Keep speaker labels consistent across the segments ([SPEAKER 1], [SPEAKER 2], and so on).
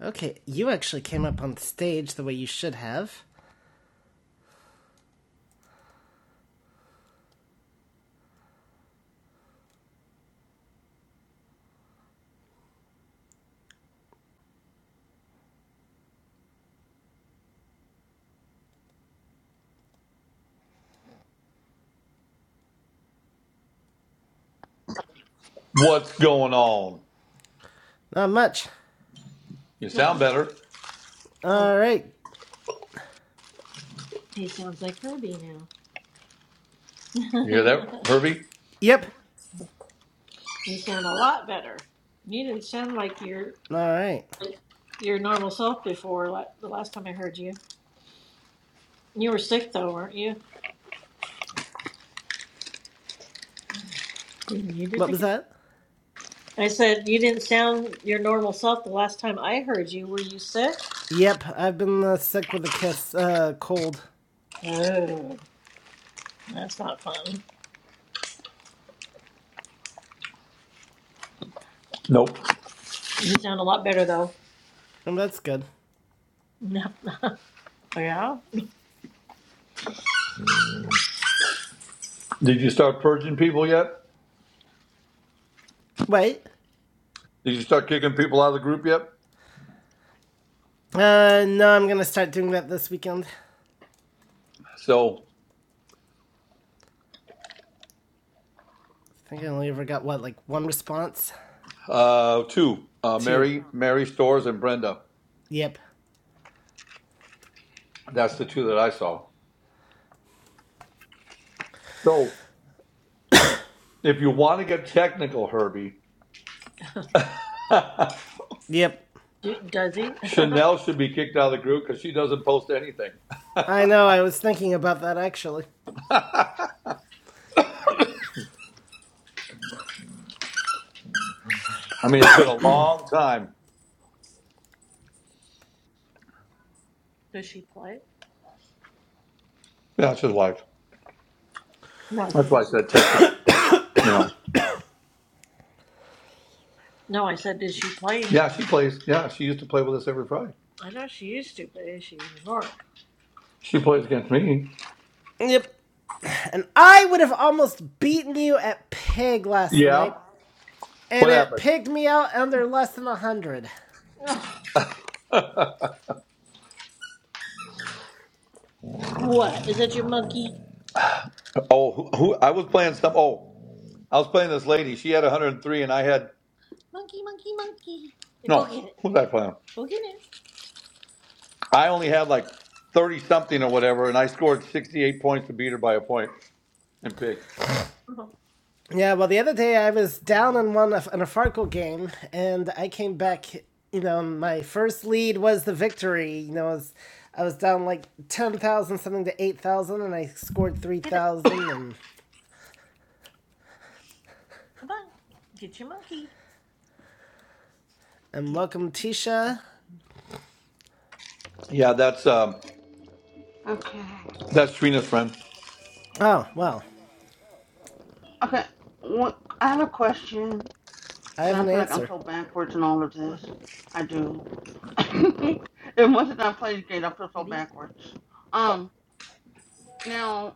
[SPEAKER 1] Okay, you actually came up on stage the way you should have.
[SPEAKER 2] What's going on?
[SPEAKER 1] Not much.
[SPEAKER 2] You sound better. Oh,
[SPEAKER 1] Alright.
[SPEAKER 2] he sounds like Herbie now. You hear that, Herbie?
[SPEAKER 1] Yep.
[SPEAKER 2] you sound a lot better. You didn't sound like your
[SPEAKER 1] Alright.
[SPEAKER 2] your normal self before la- the last time I heard you. You were sick though, weren't you? You muted
[SPEAKER 1] What
[SPEAKER 2] again.
[SPEAKER 1] was that?
[SPEAKER 2] I said you didn't sound your normal self the last time I heard you. Were you sick?
[SPEAKER 1] Yep, I've been uh, sick with a kiss, uh, cold.
[SPEAKER 2] Oh, that's not fun. Nope. You sound a lot better though.
[SPEAKER 1] Oh, that's good.
[SPEAKER 2] No. yeah. Did you start purging people yet?
[SPEAKER 1] Wait.
[SPEAKER 2] Did you start kicking people out of the group yet?
[SPEAKER 1] Uh, no, I'm gonna start doing that this weekend.
[SPEAKER 2] So
[SPEAKER 1] I think I only ever got, what, like one response?
[SPEAKER 2] uh, two, uh,
[SPEAKER 1] Two.
[SPEAKER 2] Mary, Mary Stores, and Brenda.
[SPEAKER 1] Yep.
[SPEAKER 2] That's the two that I saw. So if you want to get technical, Herbie,
[SPEAKER 1] Yep.
[SPEAKER 2] Do, does he? Chanel should be kicked out of the group because she doesn't post anything.
[SPEAKER 1] I know, I was thinking about that actually.
[SPEAKER 2] I mean, it's been a long time. does she play? Yeah, it's his wife. No. That's why I said No, technical. You know. no I said, does she play Yeah, she plays. Yeah, she used to play with us every Friday. I know she used to, but is she anymore? She plays against me.
[SPEAKER 1] Yep. And I would have almost beaten you at Pig last
[SPEAKER 2] Yeah.
[SPEAKER 1] night, and
[SPEAKER 2] What
[SPEAKER 1] it
[SPEAKER 2] happened?
[SPEAKER 1] pigged me out under less than 100.
[SPEAKER 2] What? Is that your monkey? Oh, who, who I was playing some. Oh, I was playing this lady. She had 103, and I had monkey, monkey, monkey. No, Go get it. who was I playing? Go get it. I only had like 30 something or whatever, and I scored 68 points to beat her by a point and pick. Uh-huh.
[SPEAKER 1] Yeah, well, the other day I was down in one in a Farkle game, and I came back. You know, my first lead was the victory. You know, I was, I was down like ten thousand something to eight thousand, and I scored three
[SPEAKER 2] Get it. Come
[SPEAKER 1] thousand. And
[SPEAKER 2] on. Get your monkey.
[SPEAKER 1] and
[SPEAKER 2] Get.
[SPEAKER 1] welcome, Tisha.
[SPEAKER 2] Yeah, that's um,
[SPEAKER 3] Okay.
[SPEAKER 2] that's Trina's friend.
[SPEAKER 1] Oh well,
[SPEAKER 3] Okay. What, I have a question.
[SPEAKER 1] I
[SPEAKER 3] Cause
[SPEAKER 1] have
[SPEAKER 3] I
[SPEAKER 1] an
[SPEAKER 3] feel like I'm
[SPEAKER 1] answer.
[SPEAKER 3] so backwards in all of this. I do. and once I play this game, I feel so
[SPEAKER 2] Ready?
[SPEAKER 3] backwards.
[SPEAKER 2] Go.
[SPEAKER 3] Um. Now,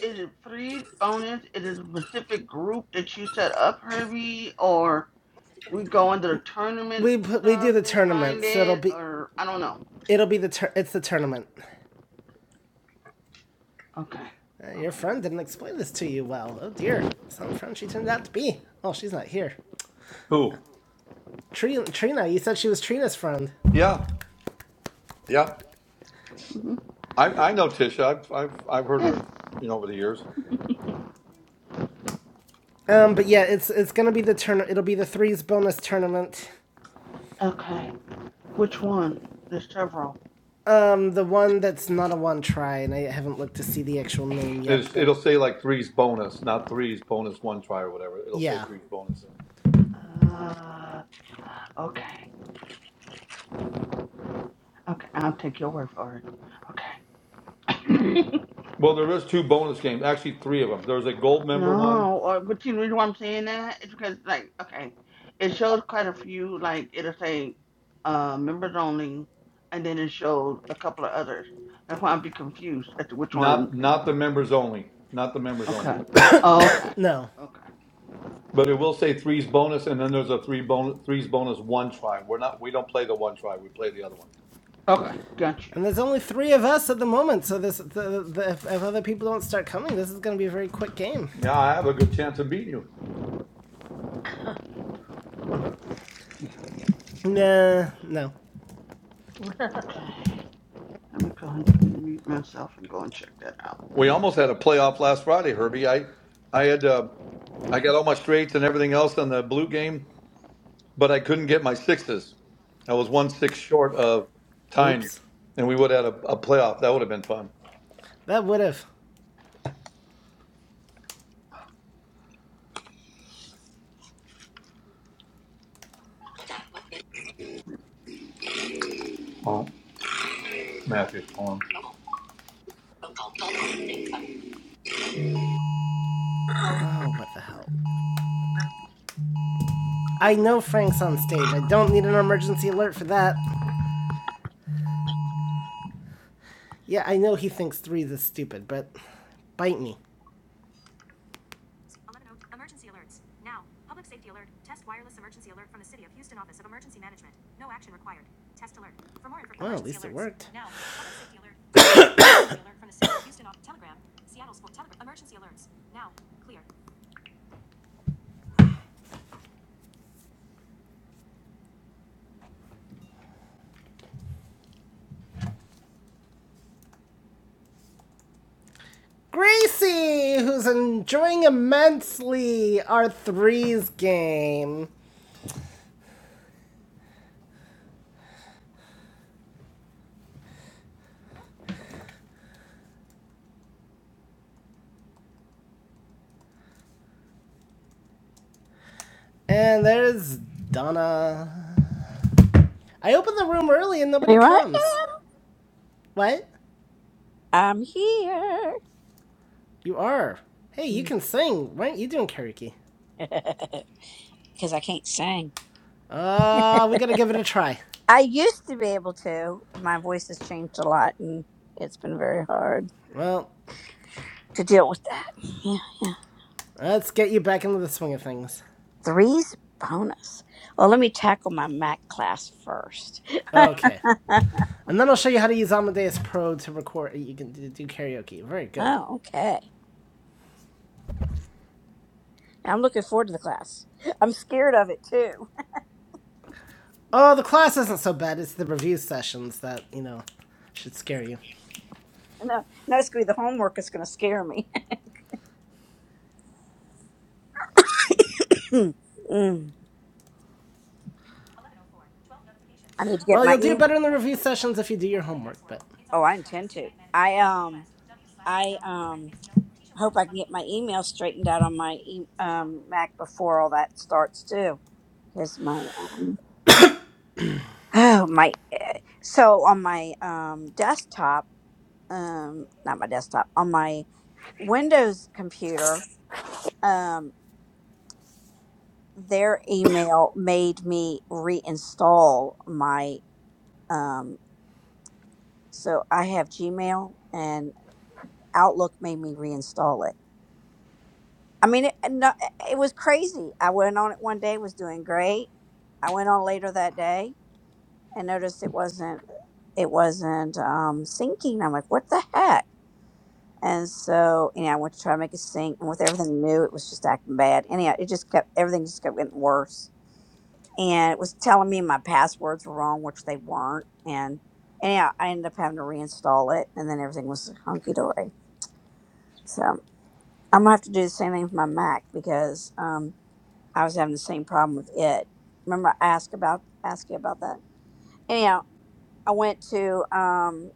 [SPEAKER 3] is it free bonus? Is it a specific group that you set up, Herbie, or we go into the tournament
[SPEAKER 1] We we do
[SPEAKER 3] stuff
[SPEAKER 1] the
[SPEAKER 3] and find
[SPEAKER 1] tournament, so it'll
[SPEAKER 3] it,
[SPEAKER 1] be
[SPEAKER 3] or I don't know.
[SPEAKER 1] it'll be the tur- it's the tournament.
[SPEAKER 3] Okay.
[SPEAKER 1] Uh, your
[SPEAKER 3] Okay.
[SPEAKER 1] friend didn't explain this to you well. Oh dear, some friend she turned out to be. Oh, she's not here.
[SPEAKER 2] Who?
[SPEAKER 1] Trina, you said she was Trina's friend.
[SPEAKER 2] Yeah, yeah.
[SPEAKER 3] hmm
[SPEAKER 2] I I know Tisha. I've I've I've heard
[SPEAKER 3] Yes.
[SPEAKER 2] her, you know, over the years.
[SPEAKER 1] Um, but yeah, it's it's gonna be the turn. It'll be the threes bonus tournament.
[SPEAKER 3] Okay. Which one? There's several.
[SPEAKER 1] Um, the one that's not a one try, and I haven't looked to see the actual name yet.
[SPEAKER 2] It's,
[SPEAKER 1] But
[SPEAKER 2] it'll say like threes bonus, not threes bonus one try or whatever. It'll say
[SPEAKER 1] yeah,
[SPEAKER 2] threes bonus.
[SPEAKER 3] Uh. Okay. Okay, I'll take your word for it. Okay.
[SPEAKER 2] Well, there is two bonus games, actually three of them. There's a gold member one,
[SPEAKER 3] no, or but you know why I'm saying that? It's because like okay, it shows quite a few. Like it'll say uh, members only, and then it showed a couple of others. That's why I'd be confused as to which one.
[SPEAKER 2] not not the members only, not the members only.
[SPEAKER 3] Okay. Oh, okay.
[SPEAKER 1] no.
[SPEAKER 3] Okay.
[SPEAKER 2] But it will say threes bonus, and then there's a three bonus threes bonus one try. We're not we don't play the one try. We play the other one.
[SPEAKER 3] Okay. Got you.
[SPEAKER 1] And there's only three of us at the moment, so this the, the, if, if other people don't start coming, this is gonna be a very quick game.
[SPEAKER 2] Yeah, I have a good chance of beating you.
[SPEAKER 1] Nah, no.
[SPEAKER 3] Okay. Let me go ahead and mute myself and go and check that out.
[SPEAKER 2] We almost had a playoff last Friday, Herbie. I I had uh, I got all my straights and everything else on the blue game but I couldn't get my sixes. I was one six short of tying, you,
[SPEAKER 1] Oops,
[SPEAKER 2] and we would have had a, a playoff. That would have been fun.
[SPEAKER 1] that would have.
[SPEAKER 2] Oh, Matthew, hold on.
[SPEAKER 1] Oh, what the hell! I know Frank's on stage. I don't need an emergency alert for that. Yeah, I know he thinks threes is stupid, but bite me. 11:00 Emergency alerts. Now, public safety alert. Test wireless emergency alert from the City of Houston Office of Emergency Management. No action required. Test alert. For more information, Well, at least it worked. Now, public safety alert. Emergency alert from the City of Houston Office. Telegram. Seattle School Telegram. Emergency alerts. Now, clear. Gracie, who's enjoying immensely our threes game. And there's Donna. I opened the room early and nobody
[SPEAKER 4] Here I
[SPEAKER 1] comes.
[SPEAKER 4] am.
[SPEAKER 1] What?
[SPEAKER 4] I'm here.
[SPEAKER 1] You are. Hey, you can sing. Why aren't you doing karaoke?
[SPEAKER 4] Because I can't sing.
[SPEAKER 1] Uh, we gotta give it a try.
[SPEAKER 4] I used to be able to. My voice has changed a lot and it's been very hard
[SPEAKER 1] Well,
[SPEAKER 4] to deal with that. Yeah, yeah.
[SPEAKER 1] let's get you back into the swing of things.
[SPEAKER 4] Three's bonus. Well, let me tackle my Mac class first.
[SPEAKER 1] Okay.
[SPEAKER 4] oh,
[SPEAKER 1] And then I'll show you how to use Amadeus Pro to record. You can do do karaoke. Very good.
[SPEAKER 4] okay. I'm looking forward to the class. I'm scared of it too.
[SPEAKER 1] Oh, the class isn't so bad. It's the review sessions that, you know, should scare you.
[SPEAKER 4] No, no, it's going to be the homework is going to scare me. Mm. I need to get
[SPEAKER 1] Well,
[SPEAKER 4] my
[SPEAKER 1] you'll do
[SPEAKER 4] email.
[SPEAKER 1] better in the review sessions if you do your homework, but.
[SPEAKER 4] Oh, I intend to. I, um, I um hope I can get my email straightened out on my e- um Mac before all that starts too, because my um oh my eh, so on my um desktop um not my desktop on my Windows computer um their email made me reinstall my um so I have Gmail and Outlook made me reinstall it. I mean, it, no, it was crazy. I went on it one day, was doing great. I went on later that day and noticed it wasn't it wasn't um, sinking. I'm like, what the heck? And so, you know, I went to try to make it sink, and with everything new, it was just acting bad. Anyhow, it just kept everything just kept getting worse, and it was telling me my passwords were wrong, which they weren't. And anyhow, I ended up having to reinstall it, and then everything was hunky dory. So I'm gonna have to do the same thing with my Mac because. Um, I was having the same problem with it. Remember, I asked about asked you about that. Anyhow, I went to um,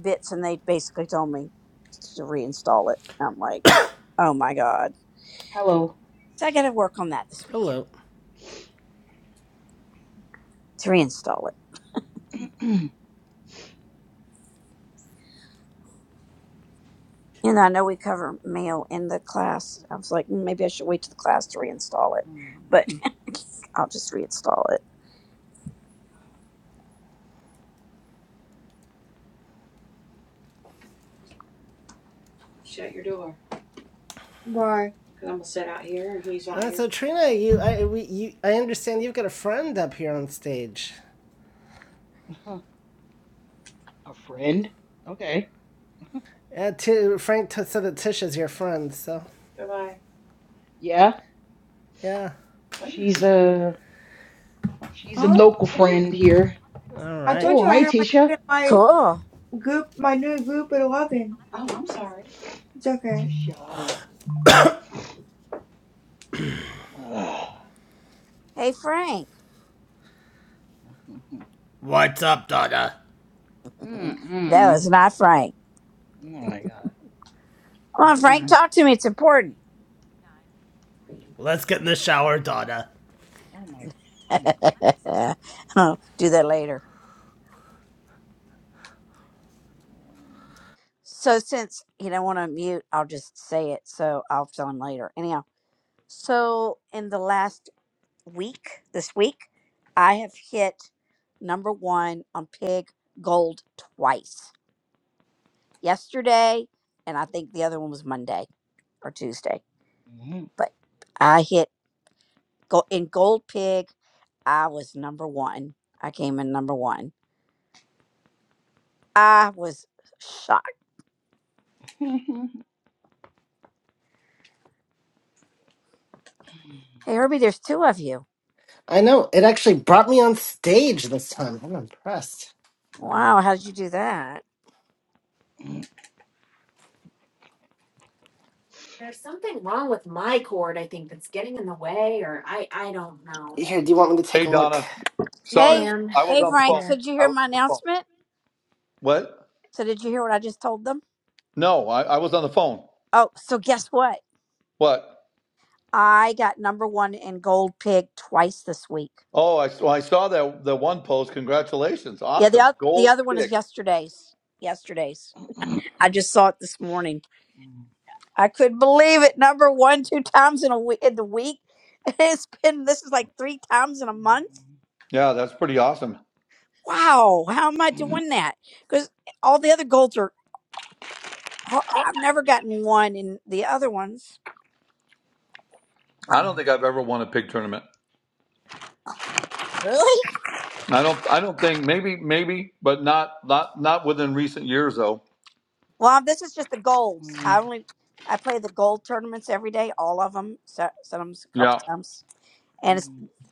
[SPEAKER 4] Bits and they basically told me to reinstall it. I'm like, oh my god!
[SPEAKER 5] Hello.
[SPEAKER 4] So I got to work on that this weekend
[SPEAKER 1] Hello.
[SPEAKER 4] to reinstall it. And I know we cover mail in the class. I was like, "Mm, maybe I should wait to the class to reinstall it,
[SPEAKER 5] Mm.
[SPEAKER 4] but I'll just reinstall it.
[SPEAKER 6] Shut your door. Why? Because I'm going to sit out here and he's out
[SPEAKER 1] Uh,
[SPEAKER 6] here.
[SPEAKER 1] so Trina, you, I, we, you, I understand you've got a friend up here on stage.
[SPEAKER 5] Huh. A friend? Okay.
[SPEAKER 1] Uh, T- Frank t- said that Tisha's your friend, so
[SPEAKER 6] Goodbye.
[SPEAKER 5] Yeah.
[SPEAKER 1] yeah.
[SPEAKER 6] What are you
[SPEAKER 5] She's
[SPEAKER 6] doing?
[SPEAKER 5] a she's a
[SPEAKER 6] Huh?
[SPEAKER 5] local
[SPEAKER 6] What are you
[SPEAKER 5] friend
[SPEAKER 6] doing?
[SPEAKER 5] here.
[SPEAKER 1] All
[SPEAKER 6] I
[SPEAKER 1] right.
[SPEAKER 6] told you
[SPEAKER 5] Cool.
[SPEAKER 6] I
[SPEAKER 5] Hi,
[SPEAKER 6] have
[SPEAKER 5] Tisha.
[SPEAKER 6] my my
[SPEAKER 4] Cool.
[SPEAKER 6] group, my new group at eleven. Oh, I'm sorry. It's okay.
[SPEAKER 5] Tisha. Ugh.
[SPEAKER 4] Hey Frank,
[SPEAKER 1] What's up, Donna?
[SPEAKER 4] that
[SPEAKER 5] mm
[SPEAKER 4] was not Frank.
[SPEAKER 5] Oh my god.
[SPEAKER 4] Come on, Frank,
[SPEAKER 5] Huh.
[SPEAKER 4] talk to me. It's important.
[SPEAKER 1] Let's get in the shower, Donna.
[SPEAKER 5] Oh my. Anyway.
[SPEAKER 4] I'll do that later. So since he don't want to mute, I'll just say it. So I'll tell him later. Anyhow, so in the last week, this week, I have hit number one on Pig Gold twice. Yesterday, and I think the other one was Monday or Tuesday.
[SPEAKER 5] Mm.
[SPEAKER 4] But I hit go in Gold Pig. I was number one. I came in number one. I was shocked. Hey, Herbie, there's two of you.
[SPEAKER 7] I know. It actually brought me on stage this time. I'm impressed.
[SPEAKER 4] Wow, how did you do that?
[SPEAKER 7] Here, do you want me to take
[SPEAKER 2] Hey,
[SPEAKER 7] a look?
[SPEAKER 2] Donna. Sorry,
[SPEAKER 4] Hey,
[SPEAKER 2] I was
[SPEAKER 4] hey,
[SPEAKER 2] on the
[SPEAKER 4] Frank.
[SPEAKER 2] phone.
[SPEAKER 4] So did you
[SPEAKER 2] I
[SPEAKER 4] hear
[SPEAKER 2] was
[SPEAKER 4] my
[SPEAKER 2] on the phone.
[SPEAKER 4] announcement?
[SPEAKER 2] What?
[SPEAKER 4] So did you hear what I just told them?
[SPEAKER 2] No, I, I was on the phone.
[SPEAKER 4] Oh, so guess what?
[SPEAKER 2] What?
[SPEAKER 4] I got number one in Gold Pig twice this week.
[SPEAKER 2] Oh, I, well, I saw that the one post. Congratulations,
[SPEAKER 4] Yeah, the
[SPEAKER 2] awesome,
[SPEAKER 4] other the
[SPEAKER 2] gold
[SPEAKER 4] other one is
[SPEAKER 2] pig.
[SPEAKER 4] yesterday's. Yesterday's. I just saw it this morning.
[SPEAKER 5] Mm.
[SPEAKER 4] I couldn't believe it. Number one, two times in a week in the week. It's been this is like three times in a month.
[SPEAKER 2] Yeah, that's pretty awesome.
[SPEAKER 4] Wow, how am I doing that? Because all the other golds are. oh, I've never gotten one in the other ones.
[SPEAKER 2] I don't think I've ever won a pig tournament.
[SPEAKER 4] Really?
[SPEAKER 2] I don't. I don't think maybe maybe, but not not not within recent years though.
[SPEAKER 4] Well, this is just the golds. I only I play the gold tournaments every day, all of them, so, sometimes a couple
[SPEAKER 2] Yeah.
[SPEAKER 4] times, and it's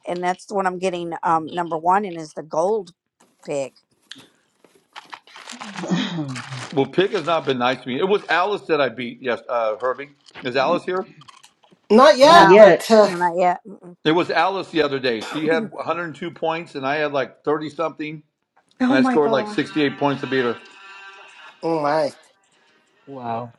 [SPEAKER 4] and that's the one I'm getting um number one in is the gold pig.
[SPEAKER 2] Well, Pig has not been nice to me. It was Alice that I beat. Yes, uh, Herbie. Is Alice here?
[SPEAKER 7] Not
[SPEAKER 5] Not
[SPEAKER 7] yet,
[SPEAKER 4] No,
[SPEAKER 5] yet.
[SPEAKER 7] but uh,
[SPEAKER 4] no, not yet. Mm-mm.
[SPEAKER 2] It was Alice the other day. She had 102 points, and I had like 30 something, and
[SPEAKER 6] Oh
[SPEAKER 2] I
[SPEAKER 6] my
[SPEAKER 2] scored like
[SPEAKER 6] gosh.
[SPEAKER 2] 68 points to beat her.
[SPEAKER 7] oh my.
[SPEAKER 5] Wow.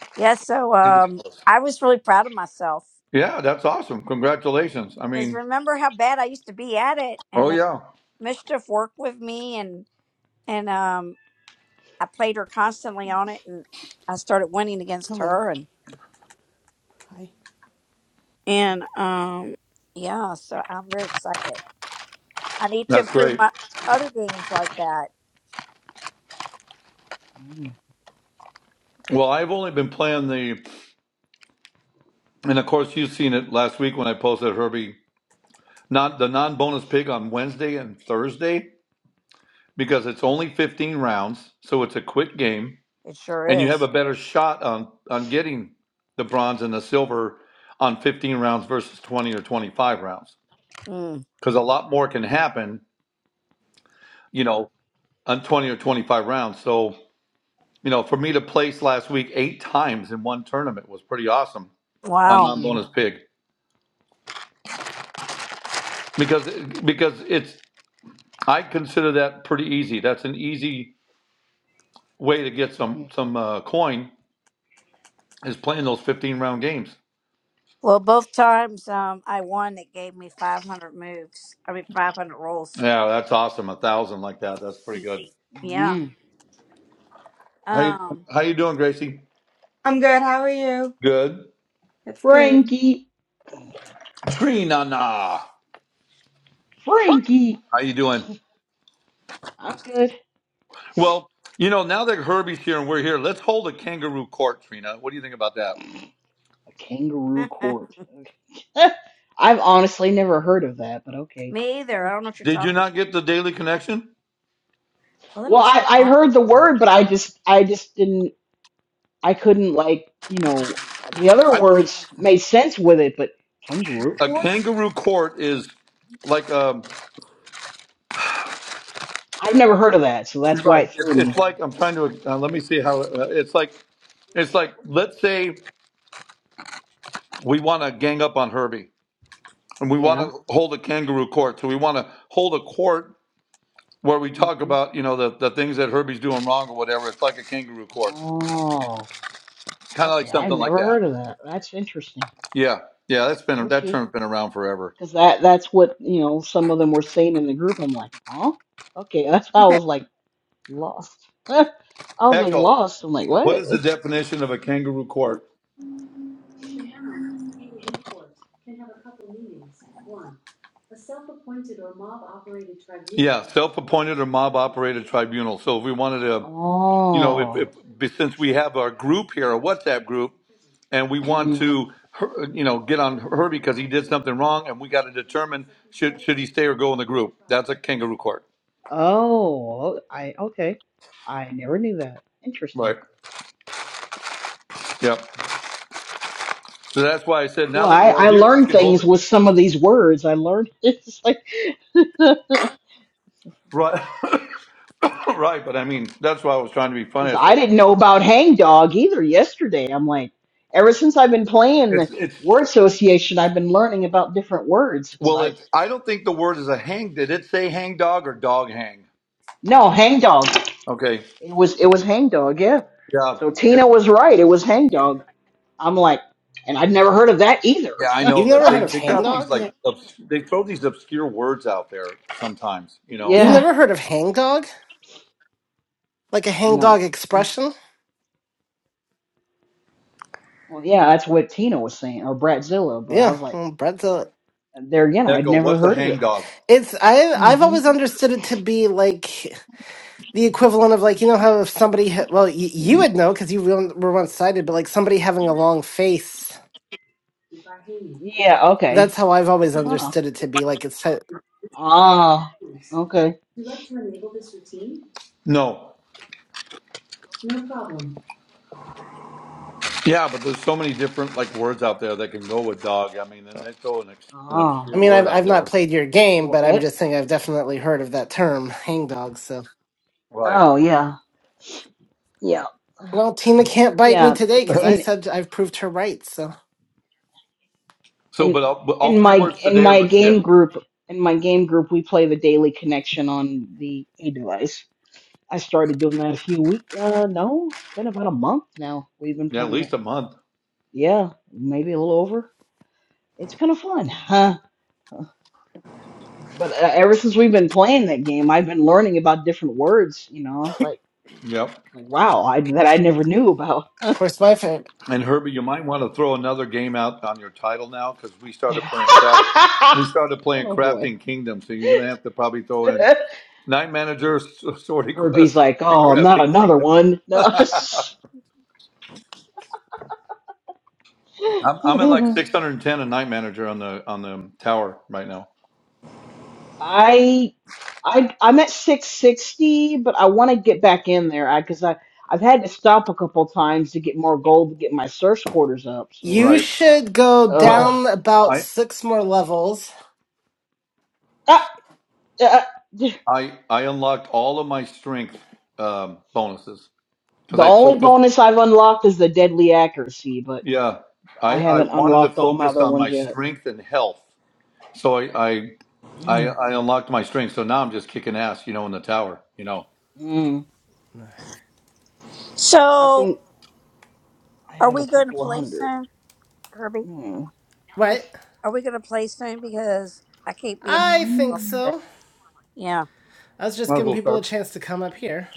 [SPEAKER 4] yeah, so
[SPEAKER 2] It was
[SPEAKER 4] um,
[SPEAKER 2] Alice.
[SPEAKER 4] I was really proud of myself
[SPEAKER 2] Yeah, that's awesome. Congratulations. I
[SPEAKER 4] because
[SPEAKER 2] mean,
[SPEAKER 4] remember how bad I used to be at it, and
[SPEAKER 2] oh
[SPEAKER 4] then
[SPEAKER 2] yeah,
[SPEAKER 4] mischief worked with me, and and um, I played her constantly on it, and I started winning against
[SPEAKER 8] Hello.
[SPEAKER 4] her, and
[SPEAKER 8] Hi. I think.
[SPEAKER 4] and um, yeah, so I'm very excited. I need to
[SPEAKER 2] that's
[SPEAKER 4] improve
[SPEAKER 2] great.
[SPEAKER 4] my other games like that.
[SPEAKER 2] Well, I've only been playing the, and of course you've seen it last week when I posted Herbie, not the non-bonus pig on Wednesday and Thursday because it's only 15 rounds, so it's a quick game
[SPEAKER 4] It sure
[SPEAKER 2] and you have a
[SPEAKER 4] is.
[SPEAKER 2] better shot on on getting the bronze and the silver on 15 rounds versus 20 or 25 rounds
[SPEAKER 4] Mm,
[SPEAKER 2] because a lot more can happen you know on 20 or 25 rounds so you know for me to place last week eight times in one tournament was pretty awesome on
[SPEAKER 4] wow.
[SPEAKER 2] non-bonus pig because because it's i consider that pretty easy that's an easy way to get some some uh, coin is playing those 15 round games
[SPEAKER 4] Well, both times um, I won, it gave me 500 moves. I mean, 500 rolls.
[SPEAKER 2] yeah that's awesome a thousand like that that's pretty
[SPEAKER 4] Y-
[SPEAKER 2] good
[SPEAKER 4] Yeah.
[SPEAKER 2] How you doing?
[SPEAKER 4] Um,
[SPEAKER 2] How you doing, Gracie?
[SPEAKER 6] I'm good. How are you?
[SPEAKER 2] Good.
[SPEAKER 6] That's good.
[SPEAKER 5] Frankie.
[SPEAKER 2] Trina, nah.
[SPEAKER 5] Frankie.
[SPEAKER 2] how you doing?
[SPEAKER 5] I'm good.
[SPEAKER 2] Well, you know, now that Herbie's here and we're here, let's hold a kangaroo court, Trina. What do you think about that?
[SPEAKER 5] A kangaroo court. Okay. I've honestly never heard of that, but okay.
[SPEAKER 4] me either. I don't know what you're
[SPEAKER 2] Did you
[SPEAKER 4] talking about.
[SPEAKER 2] not get the daily connection?
[SPEAKER 4] Well, that
[SPEAKER 5] Well,
[SPEAKER 4] looks
[SPEAKER 5] I,
[SPEAKER 4] so
[SPEAKER 5] I heard the
[SPEAKER 4] awesome.
[SPEAKER 5] word, but I just I just didn't I couldn't like you know the other
[SPEAKER 2] I,
[SPEAKER 5] words made sense with it, but kangaroo
[SPEAKER 2] a
[SPEAKER 5] court.
[SPEAKER 2] kangaroo court is like um,
[SPEAKER 5] I've never heard of that, so that's why
[SPEAKER 2] right.
[SPEAKER 5] it threw
[SPEAKER 2] It's, it's
[SPEAKER 5] me.
[SPEAKER 2] like I'm trying to uh, let me see how uh, it's like. It's like let's say we want to gang up on Herbie and we want
[SPEAKER 5] Yeah.
[SPEAKER 2] to hold a kangaroo court. So we want to hold a court where we talk
[SPEAKER 5] hmm
[SPEAKER 2] about you know the, the things that Herbie's doing wrong or whatever. It's like a kangaroo court,
[SPEAKER 5] Oh,
[SPEAKER 2] kind of like
[SPEAKER 5] okay. I've
[SPEAKER 2] something like
[SPEAKER 5] never
[SPEAKER 2] that.
[SPEAKER 5] heard of that. That's interesting.
[SPEAKER 2] Yeah, yeah, that's been that
[SPEAKER 5] Okay,
[SPEAKER 2] term's been around forever.
[SPEAKER 5] because that that's what you know some of them were saying in the group. I'm like, huh? Okay, that's why I was like lost. I was like
[SPEAKER 2] Echo.
[SPEAKER 5] lost. I'm like,
[SPEAKER 2] What
[SPEAKER 5] what?
[SPEAKER 2] is the definition of a kangaroo court? Yeah, self-appointed or mob-operated tribunal. So if we wanted to, you know, if,
[SPEAKER 5] Oh.
[SPEAKER 2] if since we have our group here, a WhatsApp group, and we want
[SPEAKER 5] hmm
[SPEAKER 2] to, her- you know, get on Herbie because he did something wrong, and we got to determine should should he stay or go in the group. That's a kangaroo court.
[SPEAKER 5] Oh, I okay. I never knew that. Interesting.
[SPEAKER 2] Right. Yep. So that's why I said now
[SPEAKER 5] Well,
[SPEAKER 2] that
[SPEAKER 5] I,
[SPEAKER 2] we're all
[SPEAKER 5] I
[SPEAKER 2] here, we
[SPEAKER 5] learned
[SPEAKER 2] can hold
[SPEAKER 5] things
[SPEAKER 2] it.
[SPEAKER 5] with some of these words. I learned it's like
[SPEAKER 2] Right, right. But I mean, that's why I was trying to be funny.
[SPEAKER 5] because
[SPEAKER 2] I
[SPEAKER 5] I
[SPEAKER 2] said
[SPEAKER 5] didn't know about Hang Dog either yesterday. I'm like, ever since I've been playing
[SPEAKER 2] it's
[SPEAKER 5] the
[SPEAKER 2] it's
[SPEAKER 5] word association, I've been learning about different words because
[SPEAKER 2] well,
[SPEAKER 5] I
[SPEAKER 2] it's I don't think the word is a hang. Did it say hang dog or dog hang?
[SPEAKER 5] no Hang Dog.
[SPEAKER 2] Okay,
[SPEAKER 5] It was it was Hang Dog, yeah.
[SPEAKER 2] yeah,
[SPEAKER 5] So Tina
[SPEAKER 2] it's,
[SPEAKER 5] was right. It was Hang Dog. I'm like, and I'd never heard of that either.
[SPEAKER 2] yeah. I know
[SPEAKER 7] You've
[SPEAKER 2] that
[SPEAKER 7] never
[SPEAKER 2] they
[SPEAKER 7] heard of
[SPEAKER 2] they got these
[SPEAKER 7] hangdog?
[SPEAKER 2] like
[SPEAKER 6] yeah.
[SPEAKER 2] obs- they throw these obscure words out there sometimes. You know,
[SPEAKER 7] You've
[SPEAKER 5] Yeah,
[SPEAKER 7] never heard of hangdog? Like a
[SPEAKER 5] no.
[SPEAKER 7] hangdog expression?
[SPEAKER 5] Well, yeah, that's what Tina was saying or Bratzilla, but I
[SPEAKER 7] Yeah,
[SPEAKER 5] was like,
[SPEAKER 7] well, Brett's a.
[SPEAKER 5] there again, I'd
[SPEAKER 2] Echo,
[SPEAKER 5] never
[SPEAKER 2] what's a
[SPEAKER 5] heard of
[SPEAKER 2] hang
[SPEAKER 5] it.
[SPEAKER 2] dog?
[SPEAKER 7] It's I. I've
[SPEAKER 5] hmm
[SPEAKER 7] always understood it to be like the equivalent of like you know how if somebody ha- well y- you would know because you were were once sighted, but like somebody having a long face.
[SPEAKER 5] Yeah.
[SPEAKER 7] that's
[SPEAKER 5] Okay.
[SPEAKER 7] how I've always
[SPEAKER 5] Huh.
[SPEAKER 7] understood it to be. Like it's, so,
[SPEAKER 5] Ah. Okay.
[SPEAKER 2] No, yeah, but there's so many different like words out there that can go with dog. I mean, then they throw an, ex- an
[SPEAKER 5] Ah.
[SPEAKER 7] I
[SPEAKER 2] obscure
[SPEAKER 7] mean,
[SPEAKER 2] word
[SPEAKER 7] I've I've
[SPEAKER 2] out
[SPEAKER 7] not
[SPEAKER 2] there.
[SPEAKER 7] played your game, but I'm
[SPEAKER 5] Okay.
[SPEAKER 7] just saying I've definitely heard of that term, hang dog. So,
[SPEAKER 2] Right.
[SPEAKER 5] Oh yeah, yeah,
[SPEAKER 7] well, Tina can't bite me
[SPEAKER 5] yeah.
[SPEAKER 7] today
[SPEAKER 5] And
[SPEAKER 7] because I
[SPEAKER 5] and
[SPEAKER 7] said I've proved her right. So, of
[SPEAKER 2] So,
[SPEAKER 5] and
[SPEAKER 2] but all, but all
[SPEAKER 5] in
[SPEAKER 2] three
[SPEAKER 5] my
[SPEAKER 2] words
[SPEAKER 5] in
[SPEAKER 2] today are
[SPEAKER 5] my
[SPEAKER 2] legit.
[SPEAKER 5] game group in my game group we play the daily connection on the A device. I started doing that a few week. Uh, no, it's been about a month now. We've been
[SPEAKER 2] Yeah, at
[SPEAKER 5] playing it.
[SPEAKER 2] least a month.
[SPEAKER 5] Yeah, maybe a little over. It's kind of fun, huh? But uh, ever since we've been playing that game, I've been learning about different words. You know, I was like,
[SPEAKER 2] Yep.
[SPEAKER 5] like wow, I, that I never knew about.
[SPEAKER 7] course, my favorite.
[SPEAKER 2] And Herbie, you might want to throw another game out on your title now because we started playing craft. We started playing
[SPEAKER 5] oh boy.
[SPEAKER 2] Crafting Kingdom, so you're gonna have to probably throw in Night Manager, S- Sorty
[SPEAKER 5] Herbie's
[SPEAKER 2] Quest,
[SPEAKER 5] like,
[SPEAKER 2] and
[SPEAKER 5] oh, not
[SPEAKER 2] Crafting
[SPEAKER 5] another
[SPEAKER 2] Kingdom.
[SPEAKER 5] one. No.
[SPEAKER 2] I'm, I'm at like 610 in Night Manager on the on the tower right now.
[SPEAKER 5] I I I'm at 660, but I want to get back in there. I because I I've had to stop a couple times to get more gold to get my search quarters up. So,
[SPEAKER 7] You
[SPEAKER 2] Right.
[SPEAKER 7] should go
[SPEAKER 5] ugh.
[SPEAKER 2] Well,
[SPEAKER 7] down about
[SPEAKER 2] I
[SPEAKER 7] six more levels
[SPEAKER 5] Ah, ah, ah.
[SPEAKER 2] I I unlocked all of my strength um, bonuses because
[SPEAKER 5] the
[SPEAKER 2] I
[SPEAKER 5] only
[SPEAKER 2] focused
[SPEAKER 5] bonus I've unlocked is the deadly accuracy, but
[SPEAKER 2] Yeah,
[SPEAKER 5] I
[SPEAKER 2] I, I
[SPEAKER 5] haven't
[SPEAKER 2] wanted to
[SPEAKER 5] unlocked all my
[SPEAKER 2] focus
[SPEAKER 5] other
[SPEAKER 2] on
[SPEAKER 5] ones
[SPEAKER 2] my
[SPEAKER 5] yet.
[SPEAKER 2] strength and health, so I, I I
[SPEAKER 5] Mm.
[SPEAKER 2] I unlocked my strength. So now I'm just kicking ass, you know, in the tower. You know,
[SPEAKER 5] Mm. I
[SPEAKER 4] So,
[SPEAKER 5] think I
[SPEAKER 4] are
[SPEAKER 5] have a
[SPEAKER 4] we going to
[SPEAKER 5] couple of
[SPEAKER 4] play
[SPEAKER 5] hundred.
[SPEAKER 4] soon, Kirby?
[SPEAKER 5] Mm.
[SPEAKER 1] What?
[SPEAKER 4] Are we going to play soon? Because I can't be in
[SPEAKER 1] I
[SPEAKER 4] here.
[SPEAKER 1] think
[SPEAKER 5] Mm. Mm,
[SPEAKER 4] today.
[SPEAKER 1] so.
[SPEAKER 4] Yeah.
[SPEAKER 1] I was just
[SPEAKER 2] might as
[SPEAKER 1] giving
[SPEAKER 2] well
[SPEAKER 1] people a
[SPEAKER 2] start.
[SPEAKER 1] chance to come up here.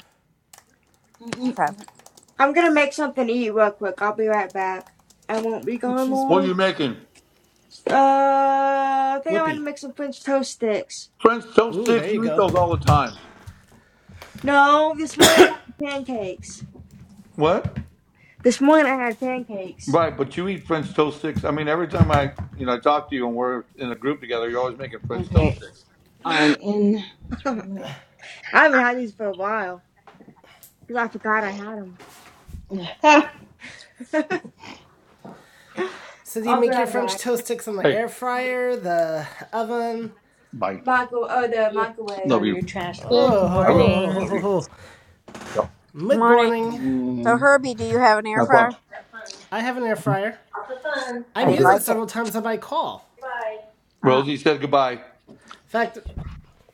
[SPEAKER 5] mm,
[SPEAKER 4] Okay.
[SPEAKER 5] mm,
[SPEAKER 6] I'm gonna make something to eat real quick. I'll be right back. I won't be
[SPEAKER 8] Which
[SPEAKER 6] gone
[SPEAKER 8] she's
[SPEAKER 5] mm.
[SPEAKER 2] What are
[SPEAKER 8] been.
[SPEAKER 6] long.
[SPEAKER 2] you making?
[SPEAKER 6] Uh, I think I want to
[SPEAKER 1] Whoopee.
[SPEAKER 6] make some French toast sticks.
[SPEAKER 2] French toast
[SPEAKER 1] Ooh,
[SPEAKER 2] sticks?
[SPEAKER 1] there you
[SPEAKER 2] You eat
[SPEAKER 1] go.
[SPEAKER 2] those all the time.
[SPEAKER 6] No, this morning I had pancakes.
[SPEAKER 2] What?
[SPEAKER 6] This morning I had pancakes.
[SPEAKER 2] Right, but you eat French toast sticks. I mean, every time I you know I talk to you and we're in a group together, you're always making French toast
[SPEAKER 5] Okay.
[SPEAKER 2] sticks.
[SPEAKER 5] I'm in the tournament.
[SPEAKER 6] I haven't had these for a while because I forgot I had them.
[SPEAKER 1] So do you
[SPEAKER 6] I'll be
[SPEAKER 1] make your
[SPEAKER 6] right
[SPEAKER 1] French
[SPEAKER 6] back.
[SPEAKER 1] toast sticks on the
[SPEAKER 2] Hey,
[SPEAKER 1] air fryer, the oven?
[SPEAKER 2] bye.
[SPEAKER 6] Micro, oh, the microwave.
[SPEAKER 2] Love you. trash, please.
[SPEAKER 9] Good
[SPEAKER 1] Oh, ho,
[SPEAKER 2] I
[SPEAKER 1] ho,
[SPEAKER 2] will.
[SPEAKER 1] ho, ho,
[SPEAKER 9] morning.
[SPEAKER 2] Love
[SPEAKER 1] ho,
[SPEAKER 2] you.
[SPEAKER 1] ho.
[SPEAKER 2] Yeah.
[SPEAKER 1] Mid
[SPEAKER 4] Morning.
[SPEAKER 1] morning,
[SPEAKER 4] So,
[SPEAKER 5] Mm.
[SPEAKER 4] Herbie, do you have an air
[SPEAKER 2] Have
[SPEAKER 4] fryer?
[SPEAKER 2] fun.
[SPEAKER 1] I have an air fryer.
[SPEAKER 4] How
[SPEAKER 1] I've
[SPEAKER 4] do you
[SPEAKER 2] Okay.
[SPEAKER 1] used it
[SPEAKER 4] like it?
[SPEAKER 1] several times on my call.
[SPEAKER 4] Oh,
[SPEAKER 2] Rosie said goodbye.
[SPEAKER 1] In fact,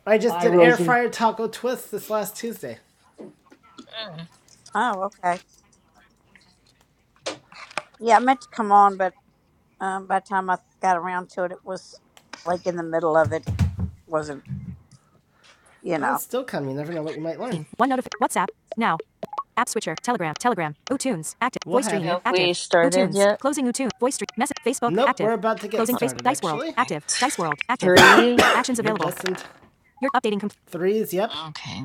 [SPEAKER 1] I just
[SPEAKER 5] Bye,
[SPEAKER 1] did air
[SPEAKER 5] Rosie.
[SPEAKER 1] fryer taco twists this last Tuesday.
[SPEAKER 9] Mm,
[SPEAKER 4] oh okay. Yeah, I meant to come on, but um, by the time I got around to it, it was like in the middle of it. It wasn't, you
[SPEAKER 1] Well,
[SPEAKER 4] know.
[SPEAKER 1] it's still come. You never know what you might learn. One notif- WhatsApp. Now. App switcher. Telegram. Telegram. Utunes. Active. We'll Voice stream.
[SPEAKER 9] Have
[SPEAKER 1] you.
[SPEAKER 9] we
[SPEAKER 1] Active.
[SPEAKER 9] started
[SPEAKER 1] Utunes.
[SPEAKER 9] yet?
[SPEAKER 1] Closing Utunes. Voice stream. Message. Facebook. Nope, active. we're about to get Closing started, Facebook. Dice actually. World.
[SPEAKER 9] Okay.
[SPEAKER 1] Active.
[SPEAKER 9] It's
[SPEAKER 1] Dice World. Active.
[SPEAKER 9] three.
[SPEAKER 1] Actions You're available. destined- You're updating. Com- threes, yep.
[SPEAKER 9] Okay.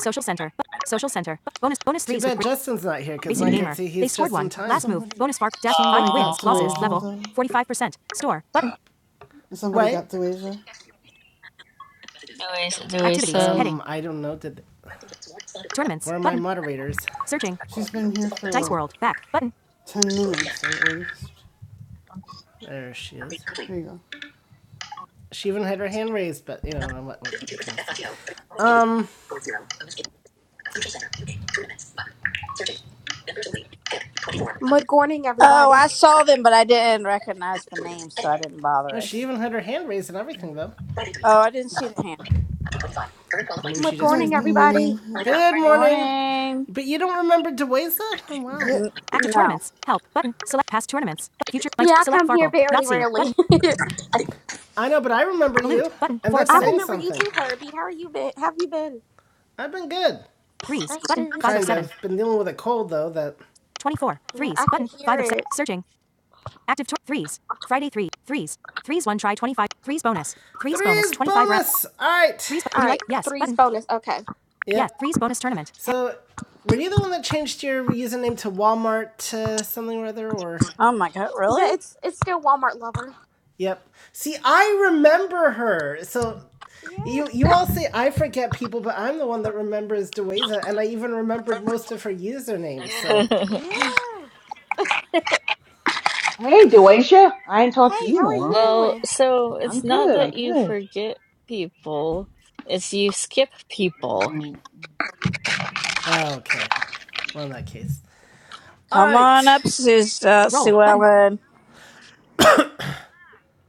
[SPEAKER 1] social center. Social center. Bonus. Bonus Too threes. Too bad Justin's not here because Racy I
[SPEAKER 5] Mm.
[SPEAKER 1] can Gamer. see he's They scored just one. in time. Last move.
[SPEAKER 8] Somebody.
[SPEAKER 1] Bonus far dash five
[SPEAKER 8] Somebody
[SPEAKER 1] wins
[SPEAKER 8] got to
[SPEAKER 1] losses
[SPEAKER 8] Asia
[SPEAKER 9] Oh,
[SPEAKER 1] level
[SPEAKER 8] though.
[SPEAKER 1] forty five percent store button
[SPEAKER 8] Somebody
[SPEAKER 1] Wait.
[SPEAKER 8] got to Asia.
[SPEAKER 9] do we do we
[SPEAKER 1] activities Um,
[SPEAKER 9] say
[SPEAKER 1] heading I don't know. Did They- tournaments where are my button moderators? searching
[SPEAKER 8] She's been here for
[SPEAKER 1] Dice
[SPEAKER 8] like
[SPEAKER 1] World. Back. Button.
[SPEAKER 8] ten minutes at least.
[SPEAKER 1] There she is.
[SPEAKER 8] There you go.
[SPEAKER 1] She even had her hand raised, but you know what, what can I say? Um,
[SPEAKER 10] Good morning,
[SPEAKER 4] Oh,
[SPEAKER 10] everybody.
[SPEAKER 4] I saw them, but I didn't recognize the name, so I didn't bother
[SPEAKER 1] no,
[SPEAKER 4] it.
[SPEAKER 1] she
[SPEAKER 8] It's-
[SPEAKER 1] even had her hand raised and everything though.
[SPEAKER 4] Oh, I didn't see the hand.
[SPEAKER 1] Maybe
[SPEAKER 10] Good
[SPEAKER 1] she just
[SPEAKER 8] Good
[SPEAKER 10] morning,
[SPEAKER 1] raised it.
[SPEAKER 10] everybody.
[SPEAKER 8] morning.
[SPEAKER 1] Good morning.
[SPEAKER 4] Morning.
[SPEAKER 1] But you don't remember Deweza? Oh wow.
[SPEAKER 8] Yeah.
[SPEAKER 4] N-
[SPEAKER 1] Active
[SPEAKER 4] no.
[SPEAKER 1] tournaments. Help. Button. Select past tournaments. Future. Might.
[SPEAKER 10] Yeah, I
[SPEAKER 1] Select
[SPEAKER 10] come here
[SPEAKER 1] Farkle.
[SPEAKER 10] barely,
[SPEAKER 1] Yahtzee.
[SPEAKER 10] rarely.
[SPEAKER 1] Button. I know, but I remember Loot. you. button, and four that's
[SPEAKER 10] I
[SPEAKER 1] seven. saying
[SPEAKER 10] remember you
[SPEAKER 1] something.
[SPEAKER 10] too, Herbie. How are you been? Have you been?
[SPEAKER 1] I've been good. Threes.
[SPEAKER 10] That's
[SPEAKER 1] Button. Five
[SPEAKER 10] good.
[SPEAKER 1] Kind of seven. Been dealing with a cold though that 24.
[SPEAKER 10] Yeah,
[SPEAKER 1] Threes.
[SPEAKER 10] I can
[SPEAKER 1] Button.
[SPEAKER 10] hear
[SPEAKER 1] Five of seven.
[SPEAKER 10] it.
[SPEAKER 1] Searching. Active to- threes. Friday three. Threes. Threes one try 25. Threes bonus. Threes, threes bonus. 25 reps. All right. Threes.
[SPEAKER 10] All
[SPEAKER 1] Would you like?
[SPEAKER 10] right,
[SPEAKER 1] Yes.
[SPEAKER 10] three's
[SPEAKER 1] Button.
[SPEAKER 10] bonus. Okay.
[SPEAKER 1] Yeah. Yes. Threes bonus tournament. So, were you the one that changed your username to Walmart uh, something or other, or?
[SPEAKER 4] Oh my God,
[SPEAKER 10] Yeah,
[SPEAKER 4] really?
[SPEAKER 10] it's it's still Walmart lover.
[SPEAKER 1] Yep. See, I remember her. So,
[SPEAKER 10] Yeah,
[SPEAKER 1] you you all say I forget people, but I'm the one that remembers Deweza, and I even remembered most of her usernames. So,
[SPEAKER 9] good morning?
[SPEAKER 10] yeah.
[SPEAKER 5] Hey, Dewasia. I ain't talked to
[SPEAKER 10] Hey,
[SPEAKER 5] you
[SPEAKER 10] how
[SPEAKER 5] in a
[SPEAKER 10] are you
[SPEAKER 5] while.
[SPEAKER 9] well,
[SPEAKER 10] doing?
[SPEAKER 9] so
[SPEAKER 5] I'm
[SPEAKER 9] it's not
[SPEAKER 5] good. I'm
[SPEAKER 9] that you
[SPEAKER 5] good.
[SPEAKER 9] forget people; it's you skip people.
[SPEAKER 5] Mm.
[SPEAKER 1] Oh, okay. Well, in that case, all
[SPEAKER 4] Come on
[SPEAKER 1] right,
[SPEAKER 4] up, Sus uh,
[SPEAKER 1] Roll.
[SPEAKER 4] Sue
[SPEAKER 1] Button.
[SPEAKER 4] Ellen.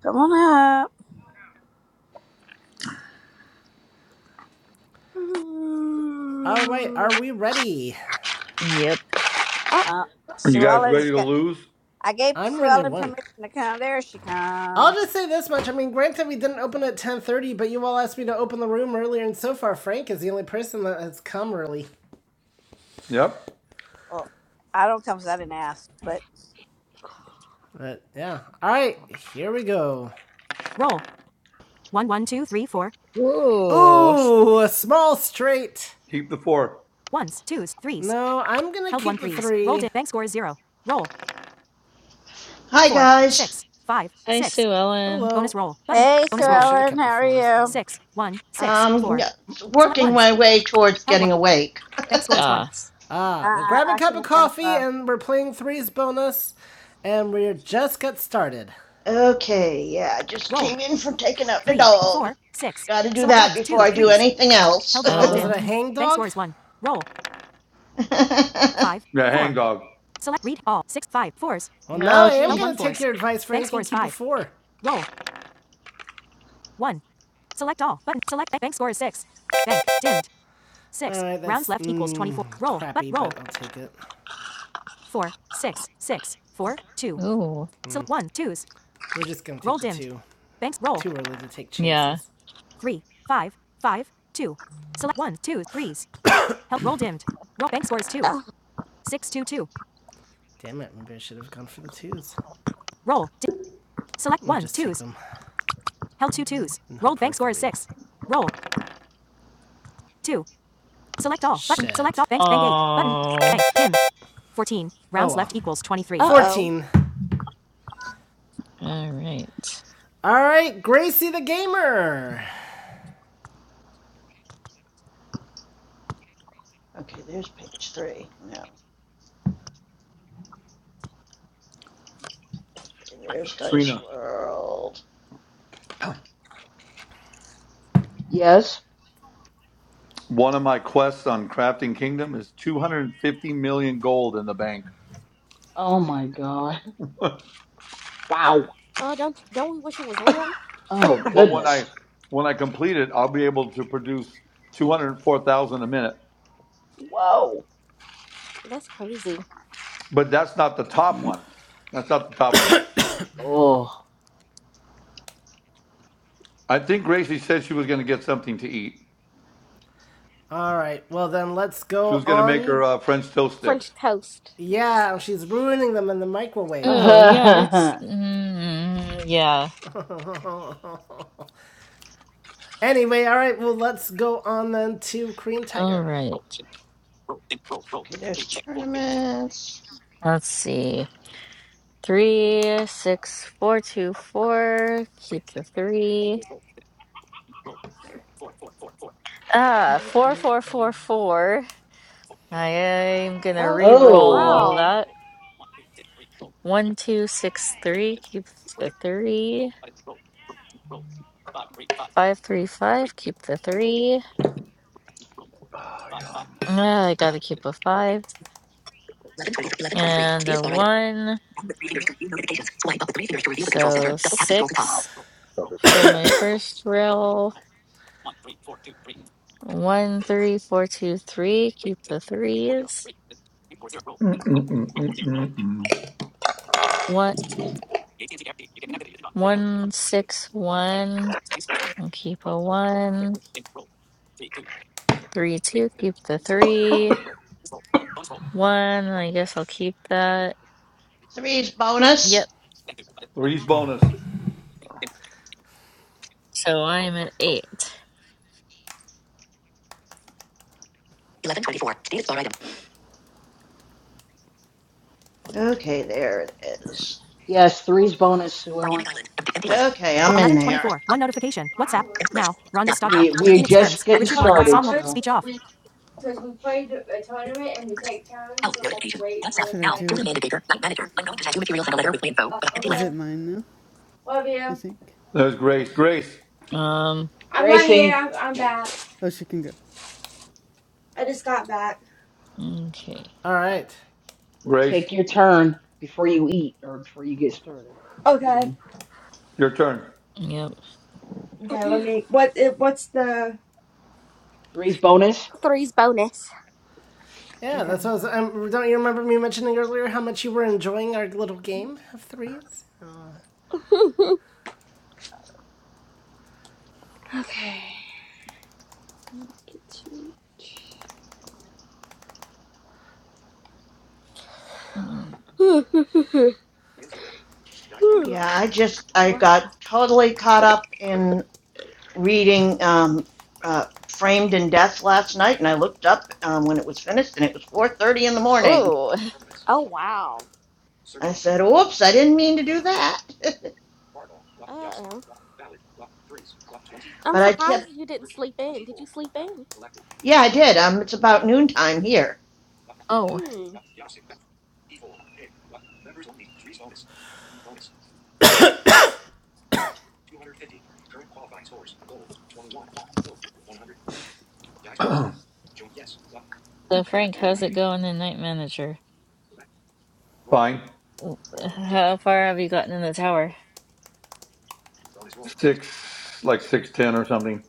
[SPEAKER 4] Come on up.
[SPEAKER 1] all right. Are
[SPEAKER 10] Mm.
[SPEAKER 1] we ready?
[SPEAKER 9] Yep.
[SPEAKER 10] Oh,
[SPEAKER 4] Uh,
[SPEAKER 2] Are you
[SPEAKER 4] Sue
[SPEAKER 2] guys
[SPEAKER 10] tournament.
[SPEAKER 4] Ellen's
[SPEAKER 2] ready to
[SPEAKER 4] got.
[SPEAKER 2] lose?
[SPEAKER 4] I gave
[SPEAKER 1] I'm
[SPEAKER 4] Sue
[SPEAKER 1] ready to
[SPEAKER 4] Ellen
[SPEAKER 1] win.
[SPEAKER 4] permission to come. There she
[SPEAKER 1] I'll
[SPEAKER 4] come.
[SPEAKER 1] just say this much. I mean, granted, we didn't open at 10:30, but you all asked me to open the room earlier, and so far, Frank is the only person that has come early.
[SPEAKER 2] Yep.
[SPEAKER 4] Well, I don't come 'cause I didn't ask. But
[SPEAKER 1] But yeah. All right, here we go. Roll. One, one, two, three, four.
[SPEAKER 9] Ooh.
[SPEAKER 1] Ooh, a small straight.
[SPEAKER 2] Keep the four.
[SPEAKER 1] Ones, twos, threes. No, I'm gonna Held one keep one, the threes. three. Rolled it. Bank score is zero. Roll.
[SPEAKER 11] Hi,
[SPEAKER 1] Four,
[SPEAKER 11] guys.
[SPEAKER 1] six, five,
[SPEAKER 9] Hi,
[SPEAKER 1] six.
[SPEAKER 9] Sue
[SPEAKER 1] Hello.
[SPEAKER 9] Ellen.
[SPEAKER 1] Bonus roll. Button.
[SPEAKER 4] hey, Sue
[SPEAKER 1] Bonus Maybe I roll. I should have
[SPEAKER 4] Ellen,
[SPEAKER 1] kept the
[SPEAKER 4] how are
[SPEAKER 1] fours. you know.
[SPEAKER 4] you?
[SPEAKER 1] Six, one, six,
[SPEAKER 11] Um,
[SPEAKER 1] four. Select
[SPEAKER 11] working
[SPEAKER 1] ones.
[SPEAKER 11] my way towards
[SPEAKER 1] Held one.
[SPEAKER 11] getting awake.
[SPEAKER 1] Bank score is 1.
[SPEAKER 9] Ah.
[SPEAKER 4] I,
[SPEAKER 1] Ah, well, grab a
[SPEAKER 4] I I
[SPEAKER 1] cup
[SPEAKER 4] can
[SPEAKER 1] of coffee,
[SPEAKER 4] identify.
[SPEAKER 1] and we're playing threes bonus, and we're just got started.
[SPEAKER 11] okay, yeah, I just
[SPEAKER 1] Roll.
[SPEAKER 11] came in from taking out the
[SPEAKER 1] 3,
[SPEAKER 11] dog.
[SPEAKER 1] 4, 6.
[SPEAKER 11] Got to do
[SPEAKER 1] Select
[SPEAKER 11] that
[SPEAKER 1] 1s,
[SPEAKER 11] before
[SPEAKER 1] 2,
[SPEAKER 11] I do
[SPEAKER 1] threes.
[SPEAKER 11] anything else.
[SPEAKER 1] Held Uh, rolled was in. Was it a
[SPEAKER 9] Oh.
[SPEAKER 1] hang dog? Bank score is 1. Roll. 5,
[SPEAKER 2] Yeah, hang
[SPEAKER 1] 4.
[SPEAKER 2] dog.
[SPEAKER 1] Select read all. 6, 5, fours. 4s.
[SPEAKER 11] you
[SPEAKER 1] Well, now
[SPEAKER 11] know,
[SPEAKER 1] I am going
[SPEAKER 11] she.
[SPEAKER 1] to take your advice Frank. Bank score is five. four. Roll. 1. Select all. Button. Select bank, score is 6. Bank. Dimmed. 6. All right, Rounds left mm, equals 24. mm, Roll. Crappy, but roll. I'll take it. Four six six four two.
[SPEAKER 9] Ooh.
[SPEAKER 1] So mm. one, twos, We're just gonna Roll dimmed. two. banks, roll, Too early to take
[SPEAKER 9] Yeah.
[SPEAKER 1] chances. three, five, five, two. Select one, two, threes. Help, roll dimmed. Roll, bank scores two,
[SPEAKER 10] Uh
[SPEAKER 1] six, two, two. Damn it! Maybe I should have gone for the twos. Roll, dim. select one twos. Held two twos. And Rolled bank for score is six. Roll, two. Select all, Shit. button, select all, banks, bank eight, button,
[SPEAKER 9] Oh.
[SPEAKER 1] bank, dim. 14, rounds Oh, well. left well. equals 23.
[SPEAKER 10] oh.
[SPEAKER 1] Fourteen.
[SPEAKER 9] All right.
[SPEAKER 1] All right, Gracie the gamer.
[SPEAKER 11] Okay, there's page three. No, okay, there's Dice World.
[SPEAKER 5] Yes.
[SPEAKER 2] One of my quests on Crafting Kingdom is 250 million gold in the bank.
[SPEAKER 5] Oh my God. Wow.
[SPEAKER 10] Oh, don't don't we wish it was real?
[SPEAKER 5] Oh
[SPEAKER 2] But when
[SPEAKER 5] goodness.
[SPEAKER 2] I when I complete it, I'll be able to produce 204,000 a minute.
[SPEAKER 5] Whoa.
[SPEAKER 10] That's crazy.
[SPEAKER 2] But that's not the top
[SPEAKER 5] Mm.
[SPEAKER 2] one. That's not the top one.
[SPEAKER 5] Oh.
[SPEAKER 2] I think Gracie said she was going to get something to eat.
[SPEAKER 1] All right. Well then, let's
[SPEAKER 2] She
[SPEAKER 1] go
[SPEAKER 2] was going to make her
[SPEAKER 1] on
[SPEAKER 2] uh, French toast sticks.
[SPEAKER 10] French toast.
[SPEAKER 1] Yeah, she's ruining them in the microwave,
[SPEAKER 9] Oh,
[SPEAKER 1] though.
[SPEAKER 9] yeah, that's mm, yeah.
[SPEAKER 1] anyway, all right, well, let's go on then to Korean
[SPEAKER 9] All
[SPEAKER 1] Tiger.
[SPEAKER 9] right.
[SPEAKER 11] Okay, there's tournaments.
[SPEAKER 9] Let's see. Three, six, four, two, four. Keep the three. Ah,
[SPEAKER 5] Mm,
[SPEAKER 9] four,
[SPEAKER 5] mm,
[SPEAKER 9] four, four,
[SPEAKER 5] mm.
[SPEAKER 9] four. I am gonna
[SPEAKER 10] Oh
[SPEAKER 9] re-roll
[SPEAKER 5] oh.
[SPEAKER 9] all
[SPEAKER 10] wow.
[SPEAKER 9] that. One, two, six, three. Keep the three. Five, three, five. Keep the three. Ah, I gotta keep a five and a one. So six. For my first roll, one, three, four, two, three. Keep the threes.
[SPEAKER 2] Mm-mm.
[SPEAKER 9] One, one, six, one. I'll keep a one. Three, two. Keep the three. One. I guess I'll keep that.
[SPEAKER 11] Three's bonus.
[SPEAKER 9] Yep.
[SPEAKER 2] Three's bonus.
[SPEAKER 9] So I'm at eight.
[SPEAKER 11] Okay, there it is.
[SPEAKER 5] Yes.
[SPEAKER 6] Oh,
[SPEAKER 5] Three's
[SPEAKER 6] mine,
[SPEAKER 5] bonus, Sue
[SPEAKER 6] like,
[SPEAKER 5] Ellen.
[SPEAKER 6] two
[SPEAKER 11] Okay, I'm in there.
[SPEAKER 1] 1124. One notification. WhatsApp.
[SPEAKER 6] Flowers.
[SPEAKER 1] Now. Rhonda Stogner.
[SPEAKER 5] We we're
[SPEAKER 1] Phoenix
[SPEAKER 5] just
[SPEAKER 1] Friends.
[SPEAKER 5] getting
[SPEAKER 1] Richard
[SPEAKER 6] Oh,
[SPEAKER 1] 1 Watt
[SPEAKER 5] started.
[SPEAKER 1] Song Womp.
[SPEAKER 6] Flowers,
[SPEAKER 5] So
[SPEAKER 1] Speech
[SPEAKER 6] because
[SPEAKER 1] off.
[SPEAKER 6] we because we played a tournament and we take turns, so we have to wait for
[SPEAKER 8] Should I
[SPEAKER 6] like.
[SPEAKER 8] do?
[SPEAKER 6] Oh,
[SPEAKER 8] Is
[SPEAKER 6] okay.
[SPEAKER 8] it mine now?
[SPEAKER 6] Love
[SPEAKER 8] I
[SPEAKER 6] you.
[SPEAKER 8] think.
[SPEAKER 2] There's Grace. Grace.
[SPEAKER 9] Um.
[SPEAKER 6] I'm right here.
[SPEAKER 5] Gracie.
[SPEAKER 6] I'm, I'm back.
[SPEAKER 8] Oh, she can go.
[SPEAKER 6] I just got back.
[SPEAKER 9] Okay.
[SPEAKER 1] All right.
[SPEAKER 2] Grace.
[SPEAKER 5] Take your turn before you eat or before you get started
[SPEAKER 6] Okay.
[SPEAKER 5] eating.
[SPEAKER 2] Your turn.
[SPEAKER 9] Yep.
[SPEAKER 6] Okay. Let me. What? It, what's the?
[SPEAKER 5] Three's bonus.
[SPEAKER 10] Three's bonus.
[SPEAKER 1] Yeah,
[SPEAKER 6] Okay.
[SPEAKER 1] that's what I was. Um, don't you remember me mentioning earlier how much you were enjoying our little game of threes?
[SPEAKER 6] Okay. Two.
[SPEAKER 9] Mm.
[SPEAKER 6] Instagram. Dice roll.
[SPEAKER 10] wow.
[SPEAKER 11] Yeah, I just I got totally caught up in reading um, uh, Framed in Death last night, and I looked up um, when it was finished, and it was 4:30 in the morning.
[SPEAKER 9] Oh.
[SPEAKER 10] Oh wow.
[SPEAKER 11] I said, "Oops, I didn't mean to do that,"
[SPEAKER 10] Uh oh. I'm
[SPEAKER 11] but I
[SPEAKER 10] surprised
[SPEAKER 11] kept.
[SPEAKER 10] you didn't sleep in. Did you sleep in?
[SPEAKER 11] Yeah, I did. Um, it's about noontime here.
[SPEAKER 9] Oh.
[SPEAKER 10] Hmm.
[SPEAKER 9] So
[SPEAKER 6] Okay.
[SPEAKER 9] Frank, how's it going in Night Manager?
[SPEAKER 2] Fine.
[SPEAKER 9] How far have you gotten in the tower?
[SPEAKER 2] Six, like six ten or something.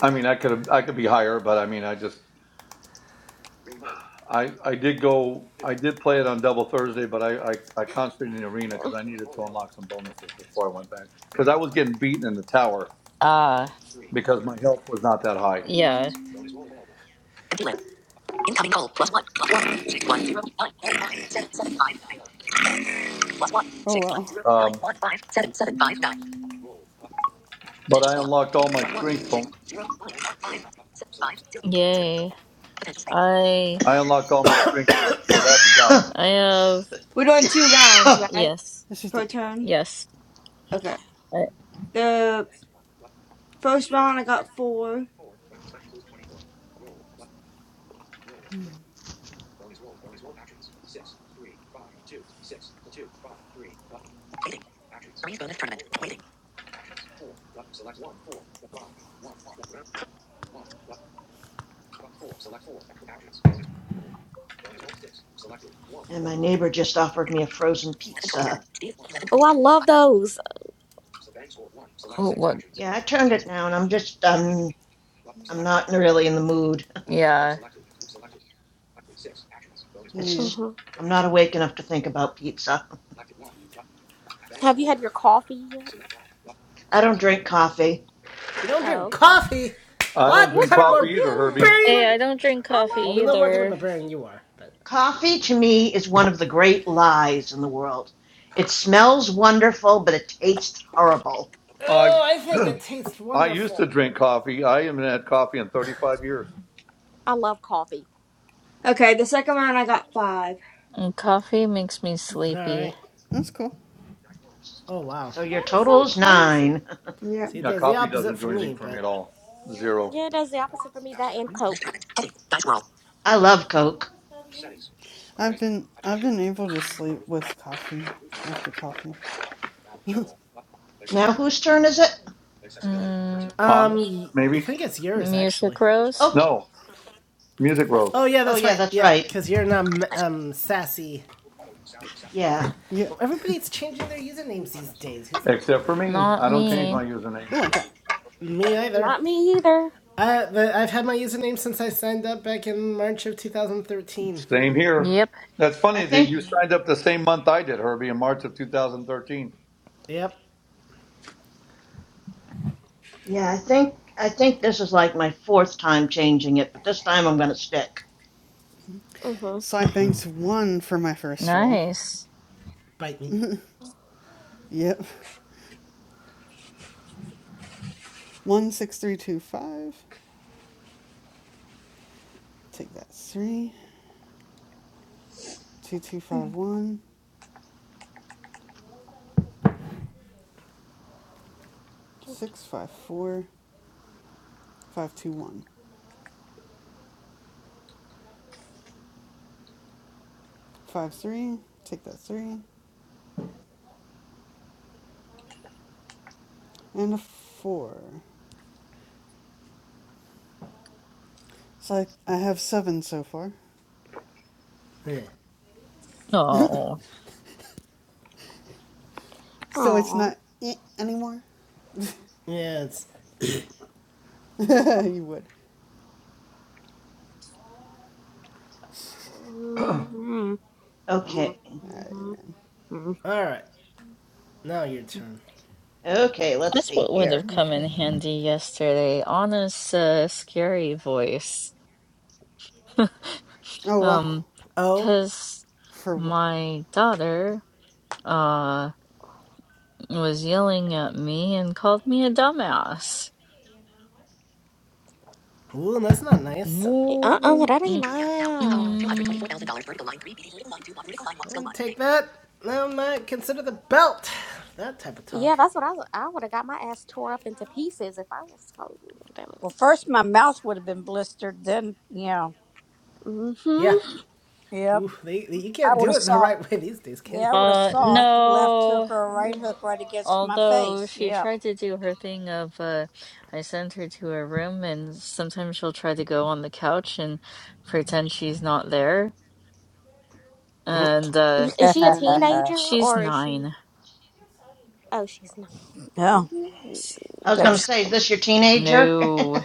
[SPEAKER 2] I mean, I could I could be higher, but I mean, I just I I did go I did play it on double Thursday, but I I, I concentrated in the arena because I needed to unlock some bonuses before I went back because I was getting beaten in the tower
[SPEAKER 9] Ah.
[SPEAKER 2] because my health was not that high.
[SPEAKER 9] Yeah.
[SPEAKER 6] Actions. Bonus roll available.
[SPEAKER 8] Oh well.
[SPEAKER 6] Six actions. Roll button.
[SPEAKER 2] But unlocked all my bon-
[SPEAKER 9] Yay. I
[SPEAKER 2] I unlocked all my strength bonus, so that's done.
[SPEAKER 9] I have
[SPEAKER 6] We're doing two rounds,
[SPEAKER 11] and
[SPEAKER 6] right?
[SPEAKER 9] yes.
[SPEAKER 8] She's
[SPEAKER 6] Per
[SPEAKER 8] done.
[SPEAKER 6] turn?
[SPEAKER 9] Yes.
[SPEAKER 6] Okay.
[SPEAKER 9] I
[SPEAKER 6] The first round I got four.
[SPEAKER 11] my neighbor just offered me a frozen pizza.
[SPEAKER 10] Oh, I love those.
[SPEAKER 9] oh what
[SPEAKER 11] Yeah, I turned it down. I'm just um, I'm not really in the mood.
[SPEAKER 9] yeah.
[SPEAKER 8] Yeah.
[SPEAKER 11] It's
[SPEAKER 10] hmm
[SPEAKER 11] I'm not awake enough to think about pizza.
[SPEAKER 10] Have you had your coffee yet?
[SPEAKER 11] I don't drink coffee.
[SPEAKER 1] You don't
[SPEAKER 10] Oh,
[SPEAKER 1] drink
[SPEAKER 10] okay.
[SPEAKER 1] coffee?
[SPEAKER 2] I don't
[SPEAKER 1] What
[SPEAKER 2] drink
[SPEAKER 10] What's
[SPEAKER 1] kind of
[SPEAKER 10] wrong with
[SPEAKER 2] coffee
[SPEAKER 1] barbarian
[SPEAKER 2] either,
[SPEAKER 10] you?
[SPEAKER 2] Herbie.
[SPEAKER 1] are
[SPEAKER 9] Hey, I
[SPEAKER 1] you?
[SPEAKER 9] don't drink
[SPEAKER 10] I love
[SPEAKER 1] Well,
[SPEAKER 9] coffee
[SPEAKER 1] we know what kind of
[SPEAKER 9] either.
[SPEAKER 10] coffee.
[SPEAKER 1] barbarian you are, but.
[SPEAKER 11] Coffee to me is one of the great lies in the world. It smells wonderful, but it tastes horrible.
[SPEAKER 2] I
[SPEAKER 1] Oh, I think it tastes
[SPEAKER 2] I used to
[SPEAKER 1] wonderful.
[SPEAKER 2] drink coffee. I haven't had coffee in 35 years.
[SPEAKER 10] I love coffee.
[SPEAKER 6] Okay, the second round I got five.
[SPEAKER 9] And coffee makes me
[SPEAKER 1] All
[SPEAKER 9] sleepy.
[SPEAKER 1] right.
[SPEAKER 8] That's cool.
[SPEAKER 1] Oh wow.
[SPEAKER 11] So your
[SPEAKER 10] That is
[SPEAKER 11] total
[SPEAKER 10] so
[SPEAKER 11] is
[SPEAKER 10] crazy.
[SPEAKER 11] nine.
[SPEAKER 6] Yep.
[SPEAKER 1] See, it
[SPEAKER 2] Yeah,
[SPEAKER 1] does the
[SPEAKER 2] coffee
[SPEAKER 1] opposite
[SPEAKER 2] doesn't
[SPEAKER 1] for
[SPEAKER 2] do
[SPEAKER 1] me,
[SPEAKER 2] anything for me at
[SPEAKER 1] but
[SPEAKER 2] all. Zero.
[SPEAKER 10] Yeah, it does the opposite for me. That and Coke.
[SPEAKER 11] I love Coke.
[SPEAKER 10] Mm,
[SPEAKER 8] I've been I've been able to sleep with coffee after coffee.
[SPEAKER 11] Now whose turn is it?
[SPEAKER 9] Mm,
[SPEAKER 1] um,
[SPEAKER 2] Honest,
[SPEAKER 1] y- I
[SPEAKER 2] maybe?
[SPEAKER 1] think it's yours
[SPEAKER 9] music
[SPEAKER 1] actually.
[SPEAKER 9] rose?
[SPEAKER 11] Okay.
[SPEAKER 2] No. Music rose.
[SPEAKER 1] Oh yeah,
[SPEAKER 11] Oh
[SPEAKER 1] that's
[SPEAKER 11] yeah,
[SPEAKER 1] right.
[SPEAKER 11] that's
[SPEAKER 1] Yeah,
[SPEAKER 11] right.
[SPEAKER 1] because you're not m- um sassy.
[SPEAKER 11] Yeah.
[SPEAKER 8] Yep.
[SPEAKER 1] Well, everybody's changing their usernames these days. Who's
[SPEAKER 2] Except for me.
[SPEAKER 9] Not
[SPEAKER 2] I don't change
[SPEAKER 1] except
[SPEAKER 9] me.
[SPEAKER 2] my username.
[SPEAKER 8] Oh, I got.
[SPEAKER 1] me either.
[SPEAKER 10] Not me either.
[SPEAKER 1] I the, I've had my username since I signed up back in March of 2013.
[SPEAKER 2] Same here.
[SPEAKER 9] Yep.
[SPEAKER 2] That's
[SPEAKER 11] I
[SPEAKER 2] funny that
[SPEAKER 11] think
[SPEAKER 2] you signed up the same month I did, Herbie, in March of 2013.
[SPEAKER 1] Yep.
[SPEAKER 11] yeah, I think I think this is like my fourth time changing it, but this time I'm gonna stick.
[SPEAKER 10] Mm-hmm.
[SPEAKER 8] side banks one for my first roll.
[SPEAKER 9] Nice.
[SPEAKER 1] Bite me.
[SPEAKER 8] Yep. 16325. Take that three two two five one six five four five two one five three, Take that 3. And a 4. So I, I have 7 so far.
[SPEAKER 1] Yeah.
[SPEAKER 9] Oh,
[SPEAKER 8] So it's
[SPEAKER 10] Aw.
[SPEAKER 8] not eh anymore?
[SPEAKER 1] Yeah. It's
[SPEAKER 8] you would.
[SPEAKER 10] Mm-hmm.
[SPEAKER 11] Okay.
[SPEAKER 8] Alright.
[SPEAKER 1] all right. Now your turn.
[SPEAKER 11] Okay, let's
[SPEAKER 9] that's
[SPEAKER 11] see
[SPEAKER 9] what would have
[SPEAKER 11] here.
[SPEAKER 9] come in handy yesterday. Anna's uh, scary voice.
[SPEAKER 8] Oh, wow.
[SPEAKER 9] Um,
[SPEAKER 1] Oh.
[SPEAKER 9] because
[SPEAKER 8] For what?
[SPEAKER 9] my daughter, uh was yelling at me and called me a dumbass.
[SPEAKER 1] Ooh, that's not nice.
[SPEAKER 10] Uh-uh,
[SPEAKER 9] Moo.
[SPEAKER 10] that ain't nice.
[SPEAKER 9] Mm-mm.
[SPEAKER 1] I wouldn't take that. I might consider the belt. That type of
[SPEAKER 10] Yeah,
[SPEAKER 1] talk.
[SPEAKER 10] that's what I was. I would have got my ass tore up into pieces if I was told. Damn it.
[SPEAKER 4] Well, first my mouth would have been blistered. Then, yeah,
[SPEAKER 1] Yeah.
[SPEAKER 4] yep.
[SPEAKER 1] Ooh, they, they- you
[SPEAKER 4] I
[SPEAKER 1] can't
[SPEAKER 4] would
[SPEAKER 1] do
[SPEAKER 4] have
[SPEAKER 1] it the
[SPEAKER 4] saw.
[SPEAKER 1] right way these days, can you?
[SPEAKER 4] Yeah, I would have
[SPEAKER 9] Uh,
[SPEAKER 4] saw a left hook
[SPEAKER 9] no.
[SPEAKER 4] or a right hook
[SPEAKER 10] Mm-hmm.
[SPEAKER 4] right against my
[SPEAKER 9] Although
[SPEAKER 4] face.
[SPEAKER 9] she
[SPEAKER 4] Yep.
[SPEAKER 9] tried to do her thing of, uh, I sent her to her room and sometimes she'll try to go on the couch and pretend she's not there. And, uh,
[SPEAKER 10] Is she a
[SPEAKER 8] Oh, man.
[SPEAKER 10] teenager
[SPEAKER 9] she's
[SPEAKER 10] or is she?
[SPEAKER 9] nine.
[SPEAKER 10] Oh, she's not.
[SPEAKER 4] Yeah.
[SPEAKER 10] Ooh.
[SPEAKER 11] I was
[SPEAKER 4] Better,
[SPEAKER 11] gonna say, is this your teenager?
[SPEAKER 9] No.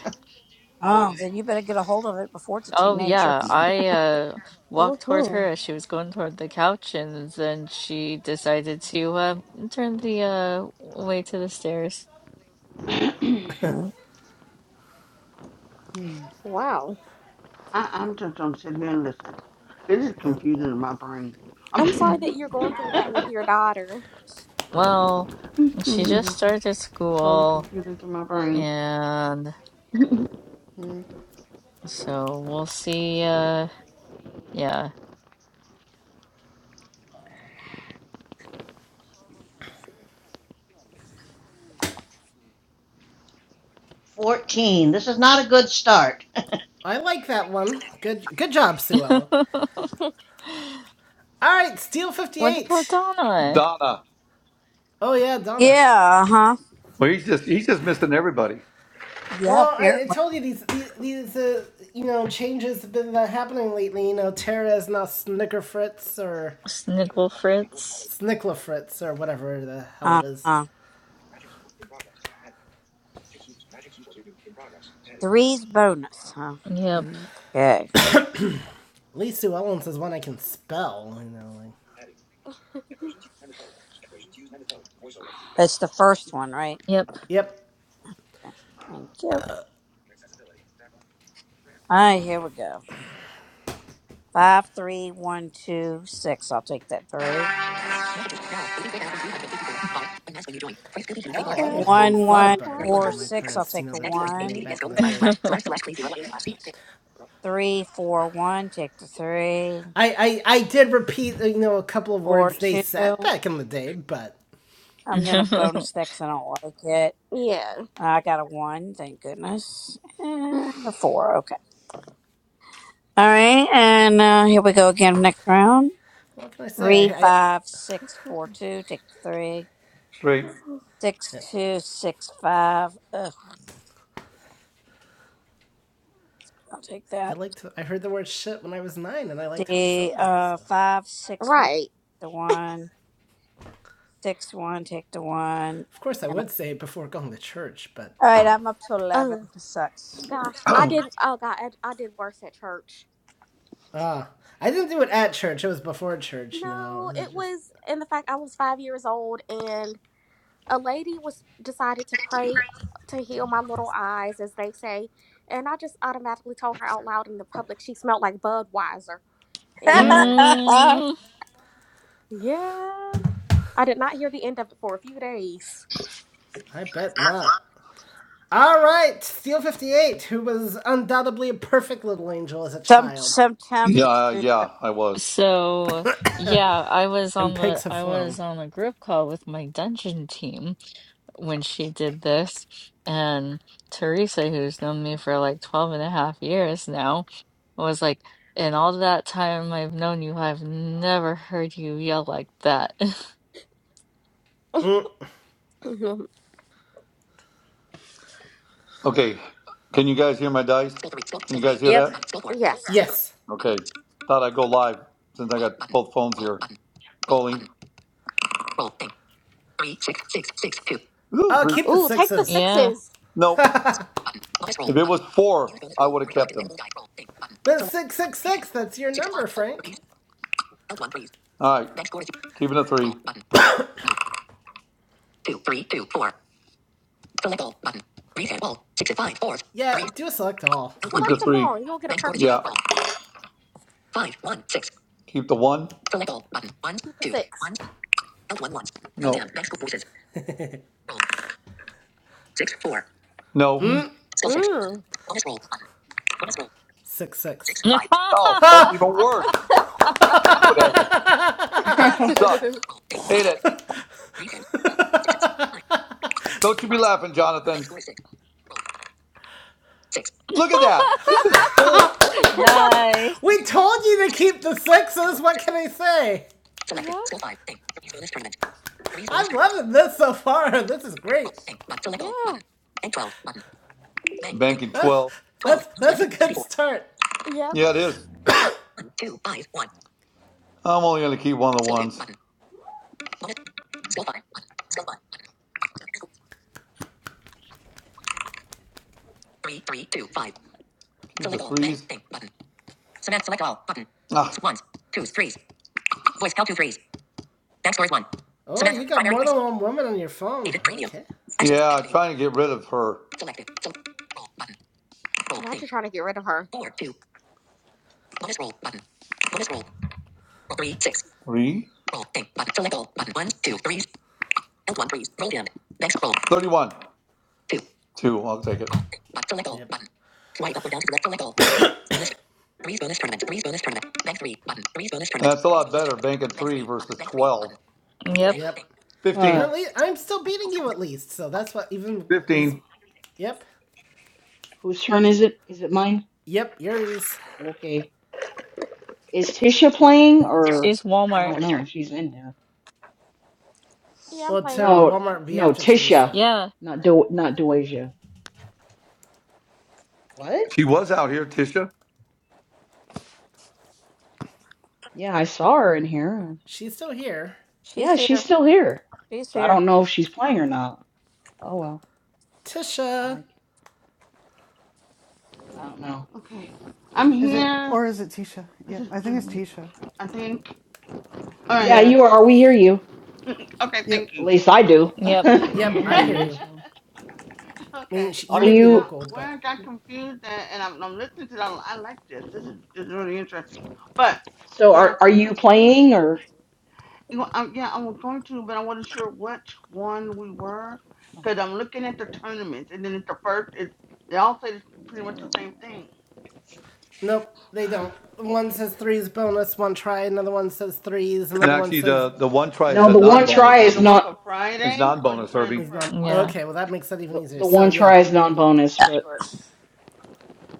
[SPEAKER 4] oh, then you better get a hold of it before it's a
[SPEAKER 9] Oh
[SPEAKER 4] teenager.
[SPEAKER 9] yeah, I uh walked toward
[SPEAKER 10] Mm-hmm.
[SPEAKER 9] her as she was going toward the couch and then she decided to uh turn the uh way to the stairs.
[SPEAKER 4] Mhm.
[SPEAKER 8] Hmm.
[SPEAKER 10] Wow.
[SPEAKER 3] I, I'm just gonna sit here and listen. This is confusing in my brain.
[SPEAKER 10] I'm sorry that you're going through that with
[SPEAKER 3] I'm
[SPEAKER 10] your daughter.
[SPEAKER 9] Well,
[SPEAKER 3] It's
[SPEAKER 9] she just
[SPEAKER 3] confusing
[SPEAKER 9] started
[SPEAKER 3] totally
[SPEAKER 9] school
[SPEAKER 3] confusing to my brain.
[SPEAKER 9] and
[SPEAKER 8] Hmm.
[SPEAKER 9] so we'll see uh yeah.
[SPEAKER 11] Fourteen. This is not a good start.
[SPEAKER 1] I like that one. Good good job, Sue Ellen. All right, Steel
[SPEAKER 9] What about
[SPEAKER 1] 58.
[SPEAKER 9] Donna?
[SPEAKER 2] Donna.
[SPEAKER 1] Oh, yeah, Donna.
[SPEAKER 4] yeah. Uh huh.
[SPEAKER 2] Well, he's just he's just missing everybody.
[SPEAKER 4] Yeah.
[SPEAKER 1] Well, I, I
[SPEAKER 4] Apparently.
[SPEAKER 1] told you these, these, these uh, you know, changes have been uh, happening lately. You know, Tara is now Snicker Fritz or
[SPEAKER 9] Snickle Fritz.
[SPEAKER 1] Snickla Fritz or whatever the hell
[SPEAKER 4] Uh
[SPEAKER 1] it is.
[SPEAKER 4] huh. Three's bonus. Huh.
[SPEAKER 9] Yep,
[SPEAKER 4] Okay.
[SPEAKER 1] At least Sue Ellen's is one I can spell, you know, like.
[SPEAKER 4] That's the first one, right?
[SPEAKER 9] yep.
[SPEAKER 1] Yep.
[SPEAKER 4] Thank you. All right. Here we go. Five, three, one, two, six. I'll take that three.
[SPEAKER 1] Hell, I never even
[SPEAKER 4] One,
[SPEAKER 1] thought
[SPEAKER 4] one,
[SPEAKER 1] about it.
[SPEAKER 4] four,
[SPEAKER 1] Recalling my
[SPEAKER 4] six. I'll
[SPEAKER 1] parents, you
[SPEAKER 4] take
[SPEAKER 1] know
[SPEAKER 4] a
[SPEAKER 1] that type of name
[SPEAKER 4] one.
[SPEAKER 1] back in the day.
[SPEAKER 4] Three, four, one. Take the three.
[SPEAKER 1] I, I, I did repeat, you know, a couple of
[SPEAKER 4] Four,
[SPEAKER 1] words they said
[SPEAKER 4] two.
[SPEAKER 1] back in the day, but
[SPEAKER 4] I'm gonna bonus that because I don't like it.
[SPEAKER 10] yeah.
[SPEAKER 4] I got a one. Thank goodness. And a four. Okay. All right. And uh, here we go again. Next round.
[SPEAKER 1] what can I say?
[SPEAKER 4] Three,
[SPEAKER 1] I,
[SPEAKER 4] five, six, four, two. Take the three.
[SPEAKER 2] Straight.
[SPEAKER 4] Six,
[SPEAKER 1] I,
[SPEAKER 4] two, six, five. Ugh. I'll take that.
[SPEAKER 1] I liked. I heard the word shit when I was nine, and I liked how it
[SPEAKER 4] The
[SPEAKER 1] sounded.
[SPEAKER 4] uh
[SPEAKER 1] So,
[SPEAKER 4] five six one
[SPEAKER 10] right.
[SPEAKER 4] the one six one take the one
[SPEAKER 1] of course, I
[SPEAKER 4] and all
[SPEAKER 1] would say it before going to church, but
[SPEAKER 4] right
[SPEAKER 1] ah,
[SPEAKER 4] I'm up to eleven.
[SPEAKER 10] Oh
[SPEAKER 4] This sucks.
[SPEAKER 10] gosh, I did. Oh god, I, I did worse at church.
[SPEAKER 1] uh, I didn't do it at church. It was before church. You know,
[SPEAKER 10] No,
[SPEAKER 1] it was
[SPEAKER 10] it
[SPEAKER 1] just.
[SPEAKER 10] was in the fact I was five years old and a lady was decided to pray to heal my little eyes, as they say, and I just automatically told her out loud in the public she smelled like Budweiser, and
[SPEAKER 9] Mm.
[SPEAKER 10] yeah, I did not hear the end of it for a few days.
[SPEAKER 1] I bet not. All right, Steel 58, who was undoubtedly a perfect little angel as a
[SPEAKER 4] Some
[SPEAKER 1] child.
[SPEAKER 4] sometimes
[SPEAKER 2] Yeah,
[SPEAKER 4] the
[SPEAKER 2] uh,
[SPEAKER 4] truth
[SPEAKER 2] yeah,
[SPEAKER 4] hurts.
[SPEAKER 2] I was.
[SPEAKER 9] So yeah, I was
[SPEAKER 1] And
[SPEAKER 9] on the
[SPEAKER 1] pigs have
[SPEAKER 9] I was
[SPEAKER 1] flown.
[SPEAKER 9] on a group call with my dungeon team when she did this, and Teresa, who's known me for like 12 and a half years now, was like, "In all that time I've known you, I've never heard you yell like that."
[SPEAKER 10] Mhm.
[SPEAKER 2] Okay. Can you guys hear my dice?
[SPEAKER 9] Yep.
[SPEAKER 10] yes.
[SPEAKER 1] Yes.
[SPEAKER 2] Okay. Thought I'd go live since I got both phones here. Calling. Ooh,
[SPEAKER 1] I'll
[SPEAKER 2] three
[SPEAKER 1] keep the
[SPEAKER 2] sixes.
[SPEAKER 10] Ooh, take the
[SPEAKER 1] sixes.
[SPEAKER 9] Yeah.
[SPEAKER 10] sixes.
[SPEAKER 2] Nope. Four.
[SPEAKER 1] But it's 666, that's your number, Frank.
[SPEAKER 2] All right. Keeping a three.
[SPEAKER 1] Yeah, do a select all.
[SPEAKER 10] Select them
[SPEAKER 2] Three.
[SPEAKER 10] all. You'll get a perfect number.
[SPEAKER 2] Keep the one.
[SPEAKER 10] Keep the six.
[SPEAKER 2] No.
[SPEAKER 9] Mm.
[SPEAKER 10] Mm.
[SPEAKER 1] Six six.
[SPEAKER 2] Oh, that's even worse. Stupid ass game. Game sucks.
[SPEAKER 10] yep.
[SPEAKER 2] Hit it. Don't you be laughing, Jonathan. Look at that. This is bull.
[SPEAKER 9] Nice.
[SPEAKER 1] We told you to keep the sixes, what can I say? I'm loving this so far, this is great.
[SPEAKER 10] Yeah.
[SPEAKER 2] Thinking
[SPEAKER 1] That's,
[SPEAKER 2] 12.
[SPEAKER 1] that's, that's a good start.
[SPEAKER 10] Yep.
[SPEAKER 2] Yeah, it is. I'm only going to keep one. of Ah,
[SPEAKER 1] Oh, you got more than one woman on your phone. Okay.
[SPEAKER 2] trying to get rid of her.
[SPEAKER 10] Now you're trying to get rid of her.
[SPEAKER 2] Three? 31. Two. I'll take it.
[SPEAKER 1] Yep.
[SPEAKER 2] They're banking.
[SPEAKER 9] Yep.
[SPEAKER 1] Yep. And
[SPEAKER 2] 15.
[SPEAKER 5] Uh,
[SPEAKER 1] at least I'm still beating you at least, so that's what even is.
[SPEAKER 2] 15.
[SPEAKER 1] Yep.
[SPEAKER 5] whose turn is it? Is it mine?
[SPEAKER 1] Yep, yours.
[SPEAKER 5] Okay. Is Tisha playing or
[SPEAKER 9] She's
[SPEAKER 5] I
[SPEAKER 9] Walmart.
[SPEAKER 5] don't know. She's in there.
[SPEAKER 10] Yeah, I'm
[SPEAKER 1] Well,
[SPEAKER 10] playing.
[SPEAKER 1] to
[SPEAKER 5] No,
[SPEAKER 1] Walmart would be
[SPEAKER 5] no,
[SPEAKER 1] after
[SPEAKER 5] Tisha,
[SPEAKER 1] Teresa.
[SPEAKER 9] Yeah.
[SPEAKER 5] not Do, not Doasia. What?
[SPEAKER 2] She was out here, Tisha.
[SPEAKER 5] Yeah, I saw her in here.
[SPEAKER 1] She's still here.
[SPEAKER 4] She's
[SPEAKER 5] Yeah, she's
[SPEAKER 4] here.
[SPEAKER 5] still here.
[SPEAKER 4] She's
[SPEAKER 5] So I
[SPEAKER 4] here.
[SPEAKER 5] don't know if she's playing or not. Oh well,
[SPEAKER 1] Tisha.
[SPEAKER 5] I I don't know.
[SPEAKER 3] Okay. I'm
[SPEAKER 8] Is it
[SPEAKER 3] here.
[SPEAKER 8] or is it Tisha?
[SPEAKER 3] This
[SPEAKER 8] Yeah,
[SPEAKER 3] is
[SPEAKER 8] I think it's Tisha.
[SPEAKER 3] I think.
[SPEAKER 8] Tisha.
[SPEAKER 5] Yeah,
[SPEAKER 3] Alright.
[SPEAKER 8] Yeah.
[SPEAKER 5] you are. We hear you.
[SPEAKER 3] mm, Okay,
[SPEAKER 8] Yep.
[SPEAKER 3] thank
[SPEAKER 5] At
[SPEAKER 3] you.
[SPEAKER 5] least I do.
[SPEAKER 9] Yep.
[SPEAKER 5] I
[SPEAKER 1] Yep,
[SPEAKER 5] hear
[SPEAKER 1] I hear
[SPEAKER 5] you.
[SPEAKER 1] you.
[SPEAKER 5] So,
[SPEAKER 1] I mean,
[SPEAKER 3] okay.
[SPEAKER 1] sh- you
[SPEAKER 5] are
[SPEAKER 1] may be
[SPEAKER 5] you?
[SPEAKER 3] Now
[SPEAKER 1] local,
[SPEAKER 3] where I
[SPEAKER 1] but
[SPEAKER 3] got confused at, and I'm, I'm listening to that I like this. This is this is really interesting. But
[SPEAKER 5] So
[SPEAKER 3] where I
[SPEAKER 5] are are
[SPEAKER 3] got
[SPEAKER 5] you
[SPEAKER 3] confused,
[SPEAKER 5] playing or?
[SPEAKER 3] you know, I'm, yeah, I was going to, but I wasn't sure which one we were,
[SPEAKER 5] Oh
[SPEAKER 3] because I'm
[SPEAKER 5] my
[SPEAKER 3] looking at the tournaments, and then it's the first. It's, they all say it's pretty much the
[SPEAKER 5] god.
[SPEAKER 3] same thing.
[SPEAKER 1] nope, they don't. One says threes bonus, one try, another one says threes,
[SPEAKER 2] And
[SPEAKER 1] another one
[SPEAKER 2] actually,
[SPEAKER 1] says
[SPEAKER 2] the, the one try is
[SPEAKER 5] No,
[SPEAKER 2] a
[SPEAKER 5] the
[SPEAKER 3] So
[SPEAKER 2] non
[SPEAKER 5] one
[SPEAKER 3] you guys
[SPEAKER 2] bonus
[SPEAKER 3] are
[SPEAKER 5] try
[SPEAKER 3] playing
[SPEAKER 5] is
[SPEAKER 3] the
[SPEAKER 2] Herbie.
[SPEAKER 3] one
[SPEAKER 5] not
[SPEAKER 3] for
[SPEAKER 2] It's
[SPEAKER 3] Friday,
[SPEAKER 2] non
[SPEAKER 3] or you
[SPEAKER 2] bonus
[SPEAKER 3] playing the
[SPEAKER 2] Herbie.
[SPEAKER 1] is
[SPEAKER 3] first
[SPEAKER 1] not.
[SPEAKER 3] one?
[SPEAKER 9] Yeah.
[SPEAKER 1] Okay, well, that makes that even
[SPEAKER 5] the,
[SPEAKER 1] easier.
[SPEAKER 5] the
[SPEAKER 1] So,
[SPEAKER 5] one
[SPEAKER 1] yeah.
[SPEAKER 5] try is non bonus, but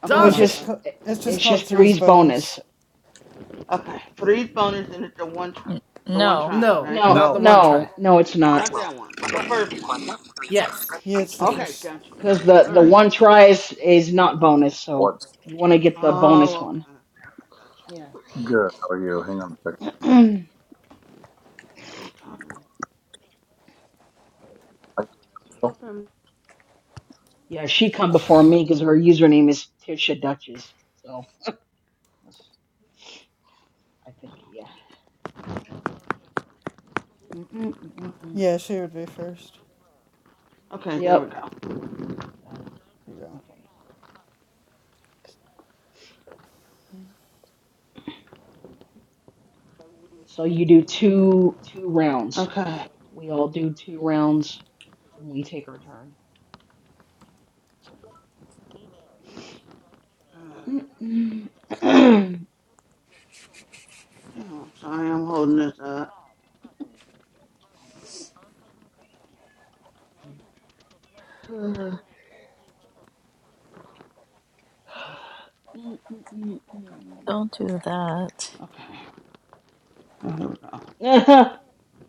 [SPEAKER 3] Okay,
[SPEAKER 5] so
[SPEAKER 8] No,
[SPEAKER 5] it's
[SPEAKER 8] it's
[SPEAKER 3] one
[SPEAKER 1] Donna!
[SPEAKER 8] just
[SPEAKER 5] just
[SPEAKER 3] try.
[SPEAKER 8] it's just
[SPEAKER 5] it's
[SPEAKER 8] called
[SPEAKER 5] just
[SPEAKER 3] Oh,
[SPEAKER 8] Three's
[SPEAKER 5] three's bonus.
[SPEAKER 8] Bonus.
[SPEAKER 3] okay,
[SPEAKER 8] Yeah.
[SPEAKER 3] three bonus and it's the one try,
[SPEAKER 9] N-
[SPEAKER 3] the one
[SPEAKER 9] No,
[SPEAKER 3] try,
[SPEAKER 1] No,
[SPEAKER 3] right?
[SPEAKER 5] No,
[SPEAKER 1] not the
[SPEAKER 2] No.
[SPEAKER 1] one try.
[SPEAKER 5] no, no, it's not
[SPEAKER 3] Not that one, the first one.
[SPEAKER 1] Yes.
[SPEAKER 8] Yeah, it's the
[SPEAKER 3] Okay,
[SPEAKER 8] first.
[SPEAKER 3] gotcha.
[SPEAKER 5] because the
[SPEAKER 8] Yeah,
[SPEAKER 3] All
[SPEAKER 5] the
[SPEAKER 3] right.
[SPEAKER 5] one try is is not bonus. So
[SPEAKER 2] What's
[SPEAKER 5] you want to get the
[SPEAKER 3] Oh,
[SPEAKER 5] bonus one.
[SPEAKER 3] okay, okay,
[SPEAKER 5] Yeah.
[SPEAKER 2] good? How are you? Hang on a second.
[SPEAKER 3] gotcha. Open.
[SPEAKER 5] yeah, she come before me because her username is Tisha Duchess. So that's, I think yeah. Mm-mm, mm-mm, mm. mm, mm.
[SPEAKER 8] yeah, she would be first.
[SPEAKER 3] Okay, there we
[SPEAKER 5] Yep.
[SPEAKER 3] go.
[SPEAKER 5] Uh,
[SPEAKER 8] Yeah.
[SPEAKER 5] Okay. So you do two two rounds.
[SPEAKER 3] Okay.
[SPEAKER 5] We all do two rounds and we take our turn.
[SPEAKER 3] Um, Damn, I'm sorry, I'm holding this up.
[SPEAKER 9] don't do that.
[SPEAKER 3] Okay, there we go.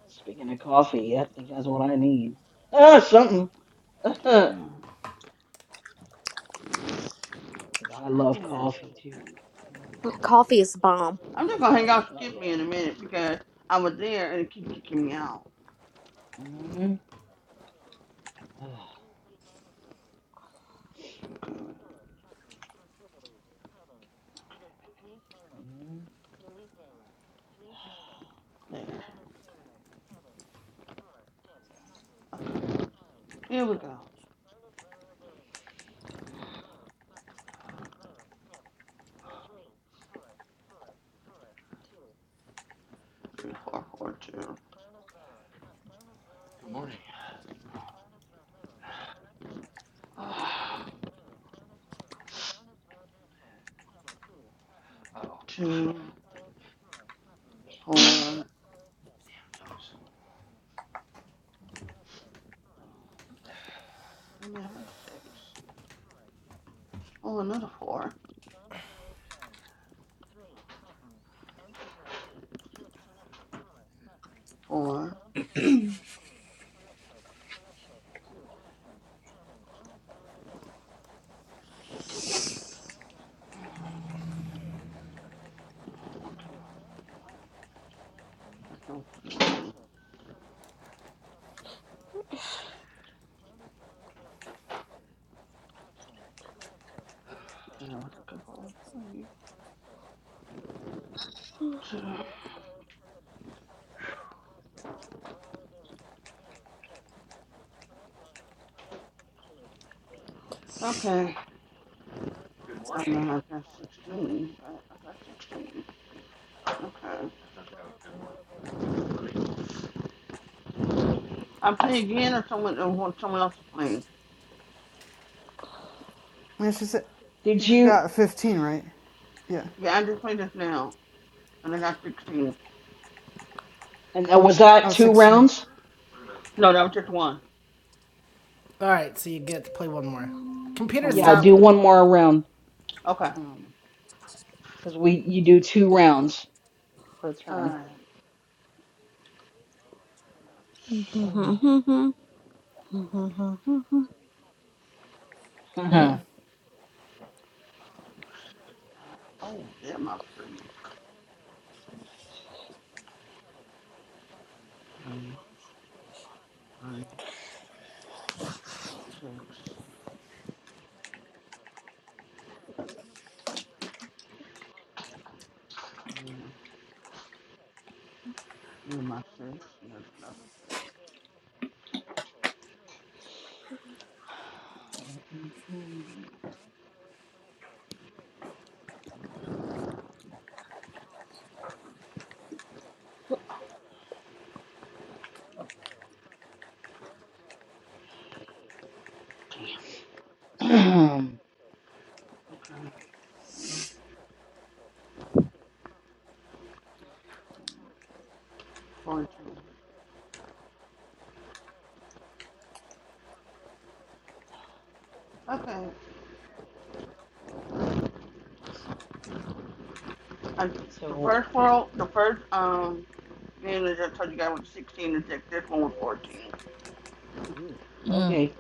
[SPEAKER 5] Speaking of coffee, I think that's what I need. Ah, something.
[SPEAKER 3] Damn,
[SPEAKER 5] Because I
[SPEAKER 3] stop
[SPEAKER 5] love
[SPEAKER 3] it.
[SPEAKER 5] coffee too. Mm.
[SPEAKER 10] Coffee is bomb.
[SPEAKER 3] I'm just gonna hang out.
[SPEAKER 5] Oh
[SPEAKER 3] Skip me
[SPEAKER 5] yeah.
[SPEAKER 3] in a minute because I was there and it keep kicking me out.
[SPEAKER 5] Mm. Ah, mm.
[SPEAKER 3] There, here we go. three, four, four, two. oh, Two, four. I might have six. Oh, another four. Four. no- Yeah, I was looking for three, two. Okay, I'm gonna sixteen. I got sixteen. Okay. I play again or someone or someone else to play.
[SPEAKER 8] Yeah, she said
[SPEAKER 5] Did
[SPEAKER 8] you
[SPEAKER 5] you?
[SPEAKER 8] got fifteen, right? Yeah.
[SPEAKER 3] Yeah, I just played this now, and I got sixteen.
[SPEAKER 5] And that was that
[SPEAKER 8] Oh,
[SPEAKER 5] two
[SPEAKER 8] sixteen.
[SPEAKER 5] rounds?
[SPEAKER 3] No, that was just one.
[SPEAKER 1] Alright, so you get to play one more. Computer
[SPEAKER 3] One
[SPEAKER 5] Yeah,
[SPEAKER 3] more.
[SPEAKER 1] stop.
[SPEAKER 5] do
[SPEAKER 3] Okay.
[SPEAKER 5] one more round.
[SPEAKER 3] Okay.
[SPEAKER 5] Um, because we you do two rounds per
[SPEAKER 3] All
[SPEAKER 5] turn.
[SPEAKER 3] right.
[SPEAKER 5] Ugh.
[SPEAKER 3] Oh, yeah, my three. Three, three, six, three, You're my sis. You're my sis.
[SPEAKER 5] Um,
[SPEAKER 3] Okay. Forty-two. Okay. I, the
[SPEAKER 5] So,
[SPEAKER 3] first world, the first um, and I just told you guys was sixteen. and This this one was fourteen.
[SPEAKER 5] ooh,
[SPEAKER 9] Mm,
[SPEAKER 5] okay.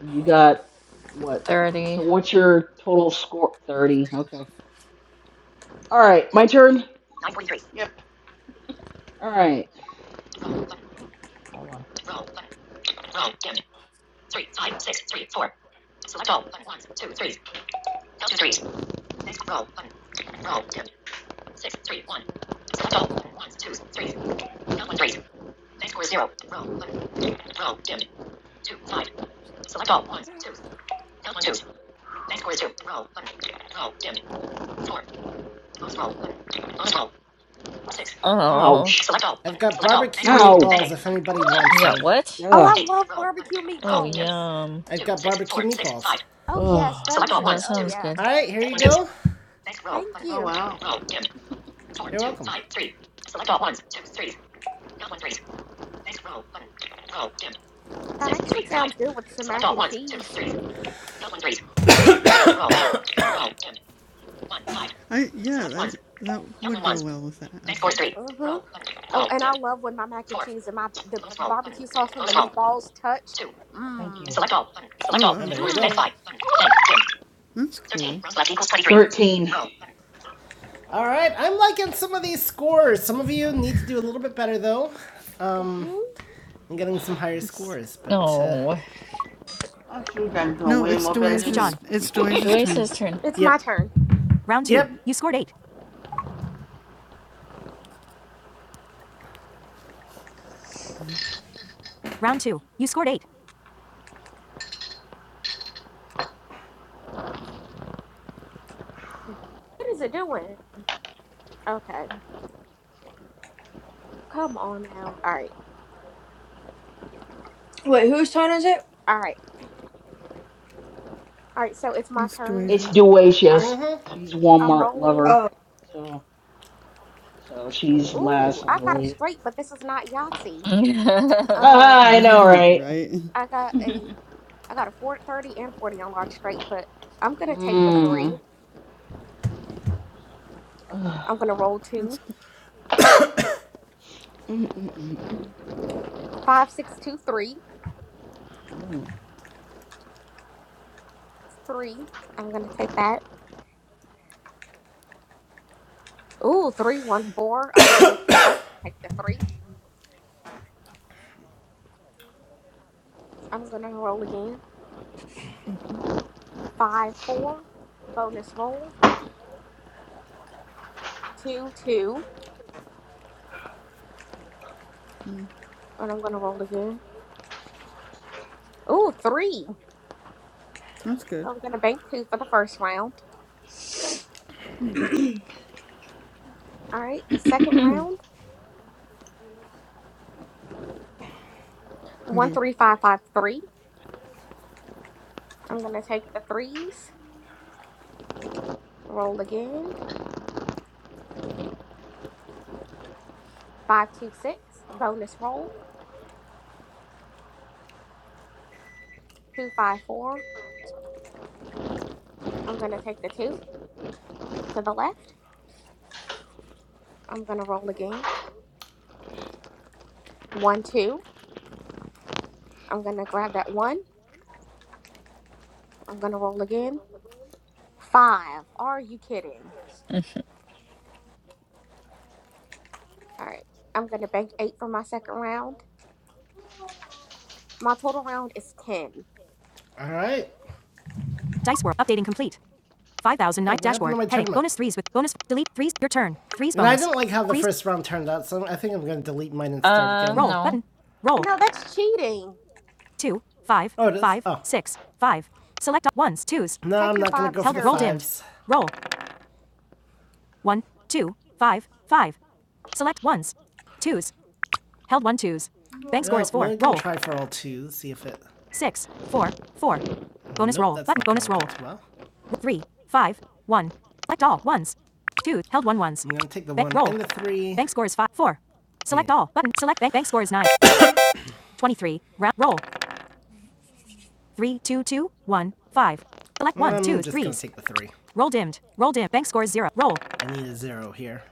[SPEAKER 5] So you got what? So
[SPEAKER 9] 30.
[SPEAKER 5] what's your total score? 30. Okay. All right, my turn.
[SPEAKER 3] Yep.
[SPEAKER 5] All right. Hold on.
[SPEAKER 9] Oh,
[SPEAKER 5] Ouch. Select all.
[SPEAKER 1] I've
[SPEAKER 5] Button.
[SPEAKER 1] got
[SPEAKER 5] Select all. Thanks.
[SPEAKER 1] barbecue
[SPEAKER 5] Ow.
[SPEAKER 1] meatballs if anybody
[SPEAKER 9] you
[SPEAKER 1] wants
[SPEAKER 9] got
[SPEAKER 1] any.
[SPEAKER 9] what?
[SPEAKER 10] Oh,
[SPEAKER 5] Ugh.
[SPEAKER 10] I love barbecue
[SPEAKER 9] Oh,
[SPEAKER 10] meatballs.
[SPEAKER 9] yum.
[SPEAKER 1] I've got barbecue meatballs.
[SPEAKER 10] Oh, yes,
[SPEAKER 5] Ugh. Select
[SPEAKER 10] those
[SPEAKER 5] all
[SPEAKER 10] are good.
[SPEAKER 9] That
[SPEAKER 5] ones,
[SPEAKER 10] Oh,
[SPEAKER 9] sounds
[SPEAKER 5] twos.
[SPEAKER 10] yeah.
[SPEAKER 9] good.
[SPEAKER 1] Alright, here you go.
[SPEAKER 10] Thank
[SPEAKER 3] Oh
[SPEAKER 10] you.
[SPEAKER 3] wow.
[SPEAKER 1] You're welcome.
[SPEAKER 10] That actually sounds good with some mac and cheese.
[SPEAKER 8] I yeah, that that would go well with that, I
[SPEAKER 5] Bank scores
[SPEAKER 8] think.
[SPEAKER 5] three.
[SPEAKER 10] Mm-hmm. Oh, and I love when my mac and cheese and my the barbecue sauce and the meatballs touch.
[SPEAKER 5] Thank you.
[SPEAKER 10] Mmm.
[SPEAKER 5] Select all. Button. Select
[SPEAKER 8] Oh
[SPEAKER 5] all.
[SPEAKER 1] Oh,
[SPEAKER 8] wow,
[SPEAKER 5] Bank
[SPEAKER 1] there you
[SPEAKER 5] scores. Bank
[SPEAKER 1] go.
[SPEAKER 10] Mmm.
[SPEAKER 5] five. Button. Bank. Dim.
[SPEAKER 8] that's
[SPEAKER 5] Thirteen.
[SPEAKER 8] cool.
[SPEAKER 5] Rounds left equals twenty-three. Thirteen. Roll.
[SPEAKER 1] All right, I'm liking some of these scores. Some of you need to do a little bit better though. Um,
[SPEAKER 10] Mm-hmm.
[SPEAKER 1] I'm getting
[SPEAKER 5] Button.
[SPEAKER 1] some higher
[SPEAKER 8] It's
[SPEAKER 1] scores, but uh,
[SPEAKER 9] Oh,
[SPEAKER 3] I'm sure you guys are doing
[SPEAKER 8] no,
[SPEAKER 3] way
[SPEAKER 8] it's
[SPEAKER 3] more better than
[SPEAKER 1] Speech
[SPEAKER 3] me.
[SPEAKER 8] Doaja's.
[SPEAKER 1] on.
[SPEAKER 8] It's Doaja's
[SPEAKER 9] Joyce's
[SPEAKER 8] turn.
[SPEAKER 9] turn.
[SPEAKER 10] It's my
[SPEAKER 1] yep.
[SPEAKER 10] turn.
[SPEAKER 1] Round two. Yep. You scored eight. Round two. You scored eight.
[SPEAKER 10] What is it doing? Okay. Come on now. All right.
[SPEAKER 6] Wait, whose turn is it?
[SPEAKER 10] All right. All right. So it's my
[SPEAKER 8] It's
[SPEAKER 10] turn.
[SPEAKER 5] It's
[SPEAKER 8] Doaja.
[SPEAKER 10] All right.
[SPEAKER 5] Duacious. She's
[SPEAKER 10] I'm
[SPEAKER 5] Walmart
[SPEAKER 10] rolling.
[SPEAKER 5] lover.
[SPEAKER 6] Oh.
[SPEAKER 5] So so she's
[SPEAKER 10] Ooh,
[SPEAKER 5] last, I
[SPEAKER 10] I got a
[SPEAKER 5] believe.
[SPEAKER 10] straight, but this is not Yahtzee.
[SPEAKER 9] uh,
[SPEAKER 10] Um,
[SPEAKER 5] I know, right?
[SPEAKER 8] right.
[SPEAKER 10] I got a I got a four thirty and 40 on large straight, but I'm going to take the three.
[SPEAKER 5] Mm. Ugh.
[SPEAKER 10] I'm going to roll
[SPEAKER 8] That's
[SPEAKER 10] two.
[SPEAKER 8] good.
[SPEAKER 5] Mm, mm, mm, mm,
[SPEAKER 10] Five, six, two, three.
[SPEAKER 5] mm.
[SPEAKER 10] Three. I'm going to take that. Ooh, three, one,
[SPEAKER 8] Okay,
[SPEAKER 10] four. I'm going to go to the left and take the three. I'm going to roll again. Five, four. Bonus roll. Two, two. And I'm going to roll again. Ooh, three. So
[SPEAKER 8] that's good.
[SPEAKER 10] I'm going to bank two for the first round. All right, the second round. One,
[SPEAKER 8] Yeah.
[SPEAKER 10] three, five, five, three. I'm going to take the threes. Roll again. Five, two, six. Bonus roll two, five, four. I'm gonna take the two to the left. I'm gonna roll again. One, two. I'm gonna grab that one. I'm gonna roll again. Five. Are you kidding? All right. I'm gonna bank eight for my second round. My total round is ten.
[SPEAKER 1] All right. Dice World. Updating complete. Five thousand nine knife what happened dashboard. Heading. Bonus threes with bonus. Delete threes. Your turn. Threes bonus. And I didn't like how the Threes- first round turned out, so I think I'm going to delete mine and start again. Roll
[SPEAKER 9] no.
[SPEAKER 1] button. Roll.
[SPEAKER 10] No, that's cheating.
[SPEAKER 1] Two, five, Oh, it is? five, Oh. six, five. Select ones, twos. No, I'm
[SPEAKER 10] Take your
[SPEAKER 1] not going to go
[SPEAKER 10] fives,
[SPEAKER 1] Help. for the Roll
[SPEAKER 10] Herbie.
[SPEAKER 1] fives. dimmed. Roll. One, two, five, five. Select ones. Twos. Held one twos. Bank score Well, is 4 Roll. gonna try for all twos. See if it. Six, four, four. Bonus Nope, roll. Button bonus roll. Well, Three, five, one. Select all. Ones. Two. Held one ones. I'm gonna take the Bank one roll. and the three. Bank score is five, four. Select yeah. all. Button. Select bank. Bank score is nine. 23. Round. Roll three, two, two, one, five. Select one, I'm two, just three. gonna take the three. Roll dimmed. Roll dimmed. Bank scores zero. Roll. I need a zero here.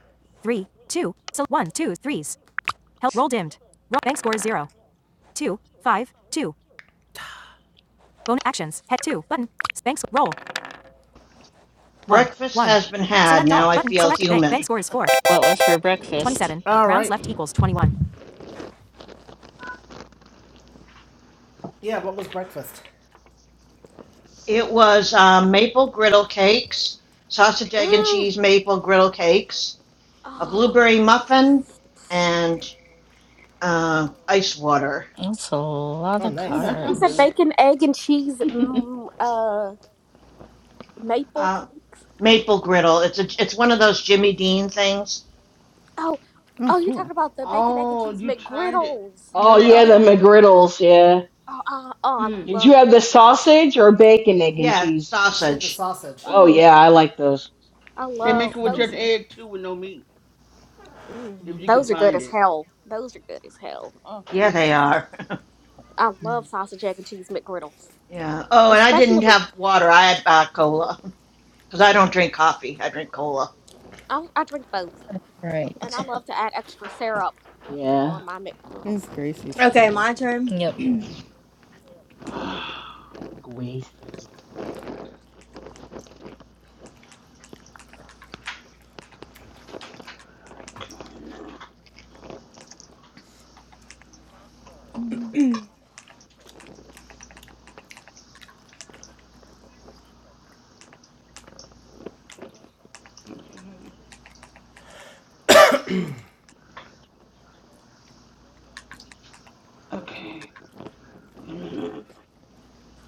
[SPEAKER 1] Three, two. So one, two, threes. Help. Roll dimmed. Roll. Bank scores zero. Two, five, two. Bonus actions. Head two. Button. Bank. score. Roll. One,
[SPEAKER 11] Breakfast
[SPEAKER 1] one.
[SPEAKER 11] has been had.
[SPEAKER 1] Select
[SPEAKER 11] Now
[SPEAKER 1] all.
[SPEAKER 11] I
[SPEAKER 1] Button.
[SPEAKER 11] feel
[SPEAKER 1] Select bank. Bank
[SPEAKER 11] human.
[SPEAKER 1] score is four.
[SPEAKER 9] What was for breakfast?
[SPEAKER 1] 27. All right. Rounds right. left equals 21. Yeah, what was breakfast?
[SPEAKER 11] It was um, maple griddle cakes, sausage, egg, and
[SPEAKER 10] Mm.
[SPEAKER 11] cheese maple griddle cakes, a blueberry
[SPEAKER 10] Ah.
[SPEAKER 11] muffin, and uh, ice water.
[SPEAKER 9] That's a lot
[SPEAKER 1] Oh,
[SPEAKER 9] of
[SPEAKER 3] Oh,
[SPEAKER 1] nice.
[SPEAKER 3] that
[SPEAKER 10] You
[SPEAKER 3] sounds
[SPEAKER 10] said
[SPEAKER 9] carbs.
[SPEAKER 3] good.
[SPEAKER 10] bacon, egg, and cheese. Mm, uh, maple
[SPEAKER 11] Uh,
[SPEAKER 10] cakes.
[SPEAKER 11] maple griddle. It's a, it's one of those Jimmy Dean things.
[SPEAKER 10] Oh,
[SPEAKER 8] Oh,
[SPEAKER 10] oh, you're talking
[SPEAKER 8] cool.
[SPEAKER 10] about the bacon, egg, and
[SPEAKER 3] oh,
[SPEAKER 10] cheese
[SPEAKER 3] you tried it.
[SPEAKER 10] McGriddles.
[SPEAKER 3] You
[SPEAKER 5] Oh
[SPEAKER 3] know they
[SPEAKER 10] Uh,
[SPEAKER 5] yeah, the
[SPEAKER 3] also make it with.
[SPEAKER 5] McGriddles, yeah.
[SPEAKER 10] Oh, oh, oh, I
[SPEAKER 3] Mm,
[SPEAKER 5] Did
[SPEAKER 10] love
[SPEAKER 5] you have the
[SPEAKER 10] McGriddles.
[SPEAKER 5] sausage or bacon, egg, and
[SPEAKER 11] Yeah,
[SPEAKER 5] cheese?
[SPEAKER 1] She had the
[SPEAKER 11] sausage.
[SPEAKER 1] sausage.
[SPEAKER 5] Oh
[SPEAKER 10] Mm,
[SPEAKER 5] yeah, I like those.
[SPEAKER 10] I
[SPEAKER 3] they make
[SPEAKER 10] love
[SPEAKER 3] it with
[SPEAKER 8] Mm.
[SPEAKER 10] those
[SPEAKER 3] just
[SPEAKER 10] are
[SPEAKER 3] egg too, with no meat,
[SPEAKER 10] mm,
[SPEAKER 3] if you
[SPEAKER 5] Mm.
[SPEAKER 3] can
[SPEAKER 10] those are good
[SPEAKER 3] find
[SPEAKER 10] as
[SPEAKER 3] it.
[SPEAKER 10] hell. Those are good as hell. Mm,
[SPEAKER 11] Yeah,
[SPEAKER 10] mm,
[SPEAKER 11] they
[SPEAKER 10] mm.
[SPEAKER 11] are.
[SPEAKER 10] I love sausage, egg, and cheese McGriddles,
[SPEAKER 11] yeah. Oh, and I didn't
[SPEAKER 10] especially
[SPEAKER 11] have water. I had uh, cola because I don't drink coffee. I drink cola.
[SPEAKER 10] I, I drink both, and I
[SPEAKER 9] Right.
[SPEAKER 10] love to add extra syrup
[SPEAKER 5] Yeah,
[SPEAKER 10] on my McGriddle.
[SPEAKER 8] It's Gracie's
[SPEAKER 6] Okay,
[SPEAKER 8] turn.
[SPEAKER 6] my turn.
[SPEAKER 9] Yep.
[SPEAKER 8] Yeah.
[SPEAKER 5] greasy.
[SPEAKER 9] Mm.
[SPEAKER 6] Dang
[SPEAKER 3] Okay. Mm.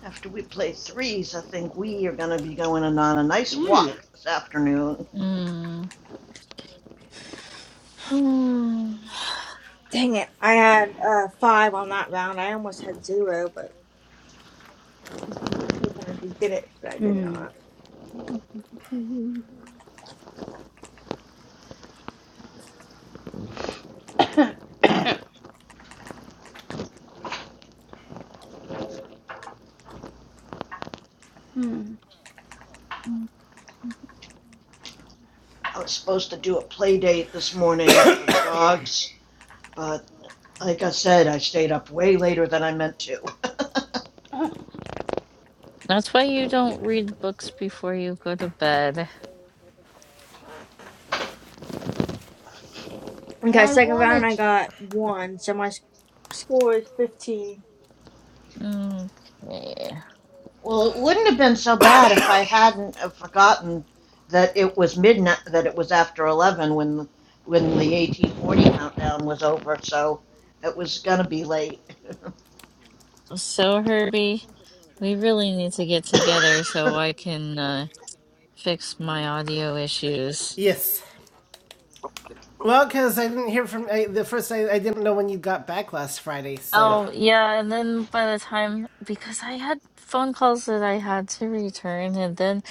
[SPEAKER 11] After we play threes, I think we are going to be going on a nice walk this afternoon.
[SPEAKER 9] Hmm.
[SPEAKER 6] it. I had uh five on that round. I almost had zero, but hoping I could get it, but I did
[SPEAKER 3] Mm.
[SPEAKER 6] not.
[SPEAKER 10] Mhm.
[SPEAKER 11] I was supposed to do a play date this morning for the dogs, but like I said, I stayed up way later than I meant to.
[SPEAKER 9] That's why you don't read books before you go to bed.
[SPEAKER 6] Okay, second round I got one, so my sc- score is fifteen.
[SPEAKER 9] Okay.
[SPEAKER 11] Well, it wouldn't have been so bad if I hadn't forgotten that it was midnight, that it was after 11 when the, when the AT40 countdown was over, so it was going to be late.
[SPEAKER 9] So, Herbie, we really need to get together so I can. uh, fix my audio issues.
[SPEAKER 1] Yes. Well, because I didn't hear from I, the first. I, I didn't know when you got back last Friday, so
[SPEAKER 9] Oh, yeah, and then by the time, because I had phone calls that I had to return, and then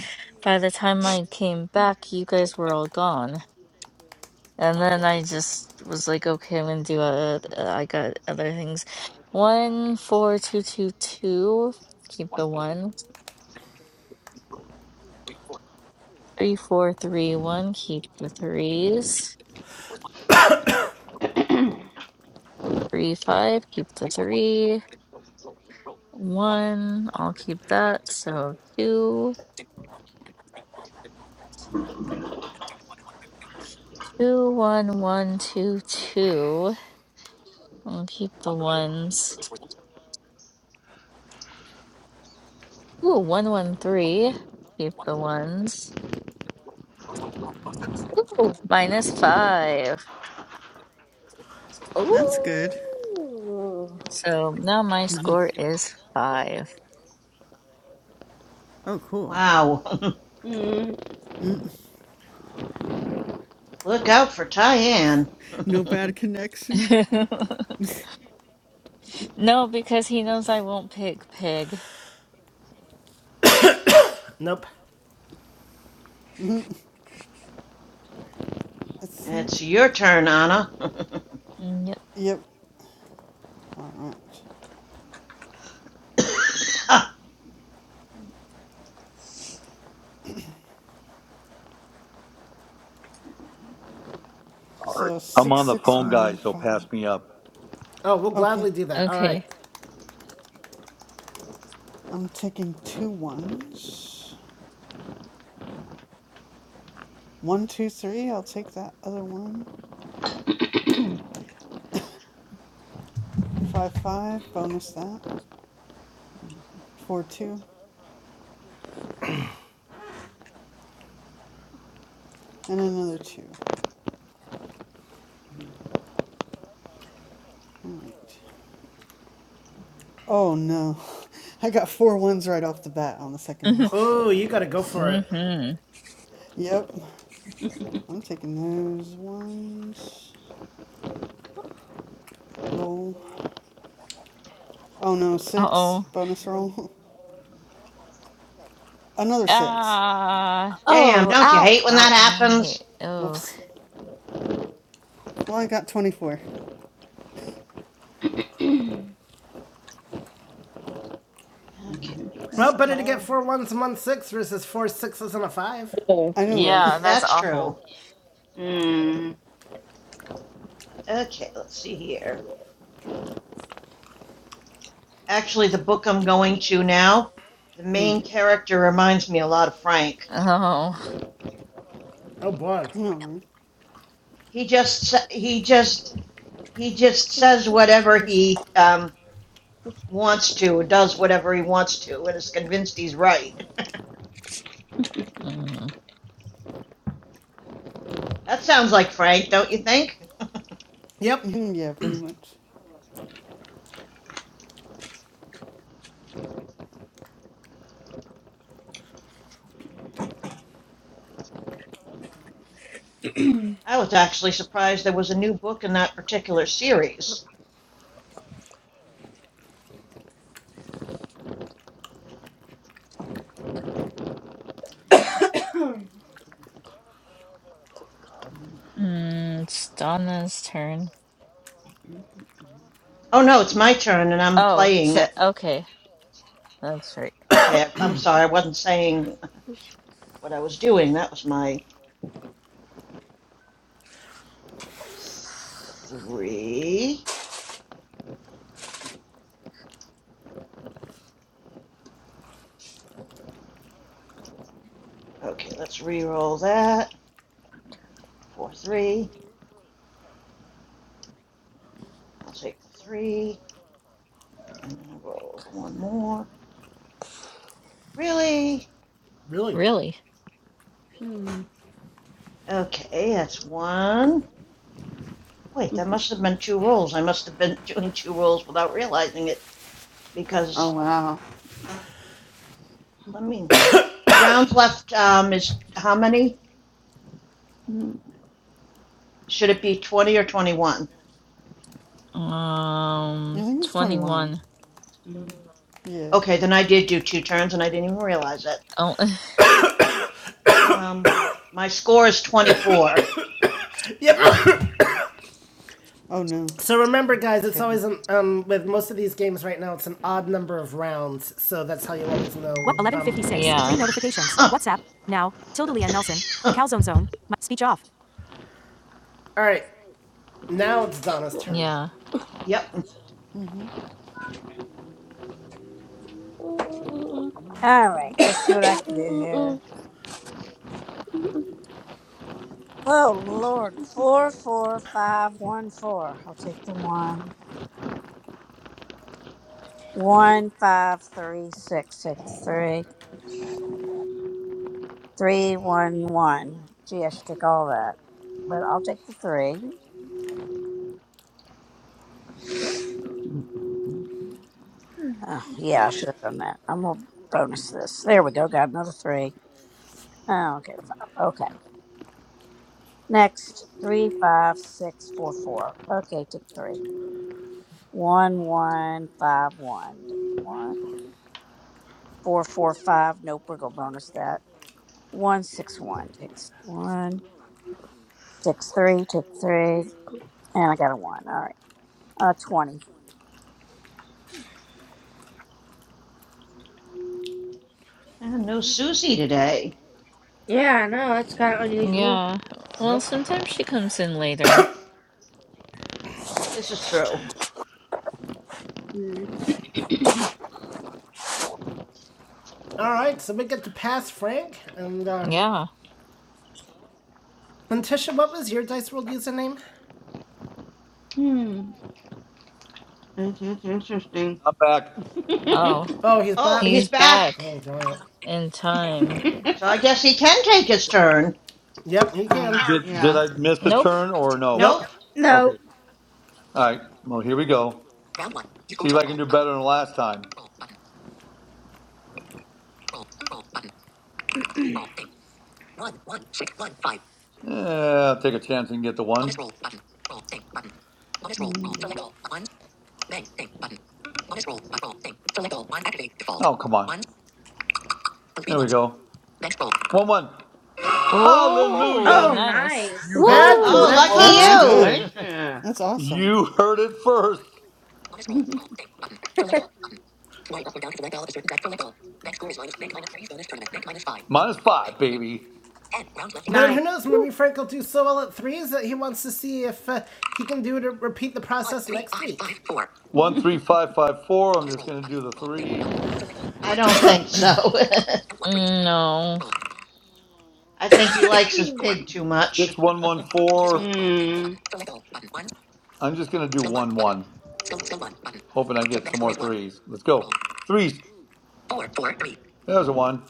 [SPEAKER 9] by the time I came back, you guys were all gone. And then I just was like, okay, I'm gonna do a, a I got other things. One, four, two, two, two, keep the one. Three, four, three, one, keep the threes. Three, five, keep the three. One, I'll keep that. So two, two, one, one, two, two. I'll keep the ones. Ooh, one, one, three. Keep the ones. Ooh, minus five.
[SPEAKER 8] That's good.
[SPEAKER 10] Ooh,
[SPEAKER 9] So now my score is five.
[SPEAKER 8] Oh, cool.
[SPEAKER 11] wow.
[SPEAKER 3] Mm.
[SPEAKER 11] Look out for Tyann.
[SPEAKER 8] No bad connection.
[SPEAKER 9] No, because he knows I won't pick pig.
[SPEAKER 1] nope.
[SPEAKER 8] I
[SPEAKER 11] It's
[SPEAKER 8] think.
[SPEAKER 11] your turn, Anna.
[SPEAKER 9] Mm, Yep.
[SPEAKER 8] Yep. All right. So
[SPEAKER 2] I'm
[SPEAKER 8] six
[SPEAKER 2] on the
[SPEAKER 8] six
[SPEAKER 2] phone,
[SPEAKER 8] one one
[SPEAKER 2] guys, so pass
[SPEAKER 8] five.
[SPEAKER 2] me up.
[SPEAKER 1] Oh, we'll
[SPEAKER 8] Okay.
[SPEAKER 1] gladly do that. All right.
[SPEAKER 9] Okay.
[SPEAKER 8] I'm taking two ones. One two three. I'll take that other one. Five five. Bonus that. Four two. And another two. All right. Oh no. I got four ones right off the bat on the second roll.
[SPEAKER 1] Oh, you gotta go for it.
[SPEAKER 9] Mm-hmm.
[SPEAKER 8] Yep.
[SPEAKER 3] Mm.
[SPEAKER 8] I'm taking those ones. Roll. Oh no, six.
[SPEAKER 9] Uh-oh.
[SPEAKER 8] Bonus roll. Another six.
[SPEAKER 9] Ah.
[SPEAKER 11] Damn,
[SPEAKER 10] oh,
[SPEAKER 11] don't you
[SPEAKER 10] ouch!
[SPEAKER 11] hate when that
[SPEAKER 1] Ouch.
[SPEAKER 9] I
[SPEAKER 11] happens?
[SPEAKER 9] hate, oh,
[SPEAKER 8] Whoops. Well, I got 24.
[SPEAKER 11] Okay, let me grab
[SPEAKER 1] Well,
[SPEAKER 11] my
[SPEAKER 1] better to get
[SPEAKER 11] phone.
[SPEAKER 1] four ones and one six versus four sixes and a five.
[SPEAKER 8] I know, right?
[SPEAKER 9] yeah, that's
[SPEAKER 11] That's true.
[SPEAKER 9] awful.
[SPEAKER 11] Okay, let's see here. Actually, the book I'm going to now, the main character reminds me a lot of Frank.
[SPEAKER 9] Oh,
[SPEAKER 1] Oh boy.
[SPEAKER 8] You know what I mean?
[SPEAKER 11] He just he just he just says whatever he um, wants to, does whatever he wants to, and is convinced he's right.
[SPEAKER 9] mm,
[SPEAKER 11] That sounds like Frank, don't you think?
[SPEAKER 1] Yep.
[SPEAKER 8] yeah, pretty much.
[SPEAKER 6] yeah,
[SPEAKER 11] I was actually surprised there was a new book in that particular series.
[SPEAKER 9] mm, it's Donna's turn.
[SPEAKER 11] Oh no, it's my turn and I'm
[SPEAKER 9] Oh,
[SPEAKER 11] playing
[SPEAKER 9] so,
[SPEAKER 11] it.
[SPEAKER 9] okay, that's right.
[SPEAKER 11] Okay, I- I'm sorry, I wasn't saying what I was doing. That was my three. Okay, let's re-roll that. Four, three. I'll take the three and then I'll roll one more. Really?
[SPEAKER 1] Really.
[SPEAKER 9] Really?
[SPEAKER 11] Okay, that's one. Wait, that must have been two rolls. I must have been doing two rolls without realizing it
[SPEAKER 3] Oh
[SPEAKER 11] because
[SPEAKER 3] wow.
[SPEAKER 11] let me. Rounds left um, is how many?
[SPEAKER 3] Hmm.
[SPEAKER 11] Should it be 20 or 21?
[SPEAKER 8] I
[SPEAKER 9] Um,
[SPEAKER 8] think it's 21.
[SPEAKER 9] 21.
[SPEAKER 8] Yeah.
[SPEAKER 11] Okay, then I did do two turns and I didn't even realize it.
[SPEAKER 9] Oh,
[SPEAKER 11] Um, my score is 24.
[SPEAKER 1] Yep.
[SPEAKER 8] Oh, no.
[SPEAKER 1] So remember, guys, it's
[SPEAKER 8] Shitty.
[SPEAKER 1] always an, um with most of these games right now, it's an odd number of rounds, so that's how you'll always know. What? Um. 1156. Three
[SPEAKER 9] yeah,
[SPEAKER 1] notifications. WhatsApp. Now. Tilda Leanne Nelson. The Calzone Zone. My, speech off. All right. Now it's Donna's turn.
[SPEAKER 9] yeah,
[SPEAKER 11] yep.
[SPEAKER 8] hmm
[SPEAKER 10] Mm, mm,
[SPEAKER 4] All right, let's see what I
[SPEAKER 10] mm, mm,
[SPEAKER 4] can do
[SPEAKER 10] mm, mm,
[SPEAKER 4] here.
[SPEAKER 10] mm.
[SPEAKER 4] Oh Lord, four four five one four. I'll take the one. One five three six six three three one one. Gee, I should take all that, but I'll take the three. Oh, yeah, I should have done that. I'm gonna bonus this. There we go. Got another three. Oh, okay, five. Okay. Next, three, five, six, four, four. Okay, take three. One, one, five, one. Take One, four, four, five. Nope, we're gonna bonus that. One, six, one. Takes one, six, three. Take three, and I got a one. All right, uh, twenty.
[SPEAKER 11] And no Susie today.
[SPEAKER 6] I know, that's kinda unusual.
[SPEAKER 9] yeah. Well,
[SPEAKER 1] Nope.
[SPEAKER 9] sometimes she comes in later.
[SPEAKER 11] This is true.
[SPEAKER 1] All right, so we get to pass Frank and uh
[SPEAKER 9] Yeah.
[SPEAKER 1] and Tisha. What was your dice world username?
[SPEAKER 3] It's, it's interesting.
[SPEAKER 2] I'm back.
[SPEAKER 9] Oh,
[SPEAKER 1] Oh, he's
[SPEAKER 11] Oh,
[SPEAKER 1] back.
[SPEAKER 11] he's
[SPEAKER 9] he's
[SPEAKER 11] back.
[SPEAKER 9] back
[SPEAKER 1] Oh darn it.
[SPEAKER 9] in time.
[SPEAKER 11] So I guess he can take his turn.
[SPEAKER 1] Yep, he
[SPEAKER 3] uh,
[SPEAKER 1] can.
[SPEAKER 2] Did, did
[SPEAKER 3] yeah.
[SPEAKER 2] I miss a
[SPEAKER 9] Nope.
[SPEAKER 2] turn or no?
[SPEAKER 1] Nope.
[SPEAKER 11] Nope.
[SPEAKER 2] Okay.
[SPEAKER 6] No.
[SPEAKER 2] All right. Well, here we go. Better than last time. Yeah, I'll take a chance and get the one. Oh, come on, go One one.
[SPEAKER 9] Oh,
[SPEAKER 2] Hallelujah.
[SPEAKER 6] Oh
[SPEAKER 9] nice.
[SPEAKER 2] You
[SPEAKER 6] nice.
[SPEAKER 2] heard it
[SPEAKER 1] Bad
[SPEAKER 10] Whoa,
[SPEAKER 11] Oh,
[SPEAKER 2] first,
[SPEAKER 3] Wow.
[SPEAKER 2] folks.
[SPEAKER 1] connection.
[SPEAKER 8] That's
[SPEAKER 10] wow!
[SPEAKER 8] good.
[SPEAKER 11] lucky you.
[SPEAKER 3] Congratulations.
[SPEAKER 8] That's awesome.
[SPEAKER 2] You heard it first. Minus five. baby.
[SPEAKER 1] But then
[SPEAKER 6] Nine.
[SPEAKER 1] who knows? Maybe Frank will do so well at threes that he wants to see if uh, he can do to repeat the process next week.
[SPEAKER 2] One three five five four
[SPEAKER 11] I don't think so.
[SPEAKER 9] No.
[SPEAKER 11] I think he likes his pig too much.
[SPEAKER 2] six one one four.
[SPEAKER 3] mm.
[SPEAKER 2] I'm just gonna do one, hoping I get threes. Let's go. Threes. There's a one.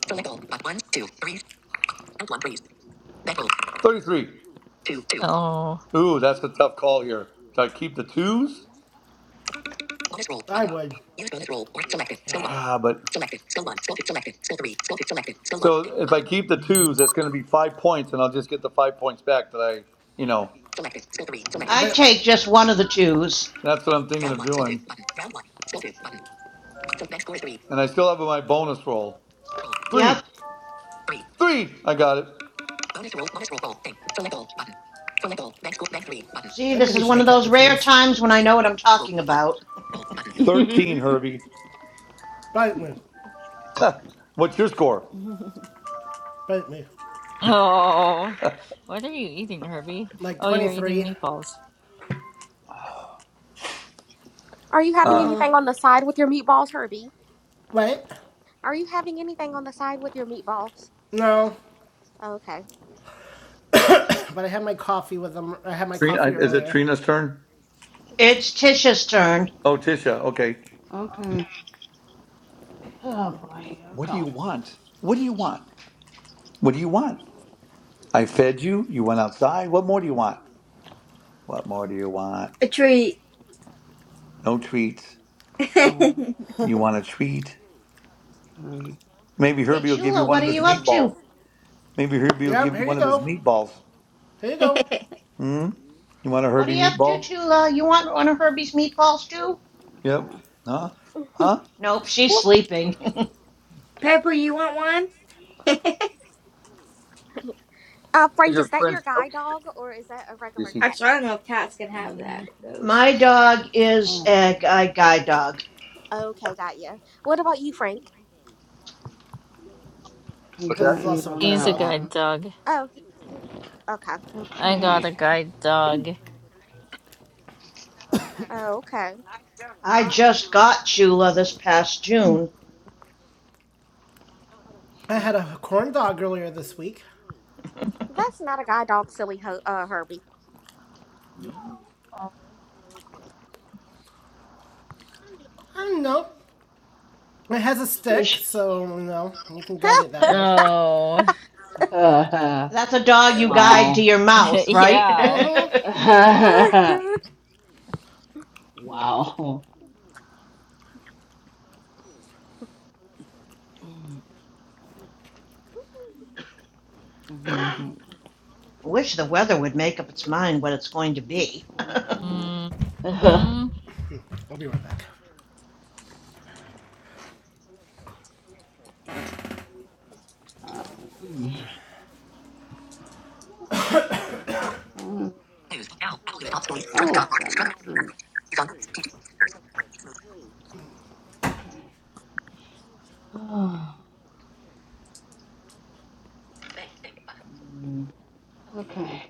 [SPEAKER 2] Thirty-three.
[SPEAKER 9] Oh.
[SPEAKER 2] Ooh, that's a tough call here. Do I keep the twos?
[SPEAKER 1] I would,
[SPEAKER 2] Ah, but if I keep the twos, that's gonna be five points, and I'll just get the five points back that I, you know,
[SPEAKER 11] I
[SPEAKER 1] but
[SPEAKER 11] take just one of the twos.
[SPEAKER 2] that's what I'm thinking. And I still have my bonus roll. Three,
[SPEAKER 11] Yep.
[SPEAKER 2] three. I got it.
[SPEAKER 11] See,
[SPEAKER 1] I knew
[SPEAKER 11] this
[SPEAKER 1] he
[SPEAKER 11] is
[SPEAKER 1] should
[SPEAKER 11] one of
[SPEAKER 1] have kept
[SPEAKER 11] those
[SPEAKER 1] the
[SPEAKER 11] rare
[SPEAKER 1] twos.
[SPEAKER 11] times when I know what I'm talking about.
[SPEAKER 2] 13, Herbie.
[SPEAKER 1] Bite me,
[SPEAKER 2] What's your score?
[SPEAKER 1] bite me.
[SPEAKER 9] Oh, what are you eating, Herbie?
[SPEAKER 1] Like
[SPEAKER 9] Oh,
[SPEAKER 1] twenty
[SPEAKER 9] you're
[SPEAKER 1] three.
[SPEAKER 9] eating meatballs.
[SPEAKER 10] Are you having
[SPEAKER 2] Uh,
[SPEAKER 10] anything on the side with your meatballs, Herbie?
[SPEAKER 1] Wait,
[SPEAKER 10] Are you having anything on the side with your meatballs?
[SPEAKER 1] no,
[SPEAKER 10] Okay.
[SPEAKER 1] But I had my coffee with them. I had my
[SPEAKER 2] Trina, I-
[SPEAKER 1] coffee
[SPEAKER 2] is it
[SPEAKER 1] earlier.
[SPEAKER 2] Trina's turn?
[SPEAKER 11] It's Tisha's turn.
[SPEAKER 2] Oh, Tisha. Okay.
[SPEAKER 3] okay. Oh boy. Here we
[SPEAKER 2] What do
[SPEAKER 3] go.
[SPEAKER 2] you want? What do you want? What do you want? I fed you. You went outside. What more do you want? What more do you want?
[SPEAKER 6] A treat.
[SPEAKER 2] No treats.
[SPEAKER 3] Four,
[SPEAKER 2] You want a treat?
[SPEAKER 3] three,
[SPEAKER 2] Maybe
[SPEAKER 11] Hey,
[SPEAKER 2] Herbie will give you
[SPEAKER 11] Chula,
[SPEAKER 2] one
[SPEAKER 11] what are
[SPEAKER 2] of his
[SPEAKER 11] you up
[SPEAKER 3] three.
[SPEAKER 2] meatballs.
[SPEAKER 11] to?
[SPEAKER 2] Maybe Herbie will give
[SPEAKER 1] Yep,
[SPEAKER 2] you
[SPEAKER 1] here you
[SPEAKER 2] one of his
[SPEAKER 1] go.
[SPEAKER 2] meatballs.
[SPEAKER 1] Here you go.
[SPEAKER 2] Hmm? You want a
[SPEAKER 11] What are
[SPEAKER 2] Herbie
[SPEAKER 11] you up to,
[SPEAKER 2] meatball?
[SPEAKER 11] Chula? You want one of Herbie's meatballs too?
[SPEAKER 2] Yep.
[SPEAKER 3] Okay.
[SPEAKER 2] Huh? Huh?
[SPEAKER 11] Nope, she's sleeping.
[SPEAKER 6] Pepper, you want one?
[SPEAKER 10] Uh,
[SPEAKER 2] What's
[SPEAKER 10] Frank,
[SPEAKER 2] your
[SPEAKER 10] is that your guide dog or is that a regular
[SPEAKER 2] friend?
[SPEAKER 10] pet?
[SPEAKER 6] Actually, I don't know if cats can have that. Those.
[SPEAKER 11] My dog is
[SPEAKER 3] Oh.
[SPEAKER 11] a, a guy dog.
[SPEAKER 10] Okay, got you. What about you, Frank?
[SPEAKER 3] Take
[SPEAKER 2] What's
[SPEAKER 1] His
[SPEAKER 2] that?
[SPEAKER 3] that
[SPEAKER 1] is
[SPEAKER 3] eight
[SPEAKER 1] also a
[SPEAKER 3] on
[SPEAKER 1] guide
[SPEAKER 9] He's
[SPEAKER 3] that
[SPEAKER 9] a
[SPEAKER 1] dog.
[SPEAKER 9] guide
[SPEAKER 3] one.
[SPEAKER 9] dog.
[SPEAKER 10] Oh, he, he- okay.
[SPEAKER 9] I got
[SPEAKER 3] Okay.
[SPEAKER 9] a guide dog.
[SPEAKER 10] Oh, okay.
[SPEAKER 11] I just got Chula this past June.
[SPEAKER 1] I had a corn dog earlier this week.
[SPEAKER 10] That's not a guide dog, silly ho- uh, Herbie.
[SPEAKER 1] I don't know. It has a stick,
[SPEAKER 5] Tish.
[SPEAKER 1] so you know you can guide it that way.
[SPEAKER 9] Oh,
[SPEAKER 5] wow.
[SPEAKER 11] That's a dog you guide to
[SPEAKER 5] wow.
[SPEAKER 11] your mouth, right?
[SPEAKER 9] yeah.
[SPEAKER 1] Hmm.
[SPEAKER 11] I
[SPEAKER 5] Mm, mhm, mhm.
[SPEAKER 11] wish the weather would make up its mind what it's going to be.
[SPEAKER 3] Uh,
[SPEAKER 9] Mm, mm-hmm.
[SPEAKER 1] I'll be right back.
[SPEAKER 3] um,
[SPEAKER 5] Mm.
[SPEAKER 3] Oh, got my three. Okay.
[SPEAKER 5] Mm,
[SPEAKER 3] Okay.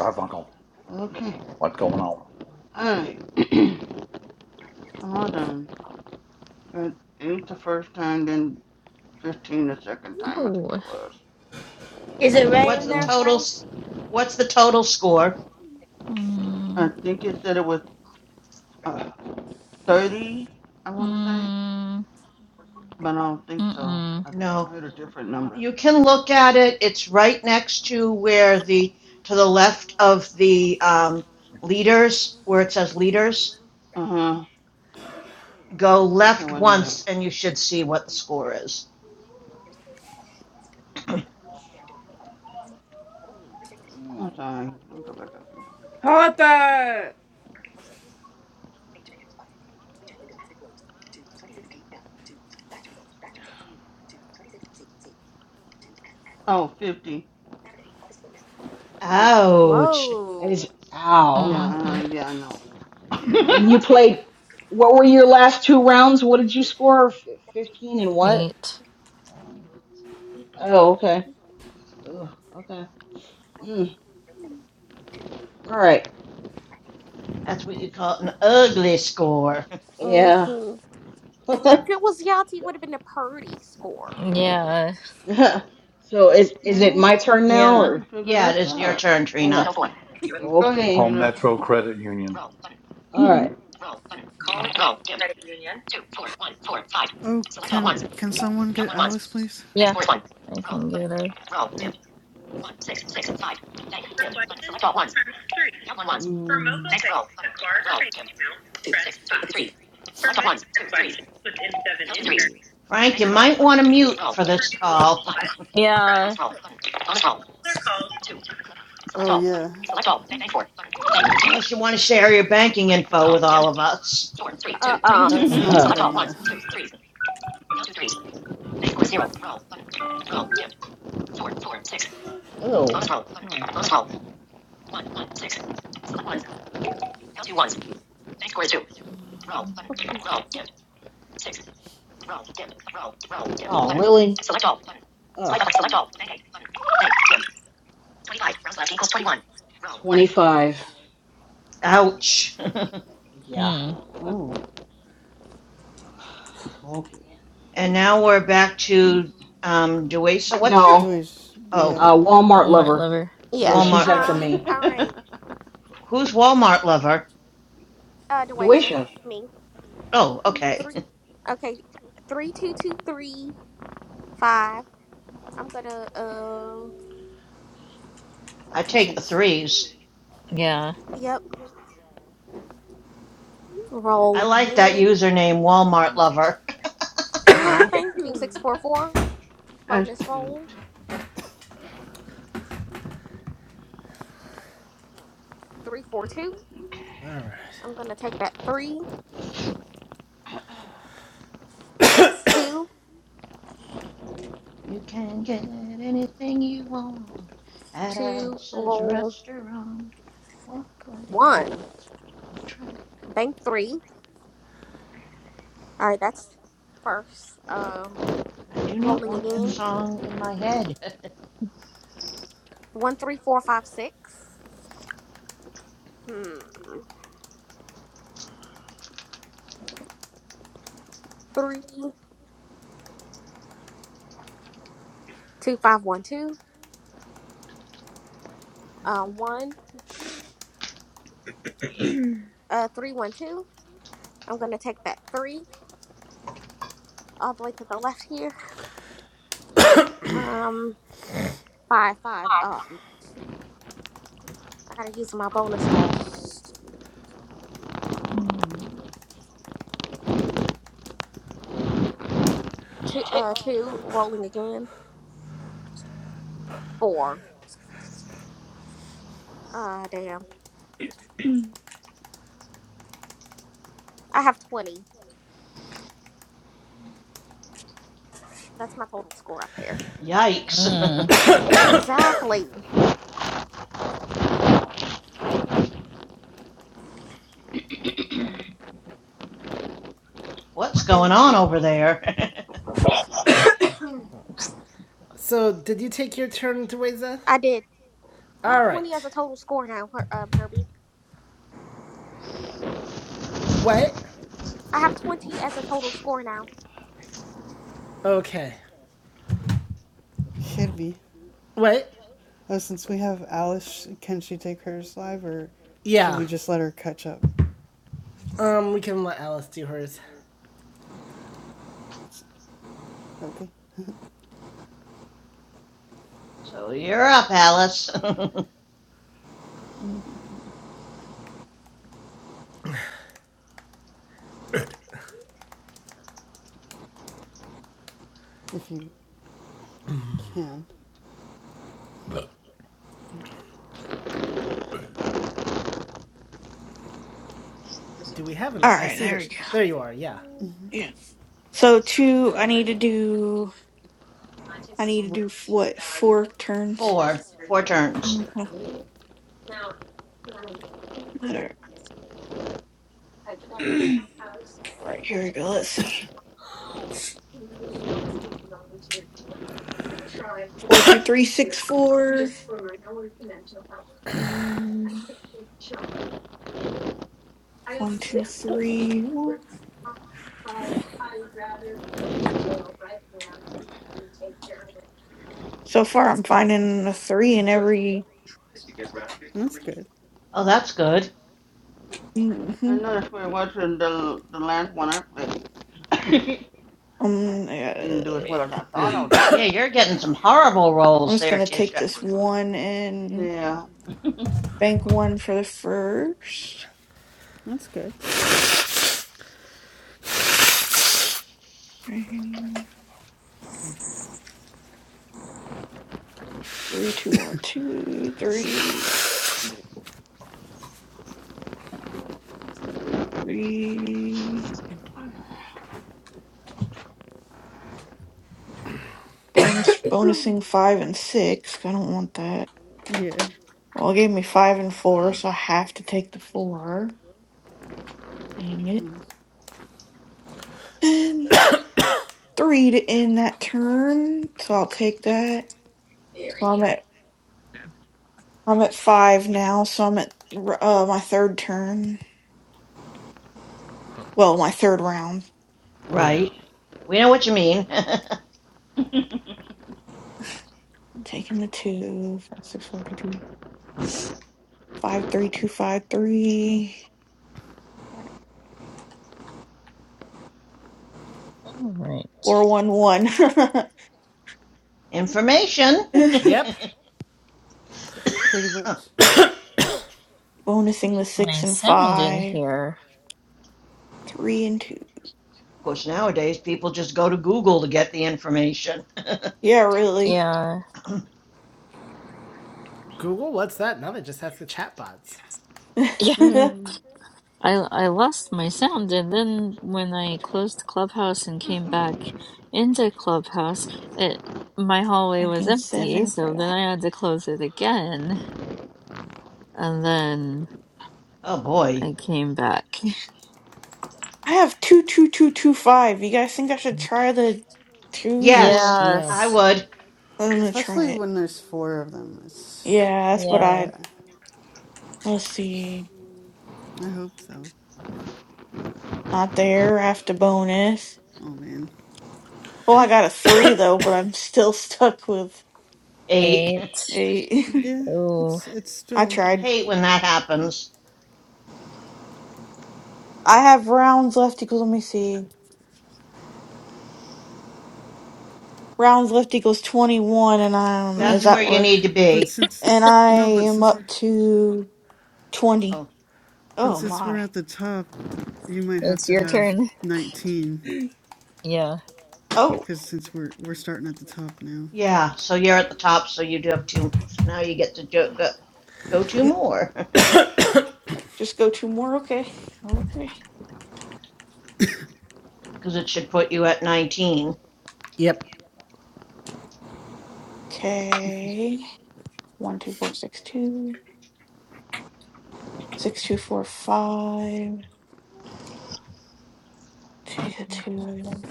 [SPEAKER 2] Garfunkel.
[SPEAKER 3] Okay.
[SPEAKER 2] What's going on?
[SPEAKER 3] Alright. I'm all done. Got eight the first time, then 15 the second time, I think
[SPEAKER 9] Oh.
[SPEAKER 3] it was.
[SPEAKER 6] Is it right in there,
[SPEAKER 5] uh,
[SPEAKER 6] Frank?
[SPEAKER 11] Totals. What's the total score?
[SPEAKER 3] I
[SPEAKER 9] Mm,
[SPEAKER 3] think it said it was uh, 30, I want to say,
[SPEAKER 9] mm,
[SPEAKER 3] but I don't think so.
[SPEAKER 9] mm-mm,
[SPEAKER 3] I, I
[SPEAKER 11] No,
[SPEAKER 3] heard a different number.
[SPEAKER 11] You can look at it. It's right next to where the, to the left of the um, leaders, where it says leaders.
[SPEAKER 3] Uh huh.
[SPEAKER 11] Go
[SPEAKER 3] Okay,
[SPEAKER 11] left
[SPEAKER 3] wait a minute.
[SPEAKER 11] once and you should see what the score is.
[SPEAKER 3] I'm
[SPEAKER 5] mm,
[SPEAKER 3] sorry. Let me go back up.
[SPEAKER 6] Harper.
[SPEAKER 3] Oh, 50.
[SPEAKER 5] 50
[SPEAKER 11] Ouch.
[SPEAKER 5] is
[SPEAKER 10] Whoa.
[SPEAKER 3] Yeah,
[SPEAKER 5] ow.
[SPEAKER 9] mm-hmm.
[SPEAKER 3] uh, yeah, I
[SPEAKER 5] And
[SPEAKER 3] know.
[SPEAKER 5] you played, what were your last two rounds? What did you score? F- 15 and what?
[SPEAKER 9] Eight.
[SPEAKER 5] Uh, oh, okay. Ugh, okay. Mm, all right.
[SPEAKER 11] That's what you call an ugly score.
[SPEAKER 5] Yeah.
[SPEAKER 10] hmm If, if it was Yachty, it would have been a purdy score.
[SPEAKER 9] Yeah,
[SPEAKER 5] so is is it
[SPEAKER 3] No.
[SPEAKER 5] my turn
[SPEAKER 3] Oh,
[SPEAKER 5] now
[SPEAKER 9] yeah,
[SPEAKER 3] thank you,
[SPEAKER 5] or?
[SPEAKER 3] Trigger.
[SPEAKER 11] yeah, it
[SPEAKER 3] That
[SPEAKER 11] is your
[SPEAKER 3] sucks.
[SPEAKER 11] turn,
[SPEAKER 5] Okay.
[SPEAKER 11] Trina.
[SPEAKER 5] Channel four.
[SPEAKER 3] Go ahead,
[SPEAKER 5] Okay.
[SPEAKER 2] Home
[SPEAKER 3] Trina.
[SPEAKER 2] Metro Credit Union. For
[SPEAKER 5] All right. Roll, dim.
[SPEAKER 8] Oh, can can someone get Alice, please?
[SPEAKER 9] yeah. I can get her.
[SPEAKER 8] Hey.
[SPEAKER 2] For For questions, questions, press Press. three.
[SPEAKER 5] count one ones.
[SPEAKER 2] For
[SPEAKER 5] Mm.
[SPEAKER 2] mobile
[SPEAKER 5] Next
[SPEAKER 2] pay,
[SPEAKER 5] roll
[SPEAKER 2] the
[SPEAKER 5] button.
[SPEAKER 2] card or
[SPEAKER 5] Roll
[SPEAKER 2] bank
[SPEAKER 5] dim.
[SPEAKER 2] account, press five. For Medicare questions with M seven
[SPEAKER 5] Delta threes.
[SPEAKER 2] Insurance,
[SPEAKER 11] Frank, you might want to mute for
[SPEAKER 2] for
[SPEAKER 11] this
[SPEAKER 2] new loan,
[SPEAKER 11] call,
[SPEAKER 2] press
[SPEAKER 9] Yeah.
[SPEAKER 2] four. Other calls.
[SPEAKER 8] Oh, yeah.
[SPEAKER 11] unless you want to share your banking info with all of us.
[SPEAKER 5] Four three
[SPEAKER 10] Uh
[SPEAKER 5] two three
[SPEAKER 10] uh
[SPEAKER 5] two.
[SPEAKER 8] That's not a good
[SPEAKER 5] Select all ones
[SPEAKER 8] idea.
[SPEAKER 5] twos threes. Oh. Oh. Oh, really? Ugh. 25.
[SPEAKER 11] Ouch.
[SPEAKER 5] Yeah.
[SPEAKER 9] Mm,
[SPEAKER 5] Uh,
[SPEAKER 3] oh.
[SPEAKER 5] Okay.
[SPEAKER 11] and now we're back
[SPEAKER 5] Mm,
[SPEAKER 11] to um, Dewey. So what's your.
[SPEAKER 8] Do
[SPEAKER 5] No.
[SPEAKER 8] it.
[SPEAKER 5] Yeah,
[SPEAKER 11] Oh,
[SPEAKER 8] yeah,
[SPEAKER 5] uh, Walmart
[SPEAKER 9] Walmart
[SPEAKER 5] lover.
[SPEAKER 9] lover.
[SPEAKER 5] So
[SPEAKER 10] Yeah.
[SPEAKER 8] yeah.
[SPEAKER 5] she's
[SPEAKER 11] Walmart.
[SPEAKER 5] after
[SPEAKER 10] Um.
[SPEAKER 5] me.
[SPEAKER 10] All right.
[SPEAKER 11] Who's Walmart Lover?
[SPEAKER 10] Uh, Deweja,
[SPEAKER 5] Duisha.
[SPEAKER 10] me
[SPEAKER 11] Oh, okay.
[SPEAKER 10] three. Okay, three two two three five. I'm gonna uh
[SPEAKER 11] I take the
[SPEAKER 8] Serious.
[SPEAKER 11] threes.
[SPEAKER 9] Yeah.
[SPEAKER 10] yep, roll
[SPEAKER 11] I like that
[SPEAKER 10] again.
[SPEAKER 11] username, Walmart Lover.
[SPEAKER 10] Oh,
[SPEAKER 3] oh,
[SPEAKER 10] thank you. Six four four.
[SPEAKER 3] that's
[SPEAKER 10] Bonus roll.
[SPEAKER 3] cute.
[SPEAKER 10] Three four two.
[SPEAKER 1] All right.
[SPEAKER 10] I'm gonna take that three, six, two,
[SPEAKER 11] You can get anything you want at
[SPEAKER 10] two,
[SPEAKER 11] Alice's
[SPEAKER 10] roll
[SPEAKER 11] restaurant. Walk right in.
[SPEAKER 10] one.
[SPEAKER 11] It's around the track.
[SPEAKER 10] Bank three. Alright, that's first. Um
[SPEAKER 11] I do not
[SPEAKER 10] rolling
[SPEAKER 11] want that
[SPEAKER 10] again.
[SPEAKER 11] song in my head.
[SPEAKER 10] One three four five six. Hmm. Three two five one two. Uh one uh three one two. I'm gonna take that three all the way to the left here. Um Five, five. Um, I gotta use my bonus roll.
[SPEAKER 9] Mm.
[SPEAKER 10] Two, uh, two rolling again. Four. Ah, damn. I have twenty. That's my total score up there.
[SPEAKER 11] Yikes.
[SPEAKER 9] Mm.
[SPEAKER 10] Exactly.
[SPEAKER 11] What's going
[SPEAKER 10] Damn,
[SPEAKER 11] on
[SPEAKER 10] damn.
[SPEAKER 11] over there?
[SPEAKER 1] So, did you take your turn, Deweza?
[SPEAKER 10] I did. I have
[SPEAKER 1] All
[SPEAKER 10] twenty as
[SPEAKER 1] right.
[SPEAKER 10] a total score now, Her- um, Herbie.
[SPEAKER 1] Wait.
[SPEAKER 10] I have twenty as a total score now.
[SPEAKER 1] Okay.
[SPEAKER 8] Kirby.
[SPEAKER 1] Wait.
[SPEAKER 8] Oh, since we have Alice, can she take hers live, or should
[SPEAKER 1] Yeah.
[SPEAKER 8] we just let her catch up?
[SPEAKER 1] Um, we can let Alice do hers.
[SPEAKER 8] It's okay
[SPEAKER 11] so you're up, Alice.
[SPEAKER 8] if you can.
[SPEAKER 1] Do we have an?
[SPEAKER 12] All
[SPEAKER 1] I
[SPEAKER 12] right,
[SPEAKER 1] see
[SPEAKER 12] there
[SPEAKER 1] that.
[SPEAKER 12] we
[SPEAKER 1] Sh-
[SPEAKER 12] go.
[SPEAKER 1] there you are. Yeah.
[SPEAKER 10] Mm,
[SPEAKER 12] Yeah. So two, I need to do. I need to
[SPEAKER 8] What?
[SPEAKER 12] do f- what? Four turns.
[SPEAKER 11] four. Four turns.
[SPEAKER 12] Mhm. All right, All right, here we go. Let's see. Four, two, three, six, four. Mm, One, two, three, one. So far, I'm finding a three in every.
[SPEAKER 8] That's good.
[SPEAKER 11] Oh, that's good.
[SPEAKER 12] hmm
[SPEAKER 3] I noticed we were watching the the last one I played. I
[SPEAKER 12] Um, uh,
[SPEAKER 3] Didn't do as well as I thought I would.
[SPEAKER 11] Yeah, you're
[SPEAKER 3] do,
[SPEAKER 11] getting
[SPEAKER 3] But
[SPEAKER 11] some
[SPEAKER 3] yeah.
[SPEAKER 11] horrible
[SPEAKER 12] I'm
[SPEAKER 11] rolls
[SPEAKER 12] just
[SPEAKER 11] there,
[SPEAKER 12] gonna take
[SPEAKER 11] Tisha.
[SPEAKER 12] this one and
[SPEAKER 3] Yeah.
[SPEAKER 12] Bank one for the first.
[SPEAKER 8] That's good.
[SPEAKER 12] Three, two, one, two, three, three. Bonus, bonusing five and six. 'cause I don't want that.
[SPEAKER 8] Yeah.
[SPEAKER 12] Well, it gave me five and four, so I have to take the four. Dang it.
[SPEAKER 8] Mm,
[SPEAKER 12] And three to end that turn, so I'll take that. So
[SPEAKER 10] Very.
[SPEAKER 12] I'm at I'm at five now. So I'm at uh my third turn. Well, my third round.
[SPEAKER 1] Yeah.
[SPEAKER 11] Right. We know what you mean.
[SPEAKER 12] Taking the two, five, six, four, two, two, five, three, two, five, three.
[SPEAKER 9] All right.
[SPEAKER 12] Four one one,
[SPEAKER 11] information.
[SPEAKER 1] Yep.
[SPEAKER 8] Pretty
[SPEAKER 11] of
[SPEAKER 8] much.
[SPEAKER 12] Bonusing the
[SPEAKER 9] My
[SPEAKER 12] six and
[SPEAKER 9] sound in
[SPEAKER 12] five.
[SPEAKER 9] here.
[SPEAKER 12] Three and two.
[SPEAKER 11] course, nowadays people just go to Google to get the information.
[SPEAKER 12] Yeah, really.
[SPEAKER 9] Yeah.
[SPEAKER 1] Google, what's that? Now they just ask the chatbots.
[SPEAKER 9] Yeah.
[SPEAKER 3] Mm.
[SPEAKER 9] I I lost my sound and then when I closed Clubhouse and came back into Clubhouse, it my hallway was
[SPEAKER 12] Banking
[SPEAKER 9] empty,
[SPEAKER 12] seven for
[SPEAKER 9] so then
[SPEAKER 12] that.
[SPEAKER 9] I had to close it again and then
[SPEAKER 11] oh boy.
[SPEAKER 9] I came back.
[SPEAKER 12] I have two two two two five. You guys think I should try the twos or
[SPEAKER 11] Yes,
[SPEAKER 1] No.
[SPEAKER 11] I
[SPEAKER 9] Yes.
[SPEAKER 11] would.
[SPEAKER 12] I'm
[SPEAKER 8] Yeah,
[SPEAKER 12] gonna try
[SPEAKER 8] especially
[SPEAKER 12] it.
[SPEAKER 8] when there's four of them. It's
[SPEAKER 12] Yeah, that's what
[SPEAKER 9] Yeah.
[SPEAKER 12] I
[SPEAKER 8] yeah.
[SPEAKER 12] let's see.
[SPEAKER 8] I hope so.
[SPEAKER 12] Not there after bonus.
[SPEAKER 8] Oh man.
[SPEAKER 12] Well I got a three though, but I'm still stuck with
[SPEAKER 11] Eight.
[SPEAKER 9] Eight.
[SPEAKER 12] eight.
[SPEAKER 8] Yeah.
[SPEAKER 9] Ooh.
[SPEAKER 8] It's it's
[SPEAKER 12] I
[SPEAKER 8] still
[SPEAKER 12] tried.
[SPEAKER 11] Hate when that happens.
[SPEAKER 12] I have rounds left equals let me see. rounds left equals 21 and i'm
[SPEAKER 8] oh
[SPEAKER 12] is
[SPEAKER 11] That's
[SPEAKER 8] you
[SPEAKER 12] that
[SPEAKER 11] where you
[SPEAKER 12] where
[SPEAKER 11] need to
[SPEAKER 8] but
[SPEAKER 11] be.
[SPEAKER 8] since
[SPEAKER 12] and i
[SPEAKER 8] no but
[SPEAKER 12] am
[SPEAKER 8] since
[SPEAKER 12] up
[SPEAKER 8] we're
[SPEAKER 12] to 20
[SPEAKER 11] Oh,
[SPEAKER 8] but
[SPEAKER 12] oh
[SPEAKER 8] since we're
[SPEAKER 12] my
[SPEAKER 8] at the top you might have
[SPEAKER 9] It's
[SPEAKER 8] to
[SPEAKER 9] your
[SPEAKER 8] have
[SPEAKER 9] turn.
[SPEAKER 8] nineteen
[SPEAKER 9] Yeah.
[SPEAKER 12] oh
[SPEAKER 8] because since we're we're starting at the top now.
[SPEAKER 11] yeah. So you're at the top, so you do have two. So now you get to do, uh, go two
[SPEAKER 12] n-
[SPEAKER 11] more
[SPEAKER 12] just go two more okay okay
[SPEAKER 11] because it should put you at 19.
[SPEAKER 1] Yep.
[SPEAKER 12] okay one two four six two six two four five take the two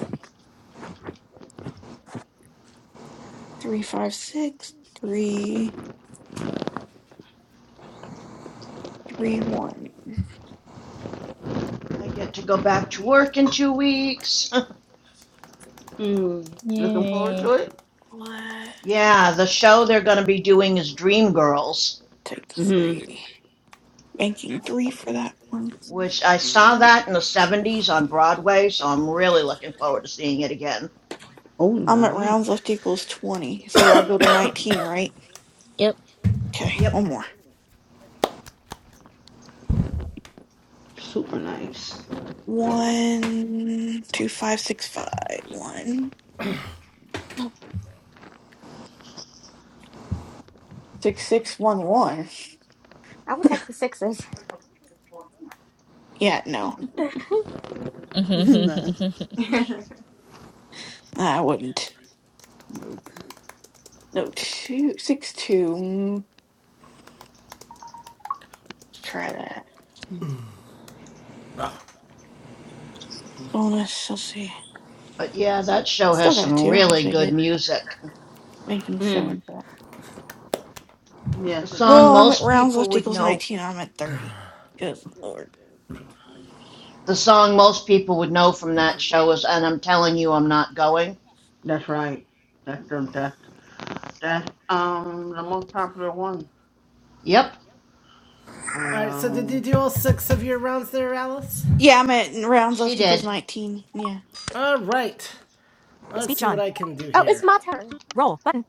[SPEAKER 12] three five six three three one
[SPEAKER 11] I get to go back to work in two weeks.
[SPEAKER 3] Mm. Looking forward
[SPEAKER 9] Yay.
[SPEAKER 3] to it?
[SPEAKER 12] what
[SPEAKER 11] Yeah, the show they're going to be doing is Dreamgirls,
[SPEAKER 12] take the
[SPEAKER 3] Mhm.
[SPEAKER 12] three banking three for that one
[SPEAKER 11] which I saw
[SPEAKER 3] Nice.
[SPEAKER 11] that in the 70s on Broadway, so I'm really looking forward to seeing it again.
[SPEAKER 3] Oh,
[SPEAKER 12] i'm at
[SPEAKER 3] nice.
[SPEAKER 12] rounds left equals 20 so i go to 19 right
[SPEAKER 9] Yep.
[SPEAKER 12] okay
[SPEAKER 11] Yep.
[SPEAKER 12] one more
[SPEAKER 3] Super nice.
[SPEAKER 12] One, two, five, six, five, one, six, six, one, one.
[SPEAKER 10] I would take the sixes.
[SPEAKER 12] Yeah, no,
[SPEAKER 8] no.
[SPEAKER 12] I wouldn't.
[SPEAKER 8] Nope.
[SPEAKER 12] No, two, six, two. Mm, Let's try that.
[SPEAKER 1] Ugh.
[SPEAKER 12] Bonus, let's see. I
[SPEAKER 11] But yeah, that show
[SPEAKER 12] still
[SPEAKER 11] has
[SPEAKER 12] got a
[SPEAKER 11] some
[SPEAKER 12] two. I'll
[SPEAKER 11] really
[SPEAKER 12] take
[SPEAKER 11] good
[SPEAKER 12] it.
[SPEAKER 11] music.
[SPEAKER 12] Making
[SPEAKER 3] Mm.
[SPEAKER 12] seven. for that.
[SPEAKER 11] The
[SPEAKER 3] Yes, it
[SPEAKER 11] song
[SPEAKER 3] does.
[SPEAKER 12] Oh, I'm at
[SPEAKER 11] most
[SPEAKER 12] rounds
[SPEAKER 11] people
[SPEAKER 12] left
[SPEAKER 11] would
[SPEAKER 12] equals
[SPEAKER 11] know,
[SPEAKER 12] 19. I'm at 30. Good lord.
[SPEAKER 11] the song most people would know from that show is And I'm Telling You I'm Not Going.
[SPEAKER 3] That's right. That's the, that's, that's um the most popular one.
[SPEAKER 11] Yep,
[SPEAKER 1] All right, so did
[SPEAKER 3] Um.
[SPEAKER 1] you do all six of your rounds there, Alice?
[SPEAKER 12] Yeah, I'm at rounds
[SPEAKER 11] she
[SPEAKER 12] left equals
[SPEAKER 11] did.
[SPEAKER 12] 19. Yeah.
[SPEAKER 1] All right. Let's Speech see on. what I can do
[SPEAKER 10] Oh, it's
[SPEAKER 1] here.
[SPEAKER 10] my turn.
[SPEAKER 1] Roll button.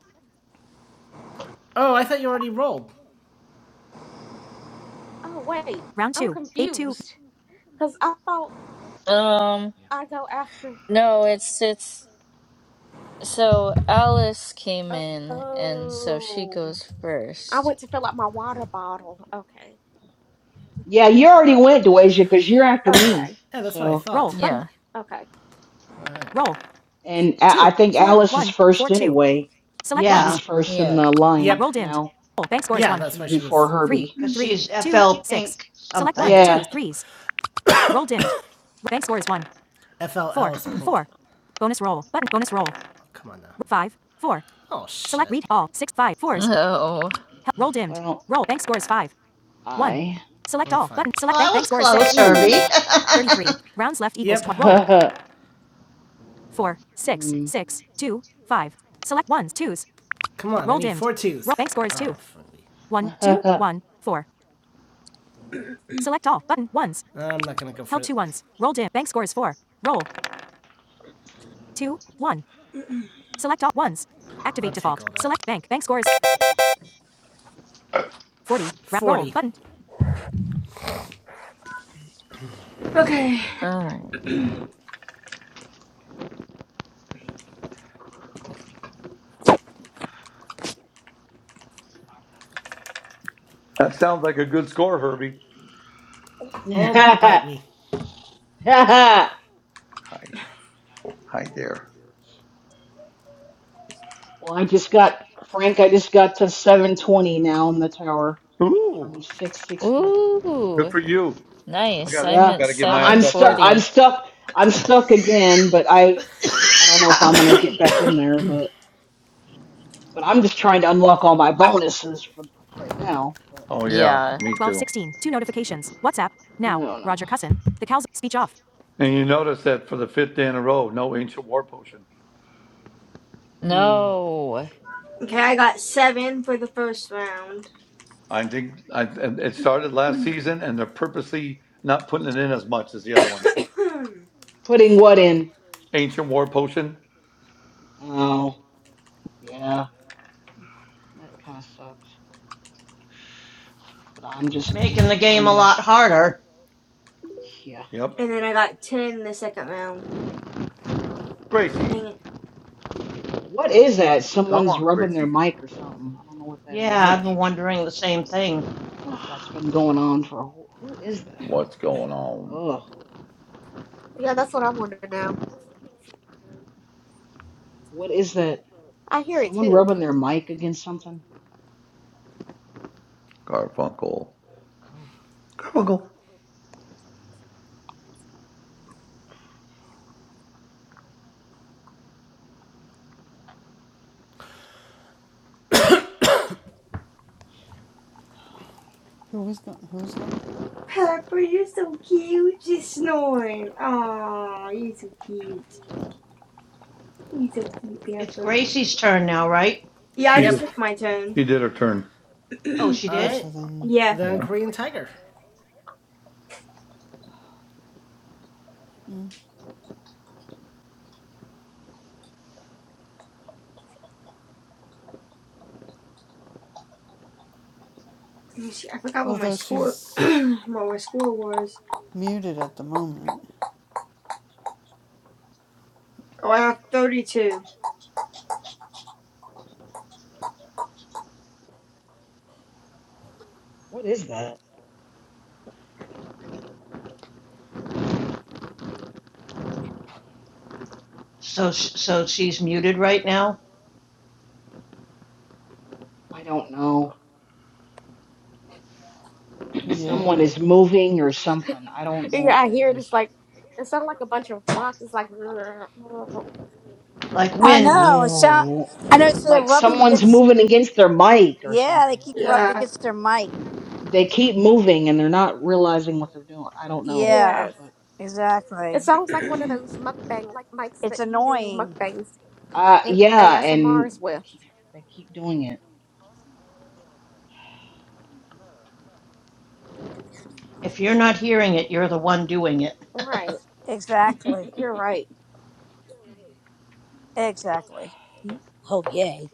[SPEAKER 1] Oh, I thought you already rolled.
[SPEAKER 10] Oh wait,
[SPEAKER 1] Round
[SPEAKER 10] I'm
[SPEAKER 1] two, eight two.
[SPEAKER 10] confused because I thought
[SPEAKER 9] um
[SPEAKER 10] I go after.
[SPEAKER 9] no, it's it's So Alice came in, and so she
[SPEAKER 10] Oh.
[SPEAKER 9] goes
[SPEAKER 10] I
[SPEAKER 9] first.
[SPEAKER 10] went to fill up my water bottle. Okay.
[SPEAKER 5] Yeah, you already went, Duisha, because you're after me.
[SPEAKER 10] Okay.
[SPEAKER 1] Yeah, that's what I
[SPEAKER 5] So,
[SPEAKER 1] thought. Roll button.
[SPEAKER 9] Yeah.
[SPEAKER 10] Okay.
[SPEAKER 1] Okay. Roll.
[SPEAKER 5] and I, I
[SPEAKER 1] Two,
[SPEAKER 5] think
[SPEAKER 1] four,
[SPEAKER 5] Alice is
[SPEAKER 1] one, four,
[SPEAKER 5] first
[SPEAKER 1] two.
[SPEAKER 5] anyway.
[SPEAKER 1] Select
[SPEAKER 11] Yeah,
[SPEAKER 5] She's
[SPEAKER 1] ones.
[SPEAKER 5] first in
[SPEAKER 9] Yeah.
[SPEAKER 5] the
[SPEAKER 1] Yep.
[SPEAKER 5] line
[SPEAKER 1] Roll dimmed.
[SPEAKER 5] now.
[SPEAKER 1] Roll. Bank scores yeah, one. Yeah, that's
[SPEAKER 5] She's
[SPEAKER 1] why she
[SPEAKER 5] before
[SPEAKER 1] was. Three,
[SPEAKER 5] Herbie.
[SPEAKER 1] three,
[SPEAKER 11] she's
[SPEAKER 1] two,
[SPEAKER 11] FL
[SPEAKER 1] six.
[SPEAKER 11] Pink
[SPEAKER 1] Select ones.
[SPEAKER 11] something. Well,
[SPEAKER 5] Yeah.
[SPEAKER 1] Twos. Threes. Roll dimmed. Bank score is one. FLL Four. is pink. Four. Bonus roll. Button. Bonus roll. Oh, Come on now. Five. Four. Oh shit. Select read all. Six. Five. Fours.
[SPEAKER 9] Oh,
[SPEAKER 1] Hel- roll dimmed.
[SPEAKER 5] Well,
[SPEAKER 1] Roll. Bank score is five. One.
[SPEAKER 5] I.
[SPEAKER 1] Select all. fine. Button. Select
[SPEAKER 11] I
[SPEAKER 1] bank.
[SPEAKER 11] was
[SPEAKER 1] Bank score is six.
[SPEAKER 11] close,
[SPEAKER 5] Ooh.
[SPEAKER 11] Herbie.
[SPEAKER 1] Thirty-three. Rounds left equals Yep. tw- roll. Four. Six.
[SPEAKER 5] Mm.
[SPEAKER 1] Six. Two. Five. Select ones. Twos. Come on. I Roll dimmed. four twos. Roll bank score is two. funny. One. Two. One. Four. Select all. Button. Ones. I'm not gonna go for Held it. Held two ones. Roll dim. Bank score is four. Roll. Two. One. Select all ones. Activate I'll default. Select bank. Bank scores 40. Ra- 40. Roll button.
[SPEAKER 6] okay.
[SPEAKER 9] all right.
[SPEAKER 2] That sounds like a good score, Herbie.
[SPEAKER 1] Oh, bite me.
[SPEAKER 5] Well,
[SPEAKER 2] Hi, hi there.
[SPEAKER 5] I just got Frank. I just got to 720 now in the tower from
[SPEAKER 2] Ooh,
[SPEAKER 5] 660.
[SPEAKER 2] good
[SPEAKER 9] Ooh,
[SPEAKER 2] for you. I
[SPEAKER 9] nice.
[SPEAKER 2] got,
[SPEAKER 9] I'm
[SPEAKER 2] I
[SPEAKER 5] Yeah,
[SPEAKER 9] at
[SPEAKER 2] got to get my
[SPEAKER 5] I, I'm
[SPEAKER 2] ass up
[SPEAKER 5] stuck.
[SPEAKER 2] there.
[SPEAKER 5] I'm
[SPEAKER 9] 740.
[SPEAKER 5] stuck. I'm stuck again. But I I don't know if I'm gonna get back in there. But but I'm just trying to unlock all my bonuses for right now. But
[SPEAKER 2] Oh yeah,
[SPEAKER 9] Yeah.
[SPEAKER 2] me too.
[SPEAKER 1] 1216. Two notifications. WhatsApp.
[SPEAKER 5] I
[SPEAKER 1] Now.
[SPEAKER 5] don't know.
[SPEAKER 1] Roger Cussin. The cows. Speech off.
[SPEAKER 2] And you notice that for the fifth day in a row, no ancient war potion.
[SPEAKER 5] Hmm.
[SPEAKER 9] No.
[SPEAKER 6] Okay, I got seven for the first round,
[SPEAKER 2] I think I, it started last season, and they're purposely not putting it in as much as the other one.
[SPEAKER 6] and
[SPEAKER 5] Putting what in?
[SPEAKER 2] Ancient War Potion.
[SPEAKER 5] Oh, yeah. That kind of sucks. But I'm just I'm
[SPEAKER 11] Making the
[SPEAKER 5] just
[SPEAKER 11] game
[SPEAKER 5] trying
[SPEAKER 11] a
[SPEAKER 5] to.
[SPEAKER 11] lot harder.
[SPEAKER 5] yeah.
[SPEAKER 2] Yep.
[SPEAKER 6] then I got ten in the second round.
[SPEAKER 2] Gracie,
[SPEAKER 6] Dang it.
[SPEAKER 5] What is that?
[SPEAKER 2] come
[SPEAKER 5] Someone's
[SPEAKER 2] on,
[SPEAKER 5] rubbing their
[SPEAKER 2] Gracie.
[SPEAKER 5] mic or something. I don't know what that is.
[SPEAKER 11] Yeah, I've
[SPEAKER 1] Yep.
[SPEAKER 11] been wondering the same thing.
[SPEAKER 5] That's been going on for a whole. Who is that?
[SPEAKER 2] What's going on,
[SPEAKER 5] Ugh.
[SPEAKER 10] Yeah, that's what I wanted to know.
[SPEAKER 5] What is that?
[SPEAKER 10] I hear it
[SPEAKER 5] Someone
[SPEAKER 10] too.
[SPEAKER 5] rubbing their mic against something?
[SPEAKER 2] Garfunkel?
[SPEAKER 5] Ugh.
[SPEAKER 8] Who was gone? Who's gone?
[SPEAKER 6] Pepper, you're so cute. She's snoring. Aw, you're so cute. You're so cute,
[SPEAKER 11] It's
[SPEAKER 6] Pepper.
[SPEAKER 11] Gracie's turn now, right?
[SPEAKER 6] Yeah, I
[SPEAKER 2] She
[SPEAKER 6] just
[SPEAKER 1] Yep.
[SPEAKER 2] just
[SPEAKER 6] took my turn.
[SPEAKER 2] she did her turn.
[SPEAKER 11] She
[SPEAKER 1] All
[SPEAKER 8] Oh,
[SPEAKER 11] did.
[SPEAKER 1] right.
[SPEAKER 8] so then.
[SPEAKER 6] yeah.
[SPEAKER 1] Then
[SPEAKER 2] Yeah.
[SPEAKER 1] Korean Tiger.
[SPEAKER 8] Mm.
[SPEAKER 6] Let me see, I forgot what my
[SPEAKER 8] Although
[SPEAKER 6] score
[SPEAKER 8] she's
[SPEAKER 6] what my score was.
[SPEAKER 8] muted at the moment.
[SPEAKER 6] Oh, I have thirty two.
[SPEAKER 5] What is that?
[SPEAKER 11] So sh- so she's muted right now.
[SPEAKER 5] I don't know. And
[SPEAKER 8] Yeah.
[SPEAKER 5] someone is moving or something. I don't know
[SPEAKER 10] Yeah,
[SPEAKER 5] what
[SPEAKER 10] I
[SPEAKER 5] that
[SPEAKER 10] hear it. It's
[SPEAKER 5] is.
[SPEAKER 10] like, it sounds like a bunch of rocks. It's like,
[SPEAKER 11] Like
[SPEAKER 4] I
[SPEAKER 5] Like,
[SPEAKER 11] wind,
[SPEAKER 4] know. It's not, I know. So they're
[SPEAKER 5] like
[SPEAKER 4] rubbing
[SPEAKER 5] someone's
[SPEAKER 4] against.
[SPEAKER 5] moving against their mic or
[SPEAKER 4] Yeah, they
[SPEAKER 5] something.
[SPEAKER 4] keep rubbing
[SPEAKER 6] Yeah.
[SPEAKER 4] against their mic.
[SPEAKER 5] They keep moving and they're not realizing what they're doing. I don't know.
[SPEAKER 4] Yeah,
[SPEAKER 10] yes.
[SPEAKER 5] But,
[SPEAKER 4] exactly.
[SPEAKER 10] It sounds
[SPEAKER 5] ugh.
[SPEAKER 10] like one of those mukbang, like mics
[SPEAKER 4] It's
[SPEAKER 10] that you do
[SPEAKER 4] annoying.
[SPEAKER 10] mukbangs
[SPEAKER 5] Uh,
[SPEAKER 10] and
[SPEAKER 5] yeah, and
[SPEAKER 10] ASMRs
[SPEAKER 5] they
[SPEAKER 10] with.
[SPEAKER 5] keep, they keep doing it.
[SPEAKER 11] if you're not hearing it, you're the one doing it.
[SPEAKER 10] Right.
[SPEAKER 4] Exactly.
[SPEAKER 10] You're right.
[SPEAKER 4] Exactly. Oh yay!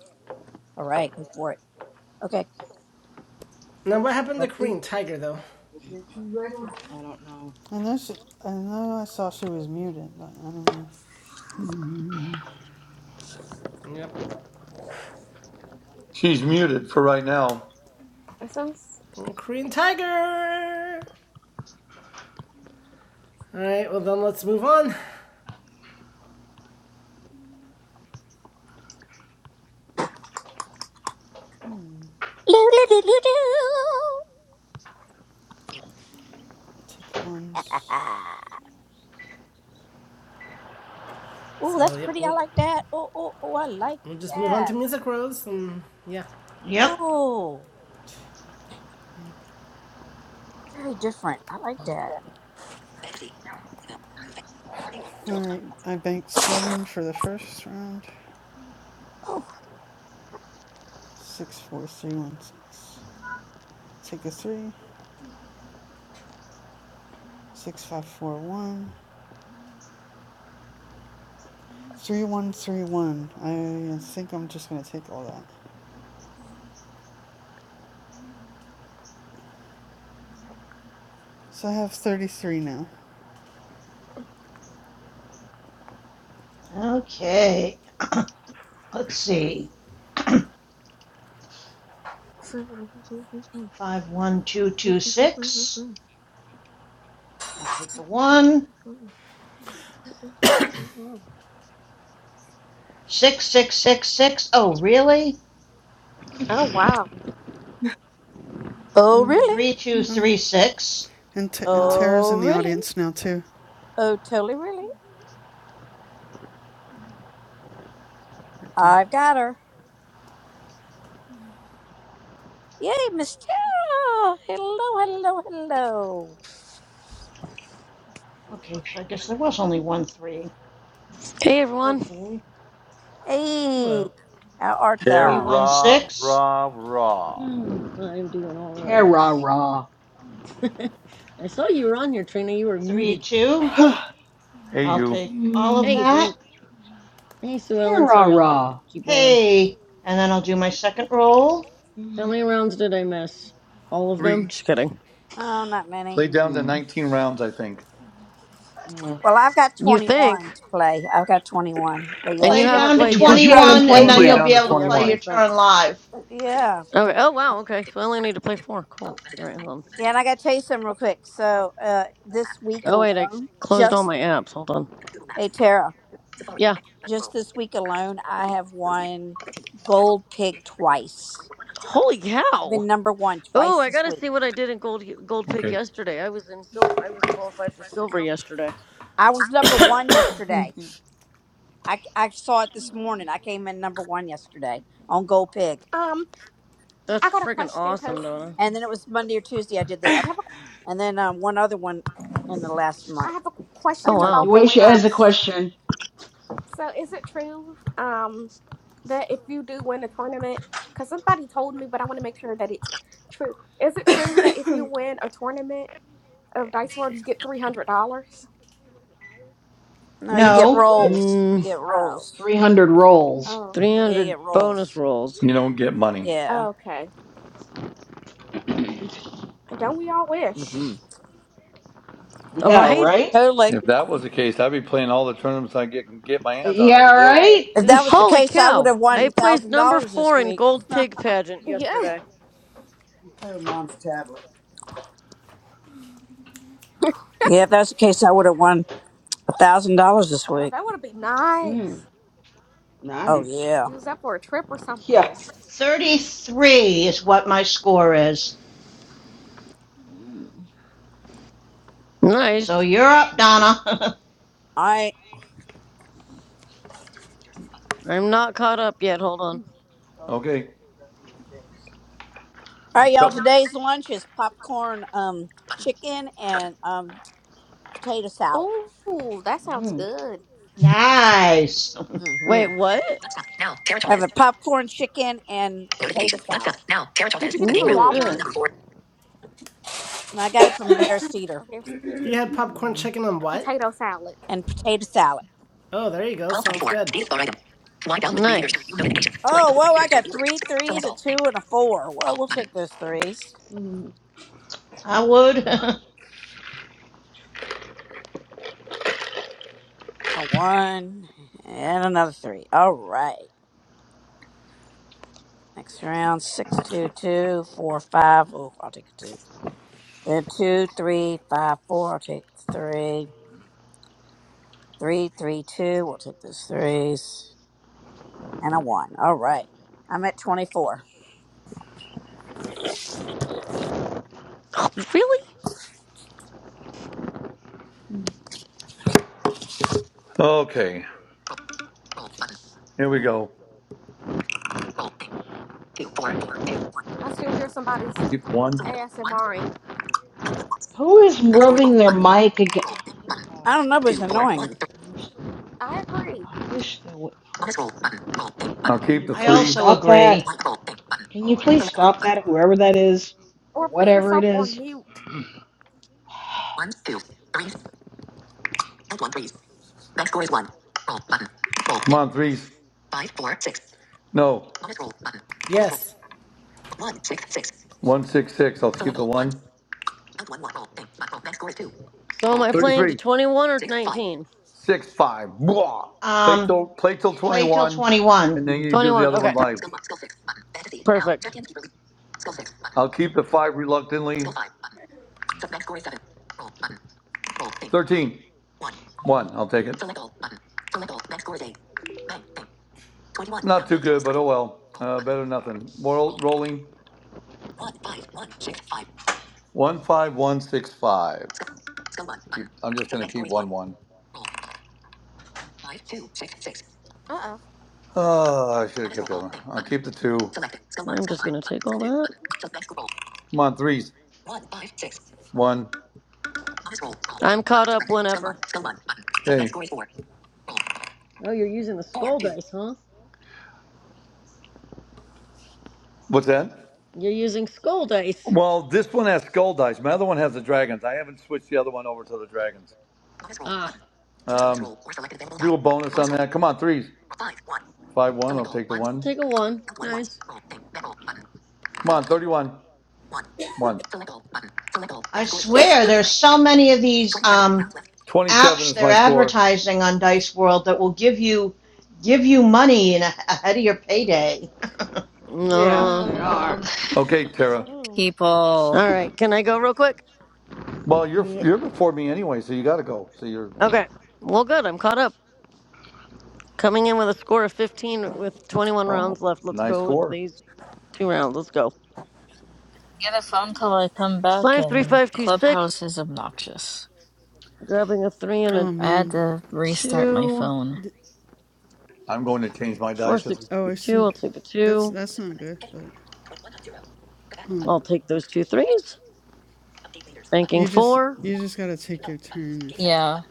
[SPEAKER 4] All right, go for it. Okay,
[SPEAKER 1] Now, what happened to
[SPEAKER 4] let's see.
[SPEAKER 1] Korean Tiger, though?
[SPEAKER 5] I don't know.
[SPEAKER 8] I know she, I know I saw she was muted, but I don't know.
[SPEAKER 1] Yep.
[SPEAKER 2] She's muted for right now.
[SPEAKER 10] It sounds.
[SPEAKER 1] Mm, Korean Tiger! All right, well, then let's move on.
[SPEAKER 8] Hmm. Take ones. Two,
[SPEAKER 4] oh,
[SPEAKER 1] So,
[SPEAKER 4] that's
[SPEAKER 1] yep,
[SPEAKER 4] pretty. I
[SPEAKER 1] we'll,
[SPEAKER 4] like that. Oh, oh, oh, I like
[SPEAKER 1] we'll just move on
[SPEAKER 4] that.
[SPEAKER 1] to Music Rose, and yeah.
[SPEAKER 11] Yep.
[SPEAKER 4] Oh,
[SPEAKER 8] two, man.
[SPEAKER 4] very different. I like that.
[SPEAKER 8] All right, I banked seven for the first round.
[SPEAKER 4] Oh,
[SPEAKER 8] Six, four, three, one, six. Take a three. Six, five, four, one. Three, one, three, one. I think I'm just gonna take all that. So I have thirty-three now.
[SPEAKER 11] Okay. Let's see. Five one two two six. I'll take the one. Six six six six. Oh, really?
[SPEAKER 10] Oh, wow.
[SPEAKER 4] oh,
[SPEAKER 3] mm,
[SPEAKER 4] really?
[SPEAKER 11] Three two
[SPEAKER 8] Hmm.
[SPEAKER 11] three six.
[SPEAKER 8] And t- and
[SPEAKER 3] Wow.
[SPEAKER 8] Tara's
[SPEAKER 4] Oh,
[SPEAKER 8] in the
[SPEAKER 4] really?
[SPEAKER 8] audience now too.
[SPEAKER 4] Oh, totally, really? I've got her. Yay, Miss Tara! Hello, hello, hello.
[SPEAKER 11] Okay, so I guess there was only one three.
[SPEAKER 13] Hey everyone.
[SPEAKER 11] Okay.
[SPEAKER 4] Hey,
[SPEAKER 1] Hello.
[SPEAKER 4] how art
[SPEAKER 2] Tara,
[SPEAKER 11] Three
[SPEAKER 4] thou?
[SPEAKER 11] one
[SPEAKER 2] ra,
[SPEAKER 11] six.
[SPEAKER 2] ra.
[SPEAKER 3] Mm.
[SPEAKER 13] I'm doing all right.
[SPEAKER 5] Terra.
[SPEAKER 13] I saw you were on here, Trina. You were
[SPEAKER 11] Three
[SPEAKER 13] muted.
[SPEAKER 11] two.
[SPEAKER 2] Hey,
[SPEAKER 11] I'll
[SPEAKER 2] you.
[SPEAKER 11] take all of
[SPEAKER 5] mm,
[SPEAKER 13] Hey
[SPEAKER 11] that.
[SPEAKER 13] Frank. Hey Sue Ellen. Sorry, I'll let you
[SPEAKER 5] Terra.
[SPEAKER 13] keep rolling.
[SPEAKER 11] Hey, and then I'll do my second roll.
[SPEAKER 13] How
[SPEAKER 5] Mm,
[SPEAKER 13] many rounds did I miss? All of
[SPEAKER 2] Three.
[SPEAKER 13] them? Just kidding.
[SPEAKER 4] Oh, not many.
[SPEAKER 2] Play down to
[SPEAKER 5] mm,
[SPEAKER 2] 19 rounds, I think.
[SPEAKER 5] yeah.
[SPEAKER 4] Well, I've got
[SPEAKER 13] You think?
[SPEAKER 4] 21 to play. I've got 21. But yeah,
[SPEAKER 13] And you
[SPEAKER 11] Play
[SPEAKER 4] but-
[SPEAKER 5] Well,
[SPEAKER 13] haven't
[SPEAKER 11] down to
[SPEAKER 13] played yet
[SPEAKER 2] What?
[SPEAKER 5] because you
[SPEAKER 4] prob-
[SPEAKER 2] Okay.
[SPEAKER 5] haven't
[SPEAKER 13] because
[SPEAKER 11] 21,
[SPEAKER 13] Sue
[SPEAKER 11] and
[SPEAKER 2] Then
[SPEAKER 5] played
[SPEAKER 13] Ellen's
[SPEAKER 11] then
[SPEAKER 2] play
[SPEAKER 11] you'll
[SPEAKER 5] yet.
[SPEAKER 2] down
[SPEAKER 11] be
[SPEAKER 13] going.
[SPEAKER 2] to
[SPEAKER 11] able
[SPEAKER 13] So
[SPEAKER 11] to
[SPEAKER 13] yeah, that
[SPEAKER 11] play your
[SPEAKER 2] 21.
[SPEAKER 13] makes sense.
[SPEAKER 11] turn live.
[SPEAKER 4] yeah. play
[SPEAKER 13] Okay. Oh
[SPEAKER 4] 21.
[SPEAKER 13] wow. Okay. So I only need to play four. Cool. All right. Hold on.
[SPEAKER 4] Yeah, and I got to tell you something real quick. So uh, this week
[SPEAKER 13] Oh wait, I
[SPEAKER 4] alone,
[SPEAKER 13] closed all
[SPEAKER 4] just,
[SPEAKER 13] my apps. Hold on.
[SPEAKER 4] hey, Tara,
[SPEAKER 13] Yeah.
[SPEAKER 4] just this week alone, I have won gold pig twice.
[SPEAKER 13] Holy
[SPEAKER 4] I've been
[SPEAKER 13] cow.
[SPEAKER 4] number one
[SPEAKER 13] Oh,
[SPEAKER 4] twice
[SPEAKER 13] I
[SPEAKER 4] this
[SPEAKER 13] gotta
[SPEAKER 4] week.
[SPEAKER 13] see what I did in gold gold pig yesterday. I was in silver. I was qualified for silver yesterday.
[SPEAKER 4] I was number one yesterday. I, I saw it this morning. I came in number one yesterday on gold pig.
[SPEAKER 10] Um,
[SPEAKER 13] That's
[SPEAKER 10] I got a
[SPEAKER 13] freaking
[SPEAKER 10] question because
[SPEAKER 13] awesome, Donna.
[SPEAKER 4] And then it was Monday or Tuesday. I did the other.
[SPEAKER 10] I have.
[SPEAKER 4] and then um, one other one in the last
[SPEAKER 10] I
[SPEAKER 4] month.
[SPEAKER 10] have a
[SPEAKER 13] Oh
[SPEAKER 4] I've
[SPEAKER 10] question
[SPEAKER 4] done
[SPEAKER 13] wow.
[SPEAKER 10] about the
[SPEAKER 4] three
[SPEAKER 5] Duasia has a
[SPEAKER 10] winnings.
[SPEAKER 4] comps.
[SPEAKER 5] question.
[SPEAKER 10] So is it true um that if you do win a tournament, because somebody told me, but I want to make sure that it's true. Is it true that if you win a tournament of Dice World, you get three hundred dollars?
[SPEAKER 4] No, you
[SPEAKER 2] No.
[SPEAKER 4] get
[SPEAKER 11] No,
[SPEAKER 5] What?
[SPEAKER 4] rolls. You
[SPEAKER 13] Mm,
[SPEAKER 4] get
[SPEAKER 10] Oh,
[SPEAKER 4] rolls.
[SPEAKER 5] 300 rolls.
[SPEAKER 10] oh, okay.
[SPEAKER 4] Yeah, you
[SPEAKER 13] 300
[SPEAKER 4] get
[SPEAKER 13] bonus
[SPEAKER 4] rolls.
[SPEAKER 13] rolls.
[SPEAKER 2] You don't get money.
[SPEAKER 4] Yeah.
[SPEAKER 10] Okay. Don't we all wish?
[SPEAKER 4] hmm
[SPEAKER 13] All
[SPEAKER 5] Yeah,
[SPEAKER 13] right.
[SPEAKER 5] right?
[SPEAKER 4] Totally.
[SPEAKER 2] If that was the case, I'd be playing all the tournaments I get can get my hands on
[SPEAKER 5] Yeah,
[SPEAKER 2] every day.
[SPEAKER 5] right?
[SPEAKER 10] Right.
[SPEAKER 4] If that was the
[SPEAKER 13] Holy
[SPEAKER 4] case, I would
[SPEAKER 13] cow!
[SPEAKER 4] have
[SPEAKER 13] I
[SPEAKER 4] won
[SPEAKER 13] placed
[SPEAKER 4] thousand
[SPEAKER 13] number
[SPEAKER 4] dollars this
[SPEAKER 13] four in
[SPEAKER 4] week.
[SPEAKER 13] gold pig pageant
[SPEAKER 10] Yeah.
[SPEAKER 13] yesterday.
[SPEAKER 4] Yeah, if that's the case, I would have won a thousand dollars this
[SPEAKER 10] Oh,
[SPEAKER 4] week.
[SPEAKER 10] that would be
[SPEAKER 3] Mm.
[SPEAKER 10] nice.
[SPEAKER 4] Oh
[SPEAKER 3] Nice.
[SPEAKER 4] yeah.
[SPEAKER 10] Use that for a trip or
[SPEAKER 5] yeah.
[SPEAKER 10] something.
[SPEAKER 11] 33 is what my score is. So
[SPEAKER 13] Nice.
[SPEAKER 11] you're up, Donna.
[SPEAKER 4] All right.
[SPEAKER 13] I'm not caught up yet. Hold on.
[SPEAKER 4] All
[SPEAKER 2] Okay.
[SPEAKER 4] right, y'all.
[SPEAKER 2] Couple-
[SPEAKER 4] Today's lunch is popcorn, um, chicken, and um, potato salad.
[SPEAKER 10] Oh, that sounds
[SPEAKER 5] Mm, mm,
[SPEAKER 10] good.
[SPEAKER 11] nice.
[SPEAKER 4] hmm
[SPEAKER 13] Wait, what?
[SPEAKER 4] I have a popcorn chicken and potato salad.
[SPEAKER 10] Did you get it from
[SPEAKER 3] That's
[SPEAKER 13] Ooh.
[SPEAKER 3] good.
[SPEAKER 10] Walmart?
[SPEAKER 4] and I got it from Harris Teeter
[SPEAKER 10] Oh, there's
[SPEAKER 1] You had popcorn
[SPEAKER 5] mm.
[SPEAKER 1] chicken on what?
[SPEAKER 10] potato salad.
[SPEAKER 4] and potato salad.
[SPEAKER 1] Oh, there you go. Sounds good.
[SPEAKER 13] Nice.
[SPEAKER 4] Oh, whoa, I got three threes, a two, and a four. Well, we'll take those threes.
[SPEAKER 3] Mm.
[SPEAKER 11] I would.
[SPEAKER 5] Uh,
[SPEAKER 4] A one and another three. All right. Next round, six, two, two, four, five. Oh, I'll take a two. Then two, three, five, four. I'll take three. Three, three, two. We'll take those threes. And a one. All right. I'm at 24.
[SPEAKER 13] Oh, really?
[SPEAKER 3] Mm.
[SPEAKER 2] Okay. Here we go.
[SPEAKER 10] I still hear
[SPEAKER 2] I'll
[SPEAKER 10] somebody's
[SPEAKER 2] keep the one.
[SPEAKER 10] ASMRing.
[SPEAKER 5] Who is rubbing their mic again?
[SPEAKER 4] I
[SPEAKER 5] God,
[SPEAKER 4] don't know, but it's annoying.
[SPEAKER 5] I wish,
[SPEAKER 10] I agree.
[SPEAKER 5] I wish they would.
[SPEAKER 2] I'll
[SPEAKER 5] Can
[SPEAKER 2] keep
[SPEAKER 5] you
[SPEAKER 2] the
[SPEAKER 11] I
[SPEAKER 5] please
[SPEAKER 2] three.
[SPEAKER 11] also
[SPEAKER 5] stop that?
[SPEAKER 11] agree.
[SPEAKER 5] Can you please stop that, whoever that is, or
[SPEAKER 10] Or put
[SPEAKER 5] whatever it
[SPEAKER 10] yourself on
[SPEAKER 5] is?
[SPEAKER 10] mute.
[SPEAKER 2] Come on, threes. No.
[SPEAKER 1] Yes.
[SPEAKER 2] One six six. I'll one.
[SPEAKER 13] So am I playing to
[SPEAKER 2] Thirty-three.
[SPEAKER 13] 21 or 19?
[SPEAKER 2] Six five. Blah. Play
[SPEAKER 11] Um,
[SPEAKER 2] till play till
[SPEAKER 11] play till
[SPEAKER 2] twenty-one.
[SPEAKER 11] 21.
[SPEAKER 2] And then you do the
[SPEAKER 13] 21.
[SPEAKER 2] other
[SPEAKER 13] Okay. Perfect.
[SPEAKER 2] I'll keep the five reluctantly. Thirteen. One. I'll take it. But oh well. Better than nothing. Moral rolling. One five one six five. I'm just on one.
[SPEAKER 10] Uh uh
[SPEAKER 2] Ah, I should keep the two.
[SPEAKER 13] I'm just gonna take all that.
[SPEAKER 2] Come on, threes. One.
[SPEAKER 13] I'm caught up whenever. Oh, you're using the skull dice, huh?
[SPEAKER 2] What's that?
[SPEAKER 13] You're using skull dice.
[SPEAKER 2] Well, this one has skull dice. My other one has the dragons. I haven't switched the other one over to the dragons.
[SPEAKER 13] Ah.
[SPEAKER 2] Uh, bonus. Uh, come on, threes. Five, one.
[SPEAKER 13] Take a
[SPEAKER 2] Come
[SPEAKER 13] one. Nice.
[SPEAKER 2] on, 31. One.
[SPEAKER 11] I swear there's so many of these um,
[SPEAKER 2] 27
[SPEAKER 11] apps
[SPEAKER 2] is
[SPEAKER 11] they're
[SPEAKER 2] my score.
[SPEAKER 11] advertising on Dice World that will give you give you money in a, ahead of your payday.
[SPEAKER 3] Yeah,
[SPEAKER 13] Uh-huh.
[SPEAKER 3] they
[SPEAKER 13] All
[SPEAKER 3] are.
[SPEAKER 9] Oh,
[SPEAKER 2] Okay, Tara.
[SPEAKER 10] Mm.
[SPEAKER 9] people.
[SPEAKER 13] right. Can I go real quick?
[SPEAKER 2] Well, you're
[SPEAKER 11] Yeah.
[SPEAKER 2] you're before me anyway, so you got to go. So you're,
[SPEAKER 13] Okay. Well, good. I'm caught up. Coming in with a score of 15 with 21
[SPEAKER 2] oh,
[SPEAKER 13] rounds left. Let's
[SPEAKER 2] nice
[SPEAKER 13] go with
[SPEAKER 2] score.
[SPEAKER 13] these two rounds. Let's go.
[SPEAKER 9] Get a phone call, I come back,
[SPEAKER 13] Five, three,
[SPEAKER 9] and
[SPEAKER 13] five, two, six.
[SPEAKER 9] Clubhouse is obnoxious.
[SPEAKER 13] Grabbing a three and a
[SPEAKER 8] Oh
[SPEAKER 9] I had
[SPEAKER 8] man.
[SPEAKER 9] to restart my
[SPEAKER 13] two.
[SPEAKER 9] phone.
[SPEAKER 2] I'm going to change my
[SPEAKER 13] Four,
[SPEAKER 2] dice. As we
[SPEAKER 13] six,
[SPEAKER 8] Oh,
[SPEAKER 2] speak.
[SPEAKER 8] I
[SPEAKER 13] two.
[SPEAKER 8] see.
[SPEAKER 13] I'll take a
[SPEAKER 8] That's
[SPEAKER 13] two.
[SPEAKER 8] that's not good, but. Oh,
[SPEAKER 13] I'll take those two threes.
[SPEAKER 8] You
[SPEAKER 13] Banking
[SPEAKER 8] just
[SPEAKER 13] four.
[SPEAKER 8] you just gotta take your turn if
[SPEAKER 9] Yeah.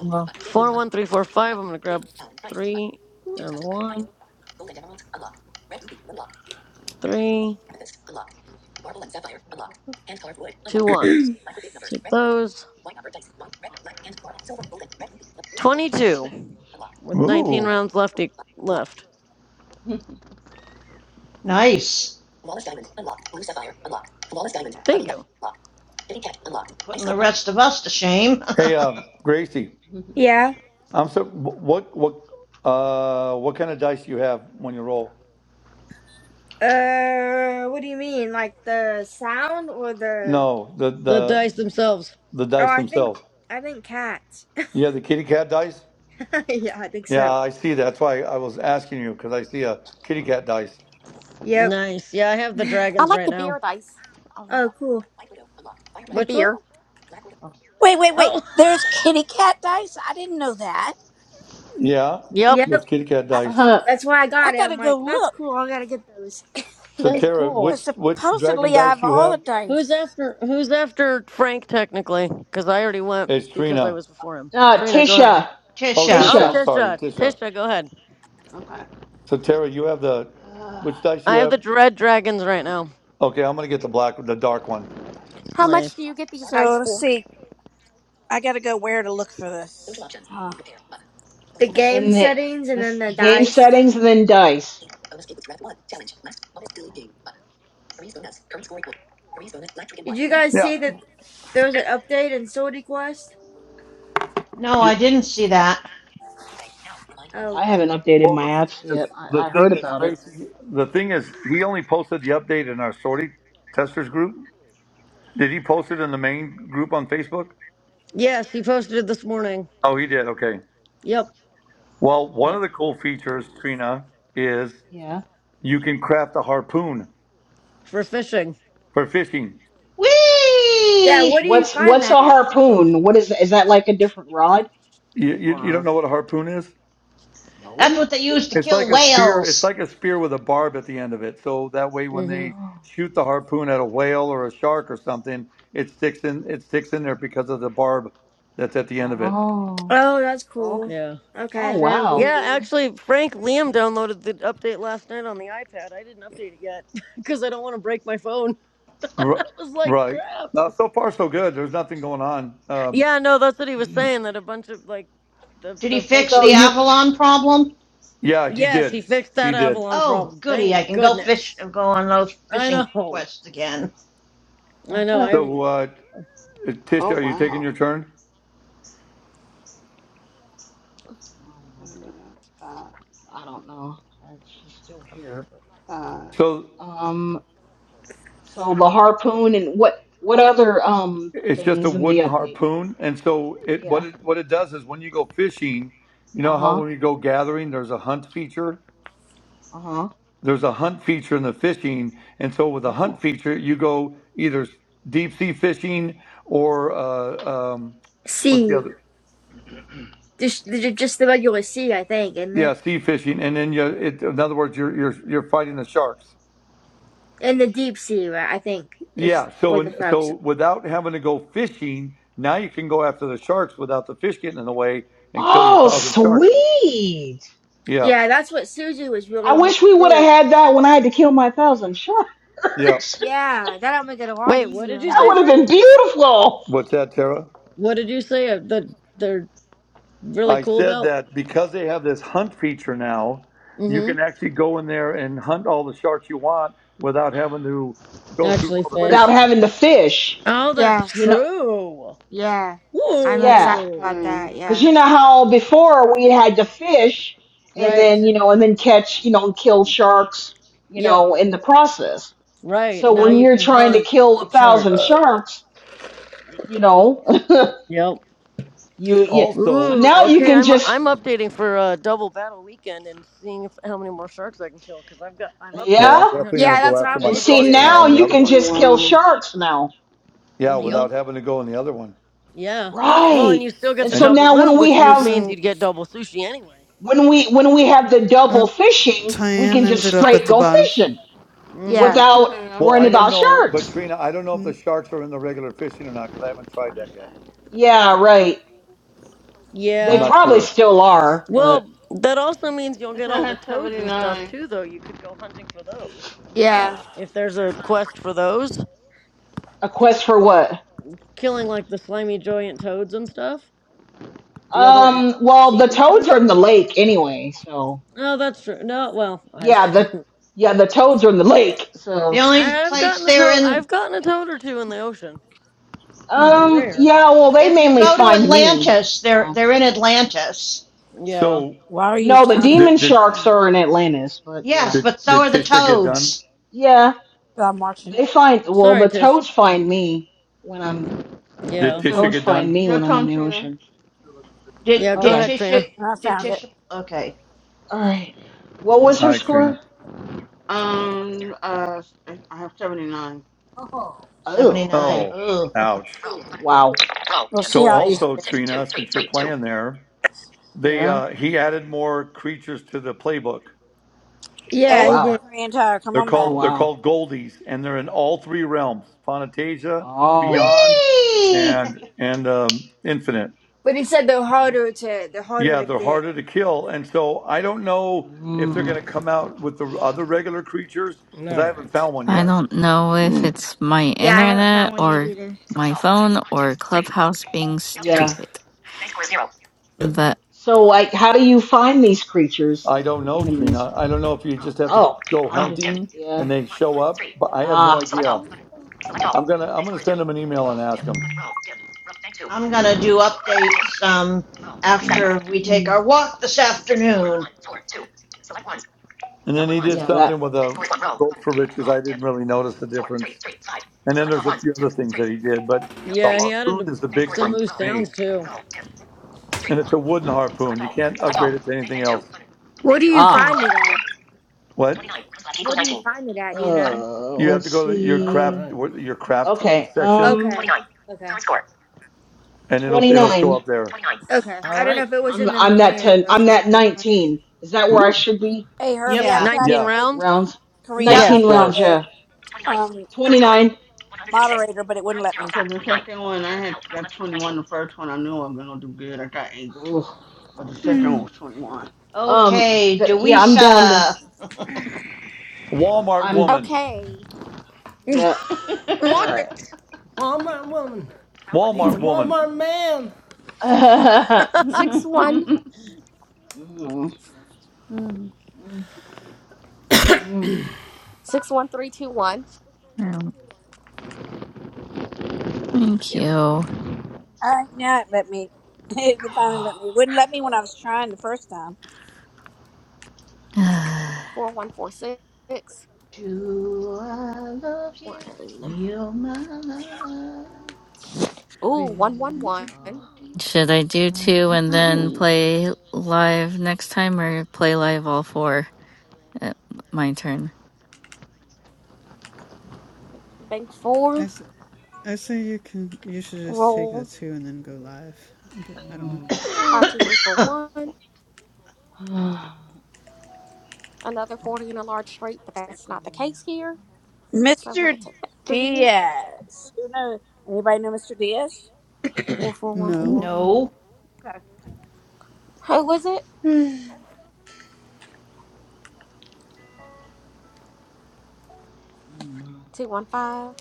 [SPEAKER 9] Well.
[SPEAKER 13] Four,
[SPEAKER 8] yeah.
[SPEAKER 13] one, three, four, five. I'm going to grab three and the one. Three, two ones. Take those. 22 with 19 rounds left e- left.
[SPEAKER 3] yeah.
[SPEAKER 11] Nice.
[SPEAKER 13] Thank you.
[SPEAKER 11] Putting the rest of us to shame.
[SPEAKER 2] Hey, uh, Gracie,
[SPEAKER 6] yeah.
[SPEAKER 2] I'm so, what, what, uh, what kind of dice do you have when you roll?
[SPEAKER 6] Uh, what do you mean? Like the sound or the?
[SPEAKER 2] No, the,
[SPEAKER 13] The
[SPEAKER 2] the,
[SPEAKER 13] dice themselves.
[SPEAKER 2] the
[SPEAKER 6] Oh,
[SPEAKER 2] dice
[SPEAKER 6] I think
[SPEAKER 2] themselves.
[SPEAKER 6] I think cats.
[SPEAKER 2] Yeah, the kitty cat dice.
[SPEAKER 6] yeah, I think
[SPEAKER 2] Yeah,
[SPEAKER 6] so.
[SPEAKER 2] I see. That's why I was asking you because I see a kitty cat dice.
[SPEAKER 6] Yep.
[SPEAKER 13] Nice. Yeah, I have the
[SPEAKER 10] I
[SPEAKER 13] dragons
[SPEAKER 10] like
[SPEAKER 13] right
[SPEAKER 10] the
[SPEAKER 13] now.
[SPEAKER 10] beer dice. Um,
[SPEAKER 6] Oh, cool.
[SPEAKER 10] the
[SPEAKER 13] Which one?
[SPEAKER 10] beer.
[SPEAKER 5] Oh,
[SPEAKER 4] Wait, wait, wait.
[SPEAKER 13] Oh,
[SPEAKER 5] damn.
[SPEAKER 4] There's kitty cat dice. I didn't know that.
[SPEAKER 2] Yeah,
[SPEAKER 13] yep.
[SPEAKER 2] there's
[SPEAKER 6] Yep.
[SPEAKER 2] kitty cat
[SPEAKER 4] I,
[SPEAKER 2] dice.
[SPEAKER 5] Uh-huh.
[SPEAKER 6] That's why I
[SPEAKER 4] I
[SPEAKER 6] got it.
[SPEAKER 4] gotta
[SPEAKER 6] I'm
[SPEAKER 4] go
[SPEAKER 6] like, that's
[SPEAKER 4] look.
[SPEAKER 6] cool. I gotta get those.
[SPEAKER 2] So
[SPEAKER 13] That's
[SPEAKER 2] Tara, which
[SPEAKER 13] cool.
[SPEAKER 4] Because
[SPEAKER 2] which dragon
[SPEAKER 4] supposedly I have
[SPEAKER 2] dice you
[SPEAKER 4] all the
[SPEAKER 2] have?
[SPEAKER 13] Who's
[SPEAKER 4] dice.
[SPEAKER 13] after who's after Frank technically? Cuz I already went
[SPEAKER 2] It's
[SPEAKER 13] because I
[SPEAKER 2] Trina.
[SPEAKER 13] was before him.
[SPEAKER 5] Uh,
[SPEAKER 13] Trina, go ahead.
[SPEAKER 5] Tisha,
[SPEAKER 2] Oh,
[SPEAKER 11] Tisha.
[SPEAKER 13] Oh,
[SPEAKER 2] Tisha.
[SPEAKER 5] Tisha,
[SPEAKER 2] I'm sorry,
[SPEAKER 13] Tisha.
[SPEAKER 2] Tisha.
[SPEAKER 13] Tisha, go ahead.
[SPEAKER 3] Okay.
[SPEAKER 2] So Tara, you have the
[SPEAKER 3] Uh,
[SPEAKER 2] which dice you
[SPEAKER 13] I have
[SPEAKER 2] have?
[SPEAKER 13] the dread dragons right now.
[SPEAKER 2] Okay, I'm gonna get the black, the dark one.
[SPEAKER 10] How much do
[SPEAKER 13] Nice.
[SPEAKER 10] you get these
[SPEAKER 4] So
[SPEAKER 10] dice
[SPEAKER 4] let's
[SPEAKER 10] for?
[SPEAKER 4] see. I gotta go where to look for this. Uh,
[SPEAKER 6] the game
[SPEAKER 5] in the
[SPEAKER 6] settings and then
[SPEAKER 5] this
[SPEAKER 6] the
[SPEAKER 5] game
[SPEAKER 6] dice.
[SPEAKER 5] settings and then dice.
[SPEAKER 6] Did you guys
[SPEAKER 2] Yeah.
[SPEAKER 6] see that there was an update in Sorty Quest?
[SPEAKER 11] No,
[SPEAKER 2] Yeah.
[SPEAKER 11] I didn't see that.
[SPEAKER 6] Oh,
[SPEAKER 5] I haven't updated
[SPEAKER 2] Well,
[SPEAKER 5] my
[SPEAKER 2] the thing
[SPEAKER 5] apps
[SPEAKER 2] is,
[SPEAKER 5] yet. I,
[SPEAKER 2] the
[SPEAKER 5] I
[SPEAKER 2] thing
[SPEAKER 5] heard
[SPEAKER 2] is,
[SPEAKER 5] about it.
[SPEAKER 2] Gracie, the thing is, he only posted the update in our sortie testers group. Did he post it in the main group on Facebook?
[SPEAKER 13] Yes, he posted it this morning.
[SPEAKER 2] Oh, he did. Okay.
[SPEAKER 13] Yep.
[SPEAKER 2] Well, one
[SPEAKER 13] Yeah.
[SPEAKER 2] of the cool features, Trina, is
[SPEAKER 5] Yeah.
[SPEAKER 2] you can craft a harpoon
[SPEAKER 13] For fishing.
[SPEAKER 2] for fishing.
[SPEAKER 11] Whee!
[SPEAKER 6] yeah. What do you
[SPEAKER 5] What's
[SPEAKER 6] find
[SPEAKER 5] what's a
[SPEAKER 6] that at?
[SPEAKER 5] harpoon? What is is that like a different rod
[SPEAKER 2] You, you, you don't
[SPEAKER 5] or
[SPEAKER 2] know what a harpoon is?
[SPEAKER 11] That's
[SPEAKER 5] no?
[SPEAKER 11] what they use to
[SPEAKER 2] It's
[SPEAKER 11] kill
[SPEAKER 2] like a spear. It's
[SPEAKER 11] whales.
[SPEAKER 2] like a spear with a barb at the end of it. So that way, when they
[SPEAKER 13] Mhm.
[SPEAKER 5] Oh,
[SPEAKER 2] shoot the harpoon at a whale or a shark or something, it sticks in. It sticks in there because of the barb that's at the end of it.
[SPEAKER 5] oh,
[SPEAKER 6] Oh, that's
[SPEAKER 5] okay.
[SPEAKER 6] cool. Okay,
[SPEAKER 5] Oh
[SPEAKER 6] that'll
[SPEAKER 5] wow.
[SPEAKER 6] be
[SPEAKER 13] Yeah,
[SPEAKER 6] good.
[SPEAKER 13] actually, Frank Liam downloaded the update last night on the iPad. I didn't update it yet because I don't want to break my phone.
[SPEAKER 2] R-
[SPEAKER 13] I was like,
[SPEAKER 2] right.
[SPEAKER 13] crap.
[SPEAKER 2] Uh, so far, so good. There's nothing going on. Um,
[SPEAKER 13] Yeah, no, that's what he was saying. That a bunch of like the
[SPEAKER 11] Did he
[SPEAKER 13] the folks
[SPEAKER 11] fix
[SPEAKER 13] that
[SPEAKER 5] So
[SPEAKER 11] the
[SPEAKER 13] have
[SPEAKER 5] you.
[SPEAKER 11] Avalon problem?
[SPEAKER 2] yeah, he
[SPEAKER 13] yes, he
[SPEAKER 2] did.
[SPEAKER 13] fixed
[SPEAKER 2] He
[SPEAKER 13] that
[SPEAKER 2] did.
[SPEAKER 13] Avalon
[SPEAKER 11] Oh,
[SPEAKER 13] problem.
[SPEAKER 11] goody.
[SPEAKER 13] Thank
[SPEAKER 11] I can go fish
[SPEAKER 13] goodness.
[SPEAKER 11] go on those
[SPEAKER 13] I
[SPEAKER 11] fishing
[SPEAKER 13] know.
[SPEAKER 11] quests again.
[SPEAKER 13] I know.
[SPEAKER 5] I
[SPEAKER 13] I
[SPEAKER 2] So,
[SPEAKER 13] am
[SPEAKER 2] uh,
[SPEAKER 3] Oh
[SPEAKER 2] Tisha, are you taking
[SPEAKER 3] wow.
[SPEAKER 2] your turn?
[SPEAKER 3] Wait a minute. Five,
[SPEAKER 5] don't know. Uh, She's still here.
[SPEAKER 3] five.
[SPEAKER 2] So
[SPEAKER 5] Um, so the harpoon and what what other um
[SPEAKER 2] It's just a
[SPEAKER 5] things in the
[SPEAKER 2] wooden
[SPEAKER 5] update?
[SPEAKER 2] harpoon, and so it what
[SPEAKER 5] Yeah.
[SPEAKER 2] it what it does is when you go fishing, you know how
[SPEAKER 5] Uh-huh.
[SPEAKER 2] when you go gathering, there's a hunt feature.
[SPEAKER 5] Uh-huh.
[SPEAKER 2] There's a hunt feature in the fishing, and so with a hunt
[SPEAKER 5] Oh.
[SPEAKER 2] feature, you go either deep sea fishing or uh, um, what's the
[SPEAKER 6] Sea,
[SPEAKER 2] other?
[SPEAKER 6] just ju- just the regular sea, I think, isn't it?
[SPEAKER 2] Yeah, sea fishing, and then you, it, in other words, you're you're you're fighting the sharks.
[SPEAKER 6] In the deep sea, right? I think is
[SPEAKER 2] Yeah,
[SPEAKER 6] where
[SPEAKER 2] so
[SPEAKER 6] the
[SPEAKER 2] and
[SPEAKER 6] frogs. Are.
[SPEAKER 2] so without having to go fishing, now you can go after the sharks without the fish getting in the way and kill your
[SPEAKER 5] Oh,
[SPEAKER 2] thousand sharks.
[SPEAKER 5] sweet.
[SPEAKER 2] Yeah,
[SPEAKER 6] Yeah, that's what Suzu was really
[SPEAKER 5] I
[SPEAKER 6] wanting
[SPEAKER 5] wish we
[SPEAKER 6] to.
[SPEAKER 5] would have
[SPEAKER 6] do.
[SPEAKER 5] had that when I had to kill my thousand sharks.
[SPEAKER 2] yeah.
[SPEAKER 5] that
[SPEAKER 6] Yeah, that'll make it a lot
[SPEAKER 13] wait. What did
[SPEAKER 6] easier
[SPEAKER 13] you
[SPEAKER 6] now.
[SPEAKER 13] say,
[SPEAKER 5] would have been
[SPEAKER 13] Frank?
[SPEAKER 5] beautiful
[SPEAKER 2] What's that, Tara?
[SPEAKER 13] What did you say uh, that they're really
[SPEAKER 2] I
[SPEAKER 13] cool
[SPEAKER 2] said
[SPEAKER 13] about?
[SPEAKER 2] that because they have this hunt feature now, you
[SPEAKER 13] Mm-hmm.
[SPEAKER 2] can actually go in there and hunt all the sharks you want without having to go through
[SPEAKER 13] Actually,
[SPEAKER 2] all the
[SPEAKER 5] without
[SPEAKER 2] fishing.
[SPEAKER 13] fish.
[SPEAKER 5] having to fish.
[SPEAKER 13] Oh, that's
[SPEAKER 6] Yeah,
[SPEAKER 5] You know,
[SPEAKER 13] true.
[SPEAKER 6] yeah, I'm excited
[SPEAKER 5] yeah.
[SPEAKER 6] about
[SPEAKER 13] Whoa.
[SPEAKER 3] Hey,
[SPEAKER 6] that.
[SPEAKER 5] Cause
[SPEAKER 6] Yeah,
[SPEAKER 5] you know how before we had to fish and
[SPEAKER 13] Right.
[SPEAKER 5] then, you know,
[SPEAKER 3] let's
[SPEAKER 5] and
[SPEAKER 3] see
[SPEAKER 5] then
[SPEAKER 3] what I
[SPEAKER 5] catch, you
[SPEAKER 3] got.
[SPEAKER 5] know, and kill sharks, you
[SPEAKER 13] Yep.
[SPEAKER 5] know, in the process.
[SPEAKER 13] Right,
[SPEAKER 5] So
[SPEAKER 13] now
[SPEAKER 5] when
[SPEAKER 13] you
[SPEAKER 5] you're
[SPEAKER 13] can
[SPEAKER 5] trying to
[SPEAKER 13] hunt
[SPEAKER 5] kill a
[SPEAKER 13] for
[SPEAKER 5] thousand
[SPEAKER 13] sharks.
[SPEAKER 5] sharks, you know,
[SPEAKER 13] Yep.
[SPEAKER 5] you, you so
[SPEAKER 2] Also,
[SPEAKER 13] Ooh,
[SPEAKER 5] now you
[SPEAKER 13] okay.
[SPEAKER 5] can
[SPEAKER 13] I'm
[SPEAKER 5] just
[SPEAKER 13] I'm updating for uh, double battle weekend and seeing if how many more sharks I can kill cuz I've got I'm up to
[SPEAKER 2] well,
[SPEAKER 13] over
[SPEAKER 2] I'm
[SPEAKER 5] yeah,
[SPEAKER 2] definitely
[SPEAKER 13] 300
[SPEAKER 2] going
[SPEAKER 6] yeah,
[SPEAKER 2] to go
[SPEAKER 13] and
[SPEAKER 6] that's what
[SPEAKER 2] after
[SPEAKER 13] I'm
[SPEAKER 6] I'm
[SPEAKER 2] my
[SPEAKER 5] and
[SPEAKER 6] gonna
[SPEAKER 13] close to
[SPEAKER 6] do
[SPEAKER 5] see
[SPEAKER 2] sharks
[SPEAKER 6] too.
[SPEAKER 2] now
[SPEAKER 5] now
[SPEAKER 2] and the
[SPEAKER 5] you
[SPEAKER 2] other
[SPEAKER 13] 330.
[SPEAKER 5] can
[SPEAKER 2] one.
[SPEAKER 5] just kill
[SPEAKER 3] Twenty-one.
[SPEAKER 5] sharks now,
[SPEAKER 2] Yeah,
[SPEAKER 13] Yep.
[SPEAKER 6] hmm
[SPEAKER 2] without having to go in the other one.
[SPEAKER 13] Yeah. Well,
[SPEAKER 5] right?
[SPEAKER 13] and you still get
[SPEAKER 5] And
[SPEAKER 13] the
[SPEAKER 5] so
[SPEAKER 2] And
[SPEAKER 13] double
[SPEAKER 5] now
[SPEAKER 13] loot,
[SPEAKER 5] when we
[SPEAKER 13] which
[SPEAKER 8] Oh,
[SPEAKER 13] you,
[SPEAKER 5] have
[SPEAKER 13] means
[SPEAKER 8] so
[SPEAKER 13] you'd get double sushi anyway.
[SPEAKER 5] when we when we have the
[SPEAKER 8] uh,
[SPEAKER 5] double fishing, we
[SPEAKER 8] Tyann
[SPEAKER 5] can just
[SPEAKER 8] ended up at
[SPEAKER 5] straight
[SPEAKER 8] the
[SPEAKER 5] go
[SPEAKER 8] bottom.
[SPEAKER 5] fishing
[SPEAKER 6] Yeah,
[SPEAKER 13] Mhm.
[SPEAKER 5] without
[SPEAKER 3] Okay, I'm
[SPEAKER 2] well,
[SPEAKER 5] worrying
[SPEAKER 2] I don't
[SPEAKER 5] about
[SPEAKER 3] finished.
[SPEAKER 2] know, but
[SPEAKER 5] sharks.
[SPEAKER 2] Trina, I don't know if the
[SPEAKER 8] Mm,
[SPEAKER 2] sharks are in the regular fishing or not because I haven't tried
[SPEAKER 3] What is
[SPEAKER 2] that yet.
[SPEAKER 3] that?
[SPEAKER 5] Yeah, right.
[SPEAKER 2] I'm
[SPEAKER 5] They
[SPEAKER 13] Yeah.
[SPEAKER 2] not
[SPEAKER 5] probably
[SPEAKER 2] sure.
[SPEAKER 5] still are, but
[SPEAKER 13] Well, that also means you'll
[SPEAKER 3] It's
[SPEAKER 13] get
[SPEAKER 3] in
[SPEAKER 13] all the
[SPEAKER 3] her
[SPEAKER 13] toads and stuff
[SPEAKER 3] 79.
[SPEAKER 13] too though. You could go hunting for those.
[SPEAKER 3] Uh,
[SPEAKER 6] yeah,
[SPEAKER 13] If there's a quest for those,
[SPEAKER 5] a quest for what?
[SPEAKER 13] killing like the slimy giant toads and stuff. The other eh,
[SPEAKER 5] Um, well,
[SPEAKER 13] sea
[SPEAKER 5] the toads are
[SPEAKER 13] creatures?
[SPEAKER 5] in the lake anyway, so.
[SPEAKER 13] No, that's true. No, well, I've
[SPEAKER 5] Yeah, the yeah, the toads are in the lake.
[SPEAKER 11] The
[SPEAKER 5] So,
[SPEAKER 11] only
[SPEAKER 13] I've
[SPEAKER 11] place
[SPEAKER 13] gotten a
[SPEAKER 11] they're
[SPEAKER 13] toad. I've
[SPEAKER 11] in
[SPEAKER 13] gotten a toad or two in the ocean. They're
[SPEAKER 3] Mm,
[SPEAKER 5] um,
[SPEAKER 13] rare.
[SPEAKER 5] yeah, well, they
[SPEAKER 11] if you
[SPEAKER 5] mainly
[SPEAKER 11] go to
[SPEAKER 5] find me.
[SPEAKER 11] Atlantis, they're
[SPEAKER 5] So,
[SPEAKER 11] they're in Atlantis.
[SPEAKER 13] Yeah.
[SPEAKER 2] So
[SPEAKER 4] why are you
[SPEAKER 5] no, the
[SPEAKER 4] turning
[SPEAKER 5] demon
[SPEAKER 4] it?
[SPEAKER 2] did did
[SPEAKER 5] sharks
[SPEAKER 3] mm.
[SPEAKER 5] are in Atlantis, but yeah,
[SPEAKER 11] Yes,
[SPEAKER 2] did,
[SPEAKER 11] but so
[SPEAKER 2] did
[SPEAKER 11] are the
[SPEAKER 2] Tisha get done?
[SPEAKER 11] toads.
[SPEAKER 5] yeah,
[SPEAKER 4] So I'm watching
[SPEAKER 5] they
[SPEAKER 4] it.
[SPEAKER 5] find. Well,
[SPEAKER 13] Sorry,
[SPEAKER 5] the
[SPEAKER 13] Tish.
[SPEAKER 5] toads find me when I'm.
[SPEAKER 2] Did
[SPEAKER 5] The
[SPEAKER 13] Yeah.
[SPEAKER 2] Tisha
[SPEAKER 3] mm.
[SPEAKER 5] toads
[SPEAKER 2] get
[SPEAKER 5] find
[SPEAKER 2] done?
[SPEAKER 5] me
[SPEAKER 3] Your
[SPEAKER 5] when I'm in
[SPEAKER 3] turn,
[SPEAKER 5] the
[SPEAKER 3] Trina.
[SPEAKER 5] ocean.
[SPEAKER 13] Yeah.
[SPEAKER 11] Did
[SPEAKER 13] Go
[SPEAKER 11] did
[SPEAKER 5] Okay,
[SPEAKER 13] ahead, Trina.
[SPEAKER 11] Tisha
[SPEAKER 4] And I
[SPEAKER 11] did
[SPEAKER 4] found it.
[SPEAKER 11] Tisha okay.
[SPEAKER 5] all right. What was
[SPEAKER 2] All
[SPEAKER 5] her
[SPEAKER 2] right,
[SPEAKER 5] score?
[SPEAKER 2] Trina.
[SPEAKER 3] Um, uh, I have 79.
[SPEAKER 4] Oh.
[SPEAKER 11] Seventy
[SPEAKER 5] Oh,
[SPEAKER 11] nine.
[SPEAKER 5] okay.
[SPEAKER 2] Oh,
[SPEAKER 11] Oh,
[SPEAKER 2] ouch.
[SPEAKER 5] Wow.
[SPEAKER 4] We'll see
[SPEAKER 2] So
[SPEAKER 4] how
[SPEAKER 5] Okay.
[SPEAKER 4] easy.
[SPEAKER 2] also, Trina, since you're playing there, they
[SPEAKER 5] Yeah.
[SPEAKER 2] uh, he added more creatures to the playbook.
[SPEAKER 5] Oh
[SPEAKER 6] yeah.
[SPEAKER 4] Hey, there,
[SPEAKER 6] He did,
[SPEAKER 5] wow.
[SPEAKER 4] Korean Tiger, come
[SPEAKER 2] They're
[SPEAKER 4] on
[SPEAKER 5] Oh
[SPEAKER 4] back.
[SPEAKER 2] called they're
[SPEAKER 5] wow.
[SPEAKER 2] called goldies, and they're in all three realms: Fantasia,
[SPEAKER 5] Oh.
[SPEAKER 2] Beyond,
[SPEAKER 11] Whee
[SPEAKER 2] and and um, Infinite.
[SPEAKER 6] but he said they're
[SPEAKER 5] No.
[SPEAKER 6] harder to they're harder
[SPEAKER 2] Yeah,
[SPEAKER 6] to
[SPEAKER 2] they're
[SPEAKER 6] get.
[SPEAKER 2] harder to kill, and so I don't know if they're
[SPEAKER 5] Mm.
[SPEAKER 2] going to come out with the other regular creatures
[SPEAKER 1] All
[SPEAKER 2] because I haven't
[SPEAKER 1] right.
[SPEAKER 2] found one
[SPEAKER 9] I
[SPEAKER 2] yet.
[SPEAKER 9] don't know if it's my
[SPEAKER 6] Yeah, I haven't found
[SPEAKER 9] internet
[SPEAKER 6] one yet
[SPEAKER 9] or
[SPEAKER 6] either.
[SPEAKER 9] my phone or Clubhouse being
[SPEAKER 5] Yeah.
[SPEAKER 9] stupid, but
[SPEAKER 5] So like how do you find these creatures,
[SPEAKER 2] I
[SPEAKER 5] like
[SPEAKER 2] don't
[SPEAKER 5] the
[SPEAKER 2] know,
[SPEAKER 5] enemies?
[SPEAKER 2] Trina. I don't know if you just have to
[SPEAKER 5] Oh,
[SPEAKER 2] go
[SPEAKER 5] i just
[SPEAKER 2] hunting
[SPEAKER 5] yeah.
[SPEAKER 2] and they show up, but I have no
[SPEAKER 5] Ah.
[SPEAKER 2] idea. I'm gonna I'm gonna send them an email and ask them.
[SPEAKER 11] I'm gonna do updates um after we take our
[SPEAKER 5] Mm.
[SPEAKER 11] walk this afternoon.
[SPEAKER 2] And then he did
[SPEAKER 5] Yeah,
[SPEAKER 2] something
[SPEAKER 5] that.
[SPEAKER 2] with a gold for riches. I didn't really notice the difference. And then there's a few other things that he did, but the
[SPEAKER 13] Yeah, he added
[SPEAKER 2] harpoon
[SPEAKER 13] a,
[SPEAKER 2] is the big
[SPEAKER 13] some
[SPEAKER 2] thing
[SPEAKER 13] moose
[SPEAKER 2] for me.
[SPEAKER 13] sounds too.
[SPEAKER 2] And it's a wooden harpoon. You can't upgrade it to anything else.
[SPEAKER 6] What do you
[SPEAKER 5] Ah.
[SPEAKER 13] Hmm.
[SPEAKER 6] find it at?
[SPEAKER 2] What?
[SPEAKER 6] What do you find it at? Do you
[SPEAKER 5] Uh,
[SPEAKER 6] know?
[SPEAKER 2] You have
[SPEAKER 5] let's
[SPEAKER 2] to go to your
[SPEAKER 1] All
[SPEAKER 5] see.
[SPEAKER 2] craft
[SPEAKER 1] right.
[SPEAKER 2] what- your craft
[SPEAKER 5] Okay.
[SPEAKER 2] section
[SPEAKER 5] Um
[SPEAKER 6] Okay. Okay.
[SPEAKER 2] and it'll it'll show
[SPEAKER 5] 29.
[SPEAKER 2] up there.
[SPEAKER 6] Okay.
[SPEAKER 1] All
[SPEAKER 6] I don't know
[SPEAKER 1] right.
[SPEAKER 6] if it was in
[SPEAKER 5] I'm
[SPEAKER 6] the
[SPEAKER 5] I'm that
[SPEAKER 6] marina
[SPEAKER 5] 10.
[SPEAKER 6] or
[SPEAKER 5] I'm
[SPEAKER 6] something
[SPEAKER 5] that
[SPEAKER 6] like that.
[SPEAKER 5] 19. Is that where I
[SPEAKER 2] Ooh.
[SPEAKER 5] should be?
[SPEAKER 4] Hey, Herbie,
[SPEAKER 1] Yep.
[SPEAKER 4] I
[SPEAKER 11] Yeah.
[SPEAKER 4] tried
[SPEAKER 13] Nineteen
[SPEAKER 4] to
[SPEAKER 2] Yeah.
[SPEAKER 4] make
[SPEAKER 13] rounds.
[SPEAKER 5] Rounds.
[SPEAKER 4] Korean
[SPEAKER 11] Yep.
[SPEAKER 2] What's your
[SPEAKER 13] Yes.
[SPEAKER 5] 19
[SPEAKER 4] Tiger
[SPEAKER 5] rounds,
[SPEAKER 2] score?
[SPEAKER 5] yeah.
[SPEAKER 4] a um
[SPEAKER 5] 29.
[SPEAKER 4] moderator, but it wouldn't let me.
[SPEAKER 3] Because the second one, I had got 21. The first one, I knew I was going to do good. I got 8.
[SPEAKER 5] Ugh.
[SPEAKER 3] But
[SPEAKER 5] Oh
[SPEAKER 3] the
[SPEAKER 5] my
[SPEAKER 3] second
[SPEAKER 5] gosh.
[SPEAKER 3] one
[SPEAKER 6] Hmm.
[SPEAKER 3] was 21.
[SPEAKER 5] Um
[SPEAKER 11] Okay,
[SPEAKER 5] but yeah, I'm down to
[SPEAKER 11] Dewisa.
[SPEAKER 2] Walmart
[SPEAKER 5] I'm
[SPEAKER 2] woman.
[SPEAKER 10] Okay.
[SPEAKER 5] yeah.
[SPEAKER 13] what?
[SPEAKER 3] Yeah.
[SPEAKER 5] All
[SPEAKER 1] Walmart woman needs a
[SPEAKER 2] Walmart woman.
[SPEAKER 1] Walmart man.
[SPEAKER 5] right.
[SPEAKER 10] six one.
[SPEAKER 5] Mm,
[SPEAKER 3] Mm,
[SPEAKER 5] mm, mm.
[SPEAKER 10] 61321 One. three two one
[SPEAKER 9] um, thank you.
[SPEAKER 4] All right, now it let me. It finally
[SPEAKER 5] Oh,
[SPEAKER 4] let me. It wouldn't let me when I
[SPEAKER 5] God.
[SPEAKER 4] was trying the first time.
[SPEAKER 10] four one four six.
[SPEAKER 11] Do I love you?
[SPEAKER 10] One.
[SPEAKER 11] Me oh my love.
[SPEAKER 10] Ooh,
[SPEAKER 11] River
[SPEAKER 10] 111.
[SPEAKER 5] Uh,
[SPEAKER 11] deep,
[SPEAKER 9] Should I do two
[SPEAKER 11] mountain
[SPEAKER 9] and then
[SPEAKER 5] ooh.
[SPEAKER 9] play live next time or play live all four? Uh, my turn.
[SPEAKER 10] Bank
[SPEAKER 8] I
[SPEAKER 10] four.
[SPEAKER 8] s- I say you can you should just take the
[SPEAKER 10] Roll
[SPEAKER 8] two and then go live, but I don't know.
[SPEAKER 5] Mm.
[SPEAKER 11] high.
[SPEAKER 10] 52341. Another 40 in a large straight, but that's not the
[SPEAKER 5] Mm,
[SPEAKER 10] case here. So I'm going
[SPEAKER 4] Mr.
[SPEAKER 10] to take that three.
[SPEAKER 4] Diaz. Who knows? Anybody know Mr. Diaz?
[SPEAKER 5] no.
[SPEAKER 8] No.
[SPEAKER 10] 4414.
[SPEAKER 3] mm,
[SPEAKER 11] no.
[SPEAKER 4] Okay.
[SPEAKER 10] Who was it?
[SPEAKER 5] Mm,
[SPEAKER 10] 215.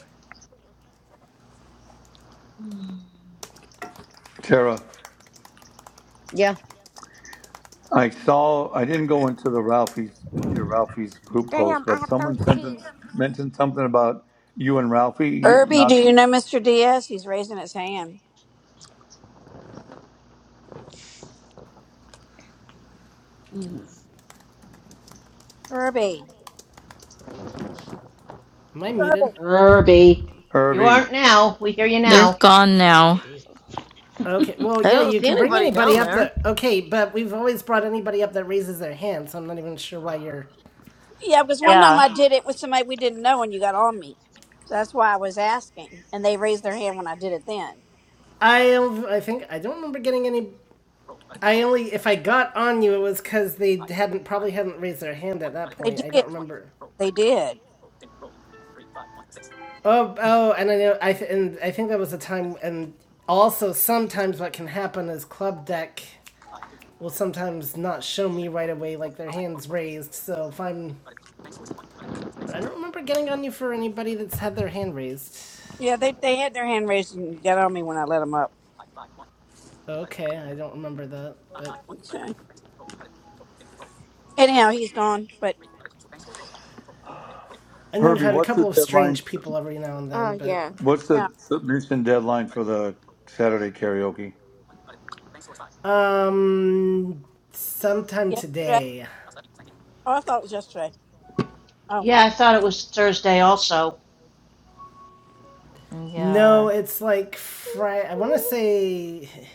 [SPEAKER 5] no.
[SPEAKER 2] Tara.
[SPEAKER 13] Yeah.
[SPEAKER 2] I saw. I didn't go into the Ralphie's your Ralphie's group post,
[SPEAKER 10] Damn, I
[SPEAKER 2] but
[SPEAKER 10] have
[SPEAKER 2] someone sent
[SPEAKER 10] 32.
[SPEAKER 2] us- mentioned something about you and Ralphie,
[SPEAKER 4] Irby, do
[SPEAKER 2] not
[SPEAKER 4] you know Mr. Diaz? He's raising his hand. Irby.
[SPEAKER 1] Am I muted?
[SPEAKER 4] Irby.
[SPEAKER 5] Herbie.
[SPEAKER 11] You
[SPEAKER 2] Herbie.
[SPEAKER 11] aren't now. We hear you
[SPEAKER 9] They're
[SPEAKER 11] now.
[SPEAKER 9] gone now.
[SPEAKER 5] Jesus.
[SPEAKER 1] Okay.
[SPEAKER 3] mm,
[SPEAKER 1] Well,
[SPEAKER 13] I
[SPEAKER 1] yeah,
[SPEAKER 13] don't
[SPEAKER 1] you
[SPEAKER 13] see
[SPEAKER 1] can bring
[SPEAKER 13] anybody
[SPEAKER 1] anybody
[SPEAKER 13] down
[SPEAKER 1] up
[SPEAKER 13] there.
[SPEAKER 1] that. Okay, but we've always brought anybody up that raises their hand, so I'm not even sure why you're.
[SPEAKER 4] Yeah, because one time
[SPEAKER 9] Yeah.
[SPEAKER 4] I did it with somebody we didn't know and you got on me. So that's why I was asking. And they raised their hand when I did it then.
[SPEAKER 1] I I think I don't remember getting any. I only if I got on you, it was because they hadn't probably hadn't raised their hand at that
[SPEAKER 4] They
[SPEAKER 1] point. I
[SPEAKER 4] did.
[SPEAKER 1] don't remember.
[SPEAKER 4] They did.
[SPEAKER 1] Oh, oh, and I know, I th- and I think that was a time, and also sometimes what can happen is club deck will sometimes not show me right away, like their hands raised. So if I'm, but I don't remember getting on you for anybody that's had their hand raised.
[SPEAKER 4] Yeah, they, they had their hand raised and got on me when I let them up.
[SPEAKER 1] Okay, I don't remember that, but
[SPEAKER 4] Okay. Anyhow, he's gone. But
[SPEAKER 1] I know I've
[SPEAKER 2] Herbie,
[SPEAKER 1] had a
[SPEAKER 2] what's the
[SPEAKER 1] couple of
[SPEAKER 2] deadline?
[SPEAKER 1] strange people every now and then,
[SPEAKER 10] Uh,
[SPEAKER 1] but
[SPEAKER 10] yeah.
[SPEAKER 2] What's
[SPEAKER 4] yeah,
[SPEAKER 2] the submission deadline for the Saturday karaoke?
[SPEAKER 1] um, sometime
[SPEAKER 4] yesterday.
[SPEAKER 1] today.
[SPEAKER 4] Oh, I thought it was yesterday. Oh,
[SPEAKER 11] Yeah, I thought it was Thursday also.
[SPEAKER 1] No,
[SPEAKER 9] Yeah.
[SPEAKER 1] it's like Friday. I want to say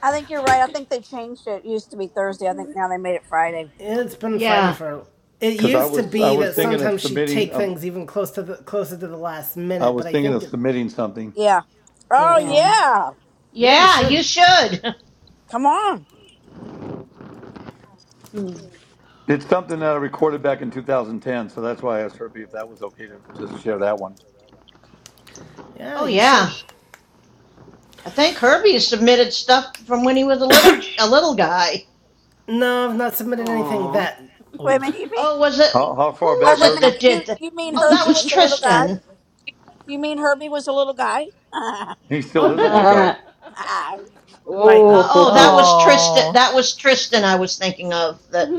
[SPEAKER 4] I think you're right. I think they changed it. It used to be Thursday. I think now they made it Friday.
[SPEAKER 1] It's been Friday
[SPEAKER 11] Yeah.
[SPEAKER 1] for. It
[SPEAKER 2] Because I
[SPEAKER 1] used to
[SPEAKER 2] was I
[SPEAKER 1] be
[SPEAKER 2] was
[SPEAKER 1] that
[SPEAKER 2] thinking of
[SPEAKER 1] sometimes she'd
[SPEAKER 2] submitting.
[SPEAKER 1] take
[SPEAKER 2] Of,
[SPEAKER 1] things even close to the closer to the last
[SPEAKER 2] I
[SPEAKER 1] minute, but
[SPEAKER 2] was
[SPEAKER 1] I
[SPEAKER 2] thinking of
[SPEAKER 1] think it.
[SPEAKER 2] submitting something.
[SPEAKER 4] Yeah. Oh,
[SPEAKER 1] Okay.
[SPEAKER 5] Um.
[SPEAKER 4] yeah.
[SPEAKER 1] Yeah, you
[SPEAKER 11] Yeah,
[SPEAKER 1] should.
[SPEAKER 11] you should.
[SPEAKER 4] Come on.
[SPEAKER 3] mm.
[SPEAKER 2] It's something that I recorded back in 2010, so that's why I asked Herbie if that was okay to just share that one.
[SPEAKER 1] Yeah,
[SPEAKER 11] Oh
[SPEAKER 1] you
[SPEAKER 11] yeah.
[SPEAKER 1] should.
[SPEAKER 11] I think Herbie has submitted stuff from when he was a little a little guy.
[SPEAKER 1] No, I've not submitted anything
[SPEAKER 3] Aw.
[SPEAKER 1] that
[SPEAKER 4] Wait a
[SPEAKER 1] old.
[SPEAKER 4] minute.
[SPEAKER 11] Oh, was it
[SPEAKER 2] How, how
[SPEAKER 11] who
[SPEAKER 2] far
[SPEAKER 4] Uh,
[SPEAKER 11] was
[SPEAKER 2] back,
[SPEAKER 4] wait a
[SPEAKER 11] it
[SPEAKER 4] minute.
[SPEAKER 2] Herbie?
[SPEAKER 11] that
[SPEAKER 4] You
[SPEAKER 11] did that?
[SPEAKER 4] you mean
[SPEAKER 11] Oh, that
[SPEAKER 4] Herbie
[SPEAKER 11] was
[SPEAKER 4] was a little guy?
[SPEAKER 11] Tristan.
[SPEAKER 4] You mean Herbie was a little guy?
[SPEAKER 2] He still is a
[SPEAKER 1] Oh,
[SPEAKER 2] little
[SPEAKER 5] Uh,
[SPEAKER 2] guy.
[SPEAKER 1] bite
[SPEAKER 11] Uh,
[SPEAKER 1] me.
[SPEAKER 11] oh, that
[SPEAKER 5] oh.
[SPEAKER 11] was Tristan.
[SPEAKER 9] Oh.
[SPEAKER 11] That was Tristan I was thinking of that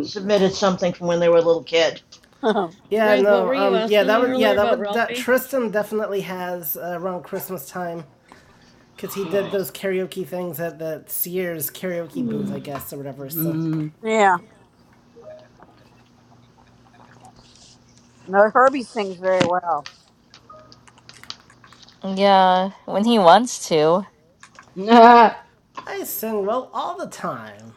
[SPEAKER 11] submitted something from when they were a little kid.
[SPEAKER 1] Yeah,
[SPEAKER 13] Frank, what
[SPEAKER 1] no.
[SPEAKER 13] were you
[SPEAKER 1] Um, yeah,
[SPEAKER 13] asking
[SPEAKER 1] that
[SPEAKER 13] me
[SPEAKER 1] would. Yeah,
[SPEAKER 13] earlier
[SPEAKER 1] that
[SPEAKER 13] about
[SPEAKER 1] would. That,
[SPEAKER 13] Ralphie?
[SPEAKER 1] Tristan definitely has uh, around Christmas time because he did those
[SPEAKER 13] Nice.
[SPEAKER 1] karaoke things at the Sears karaoke booth, I guess, or whatever. So
[SPEAKER 5] Mm.
[SPEAKER 4] yeah. No, Herbie sings very well.
[SPEAKER 9] Yeah. When he wants to,
[SPEAKER 5] Ah.
[SPEAKER 1] I sing well all the time.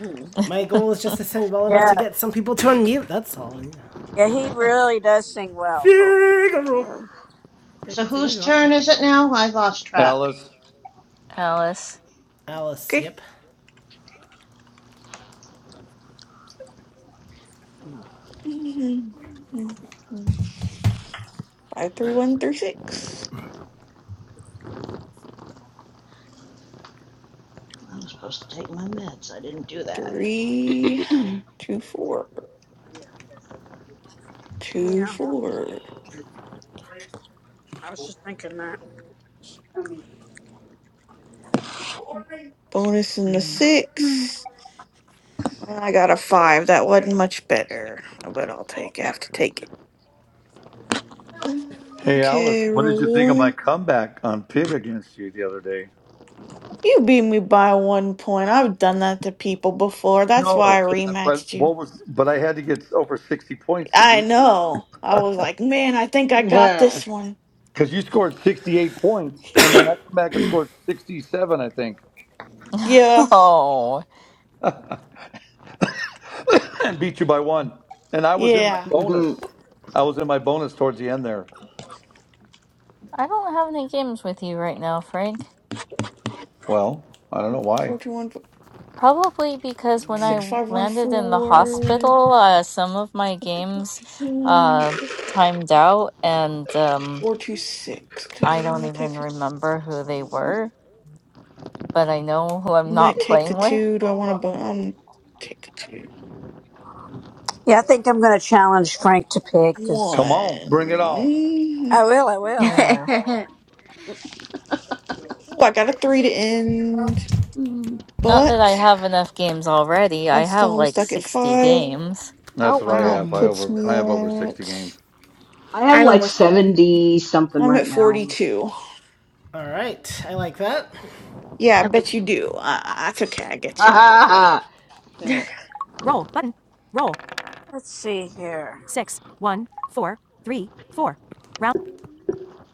[SPEAKER 4] Mm.
[SPEAKER 1] My goal is just to sing well enough
[SPEAKER 4] Yeah,
[SPEAKER 1] to get some people to unmute. That's all. You know.
[SPEAKER 4] yeah, he really does sing well. For
[SPEAKER 1] Figaro. So you
[SPEAKER 11] so
[SPEAKER 1] can, so
[SPEAKER 11] whose
[SPEAKER 1] do opera.
[SPEAKER 11] turn is it now? I lost track.
[SPEAKER 2] Alice,
[SPEAKER 9] Alice.
[SPEAKER 1] Alice.
[SPEAKER 12] Okay.
[SPEAKER 1] Yep.
[SPEAKER 12] Five, three, one, three, six.
[SPEAKER 11] I was supposed to take my meds. I didn't do that.
[SPEAKER 12] Three, two, four. Two,
[SPEAKER 4] yeah,
[SPEAKER 12] four.
[SPEAKER 4] I was just thinking that.
[SPEAKER 12] Bonus in the six. I got a five. That wasn't much better, but I'll take. I have to take it.
[SPEAKER 2] Hey, Alice,
[SPEAKER 12] Okay,
[SPEAKER 2] what
[SPEAKER 12] roll
[SPEAKER 2] did you think of my
[SPEAKER 12] one.
[SPEAKER 2] comeback on Pig against you the other day?
[SPEAKER 12] You beat me by one point. I've done that to people before. That's why I
[SPEAKER 2] No, but, but
[SPEAKER 12] rematched you.
[SPEAKER 2] what was? But I had to get over sixty points to
[SPEAKER 12] I
[SPEAKER 2] beat you
[SPEAKER 12] know. I was like, man, I think I got
[SPEAKER 5] Ah.
[SPEAKER 12] this one.
[SPEAKER 2] because you scored sixty-eight points, and then I come back and scored sixty-seven, I think,
[SPEAKER 12] Yeah,
[SPEAKER 9] oh.
[SPEAKER 2] and beat you by one. And I was in my
[SPEAKER 12] yeah.
[SPEAKER 2] bonus.
[SPEAKER 5] Mm.
[SPEAKER 2] I was in my bonus towards the end there.
[SPEAKER 9] I don't have any games with you right now, Frank.
[SPEAKER 2] Well, I don't know
[SPEAKER 12] Four
[SPEAKER 2] why.
[SPEAKER 12] two one
[SPEAKER 9] Probably because when I
[SPEAKER 12] six
[SPEAKER 5] Mm.
[SPEAKER 12] five one
[SPEAKER 9] landed in the
[SPEAKER 12] four.
[SPEAKER 9] hospital, uh, some of my games
[SPEAKER 12] Hmm,
[SPEAKER 9] uh, timed out, and um,
[SPEAKER 12] Four two six. Do I
[SPEAKER 9] I
[SPEAKER 12] want
[SPEAKER 9] don't
[SPEAKER 12] to
[SPEAKER 9] even
[SPEAKER 12] take? the-
[SPEAKER 9] remember who they
[SPEAKER 5] mm.
[SPEAKER 9] were, but I know who I'm
[SPEAKER 12] Might
[SPEAKER 9] not
[SPEAKER 12] take the
[SPEAKER 9] playing with.
[SPEAKER 12] two. Do I want to? Um, take the two.
[SPEAKER 4] Yeah, I think I'm going to challenge Frank to pig because
[SPEAKER 2] Come on, bring it on.
[SPEAKER 12] one.
[SPEAKER 4] I will. I will.
[SPEAKER 9] No,
[SPEAKER 12] Oh, I got a three to end,
[SPEAKER 9] not that I
[SPEAKER 12] but
[SPEAKER 9] have enough games already.
[SPEAKER 12] I
[SPEAKER 9] I have
[SPEAKER 12] still am
[SPEAKER 9] like
[SPEAKER 12] stuck at
[SPEAKER 9] 60
[SPEAKER 12] five,
[SPEAKER 9] games.
[SPEAKER 10] Oh,
[SPEAKER 2] That's what I
[SPEAKER 12] and
[SPEAKER 10] wow.
[SPEAKER 12] that
[SPEAKER 2] have. I
[SPEAKER 12] puts
[SPEAKER 2] over.
[SPEAKER 12] me
[SPEAKER 2] I have over sixty
[SPEAKER 12] at.
[SPEAKER 2] games
[SPEAKER 5] I have
[SPEAKER 6] I
[SPEAKER 5] like
[SPEAKER 6] almost.
[SPEAKER 5] 70 something
[SPEAKER 12] I'm
[SPEAKER 5] right
[SPEAKER 12] at
[SPEAKER 5] now. Let's,
[SPEAKER 12] 42.
[SPEAKER 1] All right. I like that.
[SPEAKER 12] Yeah, I
[SPEAKER 6] I was-
[SPEAKER 12] bet
[SPEAKER 5] hold
[SPEAKER 12] you
[SPEAKER 5] on.
[SPEAKER 12] do. Uh, that's okay. I get you. I get you.
[SPEAKER 5] Hold on.
[SPEAKER 1] Roll button. Roll.
[SPEAKER 4] Let's see here.
[SPEAKER 1] Six, one, four, three, four. Round.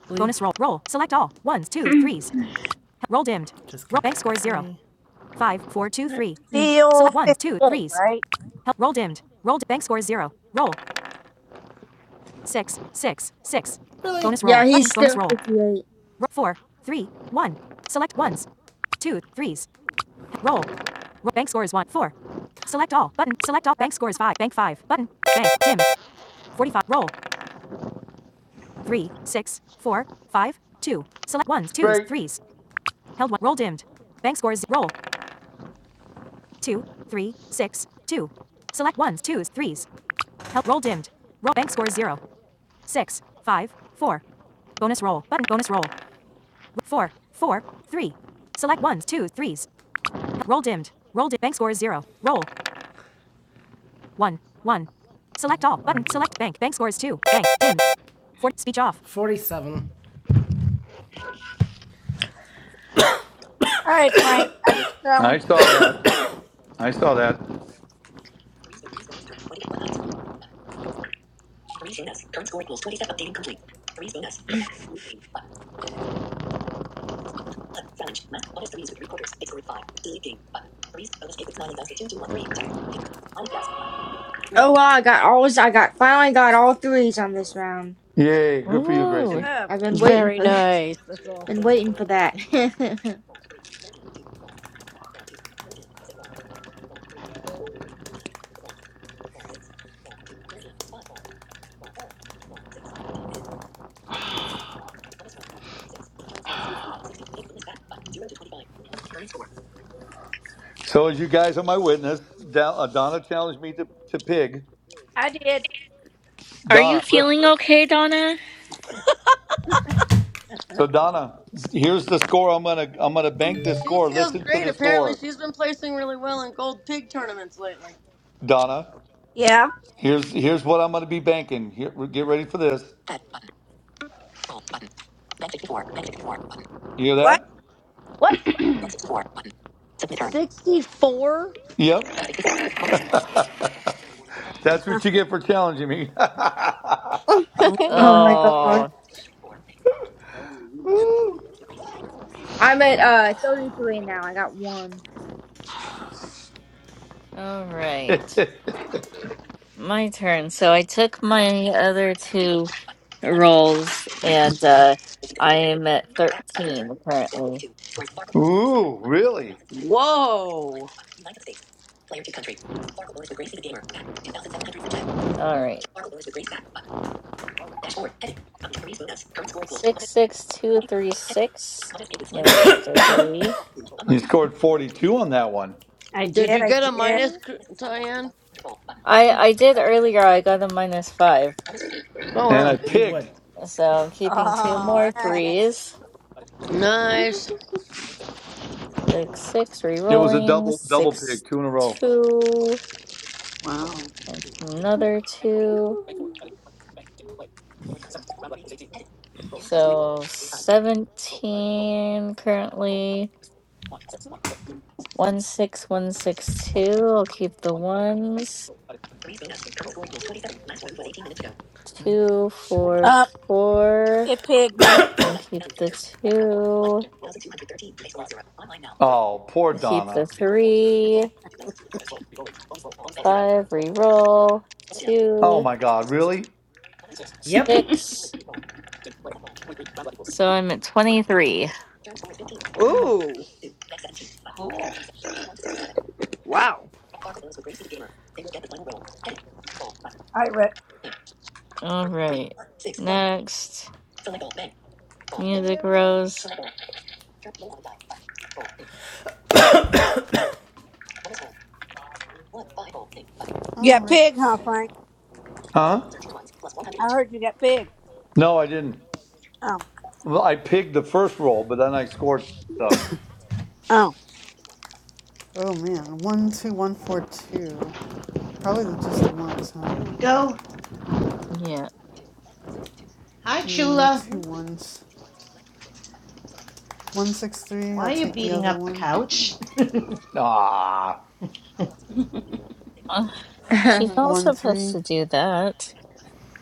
[SPEAKER 1] Leave. Bonus roll. Roll. Select all. Ones, twos, threes. Roll dimmed. Just roll. Bank score zero. Five, four, two, three.
[SPEAKER 4] Deal
[SPEAKER 1] Select ones, two,
[SPEAKER 4] fifty-eight,
[SPEAKER 1] threes.
[SPEAKER 4] right?
[SPEAKER 1] Help. Roll dimmed. Roll. bank score zero. Roll. Six, six, six. Really? Bonus
[SPEAKER 6] yeah,
[SPEAKER 1] roll. Button.
[SPEAKER 6] he's
[SPEAKER 1] Bonus
[SPEAKER 6] still
[SPEAKER 1] roll.
[SPEAKER 6] 58.
[SPEAKER 1] Roll four, three, one. Select ones, two, threes. Roll. Roll. Bank score is one, four. Select all button. Select all.
[SPEAKER 4] All
[SPEAKER 1] Bank score is five. Bank five button. Bank dim. Forty-five. Roll. Three, six, four, five, two. Select ones, twos,
[SPEAKER 2] straight.
[SPEAKER 1] threes. Held one. Roll dimmed. Bank score is roll. Two, three, six, two. Select ones, twos, threes. Held. Roll dimmed. Roll. Bank score is zero, six, five, four. Bonus roll button. Bonus roll. Four, four, three. Select ones, twos, threes. Roll dimmed. Roll dimmed. Bank score is zero. Roll. One. One. Select all. Button. Select bank. Bank score is two. Bank. Dimmed. For speech off. 47.
[SPEAKER 4] right, Frank. I just
[SPEAKER 2] I
[SPEAKER 4] challenged you
[SPEAKER 2] saw
[SPEAKER 4] to.
[SPEAKER 2] that. I saw that.
[SPEAKER 6] Oh wow! I got all. I got finally got all threes on this round.
[SPEAKER 2] Yay! Good for you,
[SPEAKER 4] Good
[SPEAKER 2] Gracie.
[SPEAKER 9] Woo!
[SPEAKER 4] job.
[SPEAKER 6] I've been waiting
[SPEAKER 13] Very
[SPEAKER 6] for that.
[SPEAKER 13] nice. That's
[SPEAKER 6] Been
[SPEAKER 13] awesome.
[SPEAKER 6] waiting for that.
[SPEAKER 2] So as you guys are my witness, Dal- uh, Donna challenged me to, to pig.
[SPEAKER 4] I did.
[SPEAKER 9] Are you
[SPEAKER 2] Donna, listen.
[SPEAKER 9] feeling okay, Donna?
[SPEAKER 2] So Donna, here's the score. I'm gonna I'm gonna bank this
[SPEAKER 13] She
[SPEAKER 2] score.
[SPEAKER 13] feels
[SPEAKER 2] Listen to
[SPEAKER 13] great.
[SPEAKER 2] the
[SPEAKER 13] Apparently,
[SPEAKER 2] score,
[SPEAKER 13] she's been placing really well in gold pig tournaments lately.
[SPEAKER 2] Donna.
[SPEAKER 4] Yeah.
[SPEAKER 2] Here's here's what I'm gonna be banking. Here, get ready for this. You hear
[SPEAKER 4] What?
[SPEAKER 2] that?
[SPEAKER 13] What? 64?
[SPEAKER 2] Yep, that's what you get for challenging me.
[SPEAKER 6] oh my god!
[SPEAKER 9] Oh,
[SPEAKER 2] Woo.
[SPEAKER 6] I'm at uh 33 now. I got one.
[SPEAKER 9] all right. My turn. So I took my other two rolls and uh I am at 13 currently.
[SPEAKER 2] Ooh, really?
[SPEAKER 13] Whoa.
[SPEAKER 9] All right. 66236. Gonna keep the 3.
[SPEAKER 2] You scored 42 on that one,
[SPEAKER 4] I
[SPEAKER 13] Did
[SPEAKER 4] did.
[SPEAKER 13] you
[SPEAKER 4] I
[SPEAKER 13] get a
[SPEAKER 4] did.
[SPEAKER 13] minus, Cr- Diane?
[SPEAKER 9] I I did earlier. I got a minus 5.
[SPEAKER 13] Oh,
[SPEAKER 2] and I
[SPEAKER 13] wow.
[SPEAKER 1] You
[SPEAKER 2] pigged.
[SPEAKER 1] would.
[SPEAKER 9] So I'm keeping two more
[SPEAKER 4] All right.
[SPEAKER 9] threes.
[SPEAKER 13] Nice.
[SPEAKER 9] 6 6
[SPEAKER 2] It was a
[SPEAKER 9] re-rolling.
[SPEAKER 2] double double
[SPEAKER 9] 6
[SPEAKER 2] pick, two in a row.
[SPEAKER 9] 2
[SPEAKER 3] wow.
[SPEAKER 9] and another 2 So 17 currently. 16162. I'll keep the ones. Two, four,
[SPEAKER 4] Up,
[SPEAKER 9] four.
[SPEAKER 4] it pigged me.
[SPEAKER 9] I'll keep the two.
[SPEAKER 2] Oh, poor
[SPEAKER 9] I'll keep the
[SPEAKER 2] Donna.
[SPEAKER 9] three. Five, reroll.
[SPEAKER 2] Oh
[SPEAKER 9] Two,
[SPEAKER 2] my God, really?
[SPEAKER 1] Yep.
[SPEAKER 9] six. So I'm at 23.
[SPEAKER 13] Ooh.
[SPEAKER 3] Cool.
[SPEAKER 13] Wow.
[SPEAKER 4] All right, Rick.
[SPEAKER 9] All right. Next. Music rose.
[SPEAKER 4] You
[SPEAKER 8] All
[SPEAKER 4] got
[SPEAKER 8] right.
[SPEAKER 4] pig, huh, Frank?
[SPEAKER 2] Huh?
[SPEAKER 4] I heard you got pig.
[SPEAKER 2] No, I didn't.
[SPEAKER 4] Oh,
[SPEAKER 2] Well, I pigged the first roll, but then I scored stuff.
[SPEAKER 4] oh,
[SPEAKER 8] Oh man, one two one four two. Probably the, just the ones, huh?
[SPEAKER 11] There we go.
[SPEAKER 9] Yeah.
[SPEAKER 11] Hi,
[SPEAKER 8] Yeah,
[SPEAKER 11] Chula.
[SPEAKER 8] two
[SPEAKER 10] Mhm.
[SPEAKER 8] ones. One six three. I'll
[SPEAKER 11] Why are you
[SPEAKER 8] take the
[SPEAKER 11] beating
[SPEAKER 8] other
[SPEAKER 11] up the
[SPEAKER 8] one.
[SPEAKER 3] Okay.
[SPEAKER 11] couch?
[SPEAKER 2] Ah,
[SPEAKER 9] Uh, she's
[SPEAKER 6] oh
[SPEAKER 9] not
[SPEAKER 8] One
[SPEAKER 9] supposed
[SPEAKER 8] three.
[SPEAKER 9] to do that.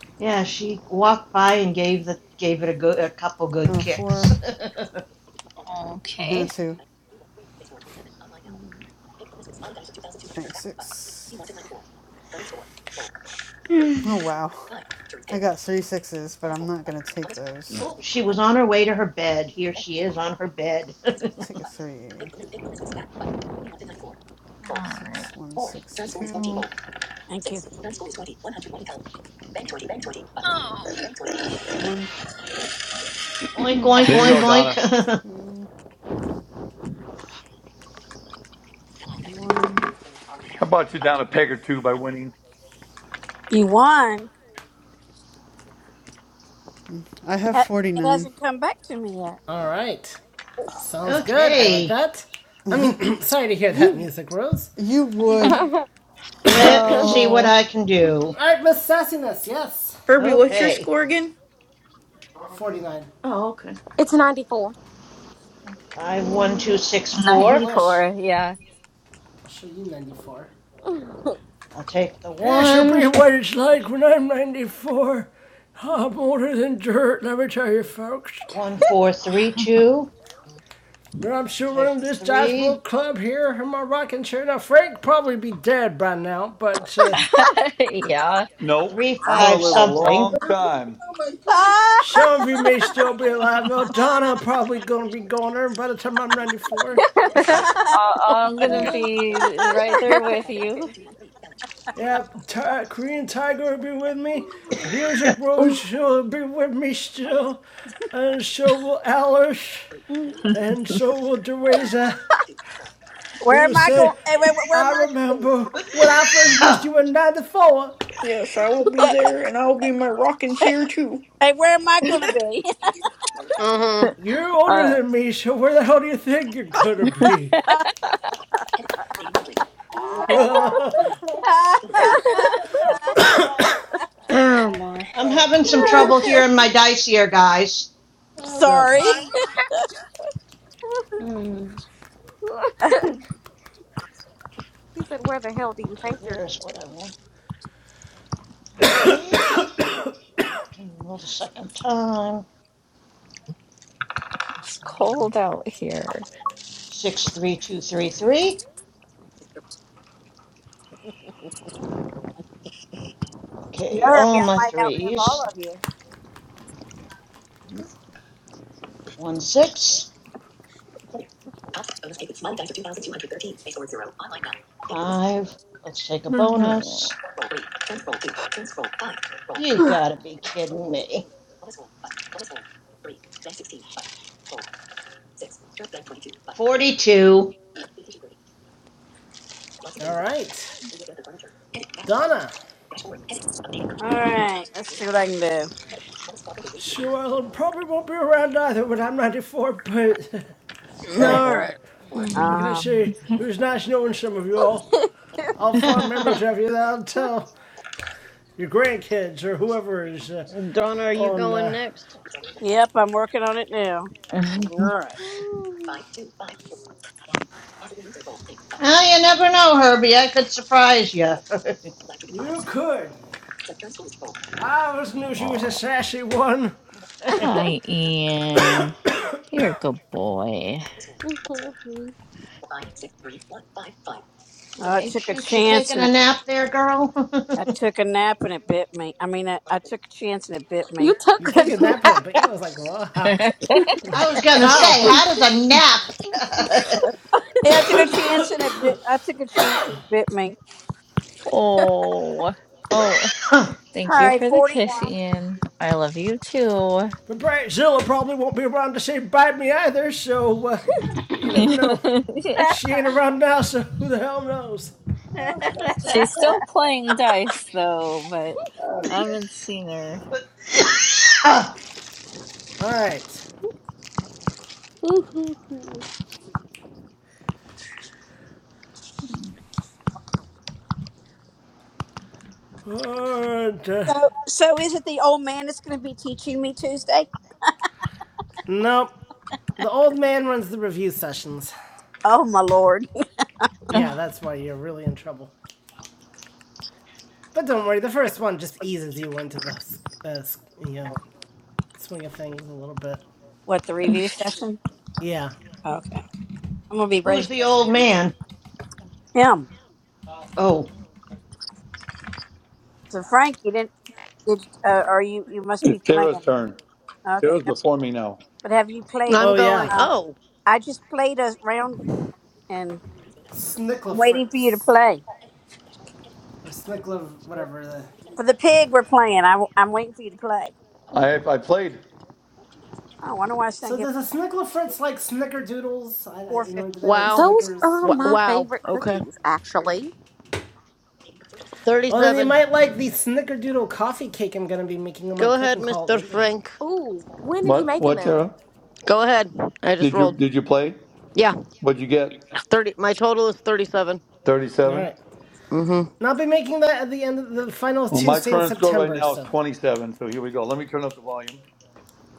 [SPEAKER 11] yeah, she walked by and gave the gave it a good a couple good
[SPEAKER 8] Uh,
[SPEAKER 11] kicks.
[SPEAKER 8] four and a
[SPEAKER 9] Okay.
[SPEAKER 8] two. Bank six. Oh wow. I got three sixes, but I'm not gonna take those.
[SPEAKER 11] oh, she was on her way to her bed. Here she is on her bed.
[SPEAKER 8] Take a three.
[SPEAKER 9] All right.
[SPEAKER 8] Six one six two
[SPEAKER 4] thank you.
[SPEAKER 8] one,
[SPEAKER 11] oink oink
[SPEAKER 8] four,
[SPEAKER 2] there you
[SPEAKER 11] oink
[SPEAKER 2] go,
[SPEAKER 9] Oh.
[SPEAKER 8] six,
[SPEAKER 2] Donna.
[SPEAKER 11] oink.
[SPEAKER 8] two, one.
[SPEAKER 2] I about you down a peg or two by winning?
[SPEAKER 4] You won.
[SPEAKER 8] I have
[SPEAKER 4] That-
[SPEAKER 8] forty
[SPEAKER 4] It
[SPEAKER 8] nine.
[SPEAKER 4] hasn't come back to me yet.
[SPEAKER 1] All right. Sounds good. I like
[SPEAKER 11] okay,
[SPEAKER 1] that. I mean, sorry to hear that
[SPEAKER 8] You
[SPEAKER 1] music, Rose.
[SPEAKER 8] you would.
[SPEAKER 11] let me see what
[SPEAKER 9] Oh,
[SPEAKER 11] I can do.
[SPEAKER 1] All right, Miss Sassiness. Yes.
[SPEAKER 12] Herbie, what's your
[SPEAKER 11] Okay,
[SPEAKER 12] score again?
[SPEAKER 1] 49.
[SPEAKER 12] Oh, okay.
[SPEAKER 10] it's 94.
[SPEAKER 11] five one two six
[SPEAKER 1] You
[SPEAKER 11] four.
[SPEAKER 1] wish.
[SPEAKER 9] 94. Yeah.
[SPEAKER 1] I'll show you 94.
[SPEAKER 11] I'll take the
[SPEAKER 1] This will
[SPEAKER 11] one.
[SPEAKER 1] be what it's like when I'm 94. I'm older than dirt, let me tell you, folks.
[SPEAKER 11] One four three two.
[SPEAKER 1] But I'm
[SPEAKER 11] I'll
[SPEAKER 1] sure we're
[SPEAKER 11] take
[SPEAKER 1] in
[SPEAKER 11] the
[SPEAKER 1] this
[SPEAKER 11] three.
[SPEAKER 1] Joshua Club here in my rocking chair. Now, Frank probably be dead by now, but uh,
[SPEAKER 9] yeah.
[SPEAKER 2] Nope.
[SPEAKER 11] Three
[SPEAKER 2] I'm
[SPEAKER 4] I
[SPEAKER 2] gonna
[SPEAKER 11] five
[SPEAKER 2] live a
[SPEAKER 4] don't.
[SPEAKER 11] something.
[SPEAKER 2] long time.
[SPEAKER 4] Oh my
[SPEAKER 1] some of you may still be
[SPEAKER 4] God.
[SPEAKER 1] alive. Now, Donna probably going to be gone there by the time I'm 94.
[SPEAKER 9] I-
[SPEAKER 13] Oh
[SPEAKER 9] I'm
[SPEAKER 13] my
[SPEAKER 9] gonna
[SPEAKER 13] god.
[SPEAKER 9] be right there with you.
[SPEAKER 1] Yep, Ti- Korean Tiger will be with me. Music Rose will be with me still. And so will Alice. And so will Teresa, who
[SPEAKER 4] where
[SPEAKER 1] will
[SPEAKER 4] am I
[SPEAKER 1] say,
[SPEAKER 4] going? Hey, wait, where
[SPEAKER 1] I
[SPEAKER 4] am I going to be?
[SPEAKER 1] remember when I first
[SPEAKER 11] Oh,
[SPEAKER 1] missed you in 94.
[SPEAKER 12] Yes, I will be
[SPEAKER 4] Hey,
[SPEAKER 12] there, and I'll be in my rocking chair too.
[SPEAKER 4] hey, where am I going to be?
[SPEAKER 13] Uh
[SPEAKER 1] You're older
[SPEAKER 9] Uh,
[SPEAKER 1] than me, so where the hell do you think you're gonna be? okay.
[SPEAKER 6] my!
[SPEAKER 11] I'm having some trouble here in my dice here, guys.
[SPEAKER 4] Sorry.
[SPEAKER 10] he said, Where the hell do you
[SPEAKER 11] Okay,
[SPEAKER 10] think you're going
[SPEAKER 11] there's
[SPEAKER 10] to
[SPEAKER 11] what
[SPEAKER 10] be?
[SPEAKER 11] I want. Okay, roll the second time.
[SPEAKER 9] it's cold out here.
[SPEAKER 11] Six, three, two, three, three. Okay,
[SPEAKER 4] nervy.
[SPEAKER 11] all
[SPEAKER 4] I
[SPEAKER 11] my
[SPEAKER 4] might outlive all
[SPEAKER 11] threes.
[SPEAKER 4] of you.
[SPEAKER 11] One, six, five. Let's take a bonus. You gotta be kidding me. 42.
[SPEAKER 1] Alright. Donna.
[SPEAKER 4] All right, let's see what I can do.
[SPEAKER 1] Sure, I probably won't be around either when I'm 94, but
[SPEAKER 13] huh.
[SPEAKER 4] uh
[SPEAKER 1] hey,
[SPEAKER 13] All right.
[SPEAKER 1] how can I
[SPEAKER 4] huh.
[SPEAKER 1] say it was nice knowing some of you all. I'll have fond memories
[SPEAKER 11] well,
[SPEAKER 1] of you that I'll tell your grandkids or whoever is uh,
[SPEAKER 13] Donna, are you
[SPEAKER 1] on.
[SPEAKER 13] going
[SPEAKER 1] Uh,
[SPEAKER 13] next?
[SPEAKER 4] Yep, I'm working on it now.
[SPEAKER 13] All right.
[SPEAKER 11] you never know, Herbie. I could surprise you.
[SPEAKER 1] you could. I always knew she was a
[SPEAKER 9] Oh,
[SPEAKER 1] sassy one.
[SPEAKER 11] hey,
[SPEAKER 9] hi, Ian. You're a good boy.
[SPEAKER 4] Oh, I took a
[SPEAKER 11] shoot, you
[SPEAKER 4] chance
[SPEAKER 11] taking
[SPEAKER 4] and
[SPEAKER 11] a
[SPEAKER 4] it,
[SPEAKER 11] nap there, girl?
[SPEAKER 4] I took a nap and it bit me. I mean, I, I took a chance and it bit
[SPEAKER 10] you
[SPEAKER 4] me.
[SPEAKER 1] You
[SPEAKER 10] took
[SPEAKER 1] took
[SPEAKER 10] a
[SPEAKER 1] a nap in it, that bit,
[SPEAKER 10] nap.
[SPEAKER 1] but you was like, wow.
[SPEAKER 11] I was gonna say,
[SPEAKER 1] Wow.
[SPEAKER 11] how does
[SPEAKER 4] Yeah, I took a chance and it bit. I took a chance and it bit me.
[SPEAKER 9] oh, oh.
[SPEAKER 11] a nap?
[SPEAKER 4] All
[SPEAKER 9] Thank you
[SPEAKER 4] right,
[SPEAKER 1] Well,
[SPEAKER 9] for the kiss,
[SPEAKER 4] forty-one.
[SPEAKER 9] Ian. I love you too.
[SPEAKER 1] But Brightzilla probably won't be around to say bye to me either, so, uh, but you never know.
[SPEAKER 9] yeah.
[SPEAKER 1] She ain't around now, so who the hell knows?
[SPEAKER 9] She's still playing dice though, but I haven't seen her.
[SPEAKER 1] Alright. Alright. Uh,
[SPEAKER 4] so, so is it the old man that's going to be teaching me Tuesday?
[SPEAKER 1] nope. The old man runs the review sessions.
[SPEAKER 4] Oh my lord!
[SPEAKER 1] Yeah,
[SPEAKER 9] Ugh,
[SPEAKER 1] that's why you're really in trouble. But don't worry, the first one just eases you into the, uh, you know, swing of things a little bit.
[SPEAKER 4] What the review session?
[SPEAKER 1] Yeah.
[SPEAKER 4] Okay, I'm gonna be ready
[SPEAKER 11] Who's the
[SPEAKER 4] for
[SPEAKER 11] old
[SPEAKER 4] this.
[SPEAKER 11] man? Oh,
[SPEAKER 4] So Frank, you didn't did uh, or you you must be
[SPEAKER 2] It's Tara's
[SPEAKER 4] playing.
[SPEAKER 2] turn.
[SPEAKER 4] Okay,
[SPEAKER 2] Tara's
[SPEAKER 4] yep.
[SPEAKER 2] before me now.
[SPEAKER 4] but have you played
[SPEAKER 1] Oh,
[SPEAKER 13] I'm
[SPEAKER 4] my?
[SPEAKER 1] yeah.
[SPEAKER 13] going.
[SPEAKER 4] Um,
[SPEAKER 13] Oh,
[SPEAKER 4] I just played a round, and and I'm
[SPEAKER 1] Snickler
[SPEAKER 4] waiting for you to
[SPEAKER 1] Fritz.
[SPEAKER 4] play
[SPEAKER 1] Or Snickler, whatever the
[SPEAKER 4] for the pig. We're playing. I, am waiting for you to play.
[SPEAKER 2] I I played.
[SPEAKER 4] Oh, I wonder why it's not
[SPEAKER 1] So
[SPEAKER 4] giving
[SPEAKER 1] does a snicklefritz like snickerdoodles? I,
[SPEAKER 4] four
[SPEAKER 1] you
[SPEAKER 4] fifty.
[SPEAKER 1] know, do they like
[SPEAKER 13] wow.
[SPEAKER 10] Those
[SPEAKER 1] Snickers?
[SPEAKER 10] are
[SPEAKER 13] W-
[SPEAKER 10] my
[SPEAKER 13] wow.
[SPEAKER 10] favorite
[SPEAKER 13] Okay.
[SPEAKER 10] cookies, actually.
[SPEAKER 1] Well, then you might like the
[SPEAKER 13] 37.
[SPEAKER 1] snickerdoodle coffee cake I'm gonna be making on my
[SPEAKER 13] Go ahead,
[SPEAKER 1] cooking call at the
[SPEAKER 13] Mr.
[SPEAKER 1] end of the month.
[SPEAKER 13] Frank.
[SPEAKER 10] Ooh, when are you
[SPEAKER 2] What
[SPEAKER 10] making
[SPEAKER 2] what
[SPEAKER 10] them?
[SPEAKER 2] Tara?
[SPEAKER 13] Go ahead. I just
[SPEAKER 2] Did you
[SPEAKER 13] rolled.
[SPEAKER 2] did you play?
[SPEAKER 13] Yeah,
[SPEAKER 2] What'd you get?
[SPEAKER 13] 30. My total is 37.
[SPEAKER 2] Thirty
[SPEAKER 1] All
[SPEAKER 2] seven.
[SPEAKER 1] right,
[SPEAKER 13] Mm hmm.
[SPEAKER 1] and I'll be making that at the end of the final
[SPEAKER 2] Well, my
[SPEAKER 1] Tuesday in
[SPEAKER 2] current score right
[SPEAKER 1] September.
[SPEAKER 2] now is
[SPEAKER 1] So,
[SPEAKER 2] 27, so here we go. Let me turn up the volume.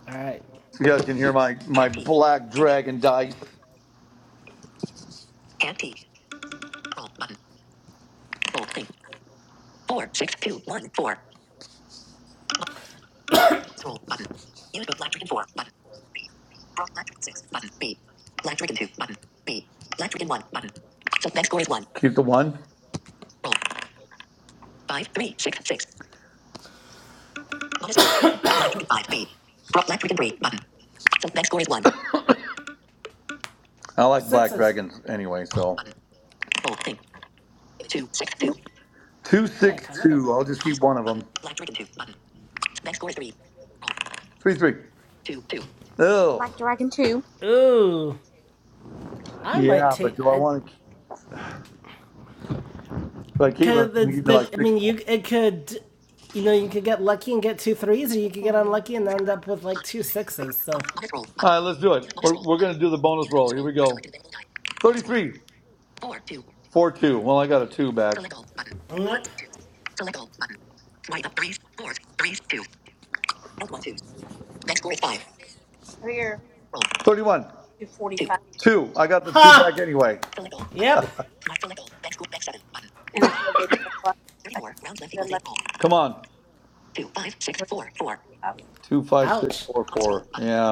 [SPEAKER 1] all right,
[SPEAKER 2] So you guys can hear my, my black dragon dice. Keep the one. I like black
[SPEAKER 1] sixes.
[SPEAKER 2] dragons anyway, so
[SPEAKER 1] Hey, I kind of got
[SPEAKER 2] 262.
[SPEAKER 1] my
[SPEAKER 2] I'll just
[SPEAKER 1] wish.
[SPEAKER 2] keep one of them. 3 3. Oh,
[SPEAKER 10] Black Dragon 2.
[SPEAKER 1] Ooh, I might
[SPEAKER 2] yeah,
[SPEAKER 1] take.
[SPEAKER 2] but do I
[SPEAKER 1] I,
[SPEAKER 2] want to? If I keep them,
[SPEAKER 1] cause
[SPEAKER 2] it's
[SPEAKER 1] the,
[SPEAKER 2] going to give me like
[SPEAKER 1] the I
[SPEAKER 2] six
[SPEAKER 1] mean, you
[SPEAKER 2] points.
[SPEAKER 1] it could, you know, you could get lucky and get two threes, or you could get
[SPEAKER 10] Um,
[SPEAKER 1] unlucky and end up with like two sixes. So,
[SPEAKER 2] All right, let's do it. We're, we're going to do the bonus roll. Here we go. 33. 4 2. Well, I got a 2 back.
[SPEAKER 1] nope.
[SPEAKER 4] I'm here
[SPEAKER 2] 31.
[SPEAKER 4] two forty five,
[SPEAKER 2] 2. I got the 2 back
[SPEAKER 1] Ha!
[SPEAKER 2] anyway.
[SPEAKER 1] Yep.
[SPEAKER 4] and if I was I should have done like
[SPEAKER 2] Come on.
[SPEAKER 4] three
[SPEAKER 2] Two five six
[SPEAKER 1] Ouch.
[SPEAKER 2] four four. Yeah.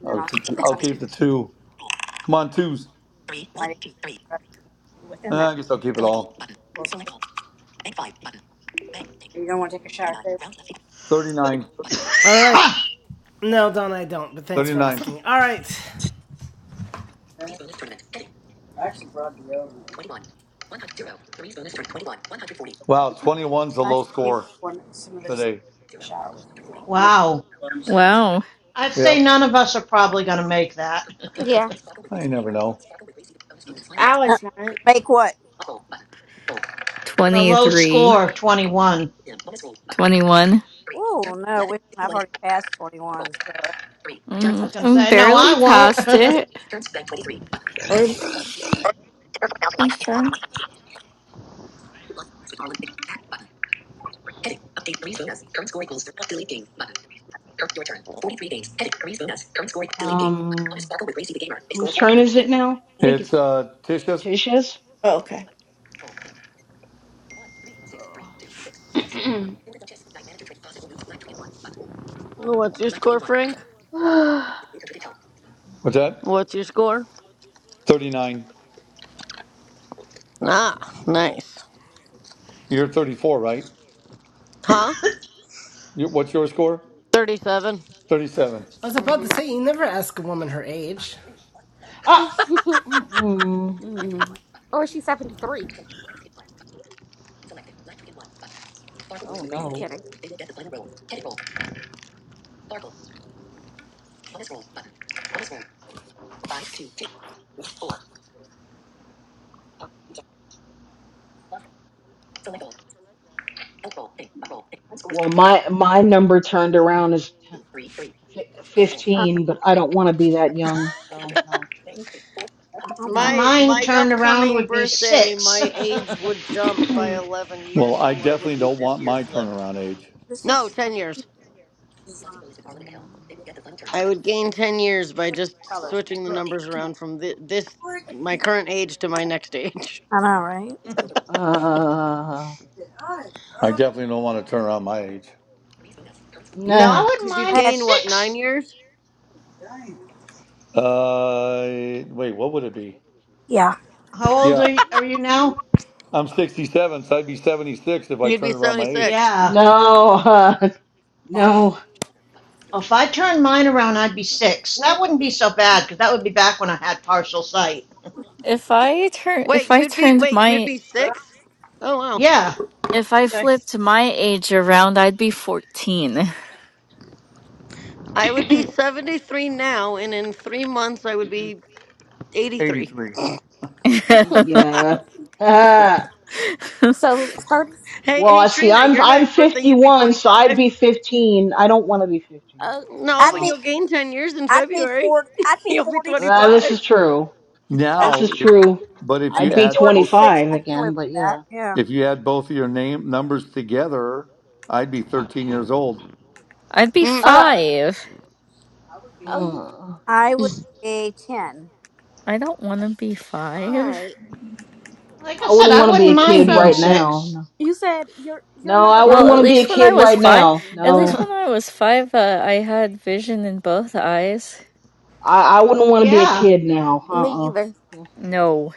[SPEAKER 4] and then
[SPEAKER 2] I'll
[SPEAKER 4] I'll
[SPEAKER 2] keep, I'll
[SPEAKER 4] I
[SPEAKER 2] keep the two. Come on, twos.
[SPEAKER 4] might rest within
[SPEAKER 2] Uh,
[SPEAKER 4] that.
[SPEAKER 2] I guess I'll keep it all.
[SPEAKER 4] We'll see. You don't want to take a shower today.
[SPEAKER 2] 39.
[SPEAKER 1] All right. No, Don, I don't, but thanks for
[SPEAKER 2] 39.
[SPEAKER 1] asking. All right.
[SPEAKER 2] Wow, twenty-one's the
[SPEAKER 4] I can
[SPEAKER 2] low
[SPEAKER 4] give you
[SPEAKER 2] score
[SPEAKER 4] one some of those
[SPEAKER 2] today.
[SPEAKER 4] shower with you. all.
[SPEAKER 11] wow.
[SPEAKER 9] wow.
[SPEAKER 11] I'd say
[SPEAKER 2] Yep.
[SPEAKER 11] none of us are probably gonna make that.
[SPEAKER 10] Yeah.
[SPEAKER 6] Alice, mate.
[SPEAKER 4] Make what?
[SPEAKER 11] The low
[SPEAKER 9] 23,
[SPEAKER 11] score of 21.
[SPEAKER 9] 21.
[SPEAKER 4] Oh no, we, I've already passed twenty one. So
[SPEAKER 11] I was
[SPEAKER 9] Mm,
[SPEAKER 11] gonna
[SPEAKER 9] I'm
[SPEAKER 11] say, no,
[SPEAKER 9] barely
[SPEAKER 11] I won't.
[SPEAKER 9] past it.
[SPEAKER 12] Or whose turn?
[SPEAKER 5] Um. Whose turn is it now? I think
[SPEAKER 2] It's
[SPEAKER 5] it's
[SPEAKER 2] uh, Tisha's.
[SPEAKER 5] Tisha's.
[SPEAKER 12] Oh, okay.
[SPEAKER 13] What's your score, Frank?
[SPEAKER 5] Ugh.
[SPEAKER 2] What's that?
[SPEAKER 13] What's your score?
[SPEAKER 2] 39.
[SPEAKER 13] Ah, nice.
[SPEAKER 2] You're 34, right?
[SPEAKER 13] Huh?
[SPEAKER 2] You what's your score?
[SPEAKER 13] 37.
[SPEAKER 2] 37.
[SPEAKER 1] I was about
[SPEAKER 13] hmm
[SPEAKER 1] to say, you never ask a woman her age.
[SPEAKER 5] ah, mm-mm.
[SPEAKER 10] or she's 73.
[SPEAKER 5] oh
[SPEAKER 10] I'm
[SPEAKER 5] no.
[SPEAKER 10] kidding.
[SPEAKER 5] Well, my my number turned around is fi-
[SPEAKER 4] uh,
[SPEAKER 5] fifteen, but I don't want to be that young, so no.
[SPEAKER 4] oh
[SPEAKER 11] Uh,
[SPEAKER 4] my,
[SPEAKER 13] My
[SPEAKER 11] Mine
[SPEAKER 13] my
[SPEAKER 11] turned around
[SPEAKER 13] upcoming
[SPEAKER 11] would be
[SPEAKER 13] birthday,
[SPEAKER 11] six.
[SPEAKER 13] my age
[SPEAKER 11] I
[SPEAKER 13] would jump by 11
[SPEAKER 2] Well,
[SPEAKER 13] years
[SPEAKER 2] I
[SPEAKER 13] from what it would
[SPEAKER 2] definitely
[SPEAKER 13] be
[SPEAKER 2] don't
[SPEAKER 13] this
[SPEAKER 2] want
[SPEAKER 13] year
[SPEAKER 2] my
[SPEAKER 13] flipped.
[SPEAKER 2] turnaround age.
[SPEAKER 4] this
[SPEAKER 13] No,
[SPEAKER 4] is
[SPEAKER 13] 10
[SPEAKER 4] what
[SPEAKER 13] years.
[SPEAKER 4] design.
[SPEAKER 5] Mm.
[SPEAKER 13] I would gain 10 years by
[SPEAKER 4] What
[SPEAKER 13] just
[SPEAKER 4] colors?
[SPEAKER 13] switching the numbers around from thi- this
[SPEAKER 4] Look,
[SPEAKER 13] my current age to my next age.
[SPEAKER 4] I know, right?
[SPEAKER 5] Uh,
[SPEAKER 2] I definitely don't want to
[SPEAKER 5] yeah.
[SPEAKER 2] turn around my age.
[SPEAKER 5] Nah,
[SPEAKER 13] Nope,
[SPEAKER 11] wouldn't
[SPEAKER 13] cuz you'd
[SPEAKER 4] I
[SPEAKER 11] mind
[SPEAKER 4] had,
[SPEAKER 13] gain what, 9
[SPEAKER 11] six.
[SPEAKER 13] years?
[SPEAKER 2] Uh, wait, what would it be?
[SPEAKER 4] yeah.
[SPEAKER 11] How old
[SPEAKER 2] Yeah,
[SPEAKER 11] are you, are you now?
[SPEAKER 2] I'm 67, so I'd be 76 if I
[SPEAKER 13] You'd be
[SPEAKER 2] turned around my age.
[SPEAKER 13] 76.
[SPEAKER 11] Yeah.
[SPEAKER 5] no, uh, no,
[SPEAKER 11] If I turned mine around, I'd be six. That wouldn't be so bad because that would be back when I had partial sight.
[SPEAKER 9] If I turn
[SPEAKER 13] Wait,
[SPEAKER 9] if I
[SPEAKER 13] you'd be
[SPEAKER 9] turned
[SPEAKER 13] wait, you'd
[SPEAKER 9] my
[SPEAKER 13] be 6? Oh wow.
[SPEAKER 11] Yeah.
[SPEAKER 9] if I
[SPEAKER 13] Nice.
[SPEAKER 9] flipped my age around, I'd be 14.
[SPEAKER 13] I would be 73 now, and in three months, I would be 83.
[SPEAKER 2] 83.
[SPEAKER 9] I'd
[SPEAKER 5] yeah. Ah.
[SPEAKER 10] So 30
[SPEAKER 13] Hey,
[SPEAKER 5] well,
[SPEAKER 13] hey,
[SPEAKER 5] I see.
[SPEAKER 13] Trina,
[SPEAKER 5] I'm
[SPEAKER 13] your
[SPEAKER 5] I'm
[SPEAKER 13] next birthday, you'd be
[SPEAKER 5] 51, so I'd be
[SPEAKER 13] 25.
[SPEAKER 5] 15. I don't want to be 15.
[SPEAKER 10] Oh,
[SPEAKER 13] No,
[SPEAKER 4] I'd
[SPEAKER 13] but
[SPEAKER 4] be,
[SPEAKER 5] No,
[SPEAKER 13] you'll gain 10 years in
[SPEAKER 4] I'd be
[SPEAKER 13] February.
[SPEAKER 4] four, I'd be
[SPEAKER 13] You'll be
[SPEAKER 4] forty-six.
[SPEAKER 5] uh, this
[SPEAKER 13] 25.
[SPEAKER 5] is true.
[SPEAKER 4] I'd
[SPEAKER 5] This
[SPEAKER 2] Now,
[SPEAKER 5] is
[SPEAKER 2] if,
[SPEAKER 5] true.
[SPEAKER 2] but if
[SPEAKER 4] I'd
[SPEAKER 2] you
[SPEAKER 5] I'd
[SPEAKER 4] be
[SPEAKER 5] be
[SPEAKER 2] add both,
[SPEAKER 4] forty-six.
[SPEAKER 5] 25
[SPEAKER 4] I can live with
[SPEAKER 5] again, but
[SPEAKER 4] that.
[SPEAKER 5] yeah.
[SPEAKER 4] Yeah.
[SPEAKER 2] if you add both of your name numbers together, I'd be 13 years old.
[SPEAKER 9] be
[SPEAKER 13] Mm,
[SPEAKER 5] Uh,
[SPEAKER 9] 5.
[SPEAKER 10] oh, you
[SPEAKER 5] mm,
[SPEAKER 4] I would be ten
[SPEAKER 9] I don't want to be 5.
[SPEAKER 10] right.
[SPEAKER 11] Like I
[SPEAKER 5] I
[SPEAKER 11] said,
[SPEAKER 5] wouldn't
[SPEAKER 11] I
[SPEAKER 5] want to be
[SPEAKER 11] wouldn't
[SPEAKER 5] a
[SPEAKER 11] mind
[SPEAKER 5] kid
[SPEAKER 11] being
[SPEAKER 5] right
[SPEAKER 10] So
[SPEAKER 5] now.
[SPEAKER 11] six.
[SPEAKER 5] No,
[SPEAKER 10] you said your your
[SPEAKER 5] No,
[SPEAKER 10] number
[SPEAKER 5] I wouldn't
[SPEAKER 9] Well, at
[SPEAKER 5] want to
[SPEAKER 10] backwards
[SPEAKER 5] be a
[SPEAKER 9] least
[SPEAKER 10] is
[SPEAKER 9] when I
[SPEAKER 5] kid
[SPEAKER 9] was
[SPEAKER 5] right
[SPEAKER 9] five,
[SPEAKER 5] now.
[SPEAKER 10] fourteen.
[SPEAKER 9] at least
[SPEAKER 5] No,
[SPEAKER 9] when
[SPEAKER 10] So
[SPEAKER 9] I was five, uh, I had vision in both eyes.
[SPEAKER 5] I, I wouldn't want to be a
[SPEAKER 11] yeah.
[SPEAKER 5] kid now.
[SPEAKER 10] me either.
[SPEAKER 5] Uh-uh.
[SPEAKER 9] No.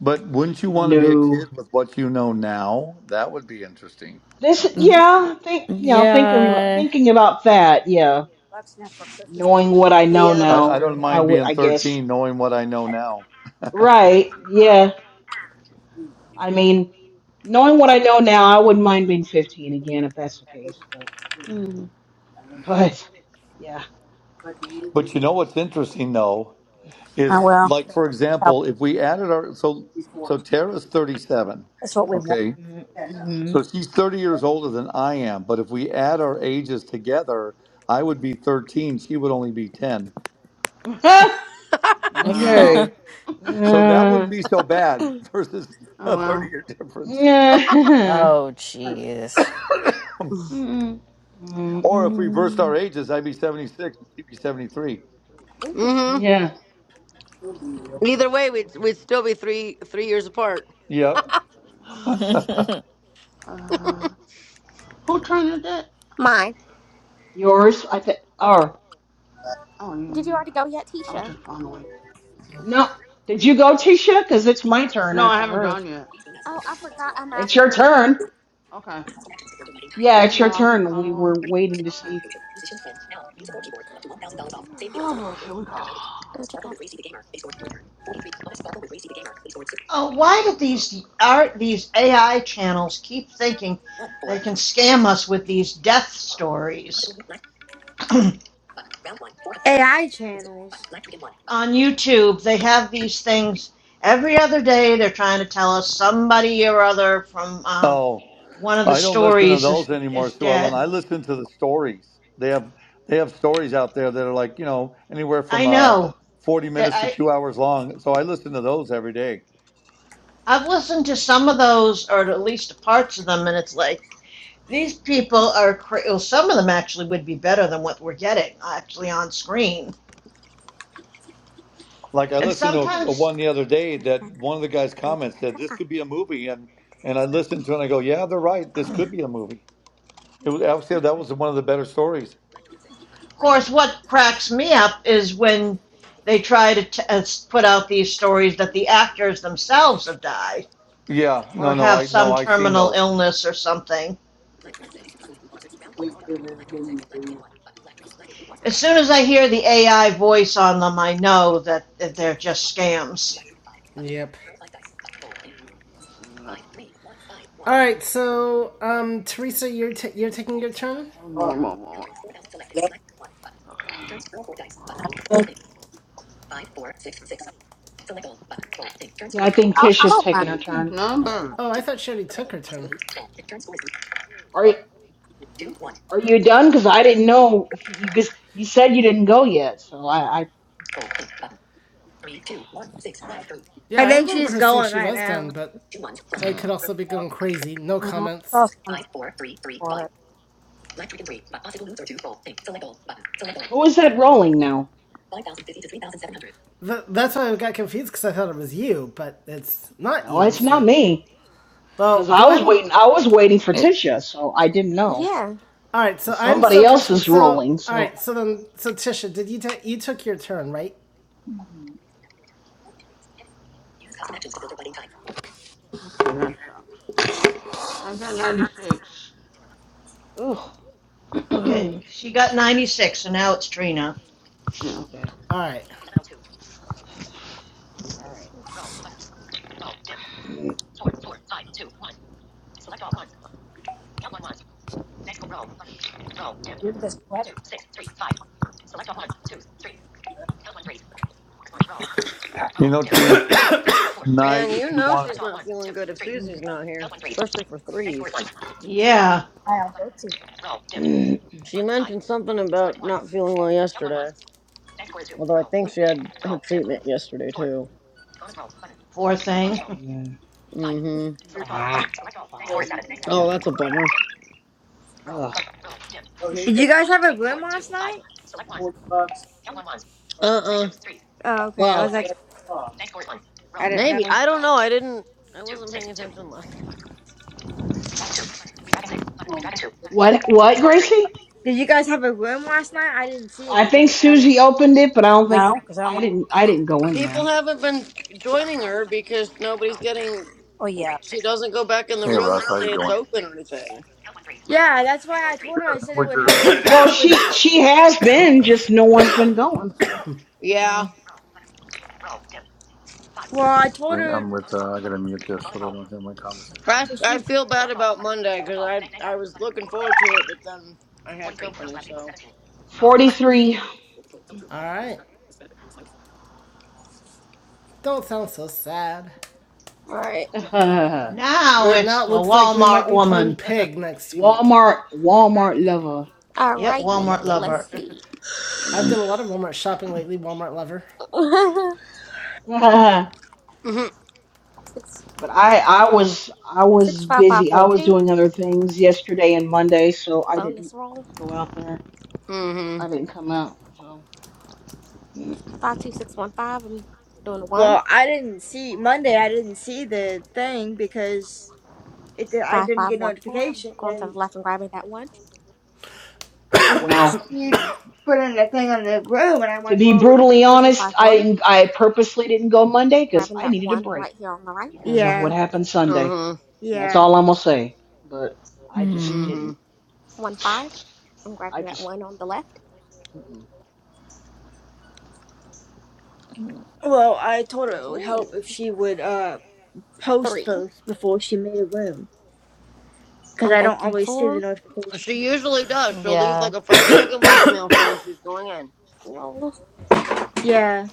[SPEAKER 2] But wouldn't you want to be a
[SPEAKER 5] No.
[SPEAKER 2] kid with what you know now? That would be interesting.
[SPEAKER 5] This,
[SPEAKER 9] Mm,
[SPEAKER 5] yeah, think, you know, thinking about,
[SPEAKER 9] Yeah.
[SPEAKER 5] thinking about that, yeah,
[SPEAKER 4] bucks now for Christmas.
[SPEAKER 5] knowing what I know
[SPEAKER 13] yeah, that's
[SPEAKER 2] I, I
[SPEAKER 5] now,
[SPEAKER 2] don't
[SPEAKER 13] true.
[SPEAKER 5] I
[SPEAKER 2] mind
[SPEAKER 5] would,
[SPEAKER 2] being
[SPEAKER 5] I guess.
[SPEAKER 2] 13, knowing what I know now.
[SPEAKER 5] Right, yeah. I mean, knowing what I know now, I wouldn't mind being 15 again if that's the case, but, but. Yeah.
[SPEAKER 2] But you know what's interesting though
[SPEAKER 4] Oh
[SPEAKER 2] is
[SPEAKER 4] well,
[SPEAKER 2] like for
[SPEAKER 4] yeah,
[SPEAKER 2] example, if we added our so so Tara's 37,
[SPEAKER 4] that's what we want.
[SPEAKER 2] okay,
[SPEAKER 5] Mm-hmm.
[SPEAKER 2] so she's 30 years older than I am. But if we add our ages together, I would be 13. She would only be 10.
[SPEAKER 3] Wow.
[SPEAKER 5] okay.
[SPEAKER 2] So that wouldn't
[SPEAKER 5] Yeah.
[SPEAKER 2] be so bad versus
[SPEAKER 3] Oh
[SPEAKER 2] a 30
[SPEAKER 3] wow.
[SPEAKER 2] year difference.
[SPEAKER 5] Yeah.
[SPEAKER 9] Oh, jeez.
[SPEAKER 2] Or if we reversed
[SPEAKER 5] Mm-mm.
[SPEAKER 2] our ages, I'd be 76 and she'd be 73.
[SPEAKER 10] Mhm.
[SPEAKER 13] Mm-hmm.
[SPEAKER 5] Yeah.
[SPEAKER 13] Either way, we'd, we'd still be three three years apart.
[SPEAKER 2] Yep.
[SPEAKER 3] Uh, who turned it?
[SPEAKER 10] Mine.
[SPEAKER 5] Yours, I think.
[SPEAKER 3] Okay.
[SPEAKER 5] Oh,
[SPEAKER 3] Oh,
[SPEAKER 10] Did you already go yet,
[SPEAKER 3] I'll
[SPEAKER 10] Tisha?
[SPEAKER 3] just follow it.
[SPEAKER 5] no. Did you go, Tisha? Because it's my turn
[SPEAKER 3] No, I
[SPEAKER 5] after
[SPEAKER 3] haven't
[SPEAKER 5] her.
[SPEAKER 3] drawn yet.
[SPEAKER 10] Oh, I forgot. I'm
[SPEAKER 5] It's your
[SPEAKER 10] after.
[SPEAKER 5] turn.
[SPEAKER 3] Okay.
[SPEAKER 10] I'm,
[SPEAKER 3] I
[SPEAKER 5] Yeah, it's
[SPEAKER 3] didn't know.
[SPEAKER 5] your
[SPEAKER 3] I'm just
[SPEAKER 5] turn. We were
[SPEAKER 3] following.
[SPEAKER 5] waiting to
[SPEAKER 3] Okay.
[SPEAKER 5] see. Oh my god.
[SPEAKER 10] mm.
[SPEAKER 3] Oh boy, here we go. Five,
[SPEAKER 10] Doja Cat.
[SPEAKER 11] Oh, why do
[SPEAKER 3] five,
[SPEAKER 11] these art these AI channels keep thinking they can scam us with these death stories? On
[SPEAKER 6] AI channels.
[SPEAKER 11] YouTube, they have these things every other day. They're trying to tell us somebody or other from um,
[SPEAKER 2] Oh,
[SPEAKER 11] one of the
[SPEAKER 2] I don't listen to
[SPEAKER 11] stories is
[SPEAKER 2] those anymore,
[SPEAKER 11] is
[SPEAKER 2] Sue Ellen.
[SPEAKER 11] dead.
[SPEAKER 2] I listen to the stories. They have they have stories out there that are like you know anywhere
[SPEAKER 11] I
[SPEAKER 2] from uh
[SPEAKER 11] know
[SPEAKER 2] 40
[SPEAKER 11] that
[SPEAKER 2] minutes to
[SPEAKER 11] I
[SPEAKER 2] two hours long. So I listen to those every day.
[SPEAKER 11] I've listened to some of those, or at least parts of them, and it's like these people are. Cra- well, some of them actually would be better than what we're getting actually on screen.
[SPEAKER 2] Like I
[SPEAKER 11] And
[SPEAKER 2] listened to
[SPEAKER 10] Mhm.
[SPEAKER 2] a,
[SPEAKER 11] sometimes,
[SPEAKER 2] one the other day
[SPEAKER 10] Doja
[SPEAKER 2] that
[SPEAKER 10] Cat.
[SPEAKER 2] one of the guys'
[SPEAKER 10] Doja
[SPEAKER 2] comments said
[SPEAKER 10] Cat.
[SPEAKER 2] this
[SPEAKER 10] Ah,
[SPEAKER 2] could be a movie, and
[SPEAKER 10] Doja Cat. Ah, Doja Cat.
[SPEAKER 2] and I listened to it and I go, yeah, they're right. This could
[SPEAKER 10] Ah,
[SPEAKER 2] be a movie. It
[SPEAKER 10] Doja
[SPEAKER 2] was, I
[SPEAKER 10] Cat.
[SPEAKER 2] would say
[SPEAKER 10] Ah.
[SPEAKER 2] that was one of the better stories.
[SPEAKER 11] of course, what cracks me up is when they try to t- uh, put out these stories that the actors themselves have died
[SPEAKER 2] Yeah,
[SPEAKER 11] or
[SPEAKER 2] no, no,
[SPEAKER 11] have
[SPEAKER 2] I no,
[SPEAKER 11] some
[SPEAKER 2] I seen
[SPEAKER 11] terminal illness or something. As soon as I hear the AI voice on them, I know that, that they're just scams.
[SPEAKER 1] Yep.
[SPEAKER 3] three, three, eleven,
[SPEAKER 1] All right,
[SPEAKER 3] nineteen,
[SPEAKER 1] so, um, Teresa, you're, ta you're taking your
[SPEAKER 3] eight.
[SPEAKER 1] turn?
[SPEAKER 3] One more, more, more.
[SPEAKER 4] Yeah.
[SPEAKER 3] Okay. Bro,
[SPEAKER 4] I,
[SPEAKER 5] Yeah, I think
[SPEAKER 4] I
[SPEAKER 5] Tisha's
[SPEAKER 3] I
[SPEAKER 4] don't mind.
[SPEAKER 5] taking her
[SPEAKER 3] hate these
[SPEAKER 5] turn.
[SPEAKER 3] numbers.
[SPEAKER 1] Oh, I thought she already took her turn.
[SPEAKER 5] Are you, are you done? Because I didn't know if you because you said you didn't go yet. So I, I
[SPEAKER 6] I
[SPEAKER 1] Yeah, I
[SPEAKER 6] think
[SPEAKER 1] remember
[SPEAKER 6] she's
[SPEAKER 1] her saying
[SPEAKER 6] going
[SPEAKER 1] she
[SPEAKER 6] right
[SPEAKER 1] was done,
[SPEAKER 6] now.
[SPEAKER 1] but I could also be going crazy. No
[SPEAKER 4] Uh, I
[SPEAKER 1] comments.
[SPEAKER 4] saw something for it.
[SPEAKER 5] who is that rolling now?
[SPEAKER 1] Th- that's why I got confused because I thought it was you, but it's not
[SPEAKER 5] No,
[SPEAKER 1] you,
[SPEAKER 5] it's not
[SPEAKER 1] so.
[SPEAKER 5] me.
[SPEAKER 1] Well,
[SPEAKER 5] Because I
[SPEAKER 1] go ahead
[SPEAKER 5] was
[SPEAKER 1] and
[SPEAKER 5] waiting, I was waiting for Tisha, so I didn't know.
[SPEAKER 10] Yeah.
[SPEAKER 1] All right,
[SPEAKER 5] And
[SPEAKER 1] so I'm
[SPEAKER 5] somebody
[SPEAKER 1] so
[SPEAKER 5] else
[SPEAKER 1] confused.
[SPEAKER 5] is
[SPEAKER 1] So,
[SPEAKER 5] rolling,
[SPEAKER 1] all
[SPEAKER 5] so
[SPEAKER 1] right, so then, so Tisha, did you take you took your turn, right?
[SPEAKER 10] Oh, gosh.
[SPEAKER 3] Okay, that sucks. I got 96.
[SPEAKER 5] ugh.
[SPEAKER 3] yeah.
[SPEAKER 11] Okay,
[SPEAKER 9] Oh.
[SPEAKER 11] she got 96, and now it's Trina.
[SPEAKER 5] Okay,
[SPEAKER 1] All right,
[SPEAKER 5] all right. Mm.
[SPEAKER 4] Look at this sweater
[SPEAKER 2] that. You know, Trina,
[SPEAKER 13] Man,
[SPEAKER 2] tonight, if
[SPEAKER 13] you
[SPEAKER 2] you
[SPEAKER 13] know
[SPEAKER 2] want
[SPEAKER 13] she's
[SPEAKER 2] to.
[SPEAKER 13] not feeling good if
[SPEAKER 3] Mm.
[SPEAKER 13] Susie's not here, especially for threes.
[SPEAKER 11] Yeah,
[SPEAKER 4] by Alberti.
[SPEAKER 5] Mm.
[SPEAKER 13] She mentioned something about not feeling well yesterday, although I think she had her treatment yesterday, too.
[SPEAKER 11] poor thing.
[SPEAKER 13] Mm-hmm.
[SPEAKER 5] Ah, five.
[SPEAKER 13] Oh,
[SPEAKER 5] Yeah.
[SPEAKER 13] that's a bummer.
[SPEAKER 5] Ugh.
[SPEAKER 6] Did you guys have a room last night?
[SPEAKER 13] Uh-uh.
[SPEAKER 6] Oh, okay. I was
[SPEAKER 13] Well,
[SPEAKER 6] like, I didn't
[SPEAKER 13] maybe
[SPEAKER 6] know.
[SPEAKER 13] I don't know. I didn't. I wasn't paying attention last.
[SPEAKER 5] What? What, Gracie?
[SPEAKER 6] Did you guys have a room last night? I didn't see
[SPEAKER 5] I
[SPEAKER 6] anything.
[SPEAKER 5] think
[SPEAKER 6] so I didn't.
[SPEAKER 5] Susie opened it, but I don't think
[SPEAKER 4] No, because I don't.
[SPEAKER 5] I
[SPEAKER 4] like
[SPEAKER 5] didn't. I didn't go in
[SPEAKER 13] People
[SPEAKER 5] there.
[SPEAKER 13] haven't been joining her because nobody's getting.
[SPEAKER 4] Oh yeah,
[SPEAKER 13] She doesn't go back in the
[SPEAKER 2] Hey,
[SPEAKER 13] room
[SPEAKER 2] Russ,
[SPEAKER 13] and
[SPEAKER 2] how you
[SPEAKER 13] say it's
[SPEAKER 2] doing?
[SPEAKER 13] open or anything.
[SPEAKER 6] Yeah, that's why I told
[SPEAKER 2] Good.
[SPEAKER 6] her. I
[SPEAKER 2] How
[SPEAKER 6] said it
[SPEAKER 2] was
[SPEAKER 6] would
[SPEAKER 2] your?
[SPEAKER 6] help
[SPEAKER 2] uh,
[SPEAKER 6] if
[SPEAKER 5] Well,
[SPEAKER 6] you would.
[SPEAKER 5] she she has been, just no one's been
[SPEAKER 2] uh,
[SPEAKER 5] going.
[SPEAKER 2] okay,
[SPEAKER 13] Yeah,
[SPEAKER 5] So
[SPEAKER 6] Well, I told her
[SPEAKER 2] I'm with. Uh, I gotta mute this so they don't hear my conversation.
[SPEAKER 13] I
[SPEAKER 6] because
[SPEAKER 13] I
[SPEAKER 6] she.
[SPEAKER 13] feel bad about Monday because I I was looking forward to it, but then I had company, so.
[SPEAKER 5] forty three.
[SPEAKER 1] all right. Don't sound so sad.
[SPEAKER 10] All right.
[SPEAKER 11] Now
[SPEAKER 13] Uh,
[SPEAKER 1] Right
[SPEAKER 11] it's
[SPEAKER 1] now, it
[SPEAKER 11] the
[SPEAKER 1] looks like we might
[SPEAKER 11] Walmart
[SPEAKER 1] be playing
[SPEAKER 11] woman.
[SPEAKER 1] Pig next week.
[SPEAKER 5] Walmart Walmart lover.
[SPEAKER 10] All
[SPEAKER 11] Yep,
[SPEAKER 10] righty.
[SPEAKER 11] Walmart
[SPEAKER 1] Walmart Lover,
[SPEAKER 10] Let's
[SPEAKER 11] lover.
[SPEAKER 1] yep.
[SPEAKER 10] see.
[SPEAKER 1] I've done
[SPEAKER 5] Mm.
[SPEAKER 1] a lot of Walmart shopping lately. Walmart Lover.
[SPEAKER 5] but I
[SPEAKER 13] mhm,
[SPEAKER 10] six
[SPEAKER 5] I was I was
[SPEAKER 10] six five five
[SPEAKER 5] busy. I
[SPEAKER 10] four
[SPEAKER 5] was
[SPEAKER 10] two.
[SPEAKER 5] doing other things yesterday and Monday, so I didn't
[SPEAKER 10] Bonus roll.
[SPEAKER 5] go out there.
[SPEAKER 13] mhm,
[SPEAKER 5] I didn't come out. So Mm.
[SPEAKER 10] Five two six one five. I'm doing one.
[SPEAKER 6] Well, I didn't see Monday. I didn't see the thing because it. did- I
[SPEAKER 10] Five
[SPEAKER 6] didn't
[SPEAKER 10] five
[SPEAKER 6] get
[SPEAKER 10] one four. I'm
[SPEAKER 6] notification,
[SPEAKER 10] going to the
[SPEAKER 6] and
[SPEAKER 10] left and grabbing that one.
[SPEAKER 6] and then
[SPEAKER 5] well,
[SPEAKER 6] she put in a thing on the room, and I'm
[SPEAKER 5] to
[SPEAKER 6] like,
[SPEAKER 5] be
[SPEAKER 6] well, it would. Help.
[SPEAKER 5] brutally
[SPEAKER 10] Two
[SPEAKER 5] honest,
[SPEAKER 10] five one.
[SPEAKER 5] I I purposely didn't go Monday because
[SPEAKER 10] Grabbing
[SPEAKER 5] I
[SPEAKER 10] that
[SPEAKER 5] needed a
[SPEAKER 10] one
[SPEAKER 5] break
[SPEAKER 10] right here on the right.
[SPEAKER 5] because of what
[SPEAKER 6] Yeah,
[SPEAKER 5] happened Sunday.
[SPEAKER 13] mhm,
[SPEAKER 5] That's
[SPEAKER 6] yeah.
[SPEAKER 5] all I'm gonna say. But I just
[SPEAKER 9] Hmm.
[SPEAKER 5] didn't.
[SPEAKER 13] mhm.
[SPEAKER 10] One five. I'm
[SPEAKER 5] I
[SPEAKER 10] grabbing that
[SPEAKER 5] just
[SPEAKER 10] one on the left.
[SPEAKER 5] mm-mm.
[SPEAKER 6] Well, I told her it would
[SPEAKER 10] Ooh.
[SPEAKER 6] help if she would. Uh, post
[SPEAKER 10] Three.
[SPEAKER 6] first before she made a room because
[SPEAKER 10] I'm
[SPEAKER 6] I don't
[SPEAKER 10] banking
[SPEAKER 6] always see the
[SPEAKER 10] four.
[SPEAKER 6] notifications.
[SPEAKER 13] She usually does. She'll leave
[SPEAKER 9] Yeah.
[SPEAKER 13] like a five second voicemail saying she's going in,
[SPEAKER 10] Roll.
[SPEAKER 6] Yeah,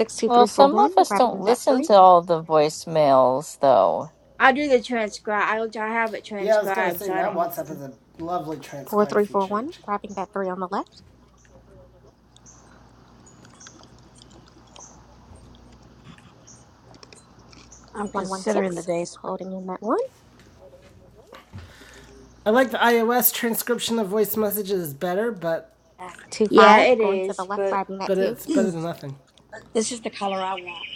[SPEAKER 10] Six two
[SPEAKER 9] Well,
[SPEAKER 10] three four
[SPEAKER 9] some of
[SPEAKER 10] one.
[SPEAKER 9] us don't
[SPEAKER 10] Grabbing that
[SPEAKER 9] listen
[SPEAKER 10] three.
[SPEAKER 9] to all the voicemails, though.
[SPEAKER 6] I do the transcribe. I I have it
[SPEAKER 1] Yeah, I was gonna
[SPEAKER 6] transcribed,
[SPEAKER 1] say
[SPEAKER 6] so I
[SPEAKER 1] now
[SPEAKER 6] don't have
[SPEAKER 1] WhatsApp
[SPEAKER 6] to.
[SPEAKER 1] is a lovely
[SPEAKER 10] Four
[SPEAKER 1] transcribe
[SPEAKER 10] three four
[SPEAKER 1] feature,
[SPEAKER 10] one.
[SPEAKER 1] which
[SPEAKER 10] Grabbing that three on the left.
[SPEAKER 4] I'm
[SPEAKER 10] One one
[SPEAKER 4] considering the
[SPEAKER 10] six.
[SPEAKER 4] day special.
[SPEAKER 10] Holding in that one.
[SPEAKER 1] I like the iOS transcription of voice messages is better, but
[SPEAKER 10] Two
[SPEAKER 6] Yeah,
[SPEAKER 10] five.
[SPEAKER 6] it
[SPEAKER 10] Going to the
[SPEAKER 6] is,
[SPEAKER 10] left,
[SPEAKER 6] but
[SPEAKER 10] grabbing that
[SPEAKER 1] but
[SPEAKER 10] two.
[SPEAKER 1] it's better than nothing.
[SPEAKER 4] This is the color I want.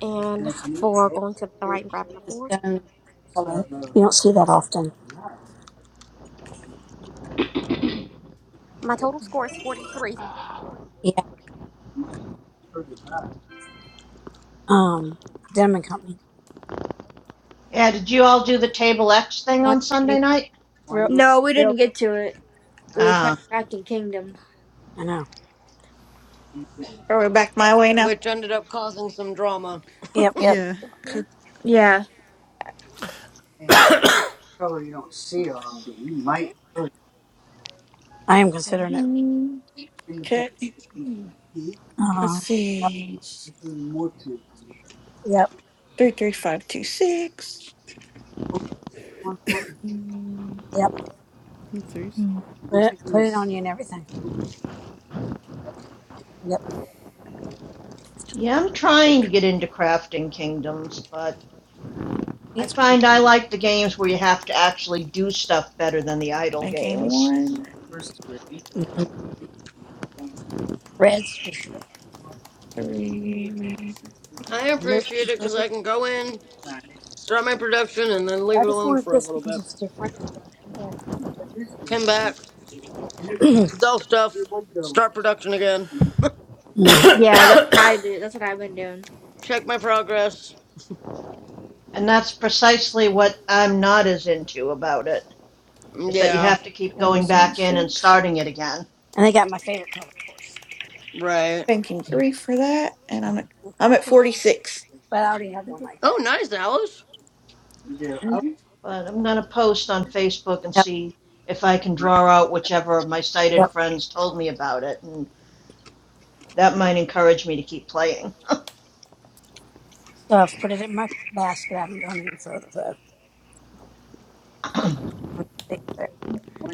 [SPEAKER 10] And four going to the right and grabbing the
[SPEAKER 4] The
[SPEAKER 10] four.
[SPEAKER 4] stone color. You don't see that often.
[SPEAKER 10] My total score is forty three.
[SPEAKER 4] Yeah. um Denman Company.
[SPEAKER 11] Yeah, did you all do the Table X thing
[SPEAKER 4] One
[SPEAKER 11] on Sunday
[SPEAKER 4] ninety
[SPEAKER 11] night?
[SPEAKER 4] nine. Real,
[SPEAKER 6] no, we didn't
[SPEAKER 4] real.
[SPEAKER 6] get to it. We were
[SPEAKER 11] Ah, uh,
[SPEAKER 6] playing Crafting Kingdom.
[SPEAKER 4] I know.
[SPEAKER 12] Are we back my way now?
[SPEAKER 13] which ended up causing some drama.
[SPEAKER 4] Yep,
[SPEAKER 9] Yep.
[SPEAKER 8] Yeah.
[SPEAKER 12] Okay.
[SPEAKER 6] Yeah,
[SPEAKER 4] I am considering it.
[SPEAKER 12] Let's
[SPEAKER 4] Uh, yep,
[SPEAKER 12] see.
[SPEAKER 4] yep,
[SPEAKER 12] Three, three, five, two, six. Mm,
[SPEAKER 4] yep.
[SPEAKER 8] Threes.
[SPEAKER 9] Mm.
[SPEAKER 4] Put it, put it on you and everything. Yep.
[SPEAKER 11] yeah, I'm trying to
[SPEAKER 12] Like
[SPEAKER 11] get into Crafting Kingdoms, but I
[SPEAKER 4] It's
[SPEAKER 11] find I like the games where you have to actually do stuff better than the idle
[SPEAKER 12] banking
[SPEAKER 11] games.
[SPEAKER 12] one,
[SPEAKER 4] red. streak.
[SPEAKER 12] three,
[SPEAKER 13] I appreciate it because I can go in. start my production and then leave
[SPEAKER 4] I
[SPEAKER 13] it
[SPEAKER 4] just
[SPEAKER 13] alone
[SPEAKER 4] wanted
[SPEAKER 13] for a
[SPEAKER 4] this
[SPEAKER 13] little
[SPEAKER 4] because
[SPEAKER 13] bit.
[SPEAKER 4] it's different. and
[SPEAKER 12] four,
[SPEAKER 13] Come back, sell stuff, start production again,
[SPEAKER 4] Mm.
[SPEAKER 6] yeah, that's what I do. That's what I've been doing.
[SPEAKER 13] check my progress.
[SPEAKER 11] And that's precisely what I'm not as into about it, is that you
[SPEAKER 13] Yeah,
[SPEAKER 11] have to keep
[SPEAKER 12] I'm
[SPEAKER 11] going
[SPEAKER 12] missing
[SPEAKER 11] back in and
[SPEAKER 12] six.
[SPEAKER 11] starting it again.
[SPEAKER 4] and they got my favorite color, of
[SPEAKER 13] right.
[SPEAKER 12] Banking three for that, and I'm at I'm
[SPEAKER 4] course.
[SPEAKER 12] at forty-six.
[SPEAKER 4] But I already have one like
[SPEAKER 13] Oh,
[SPEAKER 4] that.
[SPEAKER 13] nice, Alice.
[SPEAKER 12] mm Mm-hmm.
[SPEAKER 11] But I'm going to post on Facebook and
[SPEAKER 4] Yep,
[SPEAKER 11] see if I can draw out whichever of my sighted
[SPEAKER 4] yep.
[SPEAKER 11] friends told me about it. And that might encourage me to keep playing.
[SPEAKER 4] So I've put it in my basket. I haven't gone any further though.
[SPEAKER 11] Because
[SPEAKER 4] It's there.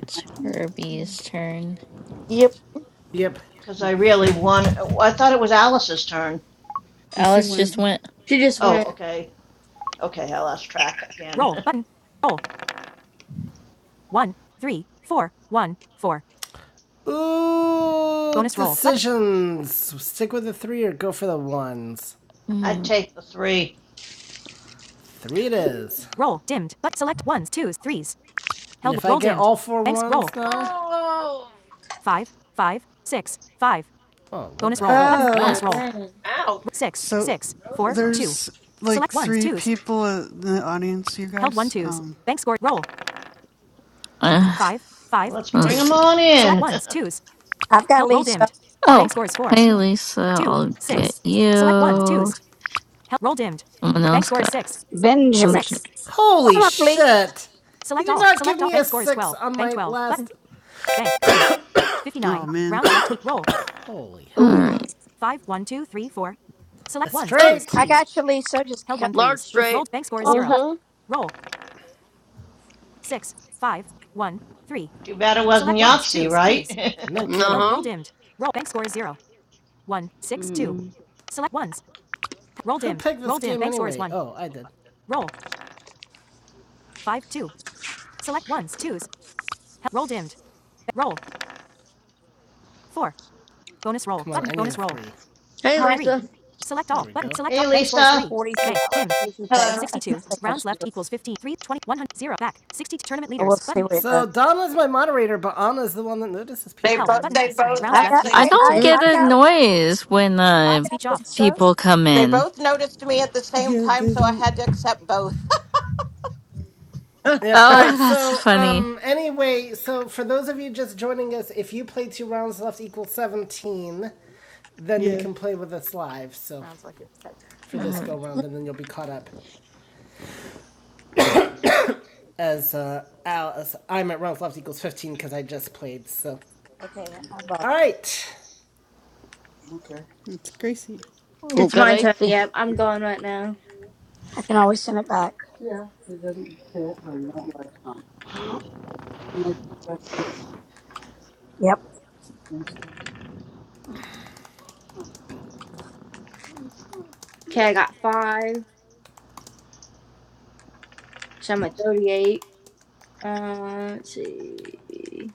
[SPEAKER 9] It's Herbie's turn.
[SPEAKER 12] Yep.
[SPEAKER 1] Yep.
[SPEAKER 8] Oh,
[SPEAKER 11] I really
[SPEAKER 8] Hit me.
[SPEAKER 11] want. I thought it was Alice's turn.
[SPEAKER 8] And she
[SPEAKER 9] Alice just
[SPEAKER 8] went.
[SPEAKER 9] went.
[SPEAKER 6] She just
[SPEAKER 11] Oh,
[SPEAKER 6] went.
[SPEAKER 11] okay. Okay, I lost track again.
[SPEAKER 1] Roll button. Roll. One, three, four, one, four. Ooh, Bonus roll. decisions. Stick with the three or go for the ones.
[SPEAKER 11] I'd
[SPEAKER 9] Mm.
[SPEAKER 11] take the three.
[SPEAKER 1] Three it is. Roll dimmed, but select ones, twos, threes. Help if roll I get dimmed. all four Thanks, ones roll. now.
[SPEAKER 9] Oh.
[SPEAKER 1] Five, five, six, five. Oh, Bonus roll hell button. is that?
[SPEAKER 6] Oh,
[SPEAKER 1] Bonus roll.
[SPEAKER 6] dang.
[SPEAKER 13] Ouch.
[SPEAKER 1] Six,
[SPEAKER 8] So
[SPEAKER 1] six,
[SPEAKER 13] Those are
[SPEAKER 1] four,
[SPEAKER 13] not
[SPEAKER 1] two.
[SPEAKER 13] fun.
[SPEAKER 8] there's like
[SPEAKER 1] Select ones,
[SPEAKER 8] three
[SPEAKER 1] twos.
[SPEAKER 8] people in the audience, you
[SPEAKER 1] Held one
[SPEAKER 8] guys.
[SPEAKER 1] twos.
[SPEAKER 8] Um
[SPEAKER 1] Bank score roll.
[SPEAKER 9] Uh,
[SPEAKER 1] Five,
[SPEAKER 11] Well,
[SPEAKER 1] five,
[SPEAKER 11] let's
[SPEAKER 9] let's
[SPEAKER 11] bring
[SPEAKER 1] two.
[SPEAKER 11] 'em
[SPEAKER 9] see.
[SPEAKER 11] on
[SPEAKER 1] Select
[SPEAKER 11] in.
[SPEAKER 1] ones, twos.
[SPEAKER 4] I've got
[SPEAKER 1] Held roll
[SPEAKER 4] Lisa
[SPEAKER 1] dimmed. Bank
[SPEAKER 9] Oh,
[SPEAKER 1] score is four,
[SPEAKER 9] hey Lisa,
[SPEAKER 1] two,
[SPEAKER 9] I'll
[SPEAKER 1] six.
[SPEAKER 9] get
[SPEAKER 1] Select ones,
[SPEAKER 9] you.
[SPEAKER 1] twos. Held roll dimmed.
[SPEAKER 9] Someone
[SPEAKER 1] Bank
[SPEAKER 9] else
[SPEAKER 1] score is
[SPEAKER 9] got.
[SPEAKER 1] six,
[SPEAKER 4] Benjamin.
[SPEAKER 9] Okay.
[SPEAKER 1] Six. Holy
[SPEAKER 4] Come up, Lisa.
[SPEAKER 1] shit! Select all. Select give all. me Bank a scores six 12. Bank 12. last- Button. Bank.
[SPEAKER 8] oh
[SPEAKER 1] 59.
[SPEAKER 8] man.
[SPEAKER 1] Round eight. Roll. Holy hell.
[SPEAKER 13] Ooh.
[SPEAKER 9] Alright.
[SPEAKER 1] Five. Five, one, two, three, four. Select That's ones, straight.
[SPEAKER 13] Oh,
[SPEAKER 1] twos,
[SPEAKER 4] I
[SPEAKER 1] threes.
[SPEAKER 4] got you, Lisa. Just
[SPEAKER 1] Held
[SPEAKER 4] come
[SPEAKER 1] one
[SPEAKER 13] large
[SPEAKER 1] threes. That's-
[SPEAKER 13] straight.
[SPEAKER 1] Rolled bank score is
[SPEAKER 4] on up.
[SPEAKER 1] zero.
[SPEAKER 10] Mm-hmm.
[SPEAKER 1] Roll. Six. Five. One. Three.
[SPEAKER 11] Too bad it wasn't
[SPEAKER 1] Select ones,
[SPEAKER 11] Yahtzee,
[SPEAKER 1] twos,
[SPEAKER 11] right?
[SPEAKER 1] threes. No
[SPEAKER 13] Uh
[SPEAKER 1] kidding. Held
[SPEAKER 13] huh.
[SPEAKER 1] roll dimmed. Roll bank score is zero. One, One. Six. Two.
[SPEAKER 3] Mm.
[SPEAKER 1] Select ones. Roll Who dimmed. picked Roll dimmed. Bank anyway. score is anyway? one. Oh, I did. Roll. Five, two. Select ones, twos. Held, roll dimmed. Roll. Four. Bonus roll. Come on, button. Bonus roll. three.
[SPEAKER 13] Hey,
[SPEAKER 14] Hi.
[SPEAKER 1] Three.
[SPEAKER 13] Lisa.
[SPEAKER 1] Select all. Button. go. Select all.
[SPEAKER 11] hey,
[SPEAKER 1] Bank score is
[SPEAKER 11] Lisa.
[SPEAKER 1] three.
[SPEAKER 4] Forty-three
[SPEAKER 1] Bank.
[SPEAKER 4] dollars
[SPEAKER 1] Dim.
[SPEAKER 4] easy pay.
[SPEAKER 14] Hello.
[SPEAKER 4] I still
[SPEAKER 1] 62.
[SPEAKER 4] think I
[SPEAKER 1] Rounds
[SPEAKER 4] should do
[SPEAKER 1] left
[SPEAKER 4] it,
[SPEAKER 1] equals 15. twenty-one hundred zero. Back. 60. Tournament
[SPEAKER 4] but we'll
[SPEAKER 1] leaders.
[SPEAKER 4] see
[SPEAKER 1] Button.
[SPEAKER 4] what it
[SPEAKER 1] So
[SPEAKER 4] does.
[SPEAKER 1] Donna's my moderator, but Anna's the one that notices people.
[SPEAKER 14] They
[SPEAKER 1] Help.
[SPEAKER 14] both
[SPEAKER 1] Button.
[SPEAKER 14] they both
[SPEAKER 1] Rounds is,
[SPEAKER 4] I
[SPEAKER 1] left
[SPEAKER 4] got,
[SPEAKER 1] so.
[SPEAKER 14] actually
[SPEAKER 9] I
[SPEAKER 1] equals
[SPEAKER 4] I, I,
[SPEAKER 9] don't
[SPEAKER 1] 15.
[SPEAKER 13] Mm.
[SPEAKER 9] get
[SPEAKER 4] I
[SPEAKER 9] a
[SPEAKER 4] got,
[SPEAKER 9] noise when
[SPEAKER 4] I
[SPEAKER 9] uh,
[SPEAKER 4] got
[SPEAKER 1] Speech off.
[SPEAKER 4] Lisa.
[SPEAKER 9] people come
[SPEAKER 14] they
[SPEAKER 9] in.
[SPEAKER 14] both noticed me at the same
[SPEAKER 8] Yeah,
[SPEAKER 14] time,
[SPEAKER 8] they
[SPEAKER 14] so I
[SPEAKER 8] don't
[SPEAKER 14] had to accept both.
[SPEAKER 1] Yep. All
[SPEAKER 9] Oh,
[SPEAKER 1] right.
[SPEAKER 9] that's
[SPEAKER 1] So,
[SPEAKER 9] funny.
[SPEAKER 1] um, anyway, so for those of you just joining us, if you play two rounds left equals 17, then you
[SPEAKER 8] yeah.
[SPEAKER 1] can play with us live. So,
[SPEAKER 14] Sounds like it's okay.
[SPEAKER 1] for this
[SPEAKER 14] Okay.
[SPEAKER 9] Alright.
[SPEAKER 1] go round, and then you'll be caught up. as uh, Al, I'm at rounds left equals 15 because I just played. So,
[SPEAKER 4] Okay, I bought.
[SPEAKER 1] all right.
[SPEAKER 8] It's crazy.
[SPEAKER 6] It's my turn.
[SPEAKER 13] Gracie.
[SPEAKER 6] Yep, I'm going right now.
[SPEAKER 4] I can always send it back. Yep.
[SPEAKER 6] Okay, I got five, so I'm at thirty-eight. Uh, let's see. Okay,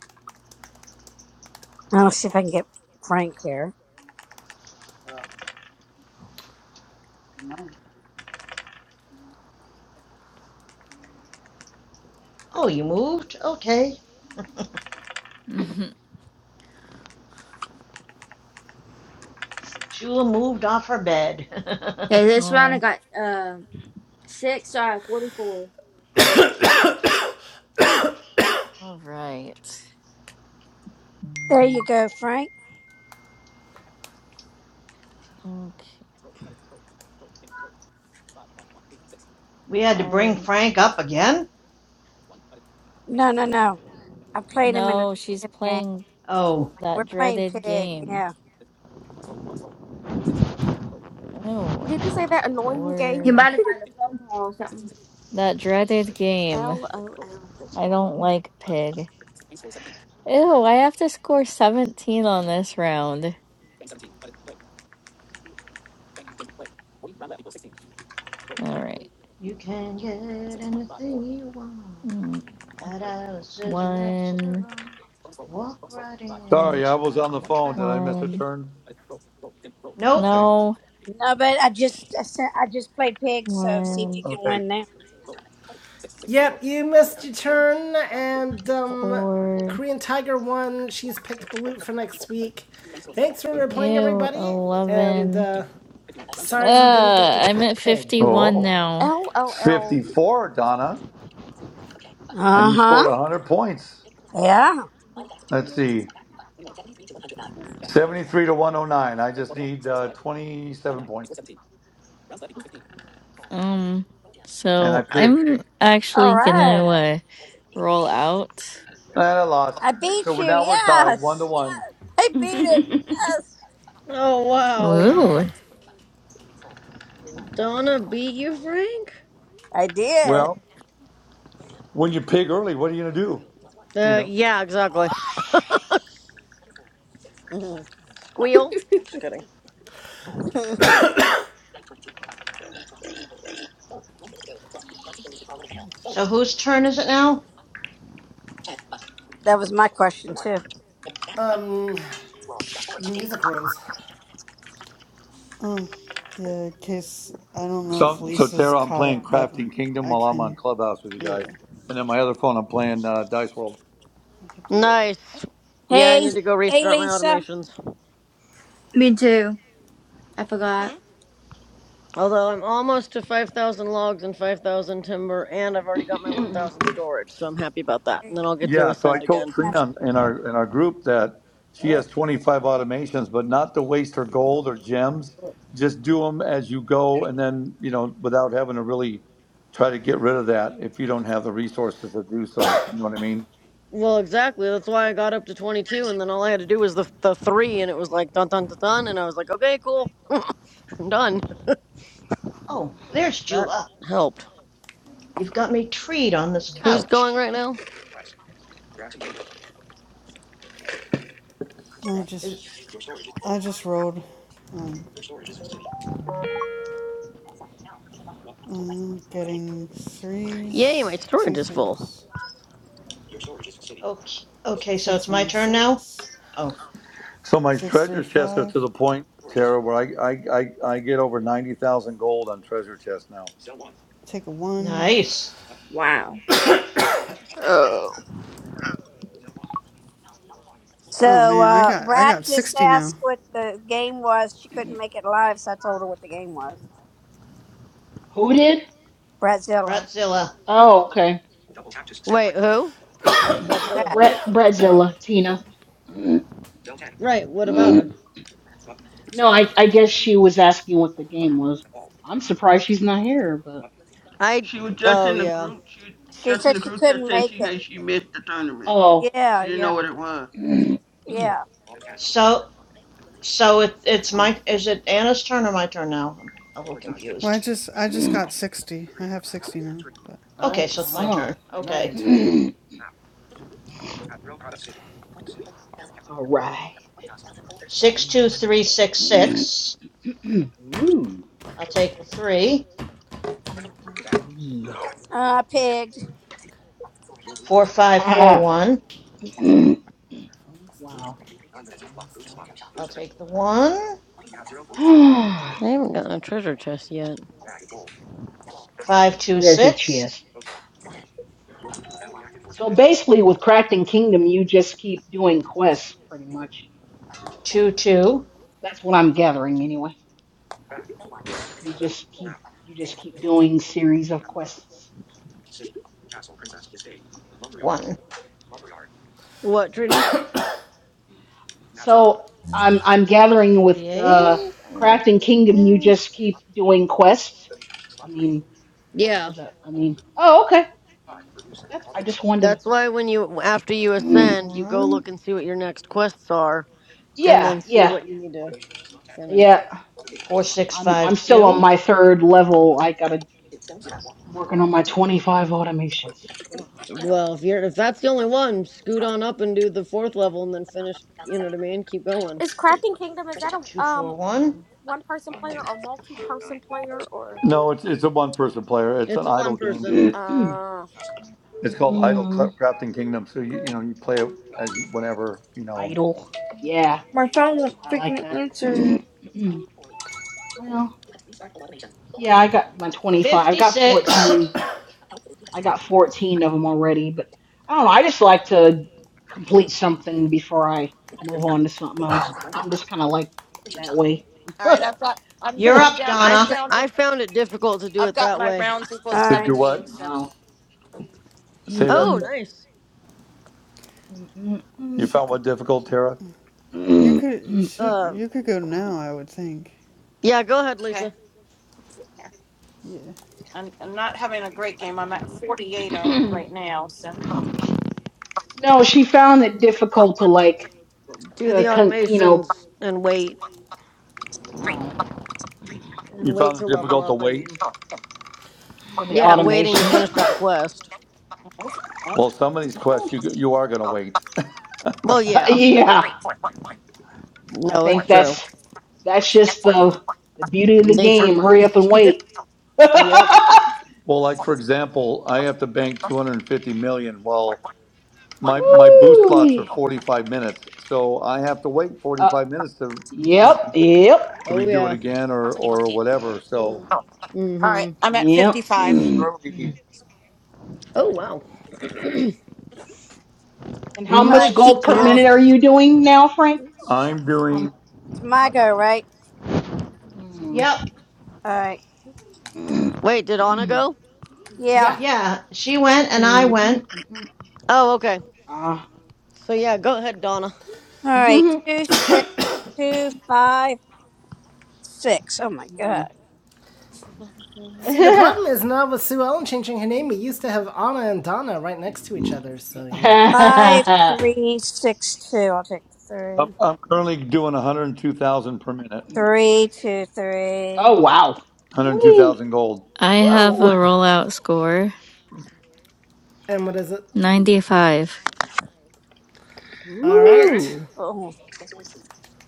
[SPEAKER 4] I'll see if I can get Frank here.
[SPEAKER 11] Oh, you moved? Okay.
[SPEAKER 9] Mhm.
[SPEAKER 11] Shula moved off her bed.
[SPEAKER 6] this round
[SPEAKER 9] Oh,
[SPEAKER 6] I got um six. So I have forty-four.
[SPEAKER 9] alright.
[SPEAKER 4] There you go, Frank.
[SPEAKER 9] Okay.
[SPEAKER 11] we had to bring
[SPEAKER 9] Fire.
[SPEAKER 11] Frank up again?
[SPEAKER 4] No, no, no. I played him in a,
[SPEAKER 9] No, she's
[SPEAKER 4] in a game.
[SPEAKER 9] playing
[SPEAKER 11] Oh.
[SPEAKER 4] We're
[SPEAKER 9] that
[SPEAKER 4] playing
[SPEAKER 9] dreaded
[SPEAKER 4] pig.
[SPEAKER 9] game.
[SPEAKER 4] Yeah.
[SPEAKER 9] Oh,
[SPEAKER 10] Did you say that annoying
[SPEAKER 6] He
[SPEAKER 10] game?
[SPEAKER 9] Lord.
[SPEAKER 6] might have gotten a phone call or something.
[SPEAKER 9] That dreaded game.
[SPEAKER 10] L O L
[SPEAKER 9] I don't like pig. Ew, I have to score 17 on this round. All right.
[SPEAKER 11] You can get anything you want
[SPEAKER 9] Mm,
[SPEAKER 11] at Alice's
[SPEAKER 9] One,
[SPEAKER 11] restaurant. Walk right in,
[SPEAKER 2] Sorry,
[SPEAKER 11] it's
[SPEAKER 2] I was on the
[SPEAKER 11] around the
[SPEAKER 2] phone.
[SPEAKER 11] track.
[SPEAKER 2] Did I miss a
[SPEAKER 9] one,
[SPEAKER 2] turn?
[SPEAKER 11] Nope.
[SPEAKER 2] Okay.
[SPEAKER 9] no,
[SPEAKER 4] No, but I just, I, sent, I just played pig. So see if you
[SPEAKER 9] one,
[SPEAKER 4] can
[SPEAKER 2] Okay.
[SPEAKER 4] win now.
[SPEAKER 1] Yep, you missed your turn, and um,
[SPEAKER 9] four,
[SPEAKER 1] Korean Tiger won. She's picked Balut for next week. Thanks for playing,
[SPEAKER 9] ew,
[SPEAKER 1] everybody, and
[SPEAKER 9] 11.
[SPEAKER 1] uh,
[SPEAKER 9] Uh,
[SPEAKER 1] sorry you didn't get to
[SPEAKER 9] I'm
[SPEAKER 1] pick
[SPEAKER 9] at
[SPEAKER 1] Pig.
[SPEAKER 9] 51
[SPEAKER 2] Oh,
[SPEAKER 9] now.
[SPEAKER 10] L O L.
[SPEAKER 2] 54, Donna, and
[SPEAKER 4] Uh
[SPEAKER 2] you
[SPEAKER 4] huh.
[SPEAKER 2] scored 100 points.
[SPEAKER 4] Yeah.
[SPEAKER 2] 73 to 109. I just need uh, 27 points,
[SPEAKER 9] Um,
[SPEAKER 2] and I
[SPEAKER 9] so
[SPEAKER 2] pigged.
[SPEAKER 9] I'm
[SPEAKER 4] All
[SPEAKER 9] actually gonna
[SPEAKER 4] right.
[SPEAKER 9] uh, roll out.
[SPEAKER 2] And I lost.
[SPEAKER 4] I beat
[SPEAKER 2] So
[SPEAKER 4] you.
[SPEAKER 2] we're now we're tied one to
[SPEAKER 4] Yes. Yes.
[SPEAKER 2] one.
[SPEAKER 4] I beat him. Yes.
[SPEAKER 13] Oh, wow.
[SPEAKER 9] Ooh,
[SPEAKER 13] Donna beat you, Frank?
[SPEAKER 4] I did.
[SPEAKER 2] Well, when you pig, what are you gonna do? You
[SPEAKER 13] Uh,
[SPEAKER 2] know.
[SPEAKER 13] yeah, exactly.
[SPEAKER 4] Mhm.
[SPEAKER 13] Squeal. Just kidding.
[SPEAKER 11] So whose turn is it now?
[SPEAKER 4] that was my question too.
[SPEAKER 1] Um, music rose.
[SPEAKER 8] Um yeah, in case I don't know if
[SPEAKER 2] So so
[SPEAKER 8] Lisa's
[SPEAKER 2] Tara, I'm
[SPEAKER 8] caught
[SPEAKER 2] playing
[SPEAKER 8] up, but
[SPEAKER 2] Crafting Kingdom
[SPEAKER 8] I
[SPEAKER 2] while I'm on
[SPEAKER 8] can
[SPEAKER 2] Clubhouse with you guys,
[SPEAKER 8] yeah,
[SPEAKER 2] and then my other phone, I'm playing uh, Dice World.
[SPEAKER 8] I can play.
[SPEAKER 13] Nice. Yeah, I
[SPEAKER 4] Hey,
[SPEAKER 13] need to go
[SPEAKER 4] hey,
[SPEAKER 13] restart my
[SPEAKER 4] Lisa.
[SPEAKER 13] automations.
[SPEAKER 6] Me too. I forgot.
[SPEAKER 14] Hmm?
[SPEAKER 13] Although I'm almost to 5,000 logs and 5,000 timber, and I've already got my 1,000 storage, so I'm happy about that. And
[SPEAKER 4] Hey,
[SPEAKER 13] then I'll get to
[SPEAKER 2] Yeah. So I
[SPEAKER 13] ascend
[SPEAKER 4] hey,
[SPEAKER 2] told
[SPEAKER 13] again.
[SPEAKER 4] my-
[SPEAKER 2] Trina in our in our group that she has 25 automations, but not to waste her gold or gems. Just do them as you go, and then you know without having to really try to get rid of that if you don't have the resources to do so. You know what I mean?
[SPEAKER 13] Well, exactly. That's why I got up to 22, and then all I had to do was the the three, and it was like dun dun dun dun, and I was like, okay, cool, I'm done.
[SPEAKER 11] Oh, there's
[SPEAKER 13] That
[SPEAKER 11] Jula.
[SPEAKER 13] helped.
[SPEAKER 11] You've got me treed on this
[SPEAKER 13] Who's
[SPEAKER 11] couch.
[SPEAKER 13] going right now?
[SPEAKER 8] I just
[SPEAKER 11] is,
[SPEAKER 8] I just rolled um uh getting
[SPEAKER 13] Yay, my
[SPEAKER 8] threes, two
[SPEAKER 13] storage is full.
[SPEAKER 8] threes,
[SPEAKER 11] okay, okay, so
[SPEAKER 8] six
[SPEAKER 11] it's my
[SPEAKER 8] one
[SPEAKER 11] turn now?
[SPEAKER 8] six,
[SPEAKER 11] Oh,
[SPEAKER 2] So my
[SPEAKER 8] six three
[SPEAKER 2] treasure chests are
[SPEAKER 8] five,
[SPEAKER 2] to the point, Tara, where I I, I, I get over ninety thousand gold on treasure chests now.
[SPEAKER 8] take a one.
[SPEAKER 11] nice.
[SPEAKER 6] Wow.
[SPEAKER 8] Oh
[SPEAKER 4] So,
[SPEAKER 8] man, I
[SPEAKER 4] uh,
[SPEAKER 8] got I
[SPEAKER 4] Brat
[SPEAKER 8] got
[SPEAKER 4] just
[SPEAKER 8] sixty now.
[SPEAKER 4] asked what the game was. She couldn't make it live, so I told her what the game was.
[SPEAKER 5] who did?
[SPEAKER 4] Bratzilla.
[SPEAKER 11] Fratzilla.
[SPEAKER 5] Oh, okay.
[SPEAKER 13] Wait, who? Wait, Bradzilla,
[SPEAKER 4] Brat.
[SPEAKER 13] what?
[SPEAKER 5] Brett Brettzilla, Tina.
[SPEAKER 13] Right, what about
[SPEAKER 5] Mm.
[SPEAKER 13] her?
[SPEAKER 5] No, I I guess she was asking what the game was. I'm surprised she's not here, but
[SPEAKER 13] I.
[SPEAKER 3] she was just
[SPEAKER 13] Oh
[SPEAKER 3] in the
[SPEAKER 13] yeah,
[SPEAKER 3] group. She was
[SPEAKER 4] She
[SPEAKER 3] just in
[SPEAKER 4] said
[SPEAKER 3] the
[SPEAKER 4] she
[SPEAKER 3] group chat
[SPEAKER 4] couldn't
[SPEAKER 3] saying
[SPEAKER 4] make
[SPEAKER 3] she
[SPEAKER 4] it.
[SPEAKER 3] hey she missed the tournament.
[SPEAKER 5] oh.
[SPEAKER 4] Yeah,
[SPEAKER 3] She didn't
[SPEAKER 4] yeah,
[SPEAKER 3] know what it was.
[SPEAKER 4] yeah.
[SPEAKER 11] So, so it, it's
[SPEAKER 5] Oh.
[SPEAKER 11] my, is it Anna's turn or my turn now? I'm a little
[SPEAKER 8] Well I
[SPEAKER 11] confused.
[SPEAKER 8] just I just got sixty. I have sixty now. But
[SPEAKER 1] All
[SPEAKER 11] Okay,
[SPEAKER 1] right,
[SPEAKER 11] so it's my
[SPEAKER 1] so
[SPEAKER 5] Oh.
[SPEAKER 11] turn.
[SPEAKER 1] now your
[SPEAKER 11] Okay.
[SPEAKER 1] turn. Yep.
[SPEAKER 5] All right.
[SPEAKER 1] The lion.
[SPEAKER 5] Ooh,
[SPEAKER 11] 62366. I'll take the three.
[SPEAKER 1] Okay,
[SPEAKER 5] three.
[SPEAKER 4] Uh, pigged.
[SPEAKER 5] Ha.
[SPEAKER 11] 4541.
[SPEAKER 5] wow.
[SPEAKER 11] I'll take the 1.
[SPEAKER 13] I haven't gotten a treasure chest yet.
[SPEAKER 5] Treasure
[SPEAKER 11] 526.
[SPEAKER 5] chest. So basically, with Crafting Kingdom, you just keep doing quests, pretty much.
[SPEAKER 11] 221.
[SPEAKER 5] That's what I'm gathering, anyway. You just keep you just keep doing series of quests.
[SPEAKER 13] What, Trina?
[SPEAKER 5] So I'm I'm gathering with uh,
[SPEAKER 11] 48. And we'll do
[SPEAKER 5] Crafting
[SPEAKER 11] it
[SPEAKER 5] Kingdom. You
[SPEAKER 11] again.
[SPEAKER 5] just keep doing quests. I mean,
[SPEAKER 13] Yeah.
[SPEAKER 5] as a I mean, oh okay. That's I just wanted.
[SPEAKER 13] That's why when you after you
[SPEAKER 5] Mm,
[SPEAKER 13] ascend, you go
[SPEAKER 11] 1.
[SPEAKER 13] look and see what your next quests are, and
[SPEAKER 5] yeah,
[SPEAKER 13] then see
[SPEAKER 5] yeah,
[SPEAKER 13] what you need to finish.
[SPEAKER 5] yeah. I'm I'm still on
[SPEAKER 11] 4652.
[SPEAKER 5] my third level. I gotta I'm working on my 25 automations. Ugh.
[SPEAKER 13] Well, if you're if that's the only one, scoot on up and do the fourth level, and then finish. You know what I mean? Keep going.
[SPEAKER 10] Is Crafting Kingdom is that a um
[SPEAKER 11] 241.
[SPEAKER 10] one person player or multi person player or
[SPEAKER 2] No, it's it's a one person player. It's an
[SPEAKER 13] It's a
[SPEAKER 2] idle
[SPEAKER 13] one
[SPEAKER 2] game.
[SPEAKER 13] person.
[SPEAKER 5] Mm,
[SPEAKER 10] uh
[SPEAKER 2] It's called Idle
[SPEAKER 5] mm,
[SPEAKER 2] Cra- Crafting Kingdom. So you you know you play it as you, whenever you know
[SPEAKER 5] Idle. Yeah,
[SPEAKER 6] My phone won't
[SPEAKER 5] I like
[SPEAKER 6] freaking
[SPEAKER 5] that.
[SPEAKER 6] answer.
[SPEAKER 5] well, yeah, I got my 25. i got 14.
[SPEAKER 11] 56.
[SPEAKER 5] I got 14 of them already, but I don't know. I just like to complete something before I move on to something else. I'm just kind of like that way.
[SPEAKER 14] All right, I've got I'm
[SPEAKER 11] You're
[SPEAKER 5] oh.
[SPEAKER 14] I'm
[SPEAKER 11] up,
[SPEAKER 14] down
[SPEAKER 13] I
[SPEAKER 14] I'm
[SPEAKER 13] f-
[SPEAKER 11] Donna.
[SPEAKER 14] down to
[SPEAKER 13] I found it difficult to do
[SPEAKER 14] I've
[SPEAKER 13] it
[SPEAKER 14] got
[SPEAKER 13] that
[SPEAKER 14] my
[SPEAKER 13] way.
[SPEAKER 14] rounds
[SPEAKER 4] All
[SPEAKER 14] equals
[SPEAKER 2] to
[SPEAKER 4] right.
[SPEAKER 2] do what?
[SPEAKER 14] seventeen, so
[SPEAKER 2] Say that
[SPEAKER 13] Oh,
[SPEAKER 5] Mm-mm,
[SPEAKER 2] again.
[SPEAKER 13] nice.
[SPEAKER 5] mm-mm,
[SPEAKER 2] You
[SPEAKER 5] mm-mm,
[SPEAKER 8] she
[SPEAKER 2] found
[SPEAKER 8] could
[SPEAKER 2] what difficult, Tara?
[SPEAKER 8] you could you
[SPEAKER 5] mm-mm.
[SPEAKER 8] should
[SPEAKER 13] Uh,
[SPEAKER 8] you could go now I would think.
[SPEAKER 13] yeah. Go ahead,
[SPEAKER 14] okay.
[SPEAKER 13] Lisa.
[SPEAKER 8] Yeah.
[SPEAKER 14] I'm I'm not having a great game. I'm at forty eight right now, so
[SPEAKER 5] No, she found it difficult to like
[SPEAKER 13] Do the
[SPEAKER 5] to con- you know
[SPEAKER 13] automations and wait
[SPEAKER 5] oh
[SPEAKER 2] You
[SPEAKER 13] and wait
[SPEAKER 2] found it
[SPEAKER 13] to
[SPEAKER 5] nah,
[SPEAKER 13] level
[SPEAKER 2] difficult to
[SPEAKER 13] up. I
[SPEAKER 2] wait.
[SPEAKER 13] mean,
[SPEAKER 5] for the
[SPEAKER 13] yeah, waiting to
[SPEAKER 5] automations.
[SPEAKER 13] finish that quest.
[SPEAKER 2] Well, some of these quests
[SPEAKER 5] Mhm.
[SPEAKER 2] you you are going to wait.
[SPEAKER 13] Well, yeah.
[SPEAKER 5] yeah, I
[SPEAKER 13] No,
[SPEAKER 5] think
[SPEAKER 13] it's true.
[SPEAKER 5] that's that's just the the beauty of the
[SPEAKER 13] Nature of
[SPEAKER 5] game.
[SPEAKER 13] the
[SPEAKER 5] Hurry up and
[SPEAKER 13] beast.
[SPEAKER 5] wait.
[SPEAKER 13] Yep.
[SPEAKER 2] Well, like for example, I have to bank two hundred and fifty million. Well. my my booth slots are
[SPEAKER 5] woo
[SPEAKER 2] 45 minutes so i have to wait 45 minutes to you know
[SPEAKER 5] Yep, yep,
[SPEAKER 2] to
[SPEAKER 13] Oh
[SPEAKER 2] redo it
[SPEAKER 13] yeah.
[SPEAKER 2] again or or whatever so
[SPEAKER 14] all right,
[SPEAKER 13] Mm-hmm.
[SPEAKER 14] I'm at
[SPEAKER 5] yep.
[SPEAKER 14] fifty five.
[SPEAKER 5] Mm.
[SPEAKER 2] currently
[SPEAKER 13] Oh wow.
[SPEAKER 5] And how
[SPEAKER 4] All
[SPEAKER 5] much
[SPEAKER 4] right.
[SPEAKER 13] Mercy
[SPEAKER 4] So
[SPEAKER 5] gold per
[SPEAKER 4] that's
[SPEAKER 5] minute
[SPEAKER 10] Mhm.
[SPEAKER 5] are you doing now, Frank?
[SPEAKER 2] i'm
[SPEAKER 5] How,
[SPEAKER 2] doing
[SPEAKER 4] it's my
[SPEAKER 10] Mhm.
[SPEAKER 4] go, right?
[SPEAKER 5] mm,
[SPEAKER 11] Yep.
[SPEAKER 4] All right.
[SPEAKER 5] mm,
[SPEAKER 13] Wait, did Anna
[SPEAKER 5] mm,
[SPEAKER 13] go?
[SPEAKER 4] Yeah.
[SPEAKER 1] Yeah.
[SPEAKER 11] Yeah. She went and
[SPEAKER 5] mm,
[SPEAKER 11] I
[SPEAKER 3] Hmm.
[SPEAKER 11] went.
[SPEAKER 5] mm, mm.
[SPEAKER 13] Oh, okay.
[SPEAKER 5] Ah.
[SPEAKER 13] So yeah, go ahead, Donna.
[SPEAKER 4] All right.
[SPEAKER 5] Mhm,
[SPEAKER 4] Two, six, two, five, six. Oh my God.
[SPEAKER 5] Mm.
[SPEAKER 1] See, the problem is now with Sue Ellen changing her name, we used to have Anna and Donna right next to each other, so you know.
[SPEAKER 4] Five, three, six, two. I'll take the
[SPEAKER 2] i'm,
[SPEAKER 4] three.
[SPEAKER 2] I'm currently doing 102000 per minute
[SPEAKER 4] Three, two, three.
[SPEAKER 5] oh wow. Wee.
[SPEAKER 2] 102000 gold
[SPEAKER 9] I have a
[SPEAKER 5] Whoa.
[SPEAKER 9] rollout score
[SPEAKER 1] And what is it?
[SPEAKER 9] 95.
[SPEAKER 1] All right.
[SPEAKER 5] Ooh.
[SPEAKER 4] Oh,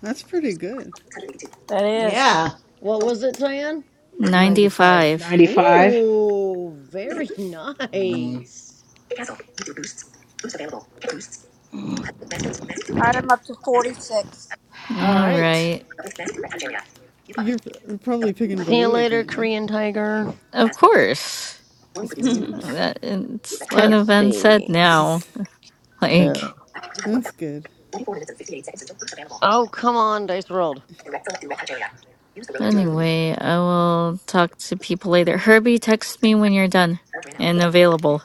[SPEAKER 8] That's pretty good.
[SPEAKER 4] that is.
[SPEAKER 11] Yeah.
[SPEAKER 13] What was it, Tan?
[SPEAKER 1] 95.
[SPEAKER 9] 95.
[SPEAKER 5] 95.
[SPEAKER 13] Ooh, very
[SPEAKER 5] Mm.
[SPEAKER 13] nice.
[SPEAKER 5] Mm.
[SPEAKER 4] All right, I'm up to 46.
[SPEAKER 1] All
[SPEAKER 9] All
[SPEAKER 1] right.
[SPEAKER 9] right.
[SPEAKER 8] You're probably picking
[SPEAKER 13] See you
[SPEAKER 8] Balut
[SPEAKER 13] later,
[SPEAKER 8] again, right?
[SPEAKER 13] Korean Tiger.
[SPEAKER 9] Of course.
[SPEAKER 8] It's Balut.
[SPEAKER 3] Isn't
[SPEAKER 9] That it's kind
[SPEAKER 13] Let's
[SPEAKER 9] of unsaid
[SPEAKER 13] see.
[SPEAKER 9] now.
[SPEAKER 13] Yeah.
[SPEAKER 9] Like
[SPEAKER 8] That's good.
[SPEAKER 13] Oh, come on, dice rolled.
[SPEAKER 8] Alright.
[SPEAKER 9] anyway, I will talk to people later. Herbie, text me when you're done and available.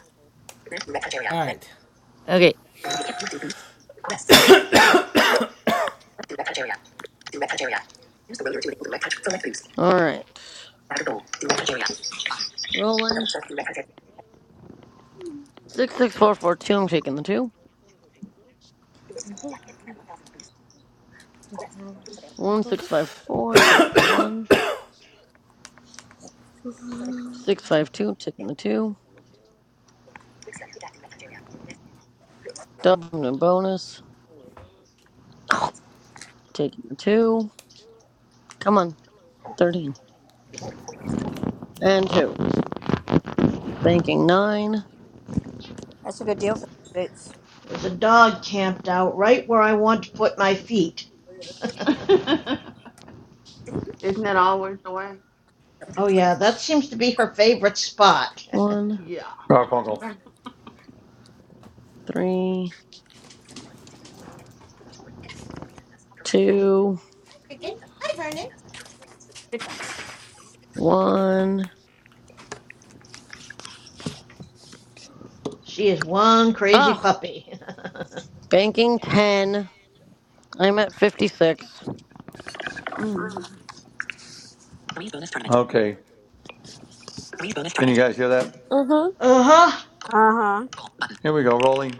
[SPEAKER 1] All right.
[SPEAKER 9] Okay.
[SPEAKER 13] All right, rolling. Six six four four two. I'm taking the two. One six five four. Taking the one. Six five two. Taking the two. Double and bonus. Taking two. Come on. 13. And two. Banking nine.
[SPEAKER 4] That's a good deal for the boots.
[SPEAKER 11] There's a dog camped out right where I want to put my feet.
[SPEAKER 3] that always the way?
[SPEAKER 11] Oh, yeah. That seems to be her favorite spot.
[SPEAKER 13] One,
[SPEAKER 3] Yeah.
[SPEAKER 13] three, two,
[SPEAKER 14] Okay. Hi Vernon.
[SPEAKER 13] one.
[SPEAKER 11] She is one crazy
[SPEAKER 13] Ah!
[SPEAKER 11] puppy.
[SPEAKER 13] Banking 10. I'm at 56.
[SPEAKER 3] Mm.
[SPEAKER 2] okay you guys hear that
[SPEAKER 11] Uh huh.
[SPEAKER 4] Uh huh.
[SPEAKER 2] here we go rolling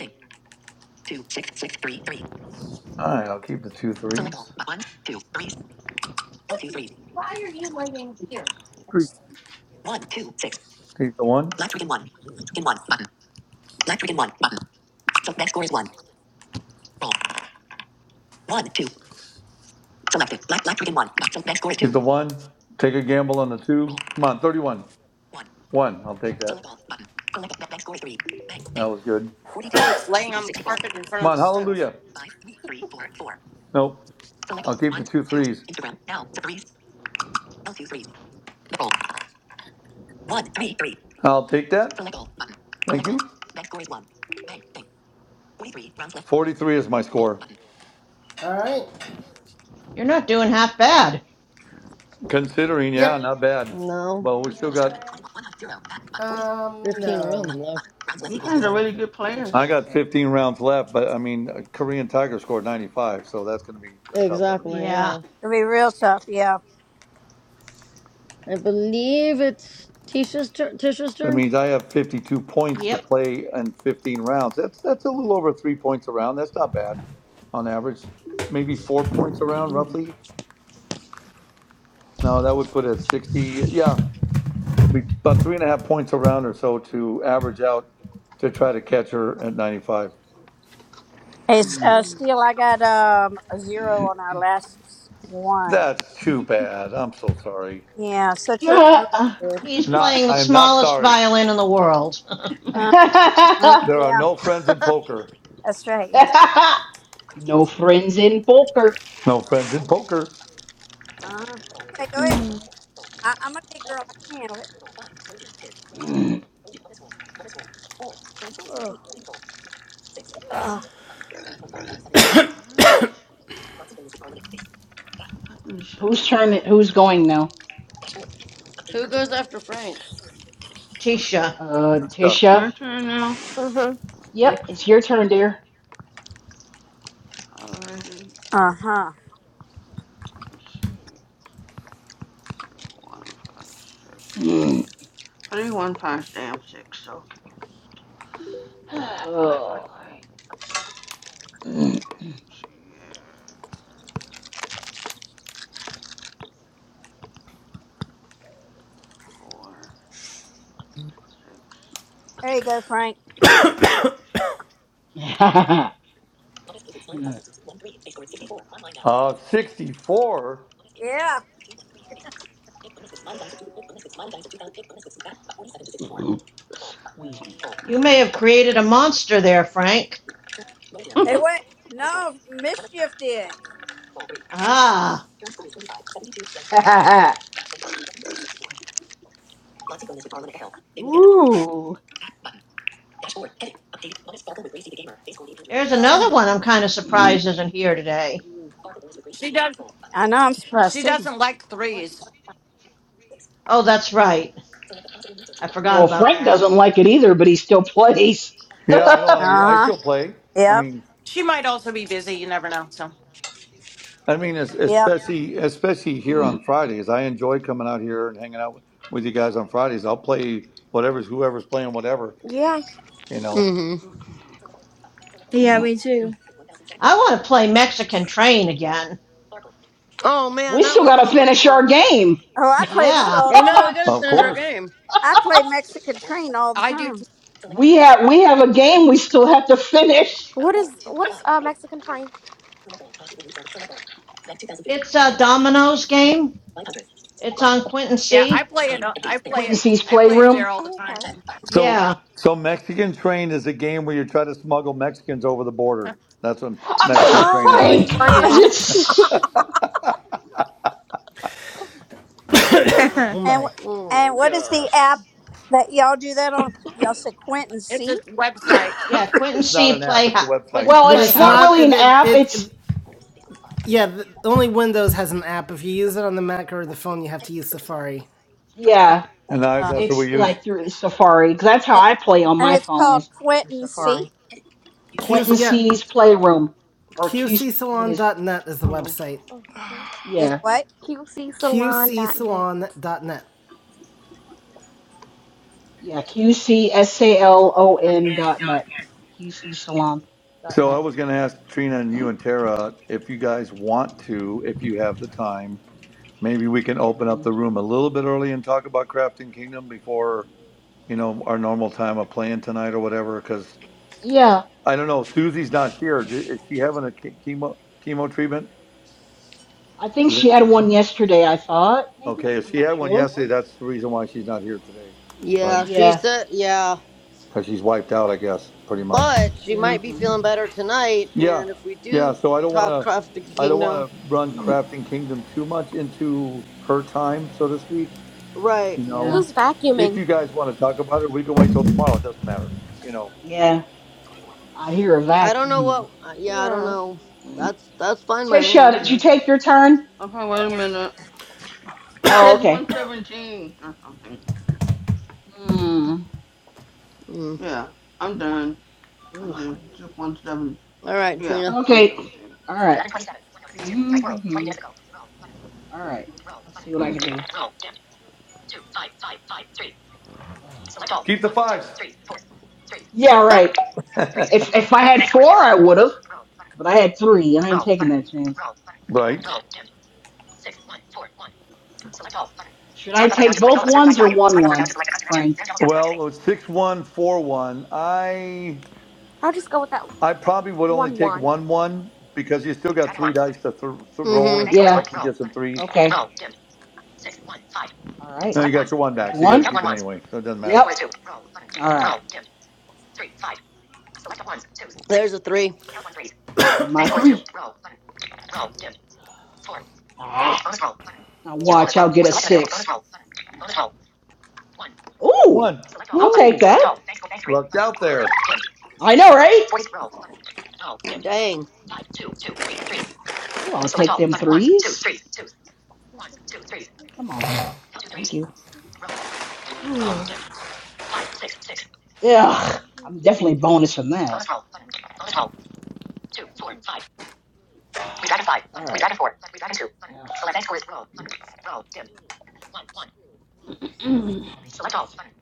[SPEAKER 2] all right i'll keep the two three keep the one the one take a gamble on the two come on 31 one i'll take that that was good
[SPEAKER 14] Cricket's laying on the carpet in front
[SPEAKER 2] come
[SPEAKER 14] of the
[SPEAKER 2] on
[SPEAKER 14] stove.
[SPEAKER 2] hallelujah Nope, I'll keep the two threes. I'll take that. Thank you. 43 is my score.
[SPEAKER 1] All right.
[SPEAKER 11] You're not doing half bad.
[SPEAKER 2] Considering,
[SPEAKER 1] Yep.
[SPEAKER 2] yeah, not bad.
[SPEAKER 13] No.
[SPEAKER 2] Well, we still got,
[SPEAKER 1] Um,
[SPEAKER 13] 15 rounds
[SPEAKER 1] no.
[SPEAKER 13] left.
[SPEAKER 1] I don't
[SPEAKER 3] You
[SPEAKER 1] have
[SPEAKER 3] guys
[SPEAKER 1] any,
[SPEAKER 3] are
[SPEAKER 1] I
[SPEAKER 3] really
[SPEAKER 1] don't think.
[SPEAKER 3] good
[SPEAKER 1] You can
[SPEAKER 2] I
[SPEAKER 3] players.
[SPEAKER 1] check,
[SPEAKER 2] got
[SPEAKER 1] but.
[SPEAKER 2] 15 rounds left, but I mean, uh, Korean Tiger scored 95, so that's going to be a tough one to beat.
[SPEAKER 13] Exactly,
[SPEAKER 11] Yeah.
[SPEAKER 13] yeah.
[SPEAKER 4] It'll be real tough, yeah.
[SPEAKER 13] I believe it's Tisha's, tur Tisha's
[SPEAKER 2] That
[SPEAKER 13] turn.
[SPEAKER 2] means I have 52 points to
[SPEAKER 11] Yep.
[SPEAKER 2] play in 15 rounds. That's that's a little over three points a round. That's not bad on average. Maybe four points a round, roughly. No, that would put it at 60. Yeah, we about three and a half points around or so to average out to try to catch her at 95.
[SPEAKER 4] Hey,
[SPEAKER 5] Mm.
[SPEAKER 4] uh,
[SPEAKER 3] Mm.
[SPEAKER 4] Steele, I got um, a zero on our last one.
[SPEAKER 2] That's too bad. I'm so sorry.
[SPEAKER 4] Yeah, so it's your turn.
[SPEAKER 5] mm.
[SPEAKER 11] He's
[SPEAKER 2] Not,
[SPEAKER 11] playing the
[SPEAKER 2] I am not
[SPEAKER 11] smallest
[SPEAKER 2] sorry.
[SPEAKER 11] violin in the world.
[SPEAKER 4] Uh, uh,
[SPEAKER 2] There are
[SPEAKER 4] yeah,
[SPEAKER 2] no friends in
[SPEAKER 13] Who
[SPEAKER 2] poker.
[SPEAKER 4] that's right, yes.
[SPEAKER 5] no friends in poker.
[SPEAKER 2] No friends in poker.
[SPEAKER 4] uh Okay, go ahead.
[SPEAKER 3] Mm.
[SPEAKER 4] I- I'm a big girl. I can handle it. Ugh. Ugh.
[SPEAKER 3] What? I think it should have
[SPEAKER 5] Whose
[SPEAKER 3] been
[SPEAKER 5] turn? it-
[SPEAKER 3] wrong
[SPEAKER 5] Who's
[SPEAKER 3] with
[SPEAKER 5] going
[SPEAKER 3] that.
[SPEAKER 5] now?
[SPEAKER 13] goes after Frank?
[SPEAKER 11] Tisha,
[SPEAKER 5] Uh,
[SPEAKER 2] Good
[SPEAKER 5] Tisha.
[SPEAKER 3] My turn now?
[SPEAKER 5] Yep, it's
[SPEAKER 3] Okay.
[SPEAKER 5] your turn, dear.
[SPEAKER 3] Alrighty.
[SPEAKER 4] Uh huh.
[SPEAKER 3] Three, one, five, six.
[SPEAKER 5] Mm,
[SPEAKER 3] Three, one, five, damn six. Okay.
[SPEAKER 5] Ugh. Mm.
[SPEAKER 3] Okay, let me see here. Four, six.
[SPEAKER 4] There you go, Frank.
[SPEAKER 3] Yep,
[SPEAKER 2] Uh, 64.
[SPEAKER 4] Yeah,
[SPEAKER 5] Squeeze me.
[SPEAKER 3] no, I
[SPEAKER 11] you may have
[SPEAKER 3] don't.
[SPEAKER 11] created a monster there, Frank.
[SPEAKER 4] They went. No, mischief did.
[SPEAKER 11] Ah,
[SPEAKER 5] Ooh.
[SPEAKER 11] there's another
[SPEAKER 4] Ugh.
[SPEAKER 11] one I'm kind of surprised isn't here today.
[SPEAKER 14] She does
[SPEAKER 4] I know I'm supposed
[SPEAKER 14] she
[SPEAKER 4] to.
[SPEAKER 14] doesn't like threes.
[SPEAKER 11] Oh, that's right. I forgot
[SPEAKER 5] Well,
[SPEAKER 11] about
[SPEAKER 5] Frank
[SPEAKER 11] that.
[SPEAKER 5] doesn't like it either, but he still plays.
[SPEAKER 2] Yeah, I don't
[SPEAKER 4] Uh
[SPEAKER 2] like
[SPEAKER 3] two.
[SPEAKER 2] it. I
[SPEAKER 4] huh.
[SPEAKER 2] still play. I
[SPEAKER 4] Yep.
[SPEAKER 2] mean,
[SPEAKER 14] She might also be busy. You never know. So
[SPEAKER 2] I mean, es-
[SPEAKER 4] Yep.
[SPEAKER 2] especially especially here and hanging out with you guys on Fridays. I'll see whatever's whoever's playing whatever.
[SPEAKER 10] Yeah.
[SPEAKER 13] Mm hmm.
[SPEAKER 3] Okay.
[SPEAKER 6] Yeah, me too.
[SPEAKER 11] I want to play Mexican Train again.
[SPEAKER 13] Oh, man,
[SPEAKER 5] we
[SPEAKER 13] that
[SPEAKER 5] still
[SPEAKER 13] was
[SPEAKER 5] gotta
[SPEAKER 13] so much
[SPEAKER 5] finish our
[SPEAKER 13] fun.
[SPEAKER 5] game.
[SPEAKER 4] Oh, I play that
[SPEAKER 11] Yeah.
[SPEAKER 4] all
[SPEAKER 13] I
[SPEAKER 4] the
[SPEAKER 13] know, we
[SPEAKER 4] time.
[SPEAKER 13] gotta
[SPEAKER 2] Of
[SPEAKER 13] finish our
[SPEAKER 2] course.
[SPEAKER 13] game.
[SPEAKER 4] I play Mexican Train all the
[SPEAKER 14] I do.
[SPEAKER 4] time.
[SPEAKER 5] We have we have a game we still have to finish.
[SPEAKER 10] What is what is uh Mexican train?
[SPEAKER 11] It's a Domino's game. It's on Quinton
[SPEAKER 14] yeah, I
[SPEAKER 11] C.
[SPEAKER 14] play it. I play
[SPEAKER 5] Quentin
[SPEAKER 14] it.
[SPEAKER 5] sees
[SPEAKER 14] I play it
[SPEAKER 5] playroom.
[SPEAKER 14] there all the
[SPEAKER 10] Oh,
[SPEAKER 14] time.
[SPEAKER 10] okay.
[SPEAKER 2] So,
[SPEAKER 11] Yeah.
[SPEAKER 14] Yeah.
[SPEAKER 2] so Mexican Train is a game where you try to smuggle Mexicans over the border. That's what Mexican Train
[SPEAKER 10] Oh,
[SPEAKER 2] is.
[SPEAKER 4] Oh
[SPEAKER 5] Frank, that's
[SPEAKER 4] yeah.
[SPEAKER 10] Funny.
[SPEAKER 5] it.
[SPEAKER 1] Oh
[SPEAKER 6] oh
[SPEAKER 4] And
[SPEAKER 1] my.
[SPEAKER 4] wh-
[SPEAKER 13] oh
[SPEAKER 4] and
[SPEAKER 13] my
[SPEAKER 4] what is the
[SPEAKER 13] gosh.
[SPEAKER 4] app that y'all do that on? Y'all say Quentin
[SPEAKER 14] It's a
[SPEAKER 4] C.
[SPEAKER 14] website.
[SPEAKER 11] Yeah, Quinton
[SPEAKER 2] It's not
[SPEAKER 11] C.
[SPEAKER 2] an app;
[SPEAKER 11] Play
[SPEAKER 2] it's a website,
[SPEAKER 11] Quinton's
[SPEAKER 5] Well,
[SPEAKER 1] But
[SPEAKER 5] it's
[SPEAKER 1] it's
[SPEAKER 5] not
[SPEAKER 1] not.
[SPEAKER 5] really
[SPEAKER 11] Playhouse.
[SPEAKER 1] It.
[SPEAKER 5] an
[SPEAKER 1] it,
[SPEAKER 5] app. It's
[SPEAKER 1] it yeah, the, only Windows has an app. If you use it on the Mac or the phone, you have to use Safari.
[SPEAKER 5] yeah,
[SPEAKER 2] and I, that's
[SPEAKER 4] Oh.
[SPEAKER 2] what
[SPEAKER 5] it's
[SPEAKER 2] we use.
[SPEAKER 5] like through Safari because that's how I play on
[SPEAKER 4] And
[SPEAKER 5] my
[SPEAKER 4] it's
[SPEAKER 5] phone is
[SPEAKER 4] called
[SPEAKER 5] through
[SPEAKER 4] Quentin C.
[SPEAKER 5] Safari.
[SPEAKER 1] Q,
[SPEAKER 5] Quentin
[SPEAKER 1] yeah,
[SPEAKER 5] C's Playroom or Q what is
[SPEAKER 1] qcsalon.net is the
[SPEAKER 3] Oh, okay.
[SPEAKER 1] website.
[SPEAKER 10] Mhm.
[SPEAKER 4] Is
[SPEAKER 5] yeah
[SPEAKER 4] what?
[SPEAKER 10] Q C salon dot net.
[SPEAKER 1] qcsalon.net.
[SPEAKER 5] yeah Q C S A L O N dot net Q C Salon dot
[SPEAKER 2] So, I
[SPEAKER 5] net.
[SPEAKER 2] was going to ask Trina and you and Tara if you guys want to, if you have the time, maybe we can open up
[SPEAKER 5] Mhm.
[SPEAKER 2] the room a little bit early and talk about Crafting Kingdom before you know our normal time of playing tonight or whatever. Because
[SPEAKER 5] Yeah,
[SPEAKER 2] I don't know, Susie's not here. Did, is she having a che- chemo chemo treatment?
[SPEAKER 5] I think
[SPEAKER 2] Does
[SPEAKER 5] she
[SPEAKER 2] anybody
[SPEAKER 5] had
[SPEAKER 2] know?
[SPEAKER 5] one yesterday. I thought maybe
[SPEAKER 2] Okay, if
[SPEAKER 5] I'm
[SPEAKER 2] she
[SPEAKER 5] not
[SPEAKER 2] had one
[SPEAKER 5] sure.
[SPEAKER 2] yesterday, that's the reason why she's not here today, right?
[SPEAKER 13] Yeah, she
[SPEAKER 5] Yeah,
[SPEAKER 13] said, yeah.
[SPEAKER 2] Because she's wiped out, I guess, pretty much.
[SPEAKER 13] but she
[SPEAKER 5] yeah,
[SPEAKER 13] might be
[SPEAKER 3] Okay.
[SPEAKER 13] feeling better tonight.
[SPEAKER 2] Yeah,
[SPEAKER 13] And if we
[SPEAKER 2] yeah.
[SPEAKER 13] do
[SPEAKER 2] So I don't want
[SPEAKER 13] talk
[SPEAKER 2] to,
[SPEAKER 13] Craft the
[SPEAKER 2] I don't want
[SPEAKER 13] Kingdom,
[SPEAKER 2] to run
[SPEAKER 5] mm,
[SPEAKER 2] crafting kingdom too much into her time, so to speak.
[SPEAKER 13] right?
[SPEAKER 2] You know,
[SPEAKER 5] yeah,
[SPEAKER 10] Who's
[SPEAKER 2] if
[SPEAKER 10] vacuuming?
[SPEAKER 2] you guys want to talk about it, we can wait till tomorrow. It doesn't matter. You know,
[SPEAKER 5] yeah. I hear a
[SPEAKER 13] I don't know
[SPEAKER 5] vacuum.
[SPEAKER 13] what. uh, Yeah, I don't
[SPEAKER 10] Yeah.
[SPEAKER 13] know.
[SPEAKER 5] Mm.
[SPEAKER 13] That's that's fine by me. I
[SPEAKER 5] Tisha,
[SPEAKER 13] don't
[SPEAKER 5] did you
[SPEAKER 13] care.
[SPEAKER 3] Okay.
[SPEAKER 5] take your turn?
[SPEAKER 3] Okay, wait a minute. It
[SPEAKER 5] Oh,
[SPEAKER 3] says
[SPEAKER 5] okay.
[SPEAKER 3] 117 or something.
[SPEAKER 5] Hmm.
[SPEAKER 13] Mm.
[SPEAKER 3] Yeah, I'm done. I
[SPEAKER 5] Ugh.
[SPEAKER 3] did. It's just 17.
[SPEAKER 13] All right,
[SPEAKER 3] Yeah,
[SPEAKER 13] Trina.
[SPEAKER 5] Okay.
[SPEAKER 3] 117.
[SPEAKER 5] All right. Mhm. All right. Let's see what I can do. Ugh.
[SPEAKER 2] keep the fives.
[SPEAKER 5] Yeah, right. If if I had four, I would have, but I had three. and I ain't taking that chance.
[SPEAKER 2] Right.
[SPEAKER 5] Should I take both ones or one one, Frank?
[SPEAKER 2] Well, it was six one four one. I
[SPEAKER 10] I'll just go with that
[SPEAKER 2] I probably would only
[SPEAKER 10] one
[SPEAKER 2] take
[SPEAKER 10] one.
[SPEAKER 2] one one because you still got three dice to th- th- roll
[SPEAKER 13] mm-hmm.
[SPEAKER 2] and
[SPEAKER 5] Yeah.
[SPEAKER 2] hopefully get some threes.
[SPEAKER 5] Okay. All right.
[SPEAKER 2] No, you got your one
[SPEAKER 5] There's
[SPEAKER 2] back, so you got
[SPEAKER 5] one.
[SPEAKER 2] to keep it anyway. So it doesn't matter.
[SPEAKER 5] Yep. All right.
[SPEAKER 13] There's a three.
[SPEAKER 5] And my three. Ah, now watch, I'll get a six. Ooh,
[SPEAKER 2] One.
[SPEAKER 5] I'll take
[SPEAKER 2] Woo!
[SPEAKER 5] that.
[SPEAKER 2] Lucked out there.
[SPEAKER 5] I know, right?
[SPEAKER 13] Dang.
[SPEAKER 5] Ooh, I'll take them threes. Come on. Thank you. Ugh, I'm definitely bonus from that. Alright.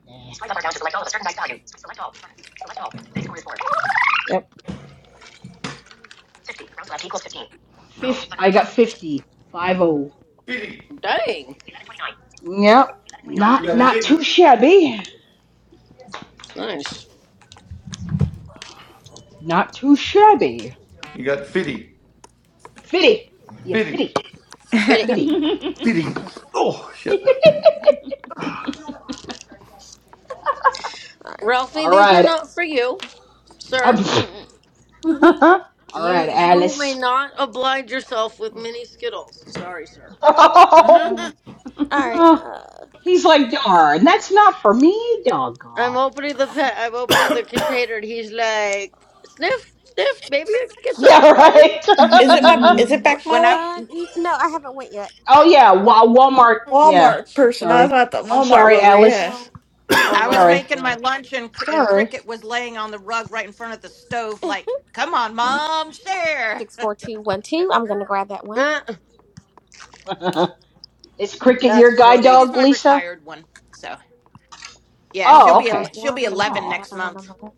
[SPEAKER 5] Yeah. Yep. Fif- I got 50. 5 oh.
[SPEAKER 2] Fitty.
[SPEAKER 13] Dang.
[SPEAKER 5] Yep.
[SPEAKER 2] You
[SPEAKER 5] Not
[SPEAKER 2] got
[SPEAKER 3] no.
[SPEAKER 5] not too
[SPEAKER 2] Fitty.
[SPEAKER 5] shabby.
[SPEAKER 13] Nice.
[SPEAKER 5] Not too shabby.
[SPEAKER 2] You got Fitty.
[SPEAKER 5] Fitty. Yeah,
[SPEAKER 2] Fitty.
[SPEAKER 5] fitty.
[SPEAKER 13] Bit it.
[SPEAKER 5] Fitty.
[SPEAKER 2] Fitty. Oh, shit.
[SPEAKER 10] Alright.
[SPEAKER 13] Ralphie,
[SPEAKER 5] All
[SPEAKER 13] these are
[SPEAKER 5] right.
[SPEAKER 13] not for you, sir.
[SPEAKER 5] All
[SPEAKER 13] You
[SPEAKER 5] right,
[SPEAKER 13] you may
[SPEAKER 5] Alice.
[SPEAKER 13] not oblige yourself with mini skittles. Sorry, sir.
[SPEAKER 14] Mhm.
[SPEAKER 3] okay.
[SPEAKER 10] Alright.
[SPEAKER 5] Uh,
[SPEAKER 10] Uh,
[SPEAKER 5] He's like, darn, that's not for me,
[SPEAKER 13] I'm
[SPEAKER 5] doggone.
[SPEAKER 13] opening the
[SPEAKER 5] No.
[SPEAKER 13] pa- I'm opening the container, and he's like, "Sniff, sniff, maybe I can get some."
[SPEAKER 5] Yeah,
[SPEAKER 13] No,
[SPEAKER 5] right.
[SPEAKER 12] Is it my is it back my
[SPEAKER 14] when I
[SPEAKER 12] way?
[SPEAKER 10] uh, n- no, I haven't went yet.
[SPEAKER 5] oh, yeah, Wa-
[SPEAKER 10] Uh,
[SPEAKER 5] Walmart.
[SPEAKER 10] okay.
[SPEAKER 5] Yeah,
[SPEAKER 12] Walmart
[SPEAKER 5] I'm
[SPEAKER 12] person. I
[SPEAKER 5] sorry.
[SPEAKER 12] thought the
[SPEAKER 5] I'm
[SPEAKER 12] Walmart
[SPEAKER 5] sorry,
[SPEAKER 12] lover.
[SPEAKER 5] Alice.
[SPEAKER 12] Yeah.
[SPEAKER 10] Well,
[SPEAKER 14] I was
[SPEAKER 13] Walmart.
[SPEAKER 5] Sorry.
[SPEAKER 14] making my
[SPEAKER 13] Yeah,
[SPEAKER 14] lunch and Cr- and
[SPEAKER 5] Sorry.
[SPEAKER 14] Cricket was laying on the rug right in front of the stove, like, "Come on, mom, share."
[SPEAKER 10] 64212. I'm going to grab that one.
[SPEAKER 13] Eh,
[SPEAKER 5] Is Cricket your
[SPEAKER 13] that's
[SPEAKER 5] guide
[SPEAKER 13] funny.
[SPEAKER 14] She's
[SPEAKER 5] dog,
[SPEAKER 14] my
[SPEAKER 5] Lisa?
[SPEAKER 14] retired one, so yeah, she'll
[SPEAKER 5] Oh,
[SPEAKER 14] be el-
[SPEAKER 5] okay.
[SPEAKER 14] she'll
[SPEAKER 10] 5154. I'm
[SPEAKER 14] be
[SPEAKER 10] going to grab
[SPEAKER 14] eleven
[SPEAKER 10] that
[SPEAKER 5] Oh,
[SPEAKER 14] next
[SPEAKER 10] other one
[SPEAKER 14] month.
[SPEAKER 10] on the left.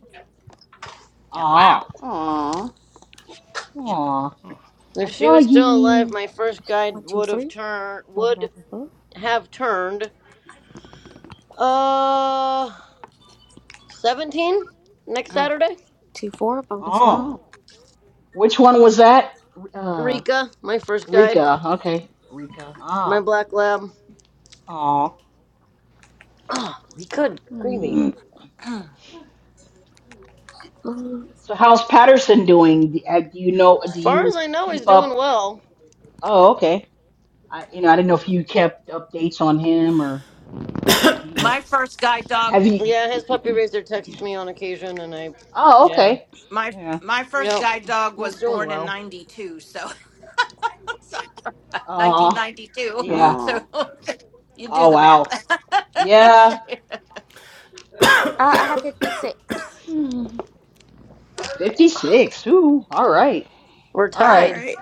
[SPEAKER 5] ah,
[SPEAKER 13] Wow.
[SPEAKER 3] Aww.
[SPEAKER 5] aw, a
[SPEAKER 13] If she was still alive,
[SPEAKER 5] doggy.
[SPEAKER 13] my first guide would
[SPEAKER 10] 123.
[SPEAKER 13] have
[SPEAKER 10] I'm
[SPEAKER 13] turned
[SPEAKER 10] going to
[SPEAKER 13] would
[SPEAKER 10] grab that one.
[SPEAKER 13] have turned uh seventeen
[SPEAKER 14] Yeah.
[SPEAKER 13] next
[SPEAKER 14] Mm.
[SPEAKER 13] Saturday.
[SPEAKER 10] 2 4. Bonus roll.
[SPEAKER 5] Oh,
[SPEAKER 3] Oh.
[SPEAKER 5] which one was that? Uh,
[SPEAKER 13] Rika, my first guide,
[SPEAKER 5] Rika. Okay. Rika.
[SPEAKER 13] my
[SPEAKER 5] Ah.
[SPEAKER 13] black lab.
[SPEAKER 5] Oh.
[SPEAKER 13] Oh,
[SPEAKER 5] Rika.
[SPEAKER 13] good
[SPEAKER 3] Hmm.
[SPEAKER 13] gravy.
[SPEAKER 5] Mm.
[SPEAKER 10] Mhm.
[SPEAKER 5] So how's Patterson doing? Do, uh, do you know?
[SPEAKER 13] As
[SPEAKER 5] Do
[SPEAKER 13] far as
[SPEAKER 5] you
[SPEAKER 13] I know,
[SPEAKER 5] keep
[SPEAKER 13] he's doing
[SPEAKER 5] up?
[SPEAKER 13] well.
[SPEAKER 5] Oh, okay. I you know I didn't know if you kept updates on him or do you
[SPEAKER 14] my first guide dog
[SPEAKER 5] have you?
[SPEAKER 13] Yeah, his puppy raiser texts me on occasion, and I,
[SPEAKER 5] Oh,
[SPEAKER 13] yeah.
[SPEAKER 5] okay.
[SPEAKER 14] my
[SPEAKER 5] Yeah.
[SPEAKER 14] my first
[SPEAKER 13] Yep.
[SPEAKER 14] guide dog
[SPEAKER 13] He's
[SPEAKER 14] was
[SPEAKER 13] doing
[SPEAKER 14] born in
[SPEAKER 13] well.
[SPEAKER 14] 92 so
[SPEAKER 5] Uh
[SPEAKER 14] 1992
[SPEAKER 5] yeah.
[SPEAKER 14] so
[SPEAKER 3] Aww.
[SPEAKER 14] you do
[SPEAKER 5] Oh
[SPEAKER 14] the math
[SPEAKER 5] wow. Yeah.
[SPEAKER 10] Uh, I have
[SPEAKER 3] Hmm.
[SPEAKER 5] Fifty six. Ooh. All right.
[SPEAKER 13] We're
[SPEAKER 5] All
[SPEAKER 12] All
[SPEAKER 5] right.
[SPEAKER 13] tied.
[SPEAKER 12] right.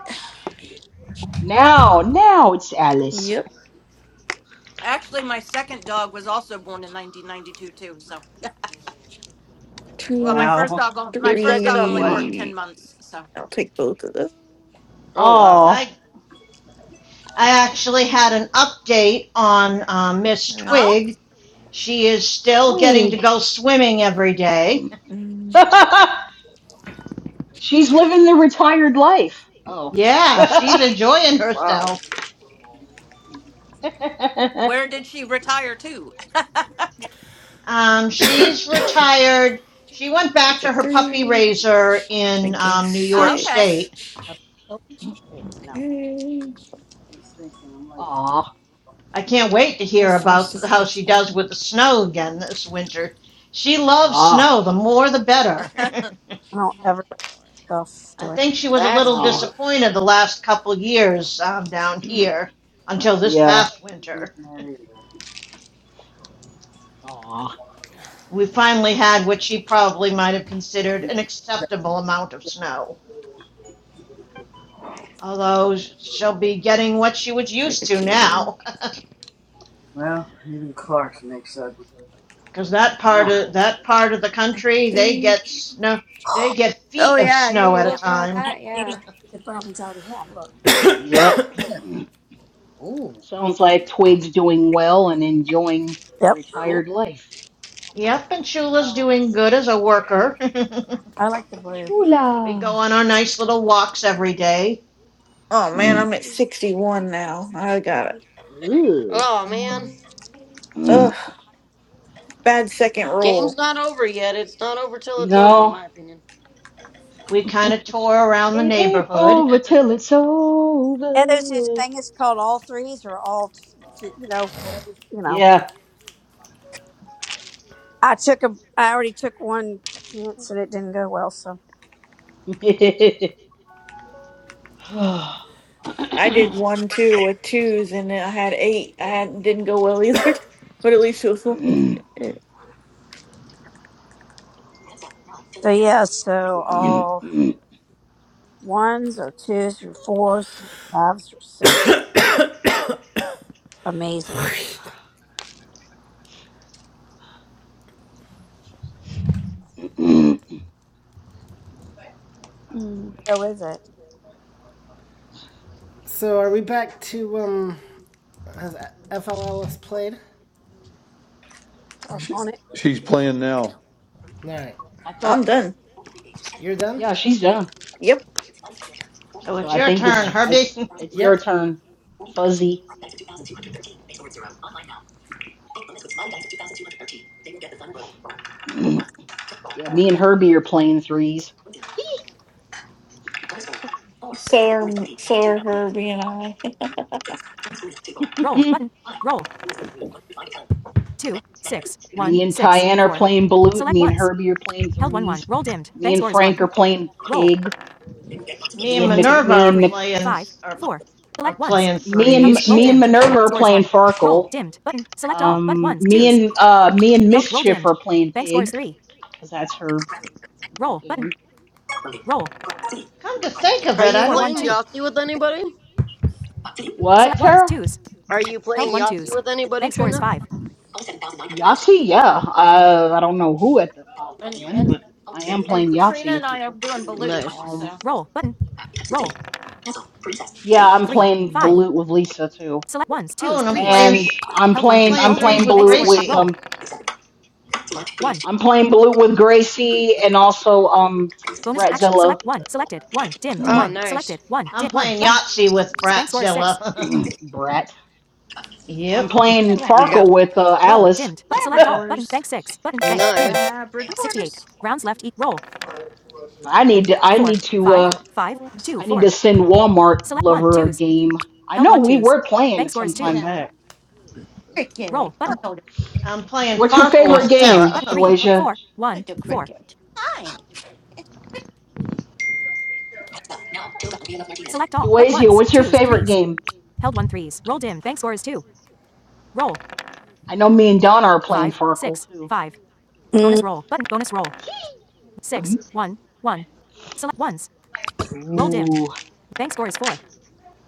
[SPEAKER 5] Now now it's Alice.
[SPEAKER 12] Yep.
[SPEAKER 14] actually my second dog was also born in 1992 too so well my
[SPEAKER 12] Two,
[SPEAKER 14] first
[SPEAKER 5] Wow.
[SPEAKER 14] dog on-
[SPEAKER 13] Your
[SPEAKER 14] my first
[SPEAKER 13] second
[SPEAKER 14] dog
[SPEAKER 13] dog
[SPEAKER 14] only
[SPEAKER 13] what?
[SPEAKER 5] Ah.
[SPEAKER 14] worked 10
[SPEAKER 12] three.
[SPEAKER 14] months so
[SPEAKER 12] I'll take both of those.
[SPEAKER 13] Oh wow.
[SPEAKER 5] Oh.
[SPEAKER 11] I I actually had an update on uh, Miss
[SPEAKER 12] Uh,
[SPEAKER 14] oh
[SPEAKER 11] Twig. She is still getting
[SPEAKER 5] Twig.
[SPEAKER 11] to go swimming every day.
[SPEAKER 12] mm,
[SPEAKER 5] She's living the retired life. Oh.
[SPEAKER 11] Yeah, she's
[SPEAKER 5] Aw.
[SPEAKER 11] enjoying
[SPEAKER 13] Wow.
[SPEAKER 11] herself.
[SPEAKER 14] where did she retire to
[SPEAKER 11] Um, she's retired. She went
[SPEAKER 12] take
[SPEAKER 11] back
[SPEAKER 12] the
[SPEAKER 11] to her puppy
[SPEAKER 12] three.
[SPEAKER 11] raiser in
[SPEAKER 12] Banking
[SPEAKER 11] um, New York
[SPEAKER 14] okay
[SPEAKER 12] six.
[SPEAKER 11] State.
[SPEAKER 4] Oh, shoot, No,
[SPEAKER 12] Okay.
[SPEAKER 5] Ah.
[SPEAKER 11] I can't wait to
[SPEAKER 12] Four,
[SPEAKER 11] hear
[SPEAKER 12] five, six,
[SPEAKER 11] about how
[SPEAKER 12] six,
[SPEAKER 11] she
[SPEAKER 12] five.
[SPEAKER 11] does with the snow again this winter. She loves snow. The more, the better.
[SPEAKER 4] I don't
[SPEAKER 12] Take
[SPEAKER 4] ever
[SPEAKER 12] one.
[SPEAKER 4] stuff
[SPEAKER 11] I
[SPEAKER 4] doing.
[SPEAKER 11] think she was a
[SPEAKER 13] That's
[SPEAKER 11] little
[SPEAKER 5] Ah.
[SPEAKER 13] cool.
[SPEAKER 11] disappointed the last couple years um, down here until this
[SPEAKER 5] Yeah.
[SPEAKER 11] past winter.
[SPEAKER 5] Aw.
[SPEAKER 11] we finally
[SPEAKER 5] Chula.
[SPEAKER 11] had what she probably might have considered an acceptable amount of snow. Although she'll be getting what she was
[SPEAKER 12] Take
[SPEAKER 11] used
[SPEAKER 12] a
[SPEAKER 11] to
[SPEAKER 12] two.
[SPEAKER 11] now, because that part
[SPEAKER 5] Ah.
[SPEAKER 11] of that part of the
[SPEAKER 12] Take
[SPEAKER 11] country
[SPEAKER 12] a
[SPEAKER 11] they get
[SPEAKER 12] three.
[SPEAKER 11] snow they get feet
[SPEAKER 6] yeah, I knew
[SPEAKER 11] snow
[SPEAKER 6] you were
[SPEAKER 11] at a
[SPEAKER 14] yeah
[SPEAKER 6] working on
[SPEAKER 11] time.
[SPEAKER 6] that.
[SPEAKER 4] Here's
[SPEAKER 6] Yeah.
[SPEAKER 4] the problems I already have. Look.
[SPEAKER 5] Yep. Sounds like Twig's doing well and enjoying
[SPEAKER 4] Yep.
[SPEAKER 5] retired life.
[SPEAKER 11] Yep, and Shula's doing good as a worker.
[SPEAKER 4] I like the blue.
[SPEAKER 10] 56.
[SPEAKER 11] we go
[SPEAKER 5] Chula.
[SPEAKER 11] on our nice little walks every day.
[SPEAKER 12] Oh man,
[SPEAKER 5] Ooh.
[SPEAKER 12] I'm at 61 now. I got it.
[SPEAKER 13] Oh man.
[SPEAKER 12] Ugh, bad
[SPEAKER 11] We
[SPEAKER 12] second
[SPEAKER 11] kind of
[SPEAKER 12] roll.
[SPEAKER 13] Game's not over yet. It's not over till it's over, in
[SPEAKER 5] No,
[SPEAKER 13] my opinion.
[SPEAKER 11] we kind of tour around the
[SPEAKER 5] it ain't
[SPEAKER 11] neighborhood.
[SPEAKER 5] over till it's
[SPEAKER 4] And there's this
[SPEAKER 5] over.
[SPEAKER 4] thing. It's called all threes or all, t- t- you know, whatever. You know,
[SPEAKER 5] Yeah.
[SPEAKER 4] I took a. I already took one chance and it didn't go well. So,
[SPEAKER 12] I did one two with twos, and then I had eight. I had didn't go well either, but at least it was one.
[SPEAKER 4] so yeah. So all ones or twos or fours, and fives or six. That's Amazing.
[SPEAKER 5] I
[SPEAKER 3] Hmm.
[SPEAKER 4] So is it?
[SPEAKER 1] So are we back to um has FLLS played?
[SPEAKER 4] Talk on it.
[SPEAKER 2] She's playing now.
[SPEAKER 1] All right.
[SPEAKER 5] thought,
[SPEAKER 12] I'm done.
[SPEAKER 1] You're done?
[SPEAKER 5] yeah, she's done.
[SPEAKER 12] Yep.
[SPEAKER 11] so
[SPEAKER 5] So
[SPEAKER 11] it's
[SPEAKER 5] I
[SPEAKER 11] your
[SPEAKER 5] think
[SPEAKER 1] All
[SPEAKER 11] turn,
[SPEAKER 5] it's
[SPEAKER 1] right.
[SPEAKER 5] it's
[SPEAKER 11] Herbie.
[SPEAKER 5] it's your
[SPEAKER 1] Yep.
[SPEAKER 5] turn, Fuzzy. Yeah, me and Herbie are playing threes.
[SPEAKER 12] So are so are Herbie and I.
[SPEAKER 1] Roll
[SPEAKER 5] me
[SPEAKER 1] button. Roll. Two, six, one,
[SPEAKER 5] and
[SPEAKER 1] six,
[SPEAKER 5] Tyann are
[SPEAKER 1] four.
[SPEAKER 5] playing Balut.
[SPEAKER 1] Select
[SPEAKER 5] Me and
[SPEAKER 1] ones.
[SPEAKER 5] Herbie are playing
[SPEAKER 1] Held one one.
[SPEAKER 5] threes.
[SPEAKER 1] Roll dimmed.
[SPEAKER 5] Me
[SPEAKER 1] Bank
[SPEAKER 5] and
[SPEAKER 1] score is one.
[SPEAKER 5] Frank are playing
[SPEAKER 1] Roll.
[SPEAKER 5] Pig.
[SPEAKER 11] Me
[SPEAKER 5] Me
[SPEAKER 11] and
[SPEAKER 5] and Nic-
[SPEAKER 1] two,
[SPEAKER 11] Minerva
[SPEAKER 5] me
[SPEAKER 11] are
[SPEAKER 5] and
[SPEAKER 1] three,
[SPEAKER 5] Nic-
[SPEAKER 11] playing.
[SPEAKER 1] five,
[SPEAKER 11] are
[SPEAKER 1] four.
[SPEAKER 11] are
[SPEAKER 1] Select ones.
[SPEAKER 11] playing
[SPEAKER 5] me
[SPEAKER 1] Held.
[SPEAKER 5] and
[SPEAKER 11] threes.
[SPEAKER 1] Roll
[SPEAKER 5] me and
[SPEAKER 1] dimmed.
[SPEAKER 5] Minerva are
[SPEAKER 1] Scores
[SPEAKER 5] playing
[SPEAKER 1] one. Roll
[SPEAKER 5] Farkle.
[SPEAKER 1] dimmed. Button. Select all. But
[SPEAKER 5] Um,
[SPEAKER 1] ones,
[SPEAKER 5] me
[SPEAKER 1] twos.
[SPEAKER 5] and uh me and
[SPEAKER 1] Held. Roll
[SPEAKER 5] Mischief
[SPEAKER 1] dimmed.
[SPEAKER 5] are playing
[SPEAKER 1] Bank scores
[SPEAKER 5] Pig
[SPEAKER 1] three.
[SPEAKER 5] because that's her you know,
[SPEAKER 1] Roll button.
[SPEAKER 5] game.
[SPEAKER 1] Roll.
[SPEAKER 11] Come to think of
[SPEAKER 13] Are
[SPEAKER 11] it,
[SPEAKER 13] you
[SPEAKER 11] I
[SPEAKER 1] Four
[SPEAKER 11] don't
[SPEAKER 1] one
[SPEAKER 13] playing
[SPEAKER 11] think.
[SPEAKER 1] two.
[SPEAKER 13] Yahtzee with anybody?
[SPEAKER 5] What,
[SPEAKER 1] Select ones,
[SPEAKER 5] Tara?
[SPEAKER 1] twos.
[SPEAKER 13] Are you
[SPEAKER 1] Held
[SPEAKER 13] playing
[SPEAKER 1] one
[SPEAKER 13] Yahtzee
[SPEAKER 1] twos.
[SPEAKER 13] with anybody,
[SPEAKER 1] Bank scores
[SPEAKER 13] Trina?
[SPEAKER 1] five.
[SPEAKER 5] Yahtzee, yeah. Uh, I don't know who at the
[SPEAKER 14] and
[SPEAKER 5] offhand,
[SPEAKER 14] and
[SPEAKER 5] but I am
[SPEAKER 14] and
[SPEAKER 5] playing
[SPEAKER 14] trina
[SPEAKER 5] Yahtzee
[SPEAKER 14] and
[SPEAKER 5] with
[SPEAKER 14] i are
[SPEAKER 5] people.
[SPEAKER 14] doing balut
[SPEAKER 13] Nice.
[SPEAKER 5] Um,
[SPEAKER 14] so
[SPEAKER 1] Roll button. Roll.
[SPEAKER 5] yeah, I'm
[SPEAKER 1] Three.
[SPEAKER 5] playing
[SPEAKER 1] Five.
[SPEAKER 5] Balut with Lisa too,
[SPEAKER 1] Select ones,
[SPEAKER 11] Oh,
[SPEAKER 1] twos,
[SPEAKER 11] and I'm
[SPEAKER 1] threes.
[SPEAKER 11] playing.
[SPEAKER 5] and I'm
[SPEAKER 1] Held one
[SPEAKER 11] I'm
[SPEAKER 5] playing
[SPEAKER 1] three.
[SPEAKER 11] playing
[SPEAKER 5] I'm
[SPEAKER 1] Roll
[SPEAKER 11] threes
[SPEAKER 1] dimmed.
[SPEAKER 5] playing
[SPEAKER 11] with
[SPEAKER 1] Bank
[SPEAKER 5] Balut
[SPEAKER 1] scores five.
[SPEAKER 5] with
[SPEAKER 11] Gracie.
[SPEAKER 1] Roll.
[SPEAKER 5] um
[SPEAKER 1] One.
[SPEAKER 5] I'm playing Balut with Gracie and also um
[SPEAKER 1] Bonus action.
[SPEAKER 5] Bratzilla,
[SPEAKER 1] Select one. Selected. One. Dimmed.
[SPEAKER 13] Oh
[SPEAKER 1] One.
[SPEAKER 13] nice.
[SPEAKER 1] Selected. One.
[SPEAKER 11] I'm
[SPEAKER 1] Dim. One.
[SPEAKER 11] playing
[SPEAKER 1] Button.
[SPEAKER 11] Yahtzee with
[SPEAKER 1] Bank score is six.
[SPEAKER 11] Bratzilla.
[SPEAKER 5] Brat. I'm
[SPEAKER 11] yep.
[SPEAKER 5] playing
[SPEAKER 13] Yeah.
[SPEAKER 5] Farkle with uh,
[SPEAKER 1] Roll.
[SPEAKER 5] Alice.
[SPEAKER 1] Dimmed. Bu- select all. Button. Bank 6. Button. Bank. Dim.
[SPEAKER 14] nice.
[SPEAKER 13] Nice.
[SPEAKER 1] 68. Rounds left. E- roll.
[SPEAKER 5] I need to I
[SPEAKER 1] 4.
[SPEAKER 5] need to
[SPEAKER 1] 5.
[SPEAKER 5] uh
[SPEAKER 1] 5. 2.
[SPEAKER 5] I need
[SPEAKER 1] 4.
[SPEAKER 5] to send Walmart
[SPEAKER 1] Select 1.
[SPEAKER 5] lover a
[SPEAKER 1] 2s.
[SPEAKER 5] game. I
[SPEAKER 1] Held
[SPEAKER 5] know
[SPEAKER 1] one
[SPEAKER 5] we
[SPEAKER 1] twos.
[SPEAKER 5] were playing
[SPEAKER 1] Bank
[SPEAKER 5] it
[SPEAKER 1] score
[SPEAKER 5] some
[SPEAKER 1] is 2.
[SPEAKER 5] time back.
[SPEAKER 1] Roll.
[SPEAKER 11] I'm,
[SPEAKER 1] Button.
[SPEAKER 11] I'm playing
[SPEAKER 5] What's your
[SPEAKER 11] Farkle
[SPEAKER 1] Roll.
[SPEAKER 5] favorite
[SPEAKER 11] with
[SPEAKER 1] Dimmed.
[SPEAKER 11] Tara.
[SPEAKER 5] game,
[SPEAKER 1] Button. 3.
[SPEAKER 5] Deweja?
[SPEAKER 1] 4. 1. 4. Select all. But
[SPEAKER 5] Duazio,
[SPEAKER 1] 1s.
[SPEAKER 5] what's your
[SPEAKER 1] 2s.
[SPEAKER 5] favorite
[SPEAKER 1] 3s.
[SPEAKER 5] game?
[SPEAKER 1] Held one threes. Roll dimmed. Bank score is 2. Roll.
[SPEAKER 5] I know me and Don are playing
[SPEAKER 1] 5.
[SPEAKER 5] Farkle
[SPEAKER 1] 6.
[SPEAKER 5] too.
[SPEAKER 1] 5.
[SPEAKER 4] Mm,
[SPEAKER 1] Bonus roll. Button. Bonus roll. 6.
[SPEAKER 5] Mhm.
[SPEAKER 1] 1. 1. Select 1s. Roll dimmed.
[SPEAKER 5] Ooh.
[SPEAKER 1] Bank score is 4.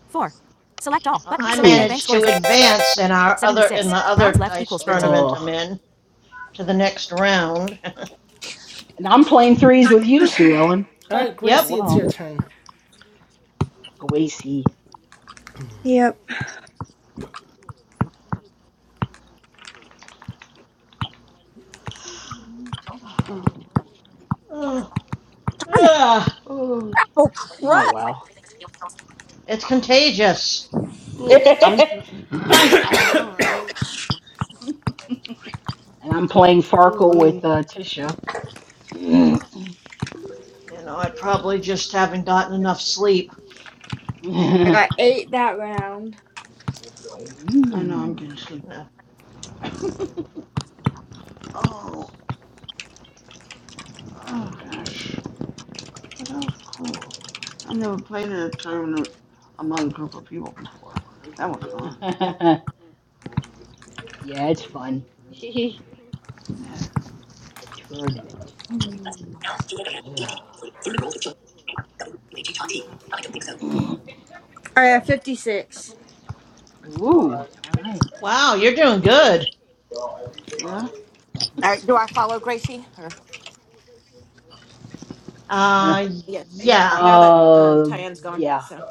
[SPEAKER 1] 4. Select all. Button.
[SPEAKER 11] I
[SPEAKER 1] Select bank.
[SPEAKER 5] Ooh.
[SPEAKER 1] Bank
[SPEAKER 11] managed
[SPEAKER 1] score is
[SPEAKER 11] to
[SPEAKER 1] 8.
[SPEAKER 11] advance in our other in the
[SPEAKER 1] 76. Rounds
[SPEAKER 11] other
[SPEAKER 1] left
[SPEAKER 11] dice
[SPEAKER 1] equals 13.
[SPEAKER 11] tournament I'm
[SPEAKER 5] Ugh.
[SPEAKER 11] in to the next round.
[SPEAKER 5] And I'm playing threes with you, Sue
[SPEAKER 6] Okay.
[SPEAKER 5] Ellen,
[SPEAKER 1] All right,
[SPEAKER 5] as
[SPEAKER 11] yep.
[SPEAKER 1] Gracie, it's
[SPEAKER 5] well.
[SPEAKER 1] your turn.
[SPEAKER 5] Go
[SPEAKER 6] Yep.
[SPEAKER 3] oh.
[SPEAKER 11] Ugh.
[SPEAKER 4] darn it.
[SPEAKER 11] Ugh.
[SPEAKER 3] Oh.
[SPEAKER 4] Apple crud.
[SPEAKER 5] Oh, wow.
[SPEAKER 11] It's contagious.
[SPEAKER 3] Ooh, I'm
[SPEAKER 5] and
[SPEAKER 3] like I know, right?
[SPEAKER 5] I'm playing
[SPEAKER 3] Ooh,
[SPEAKER 5] Farkle with
[SPEAKER 3] wait.
[SPEAKER 5] uh, Tisha. Ooh.
[SPEAKER 11] You know, I probably just haven't gotten enough sleep.
[SPEAKER 6] I
[SPEAKER 3] Okay.
[SPEAKER 6] got eight that round.
[SPEAKER 3] I know I'm getting sleepy. Oh, oh gosh. Well, that was cool. I never played in a tournament among a group of people before. That was fun.
[SPEAKER 5] yeah, it's fun. A
[SPEAKER 3] Yeah.
[SPEAKER 5] tournament. Ugh.
[SPEAKER 3] Okay.
[SPEAKER 5] Mm.
[SPEAKER 6] I got fifty-six.
[SPEAKER 5] Ooh, alright.
[SPEAKER 11] Wow, you're doing good.
[SPEAKER 3] Yeah.
[SPEAKER 14] All right, do I follow Gracie? or?
[SPEAKER 11] Uh,
[SPEAKER 14] Yes. n-
[SPEAKER 11] yeah,
[SPEAKER 14] Now that um,
[SPEAKER 5] Uh,
[SPEAKER 14] Tyann's gone,
[SPEAKER 5] yeah,
[SPEAKER 14] so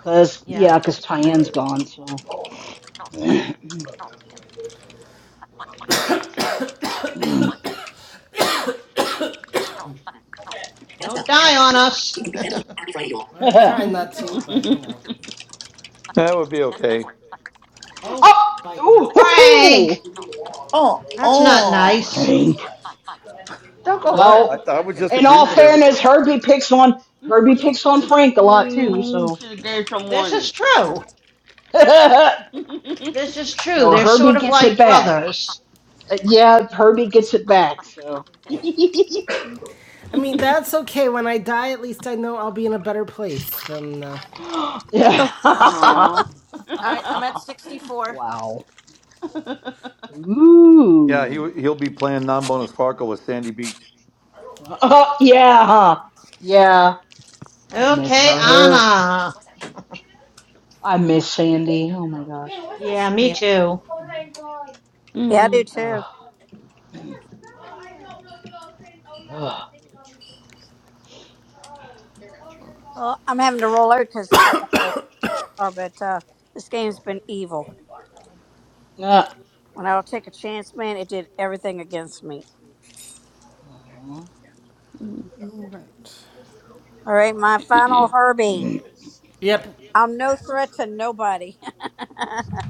[SPEAKER 5] cause
[SPEAKER 11] yeah.
[SPEAKER 5] yeah, cause Tyann's
[SPEAKER 14] okay.
[SPEAKER 5] gone, so.
[SPEAKER 11] Don't die on us.
[SPEAKER 1] I'm trying not to, but you know.
[SPEAKER 2] That would be okay.
[SPEAKER 5] oh,
[SPEAKER 1] Oh, bite me.
[SPEAKER 5] ooh, hoo,
[SPEAKER 11] Frank!
[SPEAKER 5] hoo.
[SPEAKER 12] Oh
[SPEAKER 11] That's not
[SPEAKER 12] oh.
[SPEAKER 11] nice.
[SPEAKER 5] Frank.
[SPEAKER 3] Don't go
[SPEAKER 2] What?
[SPEAKER 3] scaring
[SPEAKER 2] I,
[SPEAKER 3] people
[SPEAKER 5] Well,
[SPEAKER 2] I
[SPEAKER 3] like
[SPEAKER 2] was
[SPEAKER 3] that.
[SPEAKER 2] just
[SPEAKER 3] That's
[SPEAKER 5] in
[SPEAKER 3] not
[SPEAKER 5] all
[SPEAKER 2] agreeing with
[SPEAKER 3] nice.
[SPEAKER 5] fairness,
[SPEAKER 2] everybody.
[SPEAKER 5] Herbie picks on
[SPEAKER 3] You
[SPEAKER 5] Herbie
[SPEAKER 3] you
[SPEAKER 5] picks
[SPEAKER 3] should
[SPEAKER 5] on
[SPEAKER 3] have
[SPEAKER 5] Frank a lot too,
[SPEAKER 3] you
[SPEAKER 5] so.
[SPEAKER 3] should have gave some
[SPEAKER 11] This is
[SPEAKER 3] warning.
[SPEAKER 11] true. This is true.
[SPEAKER 5] so
[SPEAKER 11] They're
[SPEAKER 5] Herbie
[SPEAKER 11] sort of
[SPEAKER 5] gets it
[SPEAKER 11] like
[SPEAKER 5] back.
[SPEAKER 11] brothers.
[SPEAKER 5] Uh, yeah, Herbie gets it back. So.
[SPEAKER 1] I mean, that's okay. When I die, at least I know I'll be in a better place than. Uh...
[SPEAKER 5] yeah.
[SPEAKER 3] Aww.
[SPEAKER 14] All right, I'm at 64.
[SPEAKER 5] wow.
[SPEAKER 2] Yeah, he,
[SPEAKER 5] Ooh.
[SPEAKER 2] he'll be playing non bonus Farco with Sandy Beach.
[SPEAKER 5] Oh yeah. huh. Yeah. I miss
[SPEAKER 1] Oh
[SPEAKER 11] Okay,
[SPEAKER 1] boy.
[SPEAKER 5] her.
[SPEAKER 11] Anna.
[SPEAKER 5] I miss Sandy. Oh my gosh.
[SPEAKER 11] Yeah, me
[SPEAKER 14] Yeah.
[SPEAKER 11] too.
[SPEAKER 4] Yeah, I do
[SPEAKER 3] Mm.
[SPEAKER 5] Ugh.
[SPEAKER 4] too.
[SPEAKER 5] Ugh.
[SPEAKER 4] Well, I'm having to roll over because I got to go are, but uh, this game's been evil.
[SPEAKER 5] Ah.
[SPEAKER 4] When I'll take a chance, man, it did everything against me.
[SPEAKER 3] Mm.
[SPEAKER 8] Alright.
[SPEAKER 4] All right, my final Herbie.
[SPEAKER 5] Mhm.
[SPEAKER 1] Yep.
[SPEAKER 4] I'm no threat to nobody.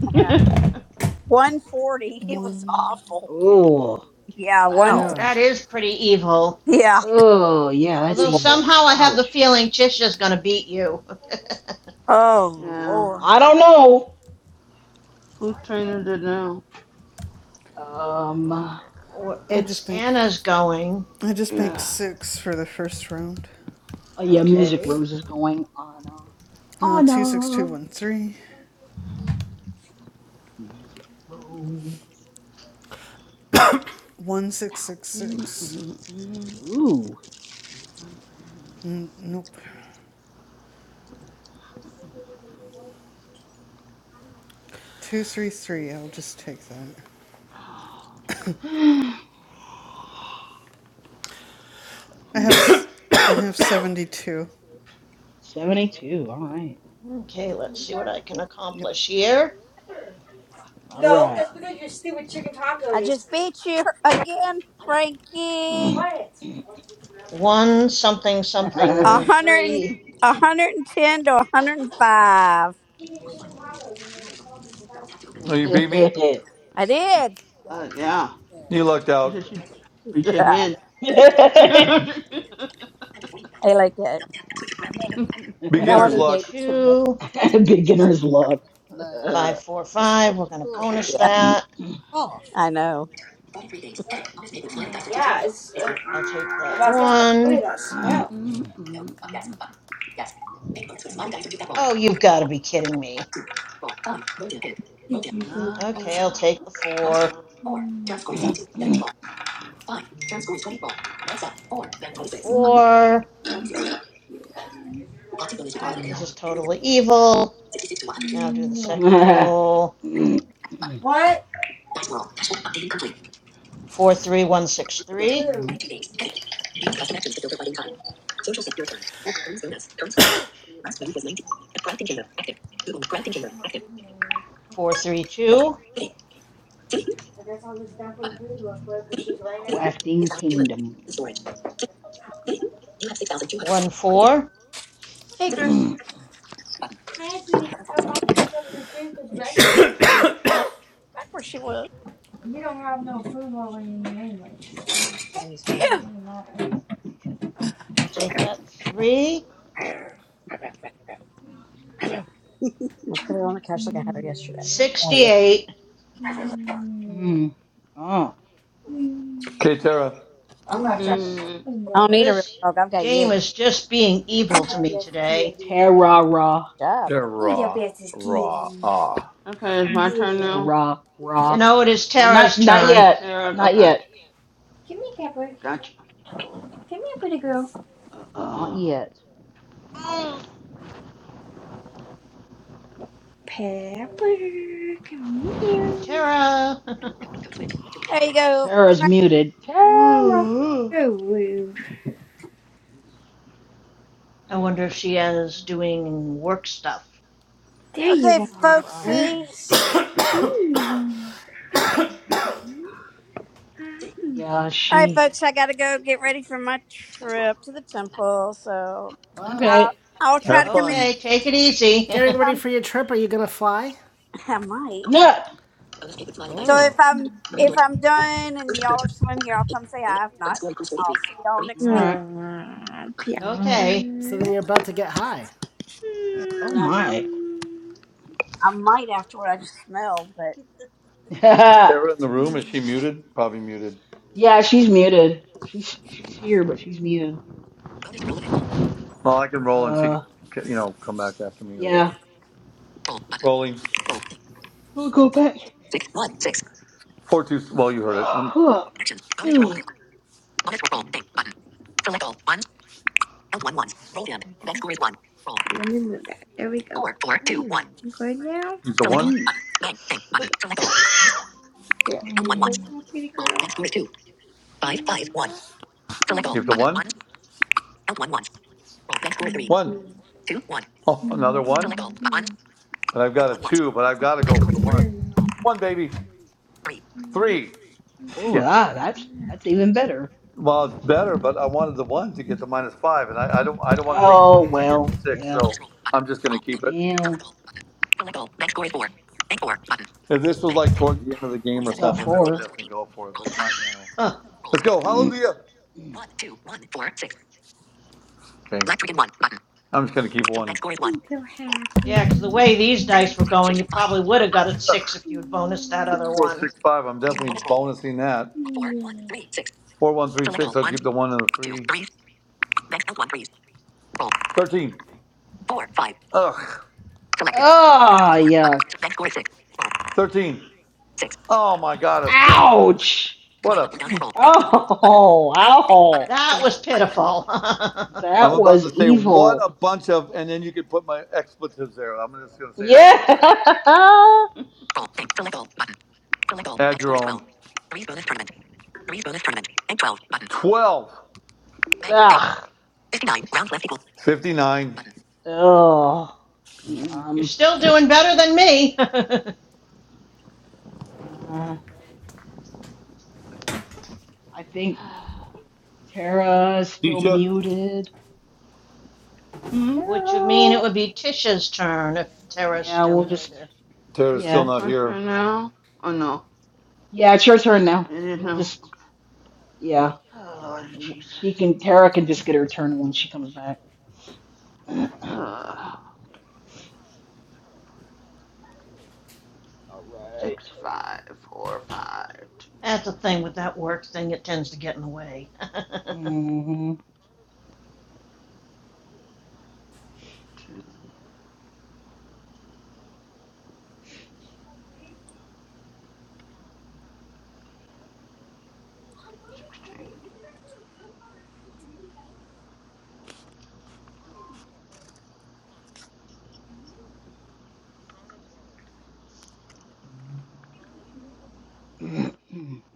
[SPEAKER 4] 140. It was
[SPEAKER 8] One.
[SPEAKER 4] awful.
[SPEAKER 5] Ooh.
[SPEAKER 4] Yeah, one.
[SPEAKER 5] Ow.
[SPEAKER 1] Yeah.
[SPEAKER 11] That is pretty evil.
[SPEAKER 4] Yeah.
[SPEAKER 5] Oh, yeah, that's
[SPEAKER 11] Although
[SPEAKER 5] evil.
[SPEAKER 11] somehow I have the
[SPEAKER 5] Ouch.
[SPEAKER 11] feeling Chisha's gonna beat you.
[SPEAKER 4] Oh
[SPEAKER 3] yeah.
[SPEAKER 4] Lord,
[SPEAKER 5] I don't know.
[SPEAKER 3] Who trained it now?
[SPEAKER 5] Um, oh
[SPEAKER 8] I just
[SPEAKER 11] it's
[SPEAKER 8] bank.
[SPEAKER 11] Anna's going.
[SPEAKER 8] I just bank
[SPEAKER 3] Yeah.
[SPEAKER 8] six for the first round.
[SPEAKER 5] yeah, Music
[SPEAKER 11] Okay.
[SPEAKER 5] Rose is going. Anna.
[SPEAKER 8] Uh, two six two
[SPEAKER 5] Anna.
[SPEAKER 8] one three.
[SPEAKER 5] Music Rose.
[SPEAKER 8] One six six six.
[SPEAKER 3] Mm-mm-mm.
[SPEAKER 5] Ow. Ooh.
[SPEAKER 8] N- nope. Two three three. I'll just take that. I have. I have seventy two.
[SPEAKER 5] 72. All right.
[SPEAKER 11] Okay, let's see what I can
[SPEAKER 8] Yep.
[SPEAKER 11] accomplish here.
[SPEAKER 5] All
[SPEAKER 6] No,
[SPEAKER 5] right.
[SPEAKER 6] that's because your stupid chicken
[SPEAKER 4] I
[SPEAKER 6] tacos is
[SPEAKER 4] just beat you again, Frankie.
[SPEAKER 6] quiet.
[SPEAKER 11] One something
[SPEAKER 4] A
[SPEAKER 11] something
[SPEAKER 4] hundred and
[SPEAKER 11] three
[SPEAKER 4] a hundred and ten to a hundred and five.
[SPEAKER 2] Oh, you beat me?
[SPEAKER 4] I did.
[SPEAKER 3] Uh, yeah.
[SPEAKER 2] You lucked
[SPEAKER 3] She said
[SPEAKER 2] out.
[SPEAKER 3] she preach again.
[SPEAKER 4] I like that. I know.
[SPEAKER 2] Beginner's
[SPEAKER 4] Melanie
[SPEAKER 11] Take the
[SPEAKER 4] gave
[SPEAKER 2] luck.
[SPEAKER 4] it to me.
[SPEAKER 11] two.
[SPEAKER 5] Beginner's luck.
[SPEAKER 11] Five, four, five. We're going to bonus
[SPEAKER 4] Yeah,
[SPEAKER 11] that.
[SPEAKER 4] I know.
[SPEAKER 6] Yeah, it's. Uh,
[SPEAKER 11] I'll take
[SPEAKER 6] I
[SPEAKER 11] that
[SPEAKER 6] walked in. I'm like, what is
[SPEAKER 11] one.
[SPEAKER 6] that smell?
[SPEAKER 3] Mm-mm-mm-mm.
[SPEAKER 11] Oh, you've got to be kidding me.
[SPEAKER 6] Did you
[SPEAKER 3] yeah.
[SPEAKER 6] make
[SPEAKER 11] Okay, I'll take the four and a
[SPEAKER 3] Mm.
[SPEAKER 11] four.
[SPEAKER 6] up?
[SPEAKER 11] This is totally evil. Second roll.
[SPEAKER 6] What?
[SPEAKER 11] Four, three, one, six, three. Four, three, two.
[SPEAKER 5] Crafting Kingdom.
[SPEAKER 11] One, four,
[SPEAKER 13] Hey Chris.
[SPEAKER 6] Hi, pretty girl. Mom picked up your food 'cause Rex You don't have no food while we're in there anyway. It
[SPEAKER 4] Yeah, he's my, I'm
[SPEAKER 6] doesn't
[SPEAKER 14] Phew!
[SPEAKER 6] really matter.
[SPEAKER 11] three.
[SPEAKER 4] gonna put her on the couch like I had her yesterday. I
[SPEAKER 11] Sixty-eight.
[SPEAKER 6] Mm.
[SPEAKER 5] Mm. Oh.
[SPEAKER 6] Mm.
[SPEAKER 2] Okay, Tara.
[SPEAKER 11] This
[SPEAKER 3] Mm.
[SPEAKER 6] I love
[SPEAKER 4] don't need a real
[SPEAKER 11] this
[SPEAKER 4] dog. I've got you.
[SPEAKER 11] game is just being
[SPEAKER 6] you. You're
[SPEAKER 11] evil
[SPEAKER 6] the
[SPEAKER 11] to me
[SPEAKER 6] best
[SPEAKER 11] today.
[SPEAKER 6] kitty.
[SPEAKER 5] Terra ra.
[SPEAKER 4] Good job.
[SPEAKER 6] You're the
[SPEAKER 2] Ah.
[SPEAKER 6] bestest kitty.
[SPEAKER 3] Okay, it's my
[SPEAKER 6] Yes.
[SPEAKER 3] turn now.
[SPEAKER 5] Terra
[SPEAKER 11] You
[SPEAKER 5] ra.
[SPEAKER 11] know, it is
[SPEAKER 5] No, not
[SPEAKER 11] Tara's
[SPEAKER 5] not
[SPEAKER 6] Yeah.
[SPEAKER 11] turn.
[SPEAKER 5] yet.
[SPEAKER 3] Tara,
[SPEAKER 5] Not
[SPEAKER 3] okay.
[SPEAKER 5] yet.
[SPEAKER 6] Come here, Pepper. Come here, pretty girl.
[SPEAKER 5] Not yet.
[SPEAKER 6] Pepper, come here.
[SPEAKER 11] Tara.
[SPEAKER 4] There you go.
[SPEAKER 5] Terra's
[SPEAKER 4] Frank.
[SPEAKER 5] muted. Terra,
[SPEAKER 6] You're rude.
[SPEAKER 11] I wonder if she is doing work stuff.
[SPEAKER 6] There
[SPEAKER 4] Okay,
[SPEAKER 6] you are.
[SPEAKER 4] folks.
[SPEAKER 6] There
[SPEAKER 4] See.
[SPEAKER 5] Probably.
[SPEAKER 6] you are. Hi.
[SPEAKER 5] Yeah,
[SPEAKER 4] All right,
[SPEAKER 5] she.
[SPEAKER 4] folks. I gotta go get ready for my trip to the temple. So,
[SPEAKER 1] Oh.
[SPEAKER 4] I'll,
[SPEAKER 5] Okay.
[SPEAKER 4] I'll try to
[SPEAKER 2] Have
[SPEAKER 4] come in.
[SPEAKER 2] fun.
[SPEAKER 11] Okay, take it easy.
[SPEAKER 1] Getting ready
[SPEAKER 4] And,
[SPEAKER 1] for your trip. Are you gonna fly?
[SPEAKER 4] I might.
[SPEAKER 5] No.
[SPEAKER 4] So
[SPEAKER 1] Oh.
[SPEAKER 4] if I'm if
[SPEAKER 5] All
[SPEAKER 4] I'm done and y'all are still in here, I'll come say hi. If not, I'll see y'all
[SPEAKER 6] Aw,
[SPEAKER 4] next week.
[SPEAKER 5] right.
[SPEAKER 6] oh,
[SPEAKER 5] All right.
[SPEAKER 11] okay.
[SPEAKER 1] So then
[SPEAKER 6] Pepper.
[SPEAKER 1] you're about to get high.
[SPEAKER 5] Oh
[SPEAKER 4] No,
[SPEAKER 5] my.
[SPEAKER 6] Mm.
[SPEAKER 4] I might after what I just smelled. But
[SPEAKER 2] Is
[SPEAKER 5] yeah,
[SPEAKER 2] Tara in the room? Is she muted? Probably muted.
[SPEAKER 5] she's muted. She's she's here, but she's muted.
[SPEAKER 2] Well, I can roll and she
[SPEAKER 5] Uh,
[SPEAKER 2] can, you know, come back after me or
[SPEAKER 5] yeah.
[SPEAKER 2] whatever. Rolling.
[SPEAKER 5] We'll go back.
[SPEAKER 2] Four two. Well, you heard it. Um, Use
[SPEAKER 5] Huh. Mm.
[SPEAKER 6] Let me move that. There we go.
[SPEAKER 5] Ooh,
[SPEAKER 6] You Good now?
[SPEAKER 2] the one.
[SPEAKER 5] ooh.
[SPEAKER 6] Yeah. You good
[SPEAKER 5] Mm.
[SPEAKER 6] now, pretty girl?
[SPEAKER 2] Keep the one. Roll.
[SPEAKER 6] Mm,
[SPEAKER 2] One. Oh,
[SPEAKER 6] yeah,
[SPEAKER 2] another one.
[SPEAKER 6] I'm
[SPEAKER 2] And I've got a two, but I've
[SPEAKER 6] such
[SPEAKER 2] got
[SPEAKER 6] a
[SPEAKER 2] to Bank go Bank
[SPEAKER 6] good
[SPEAKER 2] for the one.
[SPEAKER 6] girl.
[SPEAKER 2] One, baby. Three.
[SPEAKER 6] You're such
[SPEAKER 5] Oh,
[SPEAKER 6] a
[SPEAKER 2] Shit.
[SPEAKER 5] ah, that's
[SPEAKER 6] i
[SPEAKER 5] that's even better.
[SPEAKER 2] Well,
[SPEAKER 5] No.
[SPEAKER 2] it's better, but I wanted the one to get to minus five, and I, I don't. I don't want to take a
[SPEAKER 5] Oh
[SPEAKER 2] chance on getting
[SPEAKER 5] well,
[SPEAKER 2] a six, so
[SPEAKER 5] yeah.
[SPEAKER 2] Roll I'm just going to keep
[SPEAKER 5] Well,
[SPEAKER 2] it.
[SPEAKER 5] you
[SPEAKER 2] If this was like towards the end of the game or
[SPEAKER 5] you got
[SPEAKER 2] something, I would
[SPEAKER 5] four.
[SPEAKER 2] definitely go for it, but not now. Roll.
[SPEAKER 11] Huh.
[SPEAKER 2] Let's go.
[SPEAKER 5] Mm.
[SPEAKER 2] Hallelujah. Okay. I'm just going to keep one. Bank
[SPEAKER 6] I'm so
[SPEAKER 11] Yeah, 'cause the
[SPEAKER 6] happy.
[SPEAKER 11] way these
[SPEAKER 6] Mm,
[SPEAKER 11] dice were going, you probably would have got a
[SPEAKER 2] one.
[SPEAKER 11] six if you'd bonused that other one.
[SPEAKER 2] 6465, I'm definitely
[SPEAKER 3] Uh,
[SPEAKER 2] bonusing
[SPEAKER 6] Yeah.
[SPEAKER 2] that.
[SPEAKER 6] Yeah.
[SPEAKER 2] 4136, I'll keep the one and the three. 13, ugh,
[SPEAKER 5] Ah, yuck.
[SPEAKER 2] 13. Oh my God, a six.
[SPEAKER 5] Ouch.
[SPEAKER 2] What a,
[SPEAKER 5] Oh, ow.
[SPEAKER 11] That was pitiful.
[SPEAKER 2] I'm
[SPEAKER 5] That
[SPEAKER 2] about
[SPEAKER 5] was
[SPEAKER 2] to say, what a
[SPEAKER 5] evil.
[SPEAKER 2] bunch of, and then you could put my expletives there. I'm just going to say
[SPEAKER 5] Yeah.
[SPEAKER 2] expletives. Add your own. 12,
[SPEAKER 5] Ugh.
[SPEAKER 2] 59.
[SPEAKER 5] Ugh.
[SPEAKER 3] Mm-hmm.
[SPEAKER 11] You're
[SPEAKER 5] Um.
[SPEAKER 11] still doing better than me.
[SPEAKER 5] Uh, I think Tara is still
[SPEAKER 2] Tisha,
[SPEAKER 5] muted.
[SPEAKER 11] Which would mean
[SPEAKER 5] Tara.
[SPEAKER 11] it would be Tisha's turn if Tara's
[SPEAKER 5] Yeah,
[SPEAKER 11] still
[SPEAKER 5] we'll
[SPEAKER 3] It's
[SPEAKER 5] just.
[SPEAKER 11] doing it.
[SPEAKER 2] Tara's still
[SPEAKER 5] Yeah.
[SPEAKER 3] it's
[SPEAKER 2] not
[SPEAKER 3] my
[SPEAKER 2] here.
[SPEAKER 3] turn now. Oh no,
[SPEAKER 5] Yeah, it's your turn now.
[SPEAKER 3] it is
[SPEAKER 5] We'll
[SPEAKER 3] no.
[SPEAKER 5] just. Yeah.
[SPEAKER 3] Oh Lord Jesus.
[SPEAKER 5] She can. Tara can just get her turn when she comes back. All
[SPEAKER 3] Uh,
[SPEAKER 5] right.
[SPEAKER 3] six, five, four, five,
[SPEAKER 11] That's the thing with that work thing, it tends to get in the way.
[SPEAKER 5] Mhm.
[SPEAKER 3] two, two,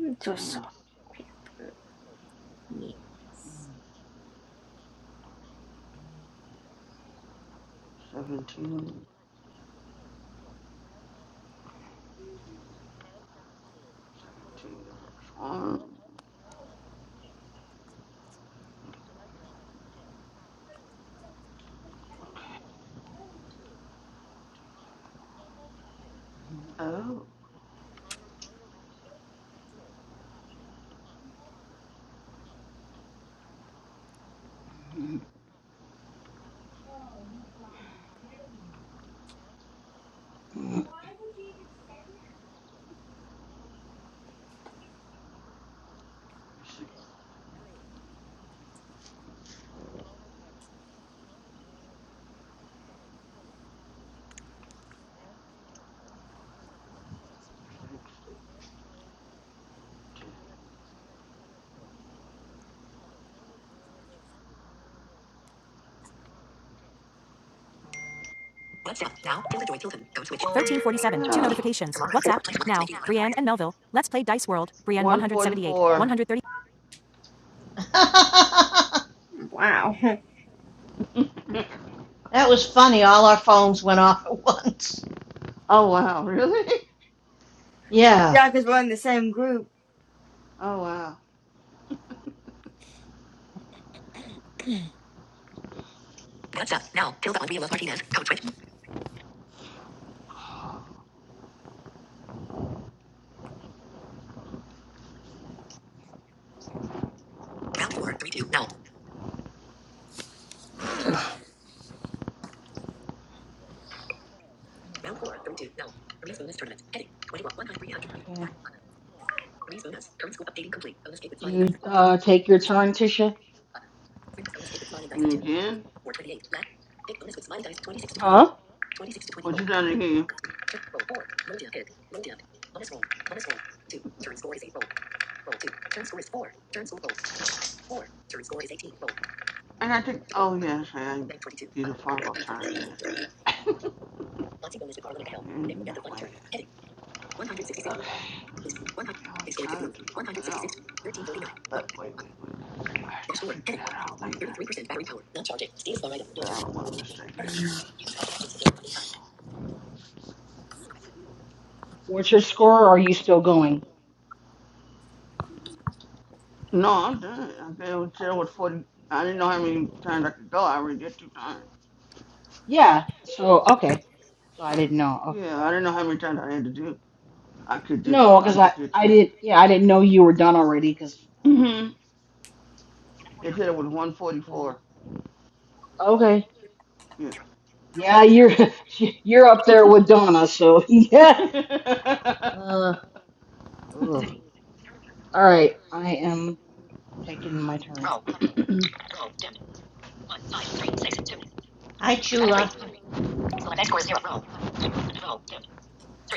[SPEAKER 6] I'm so
[SPEAKER 3] six,
[SPEAKER 6] soft. Pepper. Yeah.
[SPEAKER 3] seventeen, seventeen. The first one. Okay. Oh,
[SPEAKER 5] Okay.
[SPEAKER 3] six, six, ten. two.
[SPEAKER 1] 1347. Two
[SPEAKER 3] Oh,
[SPEAKER 1] notifications. WhatsApp. Now. Brienne and Melville. Let's play Dice World. Brienne
[SPEAKER 3] one
[SPEAKER 1] 178.
[SPEAKER 3] forty-four.
[SPEAKER 1] 130.
[SPEAKER 11] that
[SPEAKER 6] Wow.
[SPEAKER 11] was funny. All our phones went off at once.
[SPEAKER 3] Oh wow, really?
[SPEAKER 11] Yeah.
[SPEAKER 6] Yeah, because we're in the same group.
[SPEAKER 3] Oh wow.
[SPEAKER 5] Do you uh, take your turn, Tisha?
[SPEAKER 3] Me again?
[SPEAKER 5] Huh?
[SPEAKER 3] What you done again? I gotta take. Oh yes, I. gotta Do the Fargo turn again. I didn't do that one yet. Okay, I was trying to do something else, but wait, wait, wait, I have to figure that out later, but I don't want to mistake it.
[SPEAKER 5] What's your score? Or are you still going?
[SPEAKER 3] No, I'm done. I've been in jail with 40, I didn't know how many times I could go, I already did two times.
[SPEAKER 5] Yeah. So okay. So I didn't know. Okay.
[SPEAKER 3] Yeah, I didn't know how many times I had to do, I could do,
[SPEAKER 5] No,
[SPEAKER 3] so
[SPEAKER 5] because I I
[SPEAKER 3] two.
[SPEAKER 5] did. Yeah, I didn't know you were done already. Because I was
[SPEAKER 3] hmm They said it was one
[SPEAKER 5] okay.
[SPEAKER 3] forty-four,
[SPEAKER 5] Okay.
[SPEAKER 3] yeah.
[SPEAKER 5] Yeah, you're you're up there with Donna. So yeah. Uh, ugh. All right. I am taking my turn. Roll button.
[SPEAKER 11] Hi, Chula.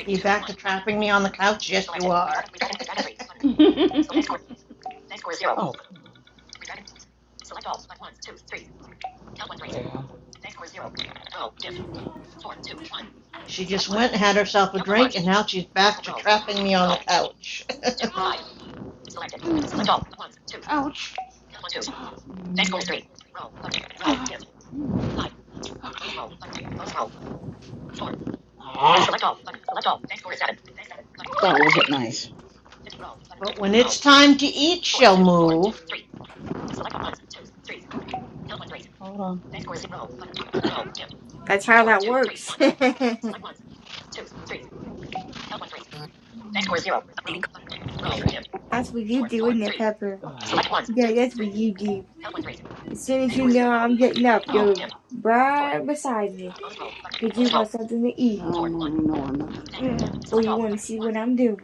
[SPEAKER 11] You back to trapping me on the couch? Yes, you are.
[SPEAKER 5] Next score is zero. Oh come on. Help one three. There you go.
[SPEAKER 11] she just went and had herself a drink, and now she's back to trapping me on the couch.
[SPEAKER 3] Ouch.
[SPEAKER 5] Next score is Mm. Mm. Ah. Select all button. Select all. Next score is seven. Next seven. That wasn't nice.
[SPEAKER 11] but when it's time to eat, she'll move.
[SPEAKER 5] Hold on.
[SPEAKER 6] That's how that works. that's
[SPEAKER 5] Next score is zero. Roll.
[SPEAKER 6] what you do, isn't it, Pepper?
[SPEAKER 5] button.
[SPEAKER 3] I
[SPEAKER 6] Yeah, that's what
[SPEAKER 5] Select
[SPEAKER 6] you do. As soon as you know I'm getting up, you're right beside me. Because you want something to eat
[SPEAKER 3] don't really know nothing is,
[SPEAKER 6] or you want to see what I'm doing.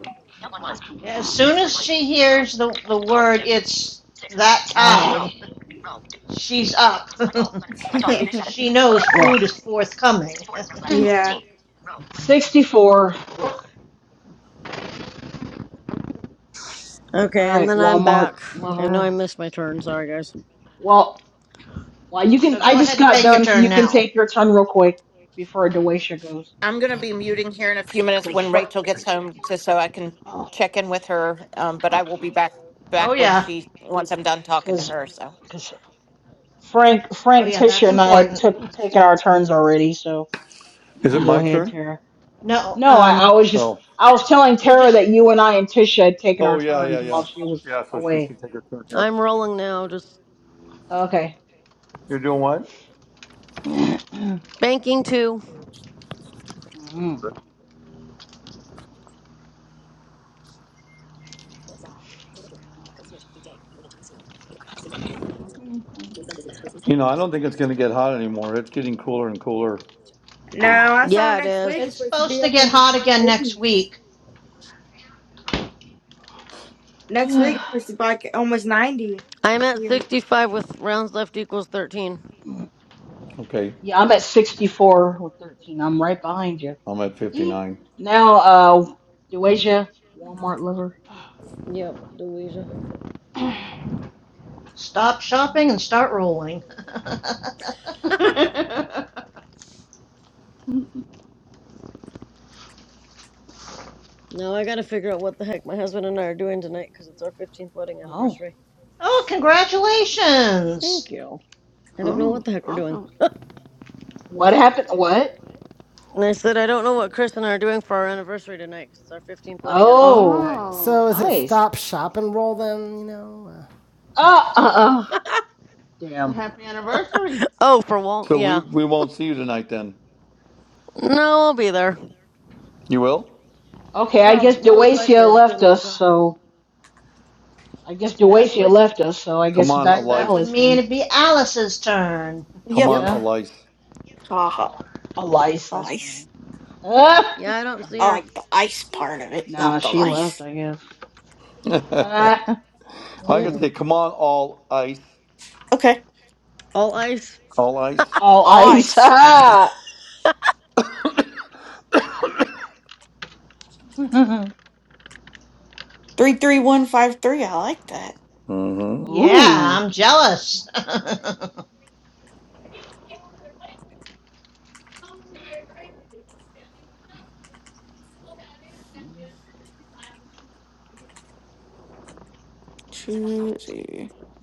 [SPEAKER 3] but I can
[SPEAKER 11] As
[SPEAKER 3] find.
[SPEAKER 11] soon as she hears the, the word, it's that time,
[SPEAKER 5] Ugh.
[SPEAKER 11] she's up. she knows
[SPEAKER 5] Ugh.
[SPEAKER 11] food is forthcoming.
[SPEAKER 6] yeah.
[SPEAKER 5] 64. Ugh. All
[SPEAKER 13] Okay, and
[SPEAKER 5] right,
[SPEAKER 13] then I'm
[SPEAKER 5] Walmart
[SPEAKER 13] back. I know I
[SPEAKER 5] lover.
[SPEAKER 13] missed my turn, sorry guys.
[SPEAKER 5] Well, well, you
[SPEAKER 11] so
[SPEAKER 5] can. I
[SPEAKER 11] go
[SPEAKER 5] just
[SPEAKER 11] ahead and
[SPEAKER 5] got
[SPEAKER 11] take your
[SPEAKER 5] done, so
[SPEAKER 11] turn
[SPEAKER 5] you can
[SPEAKER 11] now.
[SPEAKER 5] take your turn real quick before Dewasia goes,
[SPEAKER 14] I'm gonna be muting here in a few minutes
[SPEAKER 5] because
[SPEAKER 14] when Rachel gets home, just so I can
[SPEAKER 3] Oh,
[SPEAKER 14] check in with her. Um, but I will be
[SPEAKER 3] okay.
[SPEAKER 14] back back
[SPEAKER 11] Oh,
[SPEAKER 14] when
[SPEAKER 11] yeah.
[SPEAKER 14] she once I'm done talking to
[SPEAKER 5] because
[SPEAKER 14] her. So.
[SPEAKER 5] because Frank
[SPEAKER 11] Oh,
[SPEAKER 5] Frank
[SPEAKER 11] yeah, that's
[SPEAKER 5] Tisha and I had
[SPEAKER 11] important.
[SPEAKER 5] took taken our turns already, so you
[SPEAKER 2] Is it
[SPEAKER 5] can go
[SPEAKER 2] my
[SPEAKER 5] ahead,
[SPEAKER 2] turn?
[SPEAKER 5] Tara.
[SPEAKER 11] No,
[SPEAKER 5] No, I, I
[SPEAKER 11] um,
[SPEAKER 5] was just
[SPEAKER 2] No.
[SPEAKER 5] I was telling
[SPEAKER 11] we're
[SPEAKER 5] Tara
[SPEAKER 11] just
[SPEAKER 5] that you and I and Tisha had taken our
[SPEAKER 2] Oh, yeah, yeah,
[SPEAKER 5] turns
[SPEAKER 2] yeah.
[SPEAKER 5] while she was
[SPEAKER 2] Yeah, so she
[SPEAKER 5] away.
[SPEAKER 2] should take her turn, yep.
[SPEAKER 13] I'm rolling now, just
[SPEAKER 5] Okay.
[SPEAKER 2] You're doing what?
[SPEAKER 13] banking two.
[SPEAKER 2] You know, I don't think it's going to get hot anymore. It's getting cooler and cooler.
[SPEAKER 6] No, I saw
[SPEAKER 13] Yeah it
[SPEAKER 6] next
[SPEAKER 13] is.
[SPEAKER 6] week it's supposed to
[SPEAKER 11] supposed
[SPEAKER 6] be
[SPEAKER 11] to
[SPEAKER 6] up
[SPEAKER 11] get
[SPEAKER 6] in the
[SPEAKER 11] hot
[SPEAKER 6] high
[SPEAKER 11] again
[SPEAKER 6] 80s.
[SPEAKER 11] next week.
[SPEAKER 6] Next week it's supposed to be like almost 90
[SPEAKER 13] I'm at
[SPEAKER 6] here.
[SPEAKER 13] 65 with rounds left equals 13.
[SPEAKER 2] Okay,
[SPEAKER 5] Yeah, I'm at 64 with 13. I'm right behind you.
[SPEAKER 2] I'm at
[SPEAKER 5] Dee.
[SPEAKER 2] 59.
[SPEAKER 5] Now, uh, Deweja, Walmart lover.
[SPEAKER 13] Yep, Louisa.
[SPEAKER 11] Stop shopping and start rolling.
[SPEAKER 13] Now I gotta figure out what the heck my husband and I are doing tonight because it's our 15th wedding
[SPEAKER 5] Oh,
[SPEAKER 13] anniversary.
[SPEAKER 11] oh, congratulations!
[SPEAKER 13] Thank you. I don't know
[SPEAKER 3] oh,
[SPEAKER 13] what the heck we're doing.
[SPEAKER 3] awesome.
[SPEAKER 5] What happened? What?
[SPEAKER 13] And I said, I don't know what Chris and I are doing for our anniversary tonight because it's our 15th wedding anniversary
[SPEAKER 5] Oh,
[SPEAKER 13] today.
[SPEAKER 1] So
[SPEAKER 3] Oh,
[SPEAKER 1] is it
[SPEAKER 5] nice.
[SPEAKER 1] stop, shop, and roll then? You know. Uh,
[SPEAKER 5] Uh, uh, uh.
[SPEAKER 3] a
[SPEAKER 5] Damn.
[SPEAKER 3] happy anniversary.
[SPEAKER 13] Oh, for Wal,
[SPEAKER 2] So we
[SPEAKER 13] yeah.
[SPEAKER 2] we won't see you tonight then.
[SPEAKER 13] No, I'll be there.
[SPEAKER 2] You will?
[SPEAKER 5] Okay, I guess
[SPEAKER 13] Probably, most
[SPEAKER 5] Deweja
[SPEAKER 13] likely. I just don't
[SPEAKER 5] left
[SPEAKER 13] know what
[SPEAKER 5] us,
[SPEAKER 13] time.
[SPEAKER 5] so I guess
[SPEAKER 11] That
[SPEAKER 5] Deweja
[SPEAKER 11] would
[SPEAKER 5] left us, so I
[SPEAKER 2] Come
[SPEAKER 5] guess
[SPEAKER 2] on,
[SPEAKER 11] so
[SPEAKER 5] back to
[SPEAKER 11] that
[SPEAKER 2] Elias.
[SPEAKER 11] would
[SPEAKER 5] Alice
[SPEAKER 11] mean
[SPEAKER 5] then.
[SPEAKER 11] it'd be Alice's turn.
[SPEAKER 2] Come
[SPEAKER 12] Yep.
[SPEAKER 2] on,
[SPEAKER 1] yep.
[SPEAKER 5] Yeah,
[SPEAKER 2] Elias.
[SPEAKER 12] Haha.
[SPEAKER 5] Alice. That's
[SPEAKER 12] Ice.
[SPEAKER 5] funny. Ah,
[SPEAKER 13] Yeah, I don't see
[SPEAKER 12] I
[SPEAKER 13] her.
[SPEAKER 12] like
[SPEAKER 5] Alice.
[SPEAKER 12] the ice part of it,
[SPEAKER 5] Nah,
[SPEAKER 12] not the
[SPEAKER 5] she left,
[SPEAKER 12] lice.
[SPEAKER 5] I guess.
[SPEAKER 2] I
[SPEAKER 5] Ah,
[SPEAKER 2] could
[SPEAKER 13] Mm-mm.
[SPEAKER 5] hmm.
[SPEAKER 2] say, come on, all ice.
[SPEAKER 12] Okay.
[SPEAKER 13] All ice.
[SPEAKER 2] All ice.
[SPEAKER 5] All ice.
[SPEAKER 12] Ice.
[SPEAKER 5] Ah.
[SPEAKER 12] Three three one five three. I like that.
[SPEAKER 2] mm
[SPEAKER 11] Yeah,
[SPEAKER 5] Ooh.
[SPEAKER 11] I'm jealous.
[SPEAKER 12] Two.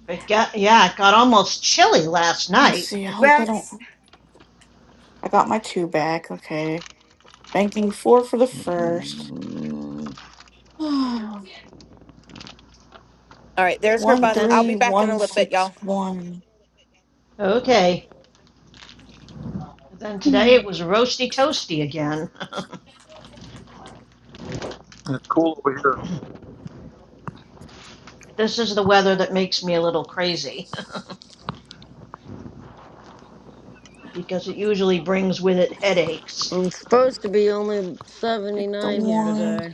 [SPEAKER 11] it got yeah, it got almost chilly last
[SPEAKER 12] Let's
[SPEAKER 11] night.
[SPEAKER 12] see. I hope I don't.
[SPEAKER 6] Rex.
[SPEAKER 12] I got my two back. Okay. Banking four for the first.
[SPEAKER 2] hmm
[SPEAKER 12] one
[SPEAKER 14] All right, there's her
[SPEAKER 11] but
[SPEAKER 14] bus.
[SPEAKER 11] then
[SPEAKER 14] I'll
[SPEAKER 11] t-
[SPEAKER 14] be
[SPEAKER 12] three
[SPEAKER 14] back in
[SPEAKER 12] one
[SPEAKER 14] a little bit, y'all.
[SPEAKER 12] six one.
[SPEAKER 11] okay, but then today it was roasty toasty again. this is the weather that makes me a little crazy because it usually brings with it headaches.
[SPEAKER 13] It's supposed to be only
[SPEAKER 12] Take the
[SPEAKER 13] 79 here
[SPEAKER 12] one.
[SPEAKER 13] today.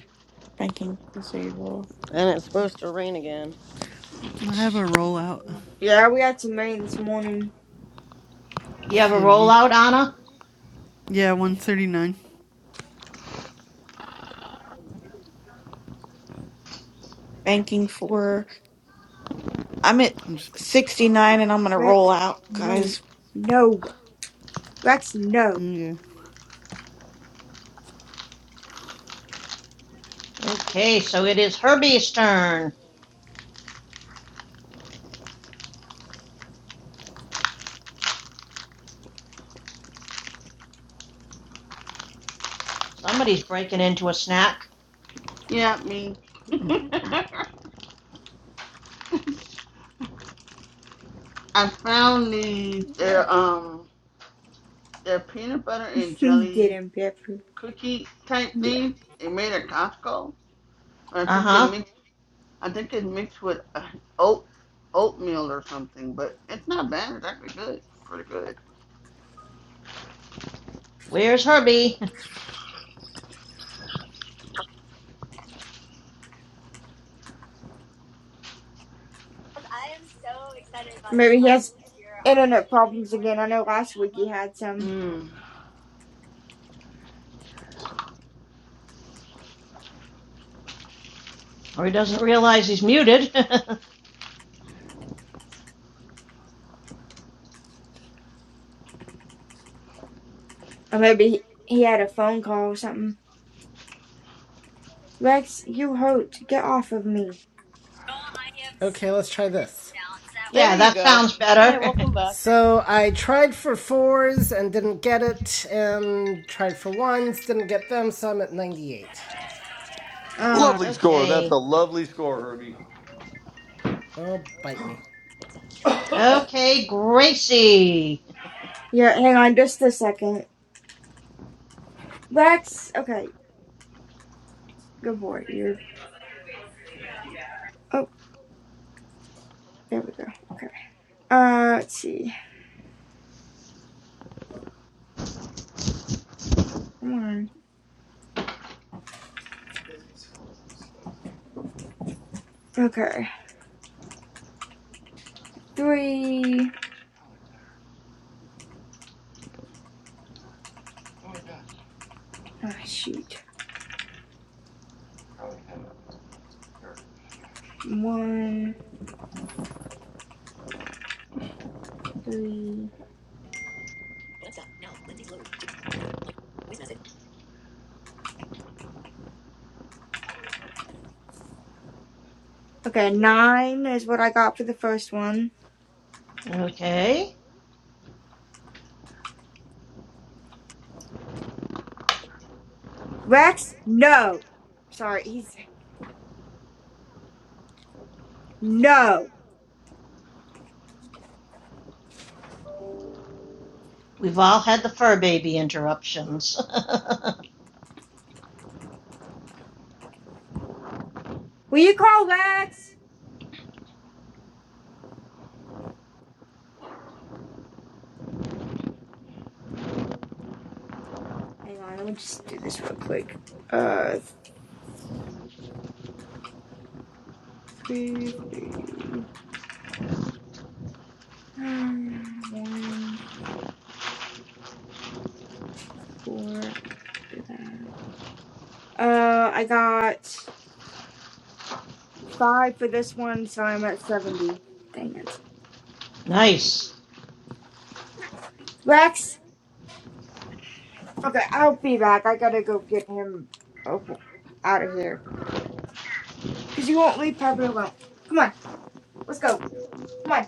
[SPEAKER 12] Banking disable.
[SPEAKER 13] And it's supposed to rain again.
[SPEAKER 8] I have a rollout.
[SPEAKER 6] Yeah, we had some rain this morning.
[SPEAKER 11] You ever
[SPEAKER 8] It'll
[SPEAKER 11] roll
[SPEAKER 8] be.
[SPEAKER 11] out, Anna?
[SPEAKER 8] Yeah, one thirty nine.
[SPEAKER 12] Banking four. I'm at
[SPEAKER 8] I'm just. put-
[SPEAKER 12] sixty nine, and I'm gonna
[SPEAKER 6] Rex,
[SPEAKER 12] roll out, guys.
[SPEAKER 6] no. No. Rex, no.
[SPEAKER 8] mm, Yeah.
[SPEAKER 11] Okay, so it is Herbie's turn. Somebody's breaking into a snack.
[SPEAKER 3] Yeah, me. I found these. They're um, they're peanut butter and jelly
[SPEAKER 6] Get him, Pepper.
[SPEAKER 3] cookie type
[SPEAKER 6] Yeah.
[SPEAKER 3] things. They made at Costco. I
[SPEAKER 11] Uh
[SPEAKER 3] think they
[SPEAKER 11] huh.
[SPEAKER 3] mix. I think they mixed with uh, oat oatmeal or something. But it's not bad. It's actually good. Pretty good.
[SPEAKER 11] Where's Herbie?
[SPEAKER 6] I am so excited. about Maybe he has internet problems again. I know last week he had some.
[SPEAKER 11] Or he doesn't realize he's muted.
[SPEAKER 6] Or maybe he had a phone call or something. Rex, you hurt. Get off of me.
[SPEAKER 1] Okay, let's try this.
[SPEAKER 13] There
[SPEAKER 11] yeah,
[SPEAKER 13] you
[SPEAKER 11] that
[SPEAKER 13] go.
[SPEAKER 11] sounds
[SPEAKER 13] Hi,
[SPEAKER 11] better.
[SPEAKER 13] welcome back.
[SPEAKER 1] So I tried for fours and didn't get it, and tried for ones, didn't get them, so I'm at 98.
[SPEAKER 6] Ah.
[SPEAKER 2] Lovely score. That's a
[SPEAKER 11] okay.
[SPEAKER 2] lovely score, Herbie.
[SPEAKER 1] Oh, bite me.
[SPEAKER 11] Okay, Gracie.
[SPEAKER 6] Yeah, hang on just a second. Lex, okay, good boy. You're. Oh, there we go. Okay. Uh, let's see. Come on. Okay. Three. Oh, shoot. One, three. Okay, nine is what I got for the first one.
[SPEAKER 11] Okay.
[SPEAKER 6] Rex, no. Sorry, he's no.
[SPEAKER 11] We've all had the fur baby interruptions.
[SPEAKER 6] Will you call Rex? Hang on, let me just do this real quick. Uh, three, three, one, four. do that. Uh, I got five for this one, so I'm at 70. Dang it.
[SPEAKER 11] nice.
[SPEAKER 6] Rex, okay, I'll be back. I gotta go get him out of here. Because you won't leave Pepper alone. Come on, let's go. Come on,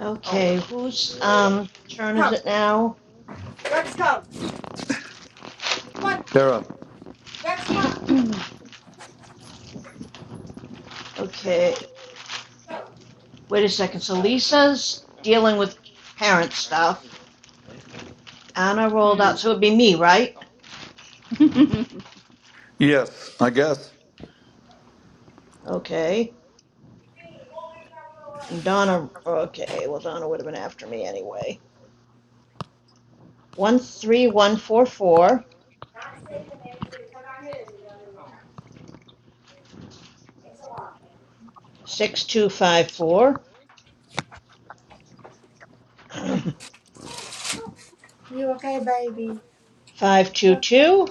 [SPEAKER 11] Okay, whose um, turn is
[SPEAKER 6] come.
[SPEAKER 11] it now?
[SPEAKER 6] Rex, come. One,
[SPEAKER 2] Sarah.
[SPEAKER 6] Rex, come.
[SPEAKER 11] Okay.
[SPEAKER 6] Go.
[SPEAKER 11] Wait a second. So Lisa's dealing with parent stuff. Anna rolled
[SPEAKER 3] Hmm.
[SPEAKER 11] out. So it would be me, right?
[SPEAKER 2] Yes, I guess.
[SPEAKER 11] Okay. And Donna, okay, well, Donna would have been after me anyway. One three one four four six two five four
[SPEAKER 6] You okay, baby?
[SPEAKER 11] five two two.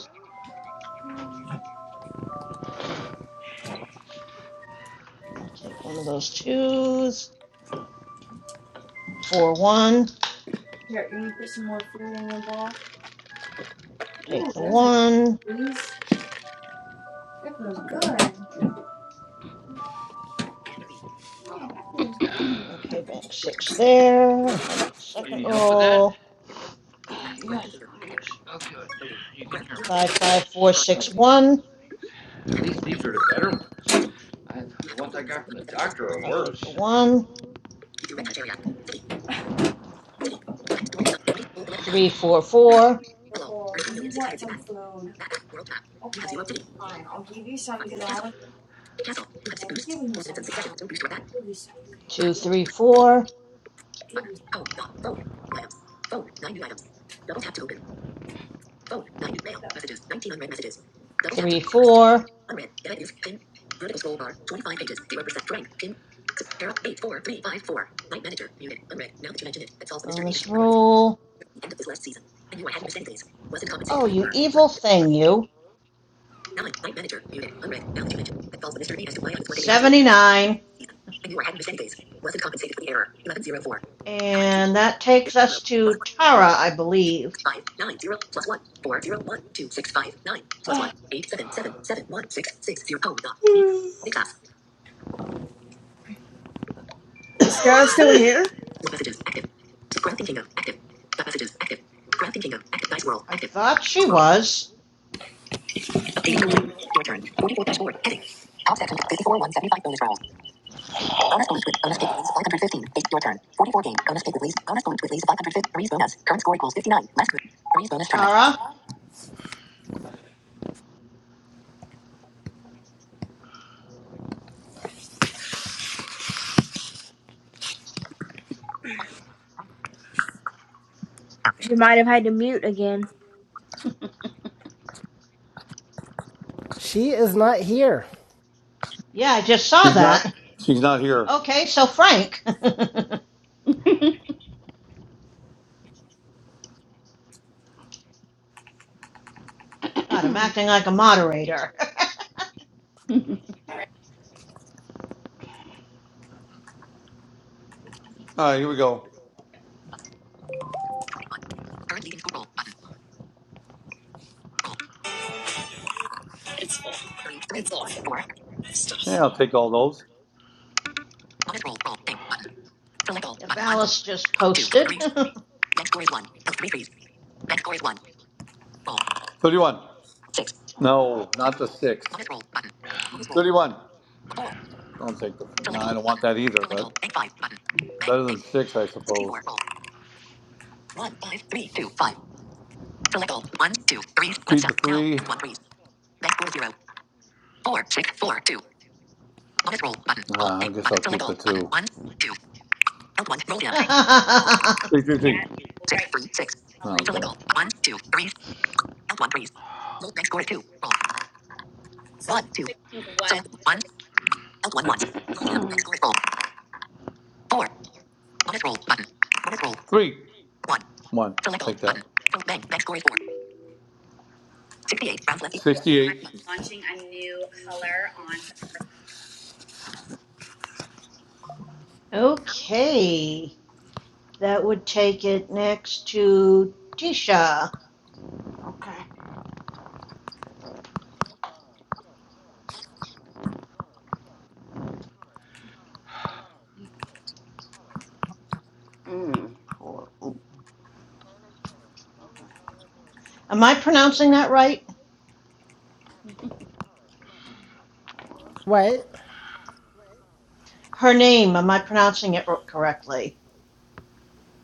[SPEAKER 11] I'll take one of those twos. Four one,
[SPEAKER 6] Here, you want to put some more food in your bowl?
[SPEAKER 11] take
[SPEAKER 6] Ooh,
[SPEAKER 11] the
[SPEAKER 6] there's a
[SPEAKER 11] one.
[SPEAKER 6] piece. Good.
[SPEAKER 11] Okay, bank six there, and then do the second roll. Five five four six one. I'll take the one. Three four four
[SPEAKER 6] The bowl. Do you want some food? Okay, fine. I'll give you some because I haven't I haven't given you some. yet. I'll give you some,
[SPEAKER 11] two
[SPEAKER 6] okay? I'll
[SPEAKER 11] three four
[SPEAKER 6] give you
[SPEAKER 11] three four. Bonus roll. Four. Oh, you evil thing, you. 79. And that takes us to Tara, I believe.
[SPEAKER 6] Is
[SPEAKER 11] I
[SPEAKER 6] Sarah still here?
[SPEAKER 11] thought she was. Tara?
[SPEAKER 6] She might have had to mute again.
[SPEAKER 3] Hmm.
[SPEAKER 1] She is not here.
[SPEAKER 11] Yeah, I just saw
[SPEAKER 2] She's not.
[SPEAKER 11] that.
[SPEAKER 2] She's not here.
[SPEAKER 11] Okay, so Frank. God, I'm
[SPEAKER 3] okay.
[SPEAKER 11] acting like a moderator.
[SPEAKER 2] All right, here we go. Yeah, I'll take all those.
[SPEAKER 11] if Alice just posted.
[SPEAKER 2] 31. No, not the sixth. Thirty-one. Don't take the. No, I don't want that either. But better than six, I suppose. three, seven, three. One, three. Ah, I guess I'll keep the two. Three, three, three. Oh, okay. Okay. Three. Three. One. Take that. Sixty-eight.
[SPEAKER 11] okay, that would take it next to Tisha.
[SPEAKER 3] Mm. Four. Ooh.
[SPEAKER 11] Am I pronouncing that right?
[SPEAKER 1] What?
[SPEAKER 11] Her name, am I pronouncing it correctly?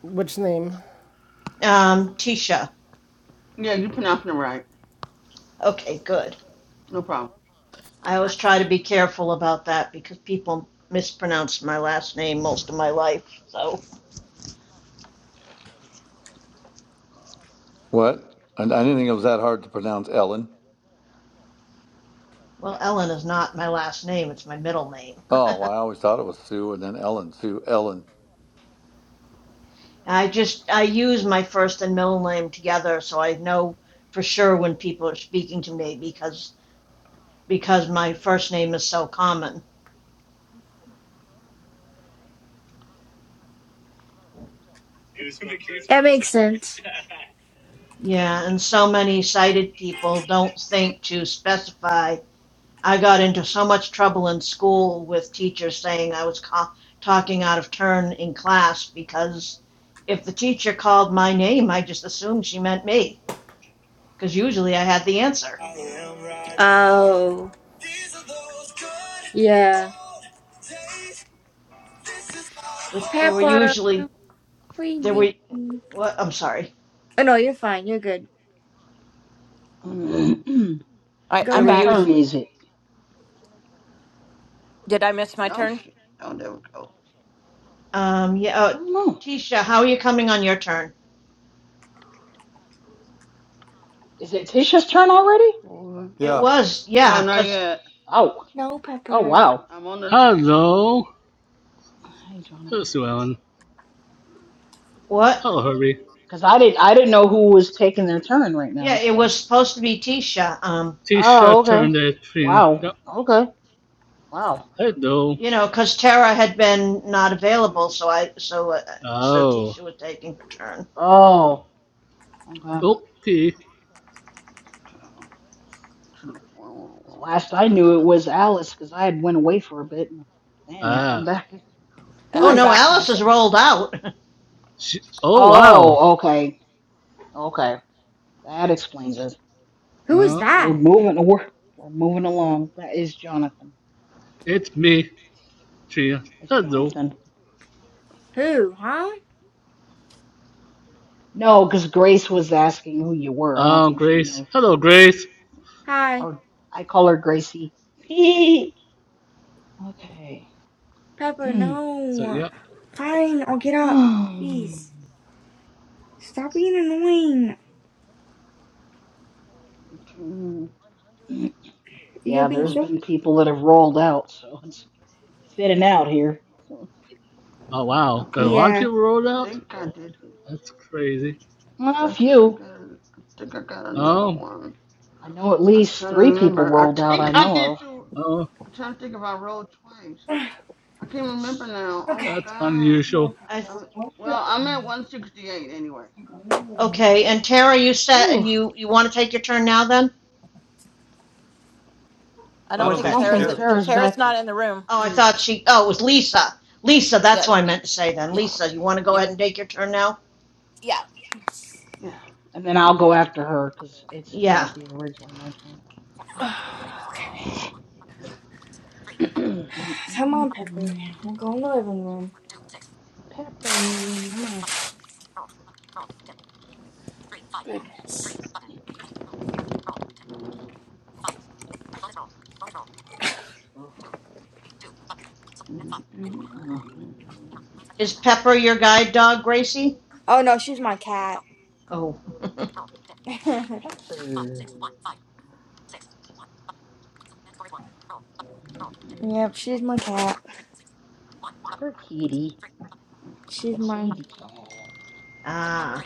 [SPEAKER 1] Which name?
[SPEAKER 11] Um, Tisha.
[SPEAKER 3] Yeah, you pronouncing it right.
[SPEAKER 11] Okay, good.
[SPEAKER 3] No problem.
[SPEAKER 11] I always try to be careful about that because people mispronounce my last name most of my life. So,
[SPEAKER 2] What? I, I didn't think it was that hard to pronounce Ellen.
[SPEAKER 11] well, Ellen is not my last name, it's my middle name.
[SPEAKER 2] Oh, well, I always thought it was Sue and then Ellen. Sue Ellen.
[SPEAKER 11] I just I use my first and middle name together so I know for sure when people are speaking to me because because my first name is so common.
[SPEAKER 6] That makes sense.
[SPEAKER 11] Yeah, and so many sighted people don't think to specify I got into so much trouble in school with teachers saying I was co- talking out of turn in class because if the teacher called my name, I just assumed she meant me because usually I had the answer.
[SPEAKER 6] Oh, yeah. Pepper,
[SPEAKER 11] Usually
[SPEAKER 6] we
[SPEAKER 11] there
[SPEAKER 6] need.
[SPEAKER 11] were,
[SPEAKER 6] Oh
[SPEAKER 11] what, I'm sorry,
[SPEAKER 6] no, you're fine. You're good.
[SPEAKER 3] Mm.
[SPEAKER 14] All right,
[SPEAKER 6] Go
[SPEAKER 11] there
[SPEAKER 14] I'm
[SPEAKER 11] were
[SPEAKER 5] Whose
[SPEAKER 6] ahead.
[SPEAKER 14] back.
[SPEAKER 5] turn
[SPEAKER 11] usually,
[SPEAKER 5] is it?
[SPEAKER 14] Did I miss my
[SPEAKER 3] No
[SPEAKER 14] turn?
[SPEAKER 3] shit. Oh, there we go.
[SPEAKER 11] um, yeah,
[SPEAKER 5] I
[SPEAKER 11] oh,
[SPEAKER 5] don't know.
[SPEAKER 11] Tisha, how are you coming on your turn?
[SPEAKER 5] Is it Tisha's turn already?
[SPEAKER 3] Four.
[SPEAKER 11] It
[SPEAKER 2] Yeah,
[SPEAKER 11] was,
[SPEAKER 3] No,
[SPEAKER 11] yeah,
[SPEAKER 3] not
[SPEAKER 11] because
[SPEAKER 3] yet.
[SPEAKER 5] Oh.
[SPEAKER 6] No,
[SPEAKER 5] Oh
[SPEAKER 6] Pepper.
[SPEAKER 5] wow.
[SPEAKER 3] I'm on the.
[SPEAKER 15] Hello,
[SPEAKER 5] Hey Jonathan.
[SPEAKER 15] hello, Ellen.
[SPEAKER 11] what?
[SPEAKER 15] Hello, Herbie.
[SPEAKER 5] Cause I didn't I didn't know who was taking their turn right
[SPEAKER 11] Yeah,
[SPEAKER 5] now,
[SPEAKER 11] it
[SPEAKER 5] so
[SPEAKER 11] was supposed to be Tisha, um,
[SPEAKER 15] Tisha
[SPEAKER 5] Oh, okay.
[SPEAKER 15] turned at Trina. Yep.
[SPEAKER 5] Wow. Okay. Wow.
[SPEAKER 15] Hello.
[SPEAKER 11] you know, because Tara had been not available, so I, so, uh, so
[SPEAKER 15] Oh.
[SPEAKER 11] Tisha was taking her turn.
[SPEAKER 5] Oh. Okay.
[SPEAKER 15] Okay.
[SPEAKER 3] Select One,
[SPEAKER 5] Cause
[SPEAKER 3] one more
[SPEAKER 5] last I knew it
[SPEAKER 3] time.
[SPEAKER 5] was Alice because I had went away for a bit and man, I come
[SPEAKER 15] Ah.
[SPEAKER 5] back.
[SPEAKER 6] Who
[SPEAKER 11] Oh
[SPEAKER 14] I'm
[SPEAKER 6] is
[SPEAKER 11] no,
[SPEAKER 6] that?
[SPEAKER 14] back
[SPEAKER 11] Alice is
[SPEAKER 14] myself.
[SPEAKER 11] rolled out.
[SPEAKER 15] She, oh, wow.
[SPEAKER 5] Oh, okay. Okay. That explains it.
[SPEAKER 6] Who is
[SPEAKER 15] Uh,
[SPEAKER 5] So we're
[SPEAKER 6] that?
[SPEAKER 5] moving we're, we're moving along. That is Jonathan.
[SPEAKER 15] it's me, Trina.
[SPEAKER 5] It's
[SPEAKER 15] Hello.
[SPEAKER 5] Jonathan.
[SPEAKER 6] Who? Huh?
[SPEAKER 5] No, because Grace was asking who you were. I don't
[SPEAKER 15] Um,
[SPEAKER 5] think she
[SPEAKER 15] Grace.
[SPEAKER 5] knows you.
[SPEAKER 15] Hello, Grace.
[SPEAKER 6] Hi,
[SPEAKER 5] Or I call her Gracie. okay.
[SPEAKER 6] Pepper.
[SPEAKER 5] yeah,
[SPEAKER 15] So,
[SPEAKER 6] No.
[SPEAKER 15] yep.
[SPEAKER 6] Fine. I'll get up. Please stop being annoying.
[SPEAKER 3] Mm.
[SPEAKER 6] You're being
[SPEAKER 5] there's
[SPEAKER 6] so.
[SPEAKER 5] been people that have rolled out, so it's fitting out here. Well,
[SPEAKER 15] Oh, wow. There are A
[SPEAKER 3] Okay,
[SPEAKER 15] lot of
[SPEAKER 3] I
[SPEAKER 6] Yeah.
[SPEAKER 15] people rolled out?
[SPEAKER 3] think I did.
[SPEAKER 15] That's crazy.
[SPEAKER 3] Did
[SPEAKER 5] a
[SPEAKER 3] I do? I
[SPEAKER 5] few.
[SPEAKER 3] got. I think I got another
[SPEAKER 15] Oh,
[SPEAKER 3] one.
[SPEAKER 5] I know at
[SPEAKER 3] I'm
[SPEAKER 5] least
[SPEAKER 3] trying to
[SPEAKER 5] three people
[SPEAKER 3] remember. I
[SPEAKER 5] rolled out I
[SPEAKER 3] think I
[SPEAKER 5] know
[SPEAKER 3] did
[SPEAKER 5] of.
[SPEAKER 3] two.
[SPEAKER 15] oh,
[SPEAKER 3] I'm trying to think if I rolled twice. I can't remember now. Oh my
[SPEAKER 6] Okay.
[SPEAKER 15] that's
[SPEAKER 3] god.
[SPEAKER 15] unusual.
[SPEAKER 11] I,
[SPEAKER 6] Oh,
[SPEAKER 3] Well, I'm at 168 anyway.
[SPEAKER 11] okay, and Tara, you said
[SPEAKER 5] Whew.
[SPEAKER 11] you you want to take your turn now then,
[SPEAKER 14] I
[SPEAKER 11] or
[SPEAKER 2] I
[SPEAKER 14] don't
[SPEAKER 11] was
[SPEAKER 2] don't
[SPEAKER 5] I
[SPEAKER 14] think
[SPEAKER 2] think
[SPEAKER 11] that
[SPEAKER 5] don't
[SPEAKER 2] she's
[SPEAKER 14] Tara's
[SPEAKER 5] think
[SPEAKER 11] Tara
[SPEAKER 14] at,
[SPEAKER 2] here.
[SPEAKER 11] that
[SPEAKER 5] Tara's
[SPEAKER 11] just?
[SPEAKER 14] Tara's
[SPEAKER 5] back
[SPEAKER 14] not
[SPEAKER 5] yet.
[SPEAKER 14] in the room.
[SPEAKER 11] Oh, I
[SPEAKER 3] Mm,
[SPEAKER 11] thought she. Oh, it was Lisa. Lisa, that's
[SPEAKER 14] Yeah,
[SPEAKER 11] what I meant to say then.
[SPEAKER 14] yeah,
[SPEAKER 11] Lisa, you want to go
[SPEAKER 14] yeah,
[SPEAKER 11] ahead and take your turn now?
[SPEAKER 14] yeah.
[SPEAKER 3] Yeah.
[SPEAKER 5] And then I'll go after her because it's it'll
[SPEAKER 11] Yeah.
[SPEAKER 5] be originally my turn.
[SPEAKER 6] Okay. Come on, Pepper.
[SPEAKER 5] Mm-mm-mm-mm.
[SPEAKER 6] We'll go in the living room.
[SPEAKER 5] Peppers.
[SPEAKER 6] Come on.
[SPEAKER 5] Ugh.
[SPEAKER 11] Is Pepper your guide dog, Gracie?
[SPEAKER 6] Oh no, she's my cat.
[SPEAKER 11] Oh.
[SPEAKER 5] Pepper,
[SPEAKER 6] yep, she's my cat.
[SPEAKER 5] her kitty,
[SPEAKER 6] She's
[SPEAKER 5] a
[SPEAKER 6] my
[SPEAKER 5] kitty cat,
[SPEAKER 11] ah.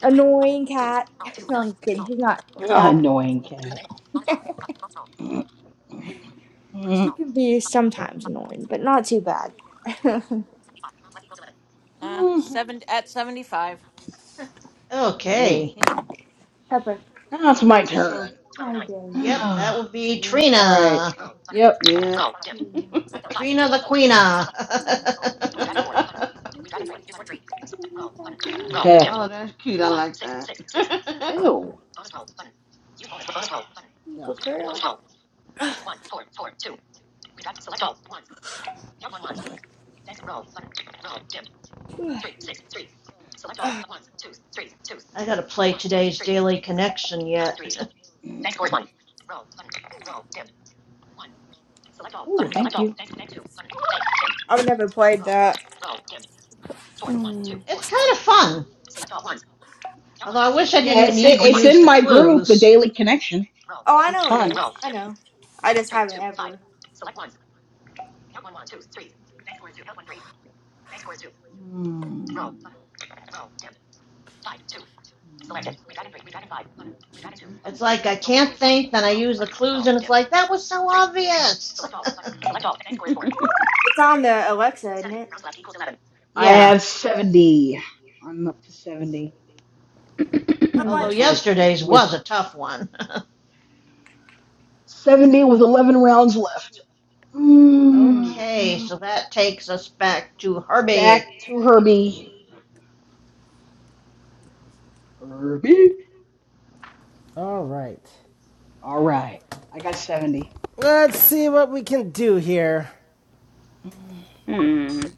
[SPEAKER 6] annoying cat. No, I'm just kidding. She's not
[SPEAKER 5] Ah,
[SPEAKER 6] that
[SPEAKER 5] annoying
[SPEAKER 6] annoying.
[SPEAKER 5] cat.
[SPEAKER 6] She
[SPEAKER 5] Ooh.
[SPEAKER 6] can be sometimes annoying, but not too bad.
[SPEAKER 14] Uh, seven at seventy-five.
[SPEAKER 11] Okay.
[SPEAKER 6] Pepper.
[SPEAKER 5] Now it's my
[SPEAKER 11] So,
[SPEAKER 5] turn.
[SPEAKER 6] Hi, baby.
[SPEAKER 11] yep, that
[SPEAKER 5] All
[SPEAKER 11] would be
[SPEAKER 3] yep.
[SPEAKER 5] right.
[SPEAKER 11] Trina.
[SPEAKER 5] Yep.
[SPEAKER 3] Yep.
[SPEAKER 11] Trina the Queena.
[SPEAKER 5] Okay.
[SPEAKER 3] oh, that's cute. I like that.
[SPEAKER 5] Ew. Yeah.
[SPEAKER 6] Good girl. I've
[SPEAKER 11] I gotta play today's Daily Connection yet.
[SPEAKER 5] Ooh, thank you.
[SPEAKER 6] never played that.
[SPEAKER 3] Hmm.
[SPEAKER 11] It's kind of fun. Although I wish I
[SPEAKER 5] Yeah,
[SPEAKER 11] didn't
[SPEAKER 5] it's
[SPEAKER 11] need to
[SPEAKER 5] it's
[SPEAKER 11] use
[SPEAKER 5] in
[SPEAKER 11] the
[SPEAKER 5] my group, the
[SPEAKER 11] clues.
[SPEAKER 5] Daily Connection.
[SPEAKER 6] Oh, I
[SPEAKER 5] It's
[SPEAKER 6] know it
[SPEAKER 5] fun.
[SPEAKER 6] is. I know. I just haven't ever.
[SPEAKER 5] Mm.
[SPEAKER 11] It's like I can't think, then I use the clues, and it's like, that was so obvious.
[SPEAKER 5] Mm.
[SPEAKER 6] It's on the Alexa, isn't it?
[SPEAKER 5] I
[SPEAKER 11] Yeah,
[SPEAKER 5] have 70. I'm up to 70
[SPEAKER 6] I
[SPEAKER 11] although
[SPEAKER 6] might try it.
[SPEAKER 5] with
[SPEAKER 11] yesterday's
[SPEAKER 5] with
[SPEAKER 11] was a tough one.
[SPEAKER 5] 70 with 11 rounds left.
[SPEAKER 3] Hmm.
[SPEAKER 11] okay,
[SPEAKER 5] Mm,
[SPEAKER 11] so that takes us back to Herbie.
[SPEAKER 5] back to Herbie. Herbie.
[SPEAKER 1] All right.
[SPEAKER 5] All right. I got 70.
[SPEAKER 1] Let's see what we can do here.
[SPEAKER 5] Um,
[SPEAKER 3] Hmm.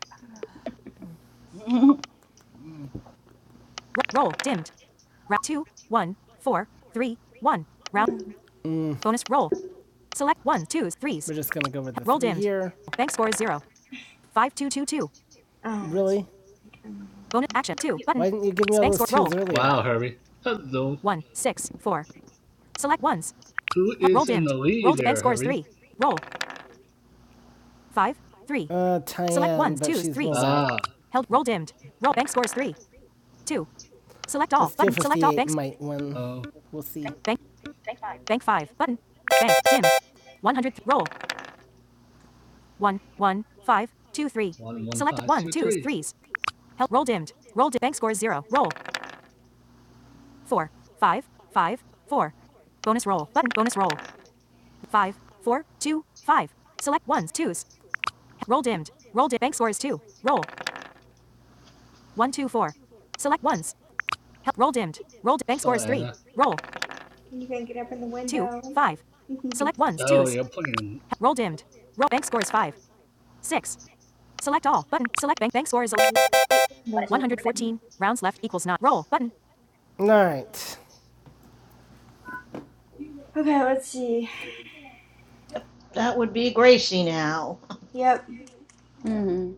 [SPEAKER 14] Mm.
[SPEAKER 5] mm, mm, mm.
[SPEAKER 1] roll dimmed. Round two, one, four, three, one. Round
[SPEAKER 6] Yeah.
[SPEAKER 1] bonus roll. Select one, twos, threes. We're just gonna go with this. Roll three dimmed. here. Bank score is zero. Five two two two.
[SPEAKER 6] Oh, that's
[SPEAKER 1] Really?
[SPEAKER 6] my turn.
[SPEAKER 1] Bonus action. Two Button. Why didn't you give me all Bank those score. twos earlier?
[SPEAKER 15] Wow, Herbie. Hello.
[SPEAKER 1] One six four. Select ones.
[SPEAKER 15] Who
[SPEAKER 1] Help. Roll
[SPEAKER 15] is in the
[SPEAKER 1] dimmed. Roll.
[SPEAKER 15] lead
[SPEAKER 1] Di- bank
[SPEAKER 15] there,
[SPEAKER 1] score is
[SPEAKER 15] Herbie?
[SPEAKER 1] three. Roll. Five three. Uh, Tyann, ones, but twos, she's threes. rolled out.
[SPEAKER 15] Ah.
[SPEAKER 1] Held. Roll dimmed. Roll. Bank score is three. Two. Select all. Button. Select all. Banks. might win.
[SPEAKER 15] Oh.
[SPEAKER 1] We'll see. Bank. Bank five. Button. Bank. Dimmed. One hundred. Roll. One. One. Five. Two. Three.
[SPEAKER 15] One one
[SPEAKER 1] Select
[SPEAKER 15] five
[SPEAKER 1] one.
[SPEAKER 15] two
[SPEAKER 1] Twos.
[SPEAKER 15] three.
[SPEAKER 1] Threes. Held. Roll dimmed. Roll. Di- bank score is zero. Roll. Four. Five. Five. Four. Bonus roll. Button. Bonus roll. five, four, two, five. Select ones, twos. Roll dimmed. Roll dimmed. Bank score is two. Roll. One, two, four. Select ones. Help. Roll dimmed. Roll dimmed. Bank
[SPEAKER 15] Oh,
[SPEAKER 1] score is
[SPEAKER 15] and
[SPEAKER 1] three.
[SPEAKER 15] uh,
[SPEAKER 1] Roll. Two, five. Select ones,
[SPEAKER 15] oh,
[SPEAKER 1] twos.
[SPEAKER 15] you're playing.
[SPEAKER 1] He- Roll dimmed. Roll. Bank score is five, six. Select all. Button. Select bank. Bank score is
[SPEAKER 6] Window's open.
[SPEAKER 1] 114. Rounds left equals not. Roll. Button. All right.
[SPEAKER 6] Okay, let's see.
[SPEAKER 11] Yep, that would be Gracie now.
[SPEAKER 6] Yep.
[SPEAKER 3] Hmm.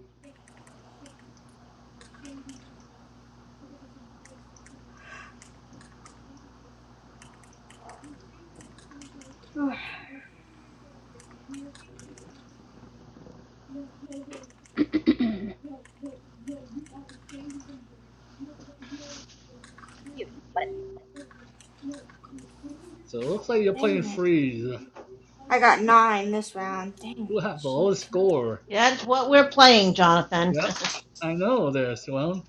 [SPEAKER 15] So it looks like you're playing
[SPEAKER 6] Dang it.
[SPEAKER 15] freeze.
[SPEAKER 6] I got nine this round. Dang,
[SPEAKER 15] Who have the
[SPEAKER 6] shoot.
[SPEAKER 15] lowest score?
[SPEAKER 11] That's what we're playing, Jonathan.
[SPEAKER 15] Yep, I know there's one.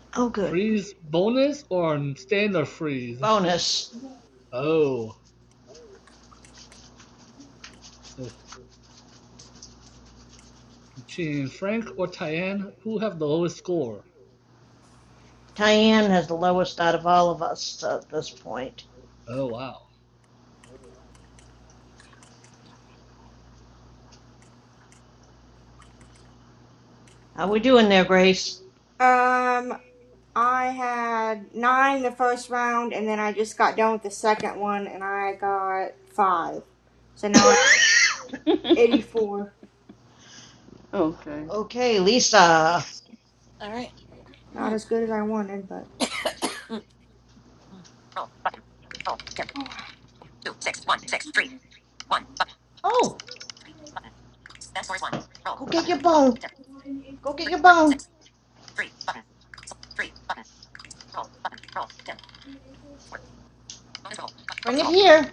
[SPEAKER 11] oh, good.
[SPEAKER 15] Freeze bonus or standard freeze?
[SPEAKER 11] Bonus.
[SPEAKER 15] Oh, so between Frank or Tyann, who have the lowest score?
[SPEAKER 11] Diane has the lowest out of all of us at this point.
[SPEAKER 15] Oh wow.
[SPEAKER 11] How we doing there, Grace?
[SPEAKER 6] Um, I had nine the first round, and then I just got done with the second one, and I got five. So now I'm 84.
[SPEAKER 3] okay.
[SPEAKER 11] okay, Lisa.
[SPEAKER 14] All right.
[SPEAKER 6] Not as good as I wanted, but.
[SPEAKER 14] Mm, mm, mm.
[SPEAKER 6] Oh,
[SPEAKER 11] Oh, Go get your bone. Go get your bone. Bring it here.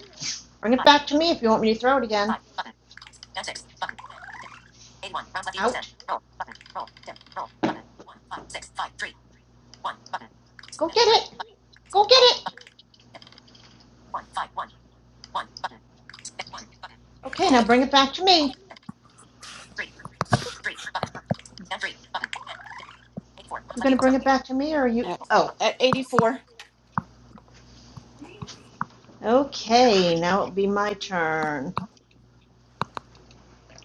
[SPEAKER 11] Bring it back to me if you want me to throw it again. Out. Go get it. Go get it. Okay, now bring it back to me. You gonna bring it back to me or are you?
[SPEAKER 14] At,
[SPEAKER 11] Oh,
[SPEAKER 14] at eighty-four.
[SPEAKER 11] okay. Now it'll be my turn.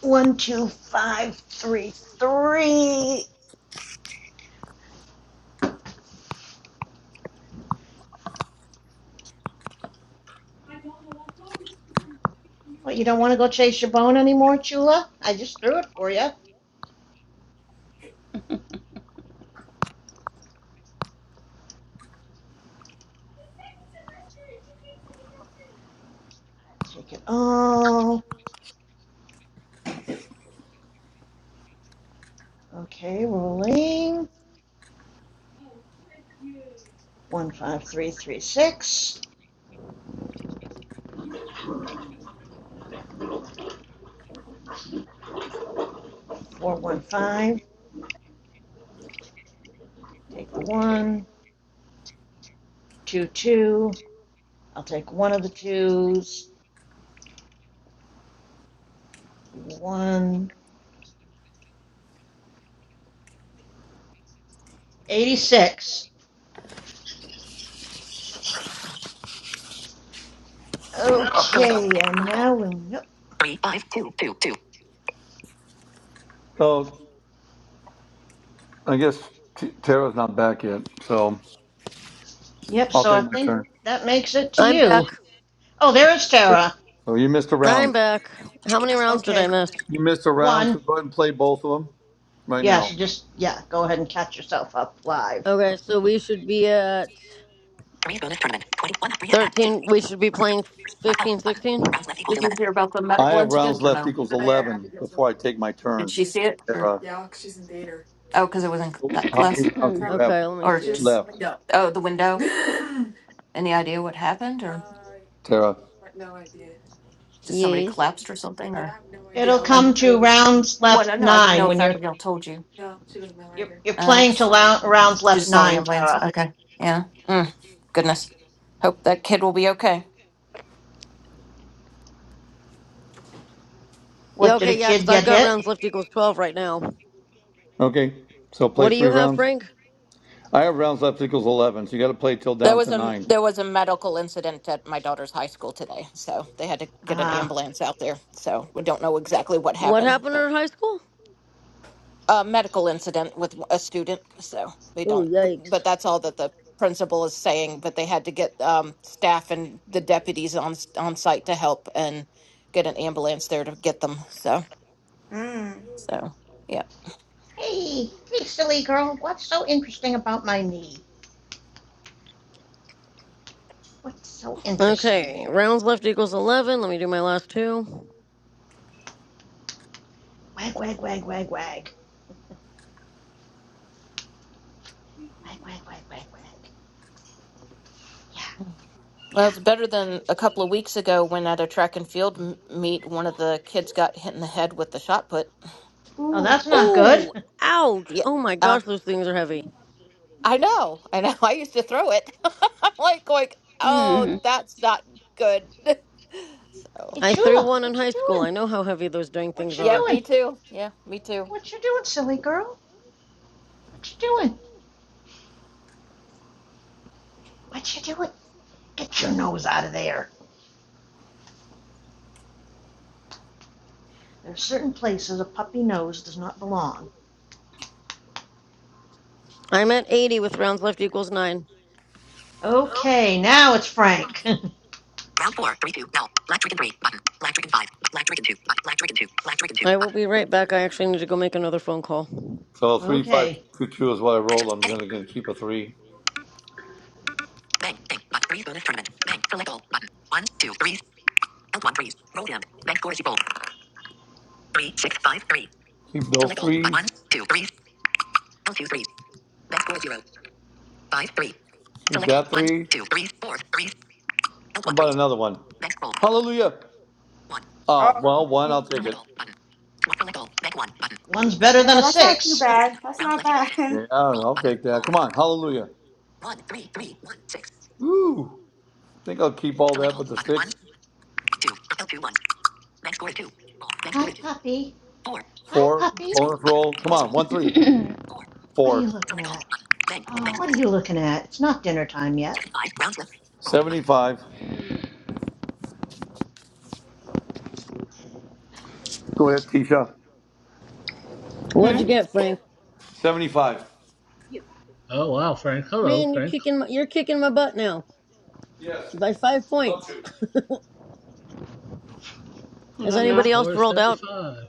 [SPEAKER 11] One, two, five, three, three. What? You don't want to go chase your bone anymore, Chula? I just threw it for you. Take it all. Okay, rolling. One, five, three, three, six. Four, one, five. Take the one. two, two. I'll take one of the twos. One eighty-six. Okay, and now we'll. Yep.
[SPEAKER 2] Oh. I guess T- Tara's not back yet, so
[SPEAKER 11] Yep.
[SPEAKER 2] I'll
[SPEAKER 11] So I
[SPEAKER 2] take my
[SPEAKER 11] think
[SPEAKER 2] turn.
[SPEAKER 11] that makes it to
[SPEAKER 13] I'm
[SPEAKER 11] you.
[SPEAKER 13] back.
[SPEAKER 11] Oh, there is Tara.
[SPEAKER 2] So you missed a
[SPEAKER 13] I'm
[SPEAKER 2] round.
[SPEAKER 13] back. How many rounds did I
[SPEAKER 11] Okay,
[SPEAKER 13] miss?
[SPEAKER 2] You missed a round,
[SPEAKER 11] one.
[SPEAKER 2] so go ahead and play both of them right
[SPEAKER 11] Yeah.
[SPEAKER 2] now.
[SPEAKER 11] So just yeah. Go ahead and catch yourself up live.
[SPEAKER 13] Okay, so we should be at 13. We should be playing 15, 16?
[SPEAKER 14] Did you hear about the
[SPEAKER 2] I
[SPEAKER 14] medical
[SPEAKER 2] have rounds
[SPEAKER 14] incident or
[SPEAKER 2] left
[SPEAKER 14] no?
[SPEAKER 2] equals 11 before I take my
[SPEAKER 14] Did
[SPEAKER 2] turn,
[SPEAKER 14] she see it or
[SPEAKER 2] Tara.
[SPEAKER 14] oh, because it was in c- that
[SPEAKER 2] How many
[SPEAKER 14] class
[SPEAKER 2] rounds
[SPEAKER 3] Hmm.
[SPEAKER 2] do you have
[SPEAKER 13] Okay, let me
[SPEAKER 14] or
[SPEAKER 13] see.
[SPEAKER 14] just
[SPEAKER 2] left,
[SPEAKER 14] window? Oh, the window. Any idea what happened or Uh,
[SPEAKER 2] Tara?
[SPEAKER 14] just somebody
[SPEAKER 13] Yes.
[SPEAKER 14] collapsed or something? I or? have no idea.
[SPEAKER 11] It'll
[SPEAKER 14] I was,
[SPEAKER 11] come
[SPEAKER 14] I
[SPEAKER 11] to
[SPEAKER 14] was looking.
[SPEAKER 11] rounds
[SPEAKER 14] Well, no,
[SPEAKER 11] left
[SPEAKER 14] no, I didn't
[SPEAKER 11] nine
[SPEAKER 14] know if
[SPEAKER 11] when you're
[SPEAKER 14] Abigail told you.
[SPEAKER 11] you're, you're
[SPEAKER 14] Oh, okay.
[SPEAKER 11] playing to round, rounds left
[SPEAKER 14] just saw the
[SPEAKER 11] nine,
[SPEAKER 14] ambulance.
[SPEAKER 11] Tara.
[SPEAKER 14] Okay. Yeah. Mm, goodness. Hope that kid will be okay.
[SPEAKER 11] What
[SPEAKER 13] Yeah,
[SPEAKER 11] did a
[SPEAKER 13] okay, yeah,
[SPEAKER 11] kid
[SPEAKER 13] because
[SPEAKER 11] get
[SPEAKER 13] I've got
[SPEAKER 11] hit?
[SPEAKER 13] rounds left equals 12 right now.
[SPEAKER 2] Okay, so
[SPEAKER 13] What
[SPEAKER 2] play
[SPEAKER 13] do
[SPEAKER 2] three
[SPEAKER 13] you have,
[SPEAKER 2] rounds.
[SPEAKER 13] Frank?
[SPEAKER 2] I have rounds left equals 11, so you got to play till
[SPEAKER 14] There
[SPEAKER 2] down
[SPEAKER 14] was
[SPEAKER 2] to
[SPEAKER 14] a
[SPEAKER 2] nine.
[SPEAKER 14] there was a medical incident at my daughter's high school today, so they had to get an
[SPEAKER 11] Uh,
[SPEAKER 14] ambulance out there. So we don't know exactly what
[SPEAKER 13] What
[SPEAKER 14] happened,
[SPEAKER 13] happened
[SPEAKER 14] but
[SPEAKER 13] in high school?
[SPEAKER 14] a medical incident with a student. So we
[SPEAKER 13] Ooh,
[SPEAKER 14] don't,
[SPEAKER 13] yikes.
[SPEAKER 14] but that's all that the principal is saying. But they had to get um, staff and the deputies on on site to help and get an ambulance there to get them. So
[SPEAKER 6] wow. Mm.
[SPEAKER 14] so yeah.
[SPEAKER 11] hey, hey, silly girl. What's so interesting about my knee? What's so interesting
[SPEAKER 13] Okay,
[SPEAKER 11] there?
[SPEAKER 13] rounds left equals 11. Let me do my last two.
[SPEAKER 11] Wag, wag, wag, wag, wag. Wag, wag, wag, wag, wag. Yeah,
[SPEAKER 14] Well,
[SPEAKER 11] yeah.
[SPEAKER 14] it's better than a couple of weeks ago when at a track and field m- meet, one of the kids got hit in the head with the shot put.
[SPEAKER 11] Oh,
[SPEAKER 6] Ooh.
[SPEAKER 11] that's not good.
[SPEAKER 13] Oh, ouch.
[SPEAKER 14] Yeah,
[SPEAKER 13] Oh my
[SPEAKER 14] uh,
[SPEAKER 13] gosh, those things are heavy.
[SPEAKER 14] I know, I know. I used to throw it. I'm like going, oh, that's not good.
[SPEAKER 11] Hey,
[SPEAKER 14] So,
[SPEAKER 13] I threw
[SPEAKER 11] Chula,
[SPEAKER 13] one in
[SPEAKER 11] what you
[SPEAKER 13] high school.
[SPEAKER 11] doing?
[SPEAKER 13] I know how heavy those dang
[SPEAKER 11] What
[SPEAKER 13] things
[SPEAKER 11] you
[SPEAKER 14] yep,
[SPEAKER 13] are.
[SPEAKER 14] me
[SPEAKER 11] doing?
[SPEAKER 14] too. Yeah, me too.
[SPEAKER 11] What you doing, silly girl? What you doing? What you doing? Get your nose out of there. There are certain places a puppy nose does not belong.
[SPEAKER 13] I'm at 80 with rounds left equals 9.
[SPEAKER 11] Okay, now it's Frank.
[SPEAKER 13] I will be right back. I actually need to go make another phone call.
[SPEAKER 2] So three, five,
[SPEAKER 11] okay,
[SPEAKER 2] two, two is what I rolled. I'm gonna, gonna keep a three. Keep those threes. Keep that three. How about another one? Hallelujah. Oh,
[SPEAKER 6] Oh,
[SPEAKER 2] well, one, I'll take
[SPEAKER 6] dang.
[SPEAKER 2] it.
[SPEAKER 11] one's better than
[SPEAKER 6] Yeah,
[SPEAKER 11] a.
[SPEAKER 6] that's not too bad. That's not bad.
[SPEAKER 2] Yeah, I don't know, I'll take that. Come on, hallelujah.
[SPEAKER 14] Oh,
[SPEAKER 2] Woo! Think I'll keep all that but the six,
[SPEAKER 11] Hi, puppy. Hi,
[SPEAKER 2] four,
[SPEAKER 11] puppy.
[SPEAKER 2] bonus roll. Come on, one, three,
[SPEAKER 11] What
[SPEAKER 2] four,
[SPEAKER 11] are
[SPEAKER 2] Roll.
[SPEAKER 11] you
[SPEAKER 2] Button.
[SPEAKER 11] looking at? What are
[SPEAKER 3] oh.
[SPEAKER 11] you looking at? It's not dinner time yet.
[SPEAKER 2] 75. Go ahead, Tisha.
[SPEAKER 13] What'd you
[SPEAKER 3] Hmm?
[SPEAKER 13] get, Frank?
[SPEAKER 2] 75.
[SPEAKER 15] Oh wow, Frank. Hello,
[SPEAKER 13] Man, you're
[SPEAKER 15] Frank.
[SPEAKER 13] kicking my, you're kicking my butt now by 5 points.
[SPEAKER 3] Who's
[SPEAKER 13] Has
[SPEAKER 3] up
[SPEAKER 15] His
[SPEAKER 13] anybody
[SPEAKER 3] now?
[SPEAKER 15] score
[SPEAKER 13] else
[SPEAKER 15] is
[SPEAKER 13] rolled out?
[SPEAKER 15] seventy-five.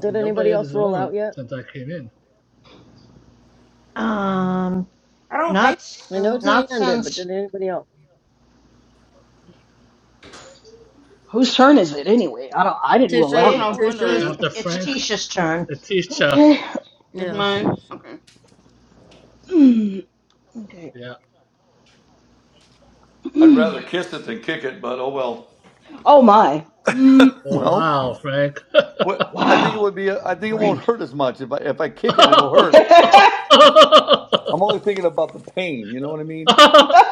[SPEAKER 13] Did
[SPEAKER 15] Nobody
[SPEAKER 13] anybody
[SPEAKER 15] at
[SPEAKER 13] else
[SPEAKER 15] this
[SPEAKER 13] roll out
[SPEAKER 15] moment
[SPEAKER 13] yet?
[SPEAKER 15] since I came in.
[SPEAKER 11] Um,
[SPEAKER 6] I don't
[SPEAKER 11] not
[SPEAKER 6] think
[SPEAKER 13] I know
[SPEAKER 6] so.
[SPEAKER 11] Not
[SPEAKER 13] Tyann did, but
[SPEAKER 11] since
[SPEAKER 13] did anybody else?
[SPEAKER 5] Whose turn is it anyway? I don't I didn't roll
[SPEAKER 3] That's
[SPEAKER 13] Tisha,
[SPEAKER 5] out
[SPEAKER 3] what I
[SPEAKER 11] it
[SPEAKER 5] yet.
[SPEAKER 3] was
[SPEAKER 11] would be.
[SPEAKER 13] Tisha's.
[SPEAKER 3] wondering.
[SPEAKER 15] After
[SPEAKER 11] It's
[SPEAKER 15] Frank,
[SPEAKER 11] Tisha's turn.
[SPEAKER 15] Letitia.
[SPEAKER 5] Okay.
[SPEAKER 3] It's
[SPEAKER 13] Yeah.
[SPEAKER 3] mine? Okay.
[SPEAKER 5] Mm, okay.
[SPEAKER 15] Yeah.
[SPEAKER 2] I'd
[SPEAKER 5] Mm.
[SPEAKER 2] rather kiss it than kick it, but oh well.
[SPEAKER 5] Oh my. Mm,
[SPEAKER 15] Oh
[SPEAKER 2] Well.
[SPEAKER 15] wow, Frank.
[SPEAKER 2] What I think it
[SPEAKER 5] wow.
[SPEAKER 2] would be, I think it won't
[SPEAKER 5] Frankie.
[SPEAKER 2] hurt as much. If I if I kick it, it'll hurt. I'm only thinking about the pain. You know what I mean?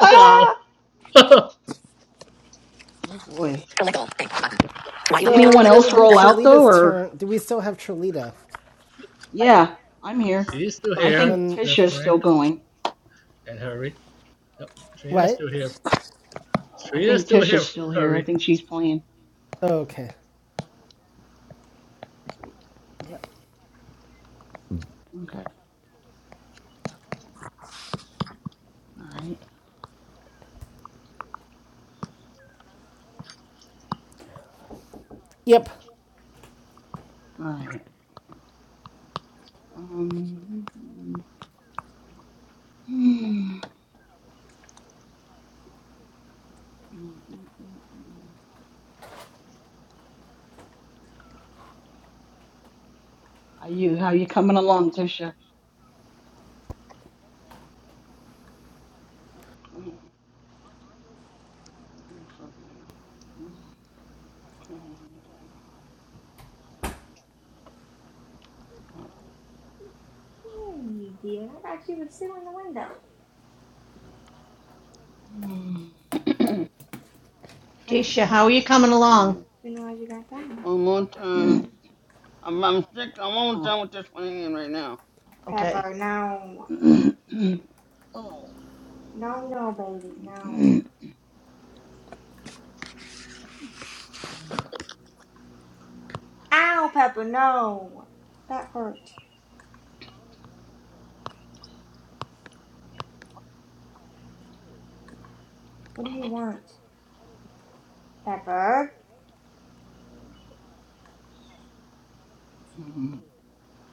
[SPEAKER 15] wow.
[SPEAKER 5] boy. Did
[SPEAKER 1] So
[SPEAKER 5] anyone
[SPEAKER 1] it
[SPEAKER 5] else
[SPEAKER 1] would be
[SPEAKER 5] roll out though,
[SPEAKER 1] Trelita's
[SPEAKER 5] or
[SPEAKER 1] turn. Do we still have Trelita?
[SPEAKER 5] yeah, I'm here.
[SPEAKER 15] She's still
[SPEAKER 5] But I
[SPEAKER 15] here,
[SPEAKER 5] think
[SPEAKER 1] Then
[SPEAKER 15] uh,
[SPEAKER 5] Tisha's
[SPEAKER 15] Frank
[SPEAKER 5] still going.
[SPEAKER 15] and Harry. Yep. Trina's
[SPEAKER 1] what?
[SPEAKER 15] still here.
[SPEAKER 5] I
[SPEAKER 15] Trina's
[SPEAKER 5] think
[SPEAKER 15] still
[SPEAKER 5] Tisha's
[SPEAKER 15] here,
[SPEAKER 5] still here. I
[SPEAKER 15] Harry.
[SPEAKER 5] think she's playing.
[SPEAKER 1] Okay.
[SPEAKER 5] Yep. Okay. All right.
[SPEAKER 1] Yep.
[SPEAKER 5] All right. Um. How you How you coming along, Tisha?
[SPEAKER 6] Hey, are you doing? I thought you would sit in the window. I
[SPEAKER 11] Tisha, how are you coming along?
[SPEAKER 3] Five.
[SPEAKER 6] didn't realize you got down.
[SPEAKER 3] One more time. I'm, I'm sick. I'm almost
[SPEAKER 5] Oh.
[SPEAKER 3] done with this one hand right now.
[SPEAKER 11] Okay.
[SPEAKER 6] Pepper, no. No, no, baby, no. Ow, Pepper, no. That hurt. What do you want? Pepper,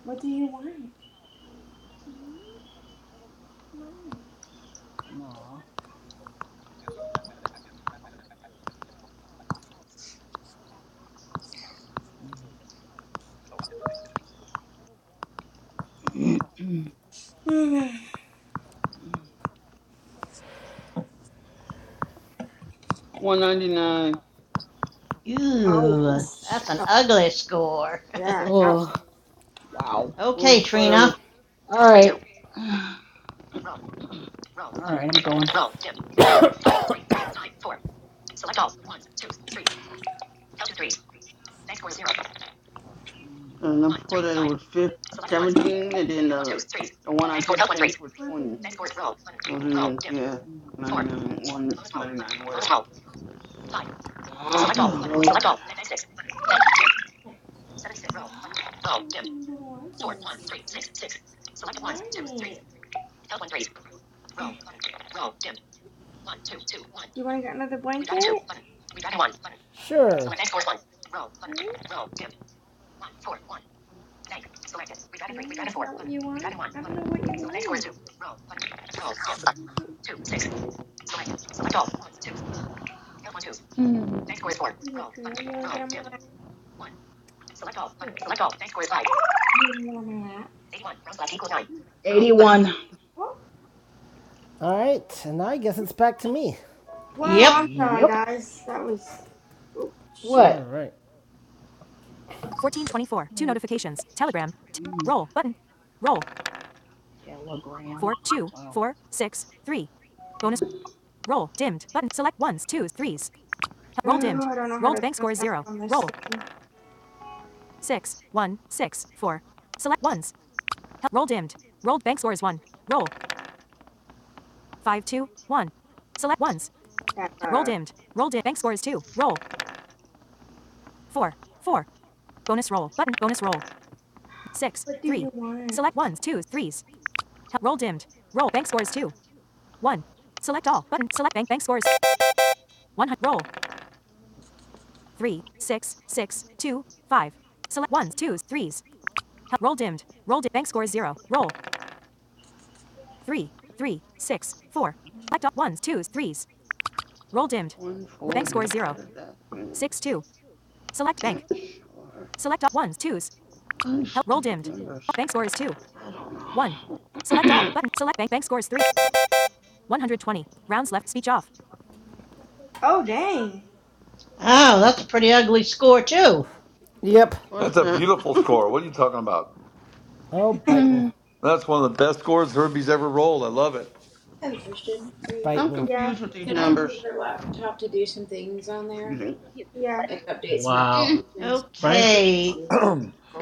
[SPEAKER 6] what do you want?
[SPEAKER 5] No.
[SPEAKER 6] Why?
[SPEAKER 3] 199.
[SPEAKER 11] Ooh,
[SPEAKER 6] ouch.
[SPEAKER 11] that's an ugly score.
[SPEAKER 6] Yeah, ouch.
[SPEAKER 5] Oh. Wow.
[SPEAKER 3] Well,
[SPEAKER 11] okay,
[SPEAKER 3] before that was,
[SPEAKER 11] Trina.
[SPEAKER 5] All right. All right, I'm going. Mm,
[SPEAKER 3] uh, no, before that it was fifteen, seventeen, and then the, the one I just finished was 20. So then, yeah,
[SPEAKER 5] mm.
[SPEAKER 3] 99, 199, whatever. Oh,
[SPEAKER 5] Really?
[SPEAKER 3] Lord.
[SPEAKER 6] Nothing more, baby. Why? Do you want to get another blanket?
[SPEAKER 1] Sure.
[SPEAKER 6] Hmm? No, that's not what you want. I don't know what you want.
[SPEAKER 3] Hmm.
[SPEAKER 6] Good girl, you want to get on my lap? You want on my lap?
[SPEAKER 5] Mm. 81.
[SPEAKER 6] Oh.
[SPEAKER 1] All right, and now I guess it's back to me.
[SPEAKER 6] Whoa,
[SPEAKER 11] Yep.
[SPEAKER 6] I'm sorry,
[SPEAKER 5] Yep.
[SPEAKER 6] guys. That was.
[SPEAKER 1] All
[SPEAKER 5] What?
[SPEAKER 1] right. 1424. Two
[SPEAKER 5] Mm,
[SPEAKER 1] notifications. Telegram. T-
[SPEAKER 5] mm.
[SPEAKER 1] roll button. Roll.
[SPEAKER 5] Telegram.
[SPEAKER 1] Four, two,
[SPEAKER 5] Wow.
[SPEAKER 1] four, six, three. Bonus.
[SPEAKER 5] Mm.
[SPEAKER 1] Roll. Dimmed. Button. Select ones, twos, threes. Roll
[SPEAKER 6] Oh,
[SPEAKER 1] dimmed.
[SPEAKER 6] I don't know how
[SPEAKER 1] Rolled
[SPEAKER 6] to
[SPEAKER 1] bank
[SPEAKER 6] turn
[SPEAKER 1] score is
[SPEAKER 6] back
[SPEAKER 1] zero.
[SPEAKER 6] on
[SPEAKER 1] Roll.
[SPEAKER 6] this thing.
[SPEAKER 1] Six, one, six, four. Select ones. Roll dimmed. Rolled bank score is one. Roll. Five, two, one. Select ones. Roll
[SPEAKER 6] Pepper,
[SPEAKER 1] dimmed. Roll dimmed. Bank score is two. Roll. Four, four. Bonus roll button. Bonus roll. six,
[SPEAKER 6] what do you
[SPEAKER 1] three.
[SPEAKER 6] want?
[SPEAKER 1] Select ones, twos, threes. Help. Roll dimmed. Roll. Bank scores two. One. Select all. Button. Select bank. Bank scores. One hundred. Roll. Three, six, six, two, five. Select ones, twos, threes. Help. Roll dimmed. Roll. dimmed. bank scores zero. Roll. Three, three, six, four. Select all. Ones, twos, threes. Roll dimmed. Bank scores
[SPEAKER 3] 140. What
[SPEAKER 1] zero.
[SPEAKER 3] does that mean?
[SPEAKER 1] Six, two. Select
[SPEAKER 3] Not
[SPEAKER 1] bank.
[SPEAKER 3] sure.
[SPEAKER 1] Select all. Ones, twos.
[SPEAKER 3] Kind of
[SPEAKER 1] Help. Roll
[SPEAKER 3] stupid
[SPEAKER 1] dimmed.
[SPEAKER 3] numbers.
[SPEAKER 1] Bank scores two.
[SPEAKER 3] I
[SPEAKER 1] One.
[SPEAKER 3] don't
[SPEAKER 1] Select
[SPEAKER 3] know.
[SPEAKER 1] all. Button. Select bank. Bank scores three. 120. Rounds left. Speech off.
[SPEAKER 6] Oh dang.
[SPEAKER 11] Oh, that's a pretty ugly score too.
[SPEAKER 1] Yep.
[SPEAKER 2] That's
[SPEAKER 3] What's
[SPEAKER 2] a
[SPEAKER 3] that?
[SPEAKER 2] beautiful score. What are you talking about?
[SPEAKER 1] Oh, bite me.
[SPEAKER 2] That's one of the best scores Herbie's ever rolled. I love it.
[SPEAKER 6] I have a question for you.
[SPEAKER 1] Bite
[SPEAKER 3] I'm
[SPEAKER 1] me.
[SPEAKER 6] Yeah.
[SPEAKER 3] confused with these
[SPEAKER 6] Can I
[SPEAKER 3] numbers.
[SPEAKER 6] use her laptop to do some things on there? Yeah. Like update some
[SPEAKER 15] Wow.
[SPEAKER 3] Mm.
[SPEAKER 6] applications? How's
[SPEAKER 15] Frank,
[SPEAKER 11] Okay,
[SPEAKER 6] it?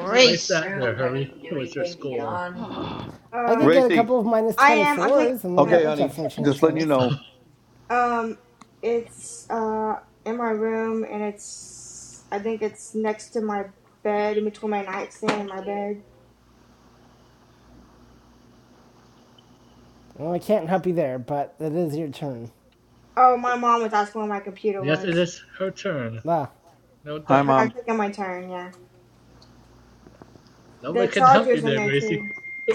[SPEAKER 6] Is it in the
[SPEAKER 15] like that there,
[SPEAKER 6] room? Do I need
[SPEAKER 15] Harry.
[SPEAKER 6] to do
[SPEAKER 15] What's your
[SPEAKER 6] anything to get
[SPEAKER 15] score?
[SPEAKER 6] on?
[SPEAKER 3] Oh
[SPEAKER 1] I
[SPEAKER 6] Uh,
[SPEAKER 1] could get a
[SPEAKER 2] Gracie.
[SPEAKER 1] couple of
[SPEAKER 6] I am. I'm taking.
[SPEAKER 1] 24s, and then that
[SPEAKER 2] Okay,
[SPEAKER 1] would
[SPEAKER 2] honey.
[SPEAKER 1] definitely change
[SPEAKER 2] Just letting you
[SPEAKER 1] things.
[SPEAKER 2] know.
[SPEAKER 6] Um, it's uh in my room, and it's. I think it's next to my bed, in between my nightstand and my bed.
[SPEAKER 1] Well, I can't help you there, but it is your turn.
[SPEAKER 6] Oh, my mom was asking where my computer
[SPEAKER 15] Yes, it
[SPEAKER 6] was,
[SPEAKER 15] is her turn.
[SPEAKER 1] Ah.
[SPEAKER 15] No
[SPEAKER 2] Hi,
[SPEAKER 15] doubt.
[SPEAKER 6] but I'm
[SPEAKER 2] mom.
[SPEAKER 6] taking my turn. Yeah. The
[SPEAKER 15] Nobody can help you
[SPEAKER 6] charger's in
[SPEAKER 15] there,
[SPEAKER 6] there
[SPEAKER 15] Gracie.
[SPEAKER 6] too.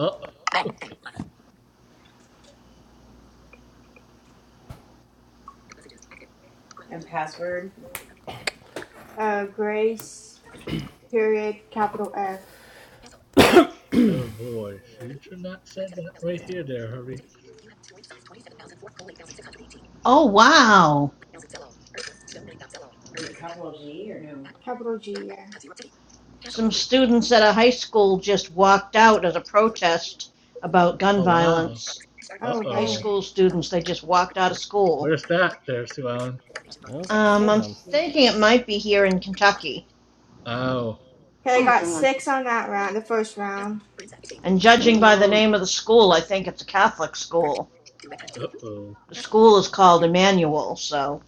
[SPEAKER 15] Oh,
[SPEAKER 6] And password? Uh, Grace, period, capital F,
[SPEAKER 15] oh boy. She should not send that right here there, Harry.
[SPEAKER 11] Oh wow.
[SPEAKER 6] Is it capital G or no? capital G, yeah.
[SPEAKER 11] Some students at a high school just walked out as a protest about gun
[SPEAKER 15] Oh, wow.
[SPEAKER 11] violence.
[SPEAKER 6] Oh,
[SPEAKER 15] Uh-oh.
[SPEAKER 6] damn.
[SPEAKER 11] School students, they just walked out of school.
[SPEAKER 15] Where's that there, Sue Ellen?
[SPEAKER 1] Okay,
[SPEAKER 11] Um, I'm
[SPEAKER 1] then.
[SPEAKER 6] Thank you.
[SPEAKER 11] thinking it might be here in Kentucky.
[SPEAKER 15] Oh,
[SPEAKER 6] Okay, I got
[SPEAKER 3] god,
[SPEAKER 6] six on that round, the first round.
[SPEAKER 11] And judging
[SPEAKER 3] ten
[SPEAKER 11] by the
[SPEAKER 3] round,
[SPEAKER 11] name of the school, I think it's a Catholic school.
[SPEAKER 15] uh-oh.
[SPEAKER 11] The school is called Emmanuel, so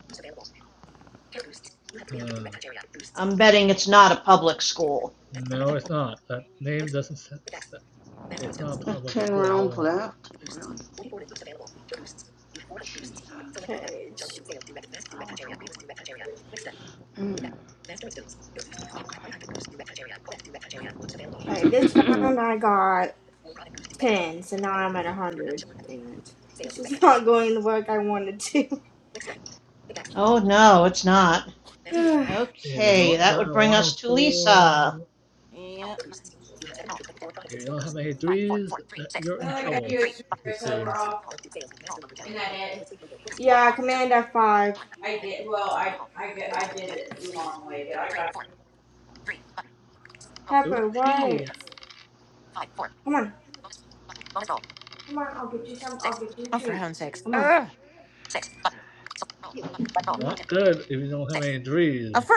[SPEAKER 15] Uh,
[SPEAKER 11] I'm betting it's not a public school.
[SPEAKER 15] no, it's not. That name doesn't. s- s- It's not a public
[SPEAKER 3] ten
[SPEAKER 15] school at
[SPEAKER 3] rounds
[SPEAKER 15] all.
[SPEAKER 3] left. Really? Jesus,
[SPEAKER 6] Okay, it's-
[SPEAKER 3] I was over with. The, mm,
[SPEAKER 6] okay, this
[SPEAKER 3] okay.
[SPEAKER 6] round I got 10, so now I'm at 100. Dang it. This is not going the work I wanted to.
[SPEAKER 11] Oh, no, it's not.
[SPEAKER 15] If you
[SPEAKER 11] Okay,
[SPEAKER 15] don't
[SPEAKER 11] that
[SPEAKER 15] got
[SPEAKER 11] would
[SPEAKER 15] a
[SPEAKER 11] bring us to Lisa.
[SPEAKER 15] 104,
[SPEAKER 14] Yeah.
[SPEAKER 15] if you don't have any threes, that you're in
[SPEAKER 6] Well, I got
[SPEAKER 15] trouble
[SPEAKER 6] you a
[SPEAKER 15] with
[SPEAKER 6] super
[SPEAKER 15] these
[SPEAKER 6] sober
[SPEAKER 15] games.
[SPEAKER 6] off. Isn't that it? yeah, Command F5. I did. Well, I I get I did it the long way, but I got Pepper,
[SPEAKER 15] Okay,
[SPEAKER 6] what? Come on. Come on, I'll get you some. I'll get you a
[SPEAKER 14] Oh, for
[SPEAKER 6] treat.
[SPEAKER 14] heaven's sakes.
[SPEAKER 6] Come on,
[SPEAKER 14] Ugh.
[SPEAKER 6] come on.
[SPEAKER 15] not good if you don't have any
[SPEAKER 14] Oh,
[SPEAKER 15] threes.
[SPEAKER 14] for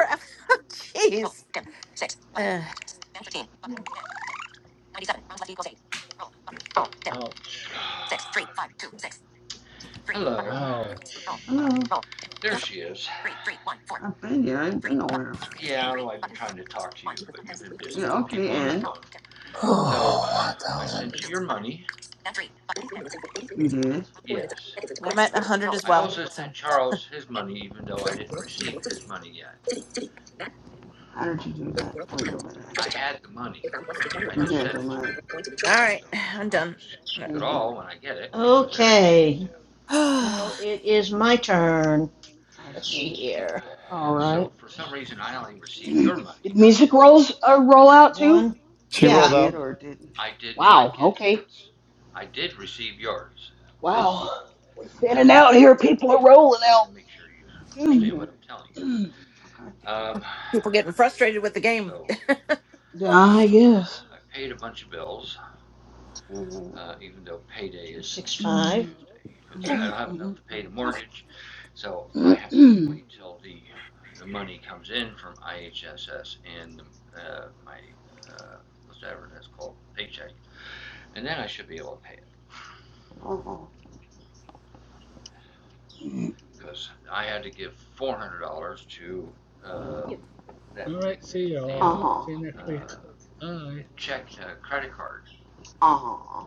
[SPEAKER 14] jeez. Ugh.
[SPEAKER 15] Ouch. Ouch.
[SPEAKER 3] Hello, I've been here. I ain't been nowhere. You did?
[SPEAKER 14] I'm at 100 as well. So, all
[SPEAKER 3] How did you do that? Wait a minute.
[SPEAKER 14] right, I'm done.
[SPEAKER 11] Okay, now it is my turn. Let's
[SPEAKER 3] I
[SPEAKER 11] see
[SPEAKER 3] see.
[SPEAKER 11] here.
[SPEAKER 5] All right. Did music rolls uh, roll out too?
[SPEAKER 11] One,
[SPEAKER 2] She
[SPEAKER 3] It
[SPEAKER 11] yeah,
[SPEAKER 2] rolled
[SPEAKER 3] did
[SPEAKER 2] out.
[SPEAKER 3] or it didn't?
[SPEAKER 5] Wow. Okay.
[SPEAKER 3] I
[SPEAKER 5] Wow.
[SPEAKER 3] see.
[SPEAKER 5] We're thinning out here. People are rolling out.
[SPEAKER 3] Okay.
[SPEAKER 14] People getting frustrated with the game.
[SPEAKER 5] yeah, I guess.
[SPEAKER 3] Mhm.
[SPEAKER 11] two, six, five.
[SPEAKER 5] Mm, mm, mm, mm,
[SPEAKER 3] Oh,
[SPEAKER 5] mm.
[SPEAKER 15] All right. See y'all. See
[SPEAKER 3] oh,
[SPEAKER 15] you
[SPEAKER 3] oh,
[SPEAKER 15] next week. Bye.
[SPEAKER 3] oh,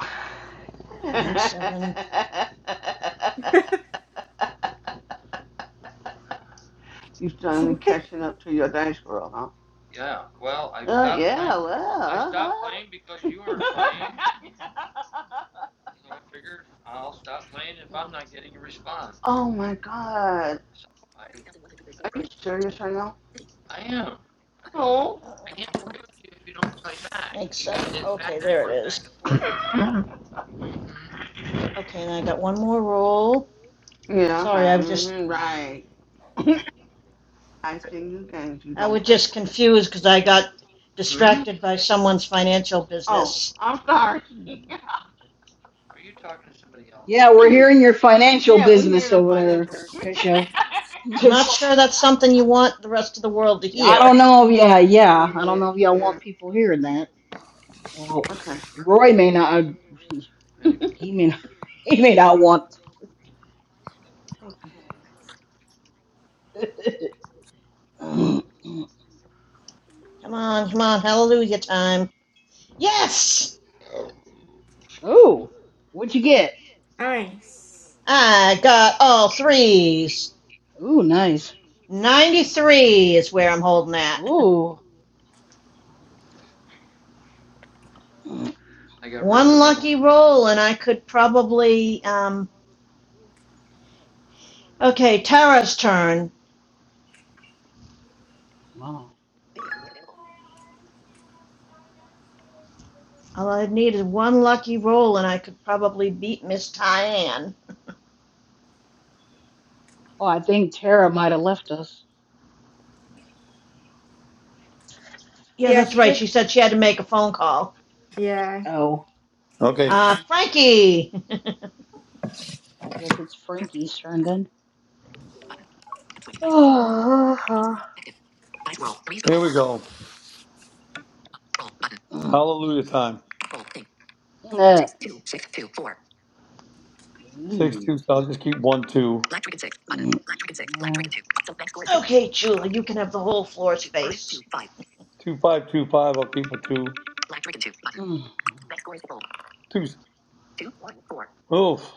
[SPEAKER 11] Thanks, seven.
[SPEAKER 3] you finally catching up to your dice world, huh? Well, oh my God. Are you serious right now?
[SPEAKER 11] Uh, thanks, seven. Okay, there it is. Okay, and I got one more roll.
[SPEAKER 3] Mm-hmm. Yeah,
[SPEAKER 11] Sorry,
[SPEAKER 3] okay.
[SPEAKER 11] I was just.
[SPEAKER 3] hmm right. I see you games you
[SPEAKER 11] I was
[SPEAKER 3] don't play.
[SPEAKER 11] just confused because I got distracted by someone's financial
[SPEAKER 3] Oh,
[SPEAKER 11] business.
[SPEAKER 3] I'm sorry.
[SPEAKER 5] yeah, we're hearing your financial
[SPEAKER 3] yeah, we're
[SPEAKER 5] business
[SPEAKER 3] here in
[SPEAKER 5] over there,
[SPEAKER 3] financial.
[SPEAKER 5] Tisha.
[SPEAKER 11] I'm not sure
[SPEAKER 5] Just,
[SPEAKER 11] that's something you want the rest of the world to
[SPEAKER 5] I
[SPEAKER 11] hear.
[SPEAKER 5] don't know if yeah,
[SPEAKER 3] okay, wait a
[SPEAKER 5] yeah, I don't know
[SPEAKER 3] minute
[SPEAKER 5] if y'all want
[SPEAKER 3] here.
[SPEAKER 5] people hearing that. Well,
[SPEAKER 3] Okay.
[SPEAKER 5] Roy may not. He, he may not, he may not want.
[SPEAKER 11] Come on, come on, hallelujah time. Yes!
[SPEAKER 5] oh, what'd you get?
[SPEAKER 6] Nice.
[SPEAKER 11] I got all threes.
[SPEAKER 5] Ooh, nice. Okay, so
[SPEAKER 11] 93 is where I'm holding at.
[SPEAKER 5] Ooh. oh,
[SPEAKER 11] One lucky roll, and I could probably. Um, okay, Tara's turn.
[SPEAKER 5] oh,
[SPEAKER 11] All I needed one lucky roll, and I could probably beat Miss Tyann.
[SPEAKER 5] I think Tara might have left us.
[SPEAKER 11] Yeah,
[SPEAKER 6] Yeah,
[SPEAKER 11] that's
[SPEAKER 6] she
[SPEAKER 11] right.
[SPEAKER 6] said.
[SPEAKER 11] She said she had to make a phone call.
[SPEAKER 6] Yeah.
[SPEAKER 5] Oh,
[SPEAKER 2] Okay.
[SPEAKER 11] Uh,
[SPEAKER 5] okay.
[SPEAKER 11] Frankie!
[SPEAKER 5] I guess it's Frankie's turn then. Ooh.
[SPEAKER 2] Here we go. Hallelujah time. Six two. So I'll just keep one two.
[SPEAKER 11] okay, Chula, you can have the whole floor space.
[SPEAKER 2] Two five two five. I'll keep a two. Two. Oof.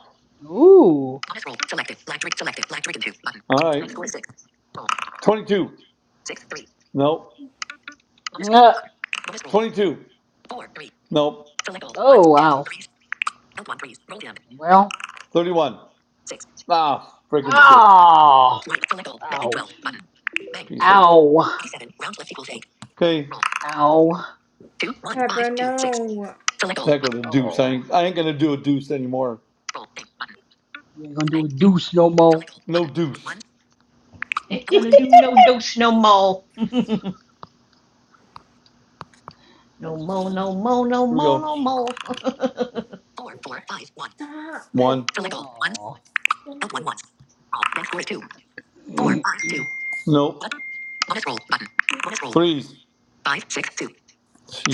[SPEAKER 2] All right. Twenty two. Nope. Twenty two. Nope.
[SPEAKER 5] Oh, wow. Well.
[SPEAKER 2] 31. Ah, freaking shit.
[SPEAKER 5] Ah. Ouch.
[SPEAKER 2] Piece of.
[SPEAKER 5] Ow.
[SPEAKER 2] Okay.
[SPEAKER 5] Ow.
[SPEAKER 6] Pepper, no.
[SPEAKER 2] Heck with a deuce. I
[SPEAKER 5] Oh.
[SPEAKER 2] ain't, I ain't gonna do a deuce anymore.
[SPEAKER 5] You ain't gonna do a deuce no more.
[SPEAKER 2] No deuce.
[SPEAKER 11] Ain't
[SPEAKER 5] That's
[SPEAKER 11] gonna do no dose no more. no more,
[SPEAKER 5] funny.
[SPEAKER 11] no more, no
[SPEAKER 2] Here we
[SPEAKER 11] more,
[SPEAKER 2] go.
[SPEAKER 11] no more.
[SPEAKER 2] One.
[SPEAKER 5] Oh. Mm.
[SPEAKER 2] Nope. Threes.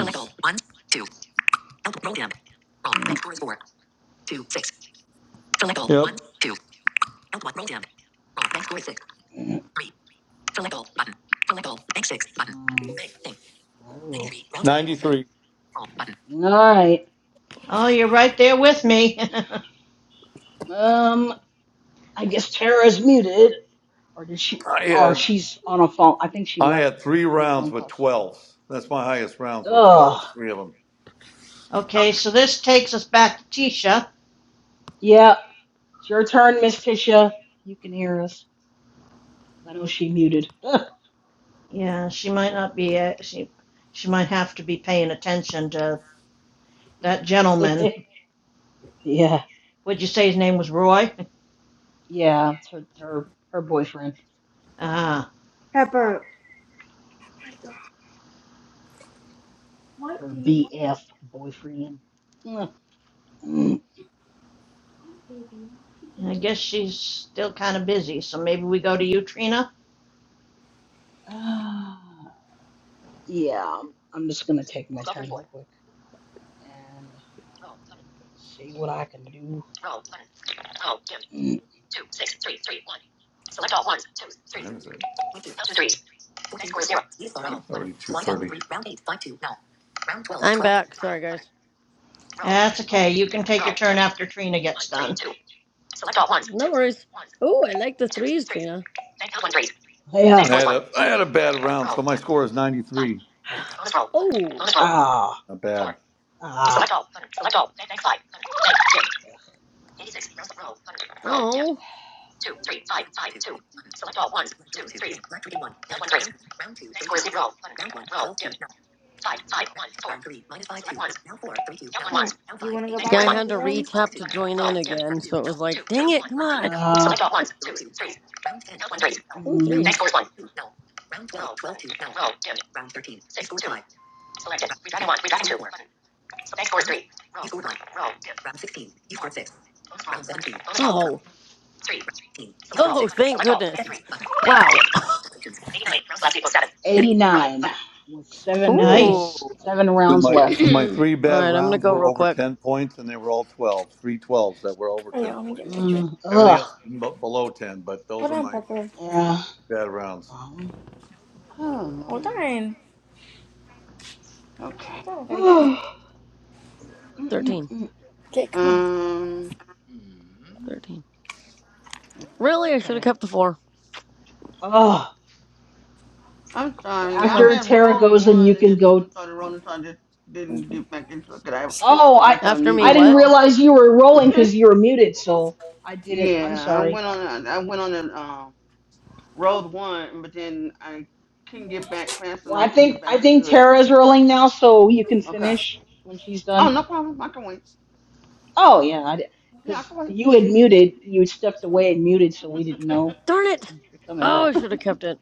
[SPEAKER 2] Jeez. Yep.
[SPEAKER 5] Oh. All right.
[SPEAKER 11] oh, you're right there with me.
[SPEAKER 5] Um. I guess Tara's muted. or did she
[SPEAKER 2] I
[SPEAKER 5] or
[SPEAKER 2] had
[SPEAKER 5] she's on a phone i think she
[SPEAKER 2] I
[SPEAKER 5] left
[SPEAKER 2] had three
[SPEAKER 5] on a
[SPEAKER 2] rounds
[SPEAKER 5] phone
[SPEAKER 2] with
[SPEAKER 5] call so
[SPEAKER 2] 12s. That's my highest rounds were
[SPEAKER 5] ugh
[SPEAKER 2] 12s. Three of them.
[SPEAKER 11] okay, so
[SPEAKER 2] What
[SPEAKER 11] this takes us back to Tisha.
[SPEAKER 5] yeah it's your turn miss tisha you can hear us i know she muted
[SPEAKER 11] Yeah, she might not be, uh, she, she might have to be paying attention to that gentleman.
[SPEAKER 5] yeah
[SPEAKER 11] Would you say his name was Roy?
[SPEAKER 5] yeah it's her her her boyfriend
[SPEAKER 11] Ah,
[SPEAKER 6] Pepper,
[SPEAKER 5] her bf boyfriend Mm. Mm.
[SPEAKER 11] uh, I guess she's still kind of busy, so maybe we go to you, Trina?
[SPEAKER 5] Ah. yeah i'm I'm just gonna take my turn real quick and see what i can do Mm.
[SPEAKER 2] Time is it? Already 2:30.
[SPEAKER 13] I'm back. Sorry, guys.
[SPEAKER 11] That's
[SPEAKER 5] oh
[SPEAKER 11] okay. You can take your turn after Trina gets done.
[SPEAKER 13] No worries. Oh, I like the threes, Trina.
[SPEAKER 5] yeah
[SPEAKER 2] I had a I had a bad round, so my score is 93.
[SPEAKER 5] Ugh.
[SPEAKER 13] Oh.
[SPEAKER 5] Ah.
[SPEAKER 2] Not bad.
[SPEAKER 5] Ah. Select all. Select all. Next, slide.
[SPEAKER 13] Oh.
[SPEAKER 6] come on. You want to go back
[SPEAKER 13] Yeah, I
[SPEAKER 6] in our
[SPEAKER 13] had to
[SPEAKER 6] room?
[SPEAKER 13] re-tap to join in again, so it was like, dang it, come on.
[SPEAKER 5] Uh, Select all. Ones, twos, threes.
[SPEAKER 13] Ooh,
[SPEAKER 5] Mm, next
[SPEAKER 13] threes.
[SPEAKER 5] scores one.
[SPEAKER 13] Oh. Oh, thank goodness. Wow.
[SPEAKER 5] 89 with
[SPEAKER 13] Ooh.
[SPEAKER 5] seven rolls,
[SPEAKER 11] Nice.
[SPEAKER 13] All
[SPEAKER 5] seven
[SPEAKER 2] So
[SPEAKER 5] rounds
[SPEAKER 2] my so
[SPEAKER 5] left.
[SPEAKER 2] my
[SPEAKER 3] Okay.
[SPEAKER 2] three bad
[SPEAKER 13] right, I'm going to
[SPEAKER 2] rounds
[SPEAKER 13] go
[SPEAKER 2] were
[SPEAKER 13] real
[SPEAKER 2] over
[SPEAKER 13] quick.
[SPEAKER 2] ten points, and they were all twelve, three twelves that were over
[SPEAKER 6] Oh,
[SPEAKER 2] ten
[SPEAKER 6] yeah, let me get
[SPEAKER 2] points.
[SPEAKER 6] my drink.
[SPEAKER 5] Mm,
[SPEAKER 2] Everything
[SPEAKER 5] ugh.
[SPEAKER 2] else b- below ten, but those
[SPEAKER 6] Hold
[SPEAKER 2] are
[SPEAKER 6] on,
[SPEAKER 2] my
[SPEAKER 6] Pepper.
[SPEAKER 5] Yeah.
[SPEAKER 2] bad rounds.
[SPEAKER 5] uh
[SPEAKER 3] oh,
[SPEAKER 6] Hold
[SPEAKER 3] Lord.
[SPEAKER 6] on.
[SPEAKER 3] Okay.
[SPEAKER 6] Hold on, I gotta get my.
[SPEAKER 5] Mm, mm,
[SPEAKER 13] 13.
[SPEAKER 5] mm.
[SPEAKER 6] Okay, come on.
[SPEAKER 3] Um,
[SPEAKER 13] 13. Really? I should have
[SPEAKER 5] okay.
[SPEAKER 13] kept the four.
[SPEAKER 5] Oh,
[SPEAKER 3] I'm sorry.
[SPEAKER 13] Come
[SPEAKER 3] I
[SPEAKER 13] on.
[SPEAKER 5] after
[SPEAKER 3] had
[SPEAKER 5] Tara
[SPEAKER 3] rolled
[SPEAKER 5] goes, then you
[SPEAKER 3] one, and
[SPEAKER 5] can
[SPEAKER 3] then someone
[SPEAKER 5] go.
[SPEAKER 3] started rolling, so I just didn't get back into it. Cause I
[SPEAKER 6] Excuse.
[SPEAKER 5] Oh, I
[SPEAKER 3] forgot to
[SPEAKER 13] After
[SPEAKER 3] unmute
[SPEAKER 13] me,
[SPEAKER 5] I didn't
[SPEAKER 13] what?
[SPEAKER 3] myself.
[SPEAKER 5] realize you were rolling because you were muted, so I didn't. I'm
[SPEAKER 3] yeah, I
[SPEAKER 5] sorry.
[SPEAKER 3] went on. I went on and um rolled one, but then I couldn't get back fast
[SPEAKER 5] Well, I
[SPEAKER 3] enough to
[SPEAKER 5] think
[SPEAKER 3] get
[SPEAKER 5] I
[SPEAKER 3] back
[SPEAKER 5] think
[SPEAKER 3] into it.
[SPEAKER 5] Tara's rolling now, so you can
[SPEAKER 3] Okay.
[SPEAKER 5] finish when she's done.
[SPEAKER 3] Oh, no problem. I can wait.
[SPEAKER 5] Oh yeah,
[SPEAKER 3] Yeah, I
[SPEAKER 5] because
[SPEAKER 3] can wait.
[SPEAKER 5] you had muted, you stepped away and muted, so we didn't know
[SPEAKER 3] Yeah.
[SPEAKER 13] Darn it.
[SPEAKER 5] you are coming
[SPEAKER 13] Oh, I
[SPEAKER 5] back.
[SPEAKER 13] should have kept it.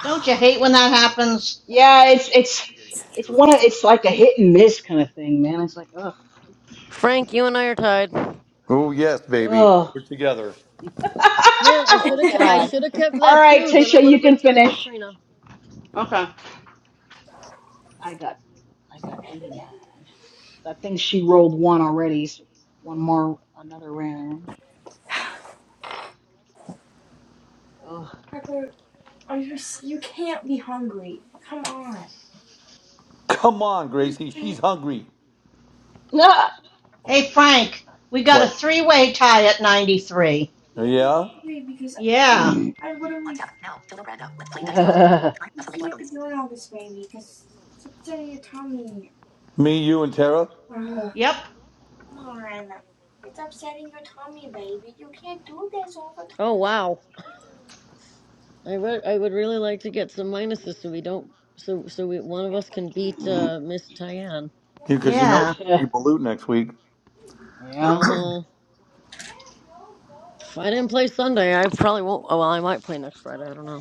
[SPEAKER 11] Don't you hate when that happens?
[SPEAKER 5] yeah, it's it's it's one of it's like a hit and miss kind of thing, man. It's like ugh,
[SPEAKER 13] Frank, you and I are tied.
[SPEAKER 2] Oh yes, baby,
[SPEAKER 5] ugh.
[SPEAKER 2] we're together.
[SPEAKER 13] Man, I
[SPEAKER 5] oh
[SPEAKER 13] should have ke- I
[SPEAKER 5] God.
[SPEAKER 13] should have kept
[SPEAKER 5] All
[SPEAKER 13] that
[SPEAKER 5] right,
[SPEAKER 13] too. Then I
[SPEAKER 5] Tisha,
[SPEAKER 13] would
[SPEAKER 5] you
[SPEAKER 13] have
[SPEAKER 5] can
[SPEAKER 13] been tied with
[SPEAKER 5] finish.
[SPEAKER 13] Trina.
[SPEAKER 3] okay.
[SPEAKER 5] I got I got 89. I think she rolled one already. So one more, another round. Ugh.
[SPEAKER 6] Pepper, are you? s- You can't be hungry. Come on.
[SPEAKER 2] Come on, Gracie, she's
[SPEAKER 6] Seriously,
[SPEAKER 2] hungry.
[SPEAKER 5] Ah!
[SPEAKER 11] Hey, Frank, we got a
[SPEAKER 2] What?
[SPEAKER 11] three way tie at 93.
[SPEAKER 6] you can't be
[SPEAKER 2] Yeah,
[SPEAKER 6] hungry because
[SPEAKER 11] Yeah.
[SPEAKER 6] I literally. You can't be doing all this, baby, because it's upsetting your tummy.
[SPEAKER 2] me, you, and Tara,
[SPEAKER 6] Ugh.
[SPEAKER 11] Yep.
[SPEAKER 6] Come on. It's upsetting your tummy, baby. You can't do this all the time.
[SPEAKER 13] Oh, wow. I would I would really like to get some minuses so we don't so so we one of us can beat uh Miss Tyann.
[SPEAKER 2] because you know it's
[SPEAKER 11] Yeah.
[SPEAKER 2] going to be
[SPEAKER 5] yeah.
[SPEAKER 2] Balut next week.
[SPEAKER 13] Uh-huh. If I didn't play Sunday, I probably won't. Oh, well, I might play next Friday. I don't know.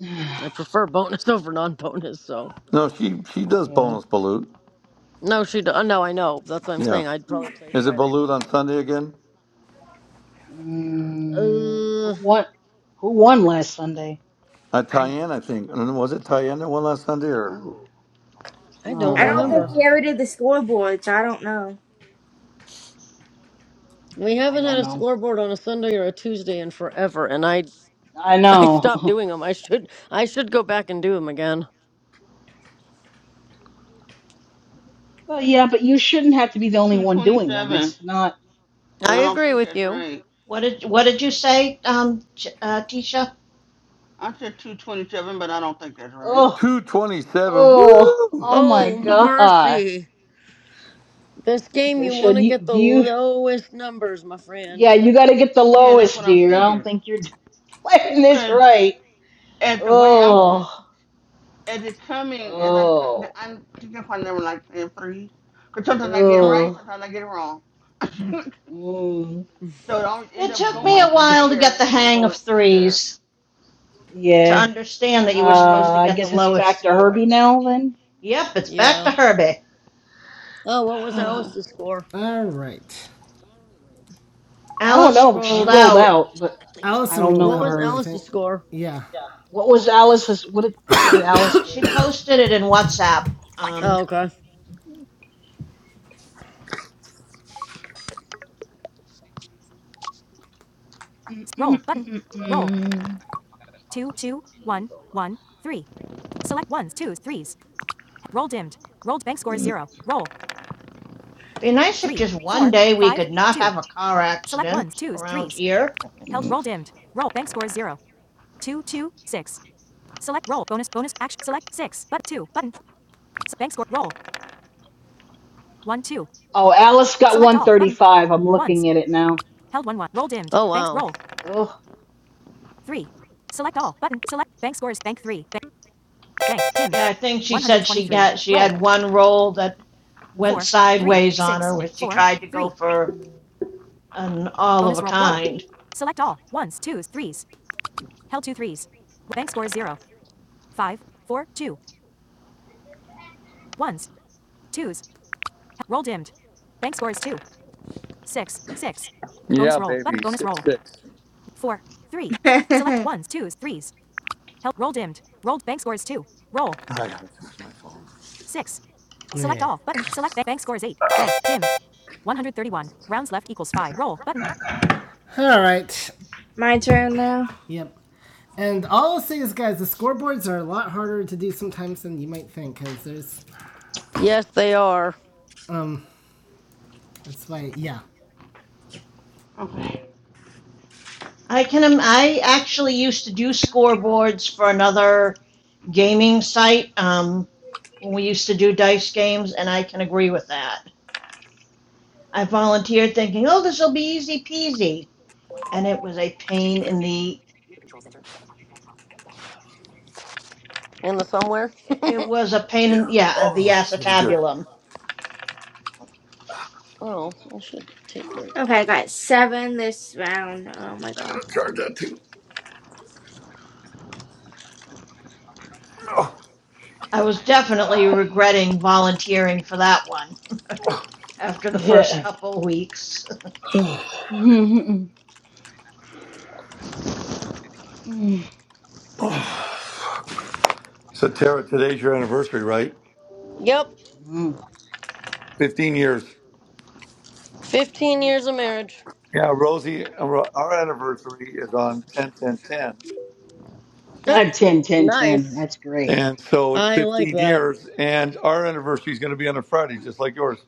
[SPEAKER 13] I prefer bonus over non-bonus, so
[SPEAKER 2] No, she she does
[SPEAKER 5] Yeah.
[SPEAKER 2] bonus Balut.
[SPEAKER 13] no, she. do- uh, No, I know. That's what I'm
[SPEAKER 2] Yeah,
[SPEAKER 13] saying. I'd probably play
[SPEAKER 2] is it
[SPEAKER 13] Friday,
[SPEAKER 2] Balut
[SPEAKER 13] but
[SPEAKER 2] on
[SPEAKER 13] not.
[SPEAKER 2] Sunday again?
[SPEAKER 5] Mm, who
[SPEAKER 13] Uh,
[SPEAKER 5] won? Who won last Sunday?
[SPEAKER 2] Uh,
[SPEAKER 13] I
[SPEAKER 2] Tyann, I think. And Was it Tyann that won last Sunday or
[SPEAKER 3] Oh,
[SPEAKER 13] I don't
[SPEAKER 6] I don't
[SPEAKER 2] somebody
[SPEAKER 6] think
[SPEAKER 13] remember.
[SPEAKER 2] else?
[SPEAKER 6] he
[SPEAKER 5] Uh,
[SPEAKER 6] ever did the scoreboard, so I don't know.
[SPEAKER 13] We
[SPEAKER 5] I
[SPEAKER 13] haven't had
[SPEAKER 5] don't
[SPEAKER 13] a
[SPEAKER 5] know.
[SPEAKER 13] scoreboard on a Sunday or a Tuesday in forever, and I
[SPEAKER 5] I
[SPEAKER 13] I stopped
[SPEAKER 5] know.
[SPEAKER 13] doing them. I should I should go back and do them again.
[SPEAKER 5] well, yeah, but you shouldn't have to be the only one doing them.
[SPEAKER 3] 227,
[SPEAKER 5] It's not.
[SPEAKER 3] but
[SPEAKER 13] I
[SPEAKER 3] I
[SPEAKER 5] It's
[SPEAKER 3] don't
[SPEAKER 13] agree
[SPEAKER 3] think
[SPEAKER 13] with
[SPEAKER 3] that's
[SPEAKER 13] you.
[SPEAKER 3] right.
[SPEAKER 11] What did, what did you say, um, uh, Tisha?
[SPEAKER 3] I said 227, but I don't think that's right.
[SPEAKER 5] oh,
[SPEAKER 2] Two twenty seven.
[SPEAKER 5] oh,
[SPEAKER 2] Woo!
[SPEAKER 5] oh my
[SPEAKER 13] Oh
[SPEAKER 5] God,
[SPEAKER 13] mercy! This game, you want
[SPEAKER 5] Tisha, do
[SPEAKER 13] to
[SPEAKER 5] you,
[SPEAKER 13] get the
[SPEAKER 5] do you?
[SPEAKER 13] lowest numbers, my friend.
[SPEAKER 5] Yeah, you got to get the
[SPEAKER 3] Yeah, that's
[SPEAKER 5] lowest,
[SPEAKER 3] what I'm
[SPEAKER 5] dear. I don't
[SPEAKER 3] figuring.
[SPEAKER 5] think you're playing this
[SPEAKER 3] Cause
[SPEAKER 5] right.
[SPEAKER 3] at the way I'm, co-
[SPEAKER 5] Oh,
[SPEAKER 3] as it coming, as I'm, co-
[SPEAKER 5] oh,
[SPEAKER 3] the- I'm that's why I never like playing threes. Cause sometimes I get it
[SPEAKER 13] Huh?
[SPEAKER 3] right,
[SPEAKER 5] oh.
[SPEAKER 3] sometimes I get it wrong. so
[SPEAKER 5] Mm,
[SPEAKER 3] it always end
[SPEAKER 11] It
[SPEAKER 3] up
[SPEAKER 5] I,
[SPEAKER 11] took me
[SPEAKER 3] going
[SPEAKER 5] I
[SPEAKER 11] a
[SPEAKER 5] think
[SPEAKER 11] while
[SPEAKER 5] it's
[SPEAKER 11] to get
[SPEAKER 3] higher
[SPEAKER 11] the
[SPEAKER 3] than
[SPEAKER 11] hang of
[SPEAKER 3] going under.
[SPEAKER 11] threes, to
[SPEAKER 5] yeah.
[SPEAKER 11] understand that you were supposed
[SPEAKER 5] Uh,
[SPEAKER 3] Mhm.
[SPEAKER 11] to
[SPEAKER 5] I
[SPEAKER 11] get the
[SPEAKER 5] guess it's
[SPEAKER 11] lowest
[SPEAKER 5] back to
[SPEAKER 11] score.
[SPEAKER 5] Herbie now then.
[SPEAKER 11] Yep, it's back
[SPEAKER 13] Yeah.
[SPEAKER 11] to Herbie.
[SPEAKER 13] Oh, what was
[SPEAKER 5] I
[SPEAKER 3] Yeah.
[SPEAKER 13] Alice's score?
[SPEAKER 1] All right.
[SPEAKER 5] don't
[SPEAKER 11] Alice
[SPEAKER 5] know. She
[SPEAKER 11] rolled
[SPEAKER 5] rolled
[SPEAKER 11] out.
[SPEAKER 5] out, but I
[SPEAKER 1] Allison
[SPEAKER 5] don't know
[SPEAKER 1] rolled
[SPEAKER 13] What
[SPEAKER 5] what
[SPEAKER 13] was
[SPEAKER 1] out,
[SPEAKER 5] her.
[SPEAKER 1] I
[SPEAKER 13] Alice's
[SPEAKER 1] think.
[SPEAKER 13] score?
[SPEAKER 1] Yeah.
[SPEAKER 5] What was Alice's? What did what did Alice get?
[SPEAKER 11] She posted it in
[SPEAKER 5] She,
[SPEAKER 11] WhatsApp. Um,
[SPEAKER 13] Oh, okay.
[SPEAKER 5] mm, mm,
[SPEAKER 1] Roll button.
[SPEAKER 5] mm, mm,
[SPEAKER 1] Roll.
[SPEAKER 5] mm.
[SPEAKER 1] Two, two,
[SPEAKER 5] Let me
[SPEAKER 1] one,
[SPEAKER 5] go
[SPEAKER 1] one, three. Select ones, twos, threes. Roll dimmed. Rolled bank score is
[SPEAKER 5] look. Mm,
[SPEAKER 1] zero. Roll.
[SPEAKER 11] Be nice if
[SPEAKER 1] Three,
[SPEAKER 11] just one
[SPEAKER 1] four,
[SPEAKER 11] day we
[SPEAKER 1] five,
[SPEAKER 11] could not
[SPEAKER 1] two.
[SPEAKER 11] have a car
[SPEAKER 1] Select
[SPEAKER 11] accident
[SPEAKER 1] ones, twos,
[SPEAKER 11] around
[SPEAKER 1] threes.
[SPEAKER 11] here.
[SPEAKER 1] Held
[SPEAKER 5] mm.
[SPEAKER 1] roll dimmed. Roll bank score is zero. Two, two, six. Select roll. Bonus. Bonus. Action. Select six. But two. Button. bank score. Roll. One two.
[SPEAKER 5] Oh, Alice got
[SPEAKER 1] Select all. Button.
[SPEAKER 5] 135. I'm
[SPEAKER 1] Ones.
[SPEAKER 5] looking at it now.
[SPEAKER 1] Held one one. Roll dimmed.
[SPEAKER 13] Oh,
[SPEAKER 1] Bank.
[SPEAKER 13] wow.
[SPEAKER 1] Roll.
[SPEAKER 5] Ugh.
[SPEAKER 1] Three. Select all. Button. Select. Bank scores. Bank three. Bank. Bank. Dimmed.
[SPEAKER 11] Yeah, I think she said she
[SPEAKER 1] 123.
[SPEAKER 11] got she
[SPEAKER 1] Roll.
[SPEAKER 11] had one roll that went
[SPEAKER 1] Four. Three.
[SPEAKER 11] sideways on
[SPEAKER 1] Six.
[SPEAKER 11] her when she
[SPEAKER 1] Four.
[SPEAKER 11] tried to go
[SPEAKER 1] Three.
[SPEAKER 11] for an all of
[SPEAKER 1] Bonus
[SPEAKER 11] a
[SPEAKER 1] roll. Roll.
[SPEAKER 11] kind.
[SPEAKER 1] Select all. Ones. Twos. Threes. Held two threes. Bank score is zero. Five. Four. Two. Ones. Twos. Roll dimmed. Bank score is two. Six. Six. Bonus
[SPEAKER 2] Yeah,
[SPEAKER 1] roll. Button.
[SPEAKER 2] baby.
[SPEAKER 1] Bonus roll.
[SPEAKER 2] Six six.
[SPEAKER 1] four, three. Select ones, twos, threes. Help. Roll dimmed. Rolled bank scores two. Roll. Six. Select Yeah. all. Button. Select bank. bank scores eight. Bank. Dimmed. 131. Rounds left equals five. Roll. Button. All right.
[SPEAKER 6] My turn now.
[SPEAKER 1] Yep. And all I'll say is, guys, the scoreboards are a lot harder to do sometimes than you might think, because there's.
[SPEAKER 13] Yes, they are.
[SPEAKER 1] That's why, yeah.
[SPEAKER 3] Okay.
[SPEAKER 11] I can I actually used to do scoreboards for another gaming site um, when we used to do dice games, and I can agree with that. I volunteered thinking, oh, this will be easy peasy, and it was a pain in the
[SPEAKER 13] In the somewhere?
[SPEAKER 11] it was a pain in yeah the acetabulum
[SPEAKER 13] Oh, I should take my.
[SPEAKER 6] Okay, I got seven this round. Oh my god,
[SPEAKER 11] I was definitely regretting volunteering for that one after the first
[SPEAKER 5] Yeah.
[SPEAKER 11] couple weeks.
[SPEAKER 5] Mm, mm, mm,
[SPEAKER 2] So Tara, today's your anniversary, right?
[SPEAKER 13] Yep.
[SPEAKER 5] mm.
[SPEAKER 2] Fifteen years.
[SPEAKER 13] 15 years of marriage.
[SPEAKER 2] Yeah, Rosie, our our anniversary is on ten ten ten,
[SPEAKER 5] Ah, 10, 10, ten.
[SPEAKER 13] nice.
[SPEAKER 5] That's great.
[SPEAKER 2] and so it's
[SPEAKER 13] I like
[SPEAKER 2] fifteen
[SPEAKER 13] that.
[SPEAKER 2] years. And our anniversary is going to be on a Friday, just like yours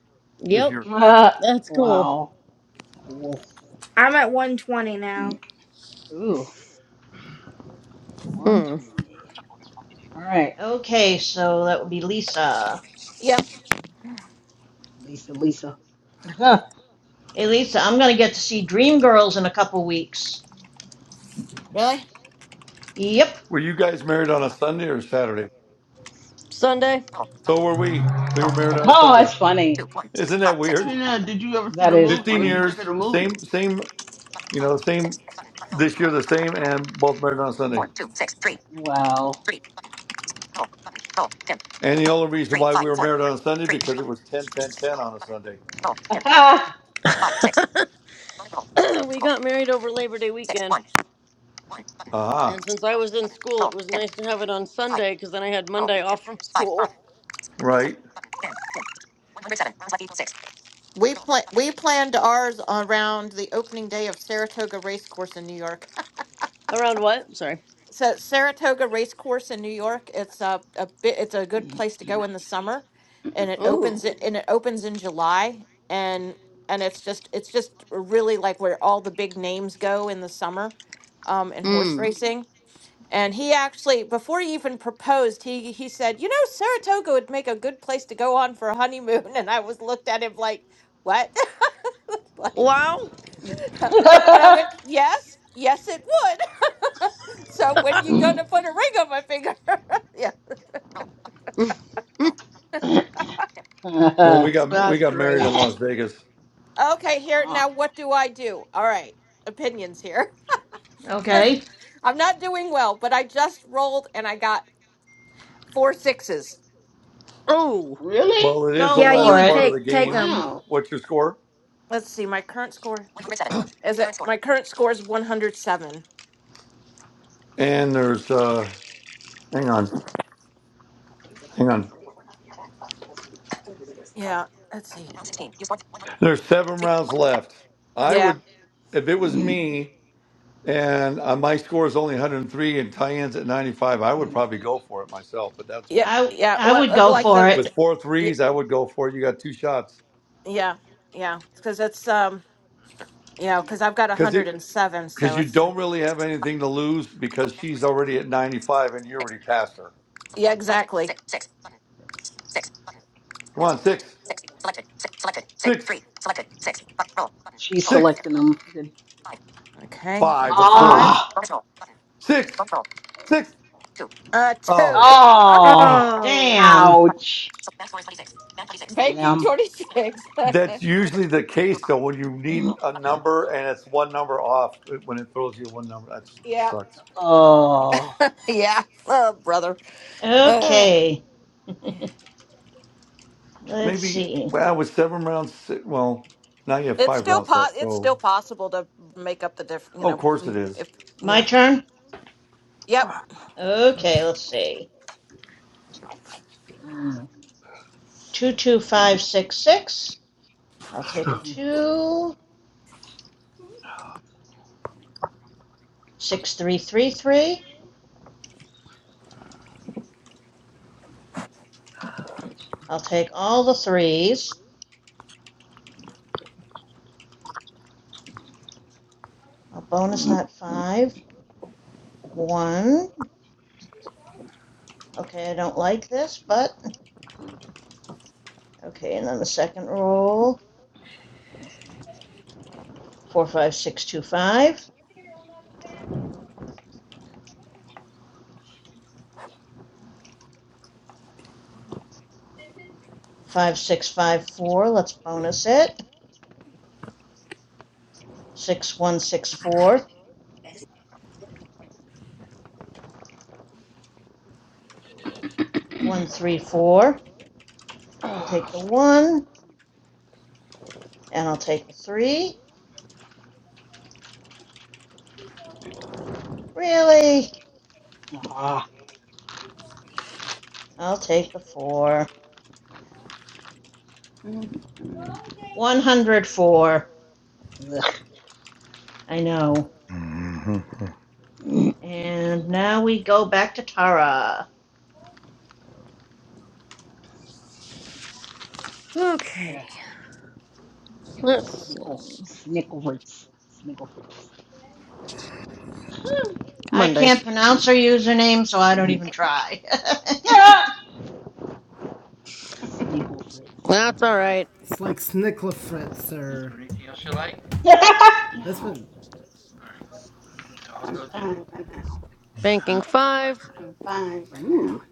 [SPEAKER 2] this
[SPEAKER 13] Yep.
[SPEAKER 2] year.
[SPEAKER 5] Uh,
[SPEAKER 13] That's cool.
[SPEAKER 5] wow. Cool.
[SPEAKER 6] I'm at 120 now.
[SPEAKER 5] Mm. Ooh,
[SPEAKER 13] Hmm.
[SPEAKER 5] 120. All right,
[SPEAKER 11] Okay, so that would be Lisa.
[SPEAKER 14] Yep.
[SPEAKER 5] Lisa, Lisa. oh,
[SPEAKER 11] Hey, Lisa, I'm going to get to see Dreamgirls in a couple weeks.
[SPEAKER 14] Really?
[SPEAKER 11] Yep.
[SPEAKER 2] Were you guys married on a Sunday or Saturday?
[SPEAKER 13] Sunday.
[SPEAKER 2] So were we. We were married on a Sunday.
[SPEAKER 5] that's funny.
[SPEAKER 2] Isn't that weird?
[SPEAKER 3] Trina, did you ever see
[SPEAKER 5] That
[SPEAKER 3] the
[SPEAKER 5] is
[SPEAKER 3] movie? What
[SPEAKER 2] Fifteen
[SPEAKER 3] did you
[SPEAKER 5] funny.
[SPEAKER 3] think of
[SPEAKER 2] years,
[SPEAKER 3] the movie?
[SPEAKER 2] same same, you know, same this year, the same, and both married on a Sunday.
[SPEAKER 5] Wow.
[SPEAKER 2] And the only reason why we were married on a Sunday because it was ten ten ten on a Sunday.
[SPEAKER 13] we got married over Labor Day weekend. And
[SPEAKER 2] Aha,
[SPEAKER 13] since I was in school, it was nice to have it on Sunday because then I had Monday off from school.
[SPEAKER 2] right.
[SPEAKER 14] We plan we planned ours around the opening day of Saratoga Race Course in New York.
[SPEAKER 13] Around what? Sorry.
[SPEAKER 14] So Saratoga Race Course in New York, it's a, a bit it's a good place to go in the summer and it opens
[SPEAKER 13] Ooh.
[SPEAKER 14] it and it opens in July and and it's just it's just really like where all the big names go in the summer um in horse Mhm.
[SPEAKER 13] Hmm.
[SPEAKER 14] racing. And he actually before he even proposed, he he said, "You know, Saratoga would make a good place to go on for a honeymoon." And I was looked at him like, "What?" like
[SPEAKER 13] Wow.
[SPEAKER 14] and I went, yes, yes, it would. so when you gonna put a ring on my finger? yeah.
[SPEAKER 2] Well, we
[SPEAKER 5] Ah.
[SPEAKER 2] got we
[SPEAKER 13] That's
[SPEAKER 2] got married
[SPEAKER 13] great.
[SPEAKER 2] in Las Vegas.
[SPEAKER 14] Okay, here now. What do I do? All right, opinions here because
[SPEAKER 11] Okay.
[SPEAKER 14] I'm not doing well, but I just rolled and I got four sixes.
[SPEAKER 13] Oh.
[SPEAKER 3] Really?
[SPEAKER 2] Well, it is
[SPEAKER 11] Go
[SPEAKER 2] the
[SPEAKER 6] Yeah, you
[SPEAKER 2] latter
[SPEAKER 11] for
[SPEAKER 6] would
[SPEAKER 2] part
[SPEAKER 11] it.
[SPEAKER 2] of the
[SPEAKER 6] take take
[SPEAKER 2] game.
[SPEAKER 6] them.
[SPEAKER 2] What's your score?
[SPEAKER 14] Let's see, my current score is it? My current score is 107.
[SPEAKER 2] And there's uh hang on. Hang on.
[SPEAKER 14] Yeah. Let's see.
[SPEAKER 2] There's 7 rounds left. I
[SPEAKER 14] Yeah.
[SPEAKER 2] would if it was me and uh, my score is only 103 and three and tie-ins at 95, I would probably go for it myself, but that's
[SPEAKER 14] Yeah.
[SPEAKER 2] me.
[SPEAKER 11] I
[SPEAKER 14] Yeah.
[SPEAKER 11] I
[SPEAKER 14] Well,
[SPEAKER 11] would
[SPEAKER 14] uh, well,
[SPEAKER 11] go
[SPEAKER 14] like I
[SPEAKER 11] for
[SPEAKER 14] said, it's
[SPEAKER 11] it.
[SPEAKER 2] With four
[SPEAKER 14] y-
[SPEAKER 2] threes, I would go for it. You got two shots.
[SPEAKER 14] yeah, yeah, because it's um, you know, because I've got
[SPEAKER 2] because it.
[SPEAKER 14] 107,
[SPEAKER 2] because
[SPEAKER 14] so
[SPEAKER 2] you
[SPEAKER 14] it's
[SPEAKER 2] don't really have anything to lose because she's already at 95 and you already passed her.
[SPEAKER 14] Yeah, exactly. Six. six, button.
[SPEAKER 2] Come on, six, six,
[SPEAKER 5] She's
[SPEAKER 2] six,
[SPEAKER 5] selecting them. Did-
[SPEAKER 14] Okay, down
[SPEAKER 2] five,
[SPEAKER 14] to
[SPEAKER 2] of course.
[SPEAKER 14] five.
[SPEAKER 5] Ah,
[SPEAKER 2] Six, six.
[SPEAKER 14] Uh,
[SPEAKER 2] Oh,
[SPEAKER 14] two.
[SPEAKER 5] oh,
[SPEAKER 6] Oh.
[SPEAKER 11] Damn.
[SPEAKER 5] ouch.
[SPEAKER 14] And twenty-six. Banking
[SPEAKER 5] Damn.
[SPEAKER 14] 26.
[SPEAKER 2] that's usually the case though when you need a number and it's one number off it- when it throws you one number. That
[SPEAKER 14] yeah.
[SPEAKER 2] sucks.
[SPEAKER 5] Oh.
[SPEAKER 14] Yeah. Oh, brother. Ugh.
[SPEAKER 11] Okay. Let's
[SPEAKER 2] Maybe,
[SPEAKER 11] see.
[SPEAKER 2] well, with seven rounds, si- well, now you have
[SPEAKER 14] It's
[SPEAKER 2] five
[SPEAKER 14] still
[SPEAKER 2] rounds left.
[SPEAKER 14] po- it's
[SPEAKER 2] So,
[SPEAKER 14] still possible to make up the diff, you
[SPEAKER 2] oh, of
[SPEAKER 14] know,
[SPEAKER 2] course
[SPEAKER 14] mm,
[SPEAKER 2] it is.
[SPEAKER 14] if
[SPEAKER 11] My
[SPEAKER 14] yeah.
[SPEAKER 11] turn?
[SPEAKER 14] Yep.
[SPEAKER 11] Okay, let's see.
[SPEAKER 5] Mm.
[SPEAKER 11] 22566. I'll take a 2. 6333. I'll take all the threes. I'll bonus
[SPEAKER 5] Mm.
[SPEAKER 11] that five. One. Okay, I don't like this, but okay, and then the second roll. Four, five, six, two, five. Five, six, five, four. Let's bonus it. Six, one, six, four. One, three, four. I'll take the one, and I'll take the three. Really?
[SPEAKER 5] Ah.
[SPEAKER 11] I'll take the four.
[SPEAKER 3] no,
[SPEAKER 11] 104.
[SPEAKER 5] Ugh.
[SPEAKER 11] I know. And now we go back to Tara.
[SPEAKER 13] Okay.
[SPEAKER 5] Here.
[SPEAKER 13] Let's
[SPEAKER 5] Snickle.
[SPEAKER 13] see.
[SPEAKER 5] Snickle fritz. Snickle fritz.
[SPEAKER 11] I
[SPEAKER 13] Mondays.
[SPEAKER 11] can't pronounce her username, so I don't even try.
[SPEAKER 5] Yeah. Snickle Fritz.
[SPEAKER 13] That's all right.
[SPEAKER 1] It's like Snickla Fritz or. That's what.
[SPEAKER 3] i am for now.
[SPEAKER 13] Banking five.
[SPEAKER 3] I'm fine for
[SPEAKER 5] Ooh,
[SPEAKER 3] now.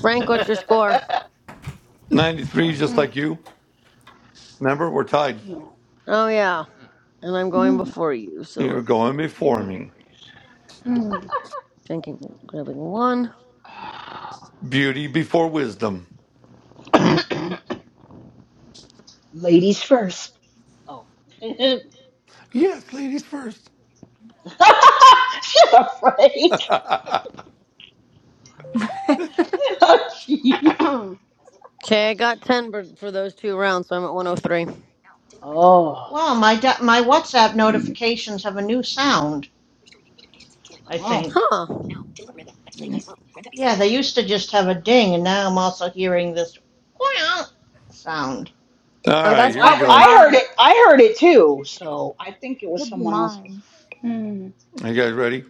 [SPEAKER 13] Frank, what's your score?
[SPEAKER 3] Oh.
[SPEAKER 2] 93, just
[SPEAKER 3] Okay.
[SPEAKER 2] like you. Remember, we're tied.
[SPEAKER 3] Thank you.
[SPEAKER 13] Oh, yeah. And I'm going
[SPEAKER 3] Mm,
[SPEAKER 13] before you, so
[SPEAKER 2] You're
[SPEAKER 13] let's see.
[SPEAKER 2] going before me.
[SPEAKER 3] mm,
[SPEAKER 13] Banking, grabbing one.
[SPEAKER 2] Beauty before wisdom.
[SPEAKER 3] I
[SPEAKER 5] ladies first. Oh,
[SPEAKER 2] Yes, ladies first.
[SPEAKER 5] shut up, Frank.
[SPEAKER 2] All
[SPEAKER 5] Oh,
[SPEAKER 14] Mm.
[SPEAKER 5] jeez.
[SPEAKER 13] Okay, I got 10 for, for those two rounds, so I'm at 103.
[SPEAKER 5] Oh.
[SPEAKER 11] wow, my do- my WhatsApp
[SPEAKER 5] Mm.
[SPEAKER 11] notifications have a new sound. I
[SPEAKER 5] Oh.
[SPEAKER 11] think.
[SPEAKER 13] Huh.
[SPEAKER 5] Mm.
[SPEAKER 11] Yeah, they used to just have a ding, and now I'm also hearing this sound.
[SPEAKER 6] Oh,
[SPEAKER 2] right,
[SPEAKER 6] that's
[SPEAKER 5] Well,
[SPEAKER 2] here
[SPEAKER 5] I,
[SPEAKER 2] we
[SPEAKER 6] probably
[SPEAKER 2] go.
[SPEAKER 5] I heard
[SPEAKER 6] mine.
[SPEAKER 5] it. I heard it too. So I think it
[SPEAKER 6] It
[SPEAKER 5] was
[SPEAKER 6] could be
[SPEAKER 5] someone else's.
[SPEAKER 6] mine.
[SPEAKER 3] mm. mm,
[SPEAKER 2] Are you guys ready?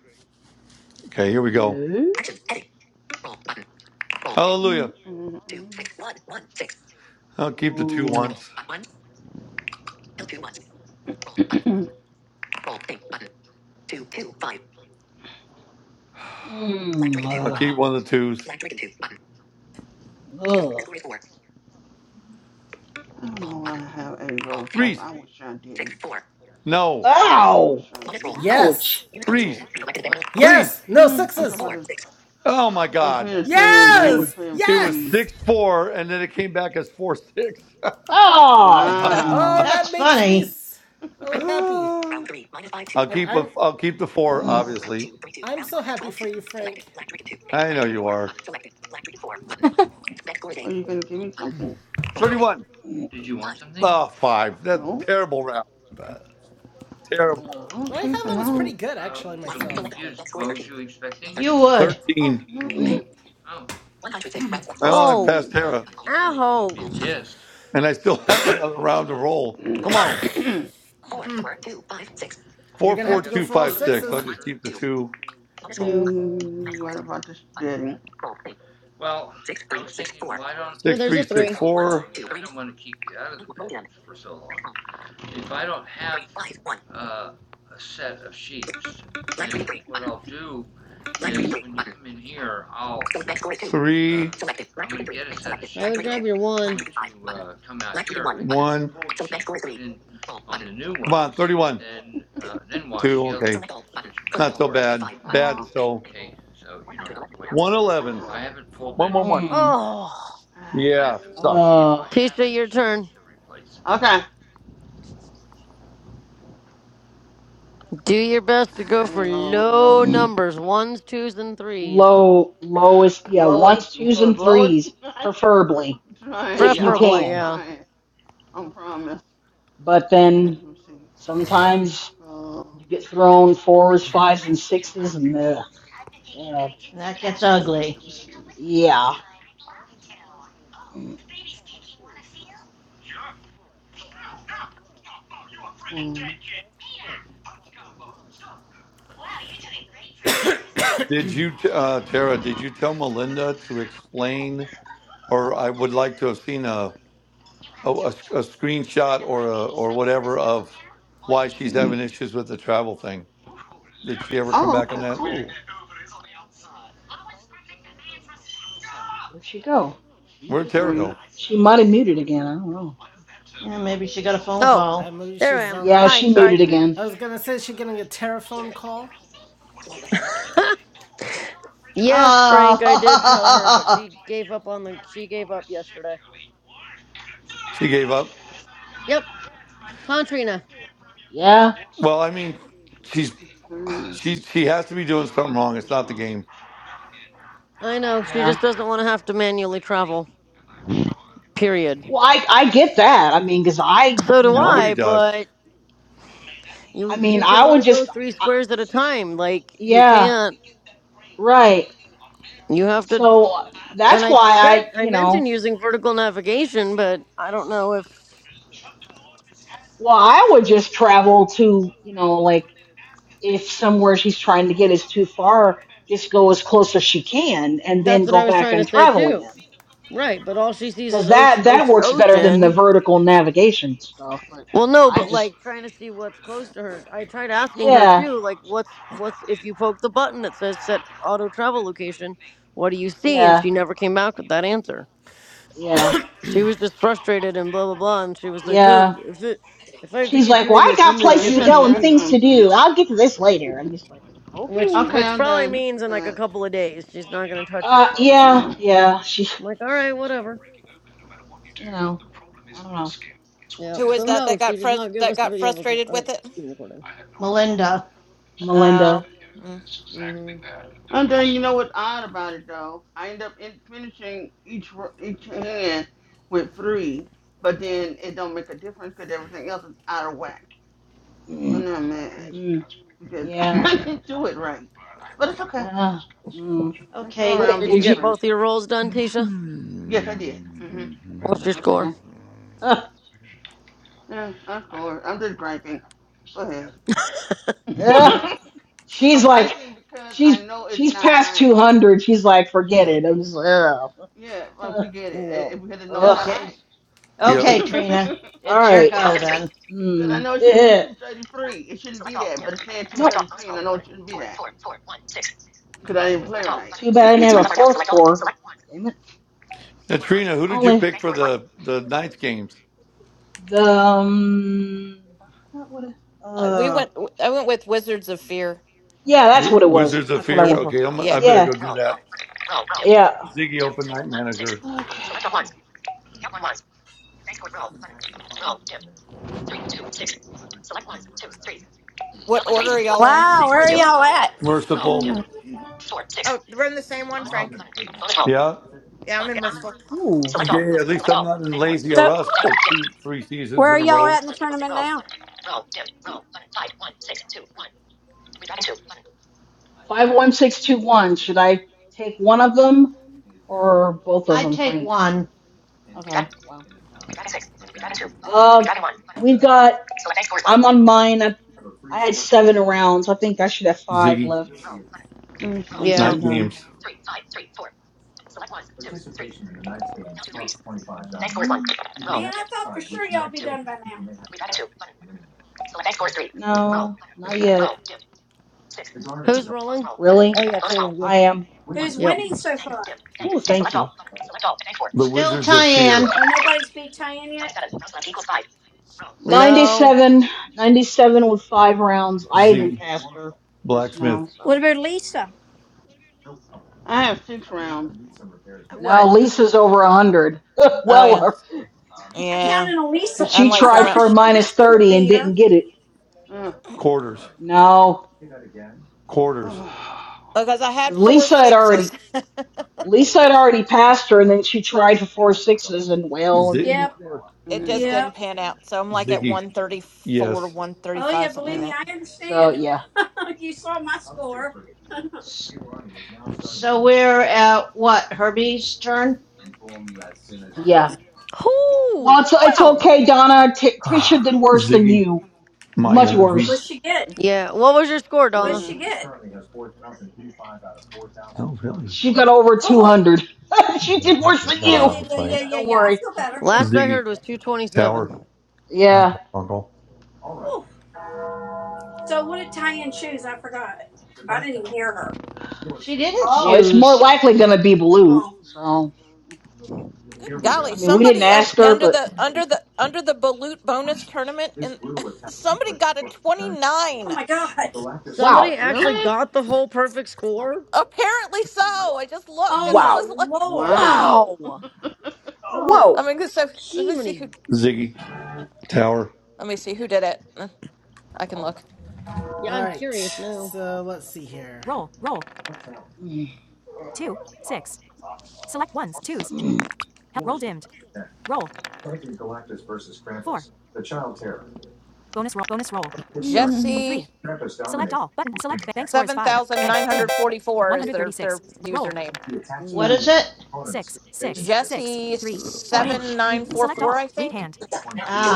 [SPEAKER 2] Okay, here we go.
[SPEAKER 5] Yes.
[SPEAKER 2] Hallelujah.
[SPEAKER 3] mm,
[SPEAKER 2] I'll keep the two ones.
[SPEAKER 5] Ooh.
[SPEAKER 2] One,
[SPEAKER 3] mm.
[SPEAKER 2] black
[SPEAKER 5] Mm.
[SPEAKER 2] dragon 2 ones. I'll
[SPEAKER 5] Ugh.
[SPEAKER 2] keep one of the twos. Black dragon two. Button.
[SPEAKER 5] Ugh.
[SPEAKER 3] I don't know why I have a
[SPEAKER 2] Roll.
[SPEAKER 3] road flash.
[SPEAKER 2] Threes.
[SPEAKER 3] I wish I didn't.
[SPEAKER 2] No.
[SPEAKER 3] I really
[SPEAKER 5] Ow.
[SPEAKER 3] wish I didn't.
[SPEAKER 1] Yes!
[SPEAKER 5] Ouch.
[SPEAKER 2] Threes. Selected banner. Roll. Threes.
[SPEAKER 1] Yes! No
[SPEAKER 3] Hmm, I'm talking
[SPEAKER 1] sixes!
[SPEAKER 3] about the,
[SPEAKER 2] Oh my
[SPEAKER 3] we're
[SPEAKER 2] God.
[SPEAKER 3] playing a tournament game.
[SPEAKER 2] It
[SPEAKER 3] We're
[SPEAKER 2] was
[SPEAKER 1] Yes!
[SPEAKER 3] playing
[SPEAKER 2] it was
[SPEAKER 3] threes.
[SPEAKER 1] Yes!
[SPEAKER 2] six four, and then it came back as four six.
[SPEAKER 5] Ah,
[SPEAKER 1] Oh,
[SPEAKER 5] damn.
[SPEAKER 3] Wow.
[SPEAKER 11] That's
[SPEAKER 1] that makes me
[SPEAKER 11] funny.
[SPEAKER 1] so happy.
[SPEAKER 2] Round three, minus five six. I'll
[SPEAKER 1] I'm
[SPEAKER 2] keep
[SPEAKER 1] I'm
[SPEAKER 2] a, I'll keep the four,
[SPEAKER 3] Uh,
[SPEAKER 2] obviously. Round two. Three two.
[SPEAKER 1] I'm
[SPEAKER 2] Round
[SPEAKER 1] so
[SPEAKER 2] one.
[SPEAKER 1] happy
[SPEAKER 2] Twelve two.
[SPEAKER 1] for you,
[SPEAKER 2] Selected,
[SPEAKER 1] Frank.
[SPEAKER 2] black dragon two. I know you are. Selected, black dragon four. Button.
[SPEAKER 3] are you gonna give me something?
[SPEAKER 2] Thirty-one. Oh, five. That's
[SPEAKER 3] No.
[SPEAKER 2] terrible round. Terrible.
[SPEAKER 1] Well, I thought
[SPEAKER 3] okay for
[SPEAKER 1] that was
[SPEAKER 3] now.
[SPEAKER 1] pretty good actually myself, but
[SPEAKER 11] You would.
[SPEAKER 3] Oh,
[SPEAKER 2] 13.
[SPEAKER 5] Mm.
[SPEAKER 3] nothing.
[SPEAKER 2] Well, I only have past
[SPEAKER 13] Oh.
[SPEAKER 2] Tara,
[SPEAKER 13] Ouch.
[SPEAKER 2] and I still
[SPEAKER 3] Uh,
[SPEAKER 2] have another round to
[SPEAKER 3] uh,
[SPEAKER 2] roll.
[SPEAKER 3] mm,
[SPEAKER 2] Come on.
[SPEAKER 1] you're gonna have to go for all
[SPEAKER 2] 44256. I'll
[SPEAKER 1] sixes.
[SPEAKER 2] just keep the two.
[SPEAKER 13] Two.
[SPEAKER 3] mm, what about this betting?
[SPEAKER 13] Oh, there's a three.
[SPEAKER 2] 6364. Three.
[SPEAKER 5] Ugh.
[SPEAKER 2] six, four. Three.
[SPEAKER 13] I would grab your one.
[SPEAKER 2] One. Come on. 31. Two. Okay. Not so bad. Bad,
[SPEAKER 3] Oh,
[SPEAKER 2] so. 111. 111.
[SPEAKER 5] Mm,
[SPEAKER 13] Oh.
[SPEAKER 2] Yeah, sucked.
[SPEAKER 5] uh,
[SPEAKER 13] Tisha, your turn.
[SPEAKER 3] okay.
[SPEAKER 13] Do your best to go
[SPEAKER 3] I
[SPEAKER 13] for
[SPEAKER 3] roll,
[SPEAKER 13] low
[SPEAKER 3] roll,
[SPEAKER 5] mm,
[SPEAKER 13] numbers ones, twos, and threes.
[SPEAKER 5] low, lowest, yeah,
[SPEAKER 3] lowest,
[SPEAKER 5] ones, twos,
[SPEAKER 3] go as
[SPEAKER 5] and
[SPEAKER 3] low as
[SPEAKER 5] threes,
[SPEAKER 3] I am
[SPEAKER 5] preferably,
[SPEAKER 3] trying,
[SPEAKER 5] if you
[SPEAKER 3] y'all. I'm
[SPEAKER 13] Preferably,
[SPEAKER 5] can.
[SPEAKER 13] yeah.
[SPEAKER 3] trying. I promise.
[SPEAKER 5] But
[SPEAKER 3] Okay,
[SPEAKER 5] then
[SPEAKER 3] let me see.
[SPEAKER 5] sometimes
[SPEAKER 3] Roll
[SPEAKER 5] you get thrown fours, fives, and sixes, and ugh, God,
[SPEAKER 11] And that gets ugly.
[SPEAKER 5] yeah. Mm,
[SPEAKER 2] Did you, uh, Tara, did you tell Melinda to explain? or I would like to have seen a a a a screenshot or a, or whatever of why she's
[SPEAKER 5] mm.
[SPEAKER 2] having issues with the travel thing. Did she ever come back on that?
[SPEAKER 5] Where'd she go? She was
[SPEAKER 2] Where'd
[SPEAKER 5] just
[SPEAKER 2] Tara
[SPEAKER 5] here.
[SPEAKER 3] three,
[SPEAKER 2] go?
[SPEAKER 5] She might have muted again. I don't know.
[SPEAKER 11] Yeah, maybe she got a phone
[SPEAKER 13] Oh,
[SPEAKER 1] I
[SPEAKER 11] call.
[SPEAKER 1] maybe
[SPEAKER 13] there I
[SPEAKER 1] she's
[SPEAKER 13] am.
[SPEAKER 1] on
[SPEAKER 5] Yeah,
[SPEAKER 1] the.
[SPEAKER 13] Hi,
[SPEAKER 5] she
[SPEAKER 13] sorry.
[SPEAKER 5] muted again.
[SPEAKER 1] I was gonna say she's getting a telephone call.
[SPEAKER 13] Yes, Frank, I did tell her, but
[SPEAKER 11] Ah,
[SPEAKER 13] she gave up on the. She gave up yesterday.
[SPEAKER 2] She gave up.
[SPEAKER 13] Yep, Tantrina.
[SPEAKER 5] Yeah,
[SPEAKER 2] Well, I mean, she's
[SPEAKER 3] three.
[SPEAKER 2] she she has to be doing something wrong. It's not the game.
[SPEAKER 13] I know she
[SPEAKER 5] yeah.
[SPEAKER 13] just doesn't want to have to manually travel. Period.
[SPEAKER 5] Well, I I get that. I mean, 'cause I,
[SPEAKER 13] So
[SPEAKER 5] you
[SPEAKER 13] do
[SPEAKER 5] know,
[SPEAKER 2] Nobody
[SPEAKER 13] I,
[SPEAKER 2] does.
[SPEAKER 13] but
[SPEAKER 5] I
[SPEAKER 13] you
[SPEAKER 5] mean,
[SPEAKER 13] you can
[SPEAKER 5] I would
[SPEAKER 13] only go
[SPEAKER 5] just,
[SPEAKER 13] three
[SPEAKER 5] I,
[SPEAKER 13] squares at a time. Like you
[SPEAKER 5] yeah,
[SPEAKER 13] can't.
[SPEAKER 5] right.
[SPEAKER 13] You have to.
[SPEAKER 5] So that's
[SPEAKER 13] And I
[SPEAKER 5] why
[SPEAKER 13] said
[SPEAKER 5] I,
[SPEAKER 13] I
[SPEAKER 5] you know,
[SPEAKER 13] mentioned using vertical navigation, but I don't know if
[SPEAKER 5] well, I would just travel to, you know, like if somewhere she's trying to get is too far, just go as close as she can and then
[SPEAKER 13] that's what
[SPEAKER 5] go
[SPEAKER 13] I was
[SPEAKER 5] back
[SPEAKER 13] trying to
[SPEAKER 5] and
[SPEAKER 13] say
[SPEAKER 5] travel
[SPEAKER 13] too.
[SPEAKER 5] again.
[SPEAKER 13] Right, but all she sees
[SPEAKER 5] Because
[SPEAKER 13] is
[SPEAKER 5] that
[SPEAKER 13] ocean,
[SPEAKER 5] that
[SPEAKER 13] ocean,
[SPEAKER 5] works better than the
[SPEAKER 13] ocean.
[SPEAKER 5] vertical navigation stuff. But
[SPEAKER 13] Well, no,
[SPEAKER 5] I
[SPEAKER 13] but
[SPEAKER 5] just,
[SPEAKER 13] like trying to see what's close to her. I tried asking her
[SPEAKER 5] yeah,
[SPEAKER 13] too, like what's what's if you poke the button that says set auto travel location, what do you see? And
[SPEAKER 5] yeah,
[SPEAKER 13] she never came back with that answer.
[SPEAKER 5] yeah,
[SPEAKER 13] She was just frustrated and blah blah blah, and she was like,
[SPEAKER 5] yeah.
[SPEAKER 13] um, if it if I have to
[SPEAKER 5] She's
[SPEAKER 13] keep
[SPEAKER 5] like, well,
[SPEAKER 13] doing
[SPEAKER 5] I
[SPEAKER 13] this,
[SPEAKER 5] got
[SPEAKER 13] I'm gonna
[SPEAKER 5] places to
[SPEAKER 13] give up on
[SPEAKER 5] go
[SPEAKER 13] the
[SPEAKER 5] and
[SPEAKER 13] game. It's
[SPEAKER 5] things
[SPEAKER 13] like
[SPEAKER 5] to do. I'll get to this later. I'm just like,
[SPEAKER 3] Okay,
[SPEAKER 13] which
[SPEAKER 5] okay.
[SPEAKER 13] which
[SPEAKER 3] I'm
[SPEAKER 13] probably
[SPEAKER 3] done
[SPEAKER 13] means
[SPEAKER 3] with
[SPEAKER 13] in like a
[SPEAKER 3] that.
[SPEAKER 13] couple of days she's not gonna touch it
[SPEAKER 5] Uh,
[SPEAKER 13] for a little
[SPEAKER 5] yeah,
[SPEAKER 13] while.
[SPEAKER 5] yeah. She,
[SPEAKER 13] I'm like, all right, whatever.
[SPEAKER 5] you know, I don't
[SPEAKER 13] Yeah.
[SPEAKER 14] Who is
[SPEAKER 13] So
[SPEAKER 5] know.
[SPEAKER 14] that
[SPEAKER 13] no,
[SPEAKER 14] that
[SPEAKER 13] she
[SPEAKER 14] got
[SPEAKER 13] did
[SPEAKER 14] frus-
[SPEAKER 13] not give
[SPEAKER 14] that
[SPEAKER 13] us the
[SPEAKER 14] got
[SPEAKER 13] video record,
[SPEAKER 14] frustrated
[SPEAKER 13] uh,
[SPEAKER 14] with it?
[SPEAKER 13] screen recording.
[SPEAKER 11] Melinda.
[SPEAKER 5] Melinda.
[SPEAKER 14] Oh. mm.
[SPEAKER 13] Mm-hmm.
[SPEAKER 3] I'm done. You know what's odd about it though? I end up in finishing each each hand with three, but then it don't make a difference because everything else is out of whack. So
[SPEAKER 5] Mm,
[SPEAKER 3] now I'm mad
[SPEAKER 13] Mm.
[SPEAKER 5] mm,
[SPEAKER 3] because
[SPEAKER 5] yeah.
[SPEAKER 3] I didn't do it right.
[SPEAKER 5] Uh, mm.
[SPEAKER 3] Go
[SPEAKER 5] What
[SPEAKER 11] Okay,
[SPEAKER 5] it,
[SPEAKER 3] around, be
[SPEAKER 13] Did you
[SPEAKER 5] did you?
[SPEAKER 13] get
[SPEAKER 3] different.
[SPEAKER 13] both your roles done, Tisha?
[SPEAKER 3] Yes, I did. hmm
[SPEAKER 13] What's your score?
[SPEAKER 5] Okay. Uh,
[SPEAKER 3] Yeah, I scored. I'm just griping.
[SPEAKER 5] uh, she's
[SPEAKER 3] I'm
[SPEAKER 5] like,
[SPEAKER 3] griping because I
[SPEAKER 5] she's
[SPEAKER 3] know it's
[SPEAKER 5] she's
[SPEAKER 3] not
[SPEAKER 5] past
[SPEAKER 3] right.
[SPEAKER 5] two hundred. She's like, forget it. I'm just like, ugh.
[SPEAKER 3] Yeah, like
[SPEAKER 5] Uh,
[SPEAKER 3] we get it.
[SPEAKER 13] Yeah.
[SPEAKER 3] It- it- Because I know it's not
[SPEAKER 5] Ugh.
[SPEAKER 11] okay,
[SPEAKER 3] right.
[SPEAKER 2] Yep.
[SPEAKER 11] okay, Trina.
[SPEAKER 5] All
[SPEAKER 11] It's your
[SPEAKER 5] right.
[SPEAKER 11] go then.
[SPEAKER 3] Because I
[SPEAKER 5] Mm.
[SPEAKER 3] know it shouldn't be
[SPEAKER 5] Yeah.
[SPEAKER 3] 233. It shouldn't be that, but it's saying
[SPEAKER 5] No.
[SPEAKER 3] 233, and I know it shouldn't be that. Because I didn't
[SPEAKER 5] Oh.
[SPEAKER 3] play right.
[SPEAKER 5] Too bad I didn't have a fourth four. Damn it.
[SPEAKER 2] And Trina, who did you
[SPEAKER 5] Only
[SPEAKER 2] pick for the the ninth games?
[SPEAKER 5] the um. I forgot what it.
[SPEAKER 14] Uh, we
[SPEAKER 5] uh,
[SPEAKER 14] went. I went with Wizards of Fear.
[SPEAKER 5] Yeah, that's
[SPEAKER 2] W-
[SPEAKER 5] what it was.
[SPEAKER 2] Wizards of
[SPEAKER 5] That's what I
[SPEAKER 2] Fear.
[SPEAKER 14] Yeah,
[SPEAKER 5] went for.
[SPEAKER 2] Okay, I'm, I
[SPEAKER 14] yeah.
[SPEAKER 2] better
[SPEAKER 5] Yeah.
[SPEAKER 2] go do that.
[SPEAKER 5] Yeah.
[SPEAKER 2] Ziggy Open Night Manager.
[SPEAKER 14] What order are y'all in?
[SPEAKER 4] wow, where are y'all at?
[SPEAKER 2] Merciful.
[SPEAKER 14] Oh, we're in the same one, Frank.
[SPEAKER 2] Yeah.
[SPEAKER 14] Yeah, I'm in Merciful.
[SPEAKER 5] Ooh.
[SPEAKER 2] Yeah, yeah, at least I'm not in lazy
[SPEAKER 4] So
[SPEAKER 2] or us for two, three
[SPEAKER 4] where
[SPEAKER 2] seasons in
[SPEAKER 4] are
[SPEAKER 2] a
[SPEAKER 4] y'all
[SPEAKER 2] row.
[SPEAKER 4] at in the tournament now?
[SPEAKER 5] Five one six two one. Should I take one of them or both of
[SPEAKER 11] I
[SPEAKER 5] them,
[SPEAKER 11] take
[SPEAKER 5] Frank?
[SPEAKER 11] one.
[SPEAKER 5] Okay. Wow. Uh, we've got. I'm on mine. I, I had seven rounds. I think I should have five
[SPEAKER 2] Ziggy,
[SPEAKER 5] left
[SPEAKER 3] Let me
[SPEAKER 5] once
[SPEAKER 3] see.
[SPEAKER 13] Yeah.
[SPEAKER 5] I'm
[SPEAKER 2] night
[SPEAKER 5] done.
[SPEAKER 2] games,
[SPEAKER 5] Mhm.
[SPEAKER 4] Man, I thought for sure y'all'd be done by now.
[SPEAKER 5] No, not yet.
[SPEAKER 13] Who's rolling?
[SPEAKER 5] Really?
[SPEAKER 13] Oh yeah, Trina, you.
[SPEAKER 5] I am.
[SPEAKER 4] Who's
[SPEAKER 13] Yep.
[SPEAKER 4] winning so far?
[SPEAKER 2] the
[SPEAKER 11] Still
[SPEAKER 2] Wizards of Fear,
[SPEAKER 11] Tyann.
[SPEAKER 4] Oh, nobody's beat Cheyenne yet?
[SPEAKER 13] No.
[SPEAKER 5] 97, 97 with five rounds. I even
[SPEAKER 2] Ziggy,
[SPEAKER 5] passed her just now,
[SPEAKER 2] Blacksmith,
[SPEAKER 4] What
[SPEAKER 5] so
[SPEAKER 4] about Lisa?
[SPEAKER 3] I have six rounds.
[SPEAKER 14] What?
[SPEAKER 5] now Lisa's over a
[SPEAKER 4] Oh,
[SPEAKER 5] hundred.
[SPEAKER 14] Oh
[SPEAKER 5] well,
[SPEAKER 14] yeah,
[SPEAKER 5] her
[SPEAKER 4] I
[SPEAKER 14] yeah.
[SPEAKER 4] counted on Lisa.
[SPEAKER 5] because
[SPEAKER 14] I'm
[SPEAKER 5] she
[SPEAKER 3] hmm
[SPEAKER 4] I
[SPEAKER 14] like
[SPEAKER 5] tried
[SPEAKER 4] thought for
[SPEAKER 14] around
[SPEAKER 5] for a
[SPEAKER 4] sure
[SPEAKER 5] minus
[SPEAKER 4] Lisa would
[SPEAKER 5] thirty and
[SPEAKER 4] beat her.
[SPEAKER 5] didn't get it.
[SPEAKER 3] Uh,
[SPEAKER 2] quarters,
[SPEAKER 5] No,
[SPEAKER 2] quarters,
[SPEAKER 14] because I had
[SPEAKER 5] 'cause
[SPEAKER 14] four
[SPEAKER 5] Lisa had already
[SPEAKER 14] sixes.
[SPEAKER 5] Lisa had already passed her, and then she tried for four sixes, and well, it
[SPEAKER 2] Zi-
[SPEAKER 5] didn't
[SPEAKER 4] Yep,
[SPEAKER 5] work.
[SPEAKER 14] it
[SPEAKER 3] mm,
[SPEAKER 14] just
[SPEAKER 5] So,
[SPEAKER 14] didn't
[SPEAKER 4] yep.
[SPEAKER 14] pan out, so I'm like at
[SPEAKER 2] Ziggy,
[SPEAKER 14] one thirty four,
[SPEAKER 2] yes,
[SPEAKER 14] one thirty
[SPEAKER 4] Oh, yeah,
[SPEAKER 14] five, something
[SPEAKER 4] believe
[SPEAKER 14] like
[SPEAKER 3] yeah.
[SPEAKER 4] me,
[SPEAKER 14] that.
[SPEAKER 4] I
[SPEAKER 5] so
[SPEAKER 4] understand.
[SPEAKER 5] yeah,
[SPEAKER 4] you saw my score.
[SPEAKER 11] So we're at what? Herbie's turn?
[SPEAKER 5] yeah. Well,
[SPEAKER 13] Whoo!
[SPEAKER 5] it's it's
[SPEAKER 13] Wow.
[SPEAKER 5] okay, Donna. T- Tisha did worse than
[SPEAKER 2] Ziggy,
[SPEAKER 5] you,
[SPEAKER 2] my
[SPEAKER 5] much worse.
[SPEAKER 2] energy.
[SPEAKER 4] What'd she get?
[SPEAKER 13] Yeah. What was your score,
[SPEAKER 4] What'd
[SPEAKER 13] Donna?
[SPEAKER 3] Yeah.
[SPEAKER 4] she get?
[SPEAKER 2] Oh, really?
[SPEAKER 5] She got over
[SPEAKER 4] Oh,
[SPEAKER 5] 200. she did worse
[SPEAKER 2] I
[SPEAKER 5] than
[SPEAKER 2] got
[SPEAKER 4] oh,
[SPEAKER 5] you.
[SPEAKER 4] yeah,
[SPEAKER 2] out of the
[SPEAKER 4] yeah, yeah,
[SPEAKER 2] fight.
[SPEAKER 5] So
[SPEAKER 4] yeah,
[SPEAKER 5] don't
[SPEAKER 4] yeah. I
[SPEAKER 5] worry.
[SPEAKER 4] feel better, yeah.
[SPEAKER 13] Last I
[SPEAKER 2] Ziggy,
[SPEAKER 13] heard was 227.
[SPEAKER 2] Tower, my
[SPEAKER 5] Yeah.
[SPEAKER 2] uncle.
[SPEAKER 4] Oh, so what did Cheyenne choose? I forgot. I didn't even hear her.
[SPEAKER 11] She didn't
[SPEAKER 5] Well,
[SPEAKER 4] Oh.
[SPEAKER 5] it's more
[SPEAKER 11] choose.
[SPEAKER 5] likely going to be blue.
[SPEAKER 4] Oh,
[SPEAKER 5] So,
[SPEAKER 14] Good
[SPEAKER 5] I
[SPEAKER 14] golly,
[SPEAKER 5] mean, we didn't
[SPEAKER 14] somebody un,
[SPEAKER 5] ask her,
[SPEAKER 14] under
[SPEAKER 5] but
[SPEAKER 14] the under the under the balut bonus tournament and somebody got a 29.
[SPEAKER 4] oh my God.
[SPEAKER 5] wow.
[SPEAKER 13] Somebody actually
[SPEAKER 3] Really?
[SPEAKER 13] got the whole perfect score?
[SPEAKER 14] Apparently so. I just looked
[SPEAKER 4] Oh,
[SPEAKER 14] and I
[SPEAKER 4] my
[SPEAKER 5] Wow.
[SPEAKER 14] was like,
[SPEAKER 4] Lord.
[SPEAKER 3] Wow.
[SPEAKER 14] "Whoa."
[SPEAKER 13] Wow.
[SPEAKER 4] Oh.
[SPEAKER 14] I
[SPEAKER 5] Whoa.
[SPEAKER 14] mean, this let me see
[SPEAKER 13] Jiminy.
[SPEAKER 14] who
[SPEAKER 2] Ziggy, Tower.
[SPEAKER 14] let me see who did it. Uh, I can look.
[SPEAKER 13] Yeah,
[SPEAKER 1] All
[SPEAKER 13] I'm
[SPEAKER 1] right,
[SPEAKER 13] curious now.
[SPEAKER 1] so let's see here. Roll, roll,
[SPEAKER 5] Mm,
[SPEAKER 1] two, six. Select ones, twos.
[SPEAKER 5] mm,
[SPEAKER 1] Roll dimmed. Roll, four. Bonus roll, bonus roll.
[SPEAKER 3] Mm.
[SPEAKER 14] Jesse
[SPEAKER 1] Three. Select all. Button. Select. Bank score is five. Bank. Dimmed.
[SPEAKER 14] 7944 is their their
[SPEAKER 1] 136. Roll.
[SPEAKER 14] username.
[SPEAKER 11] What is
[SPEAKER 5] mm,
[SPEAKER 11] it?
[SPEAKER 1] six, six, six,
[SPEAKER 14] Jesse
[SPEAKER 1] three, four.
[SPEAKER 3] oh, excuse
[SPEAKER 1] Select
[SPEAKER 14] 7944,
[SPEAKER 1] all.
[SPEAKER 14] I
[SPEAKER 1] Read
[SPEAKER 14] think.
[SPEAKER 1] hand.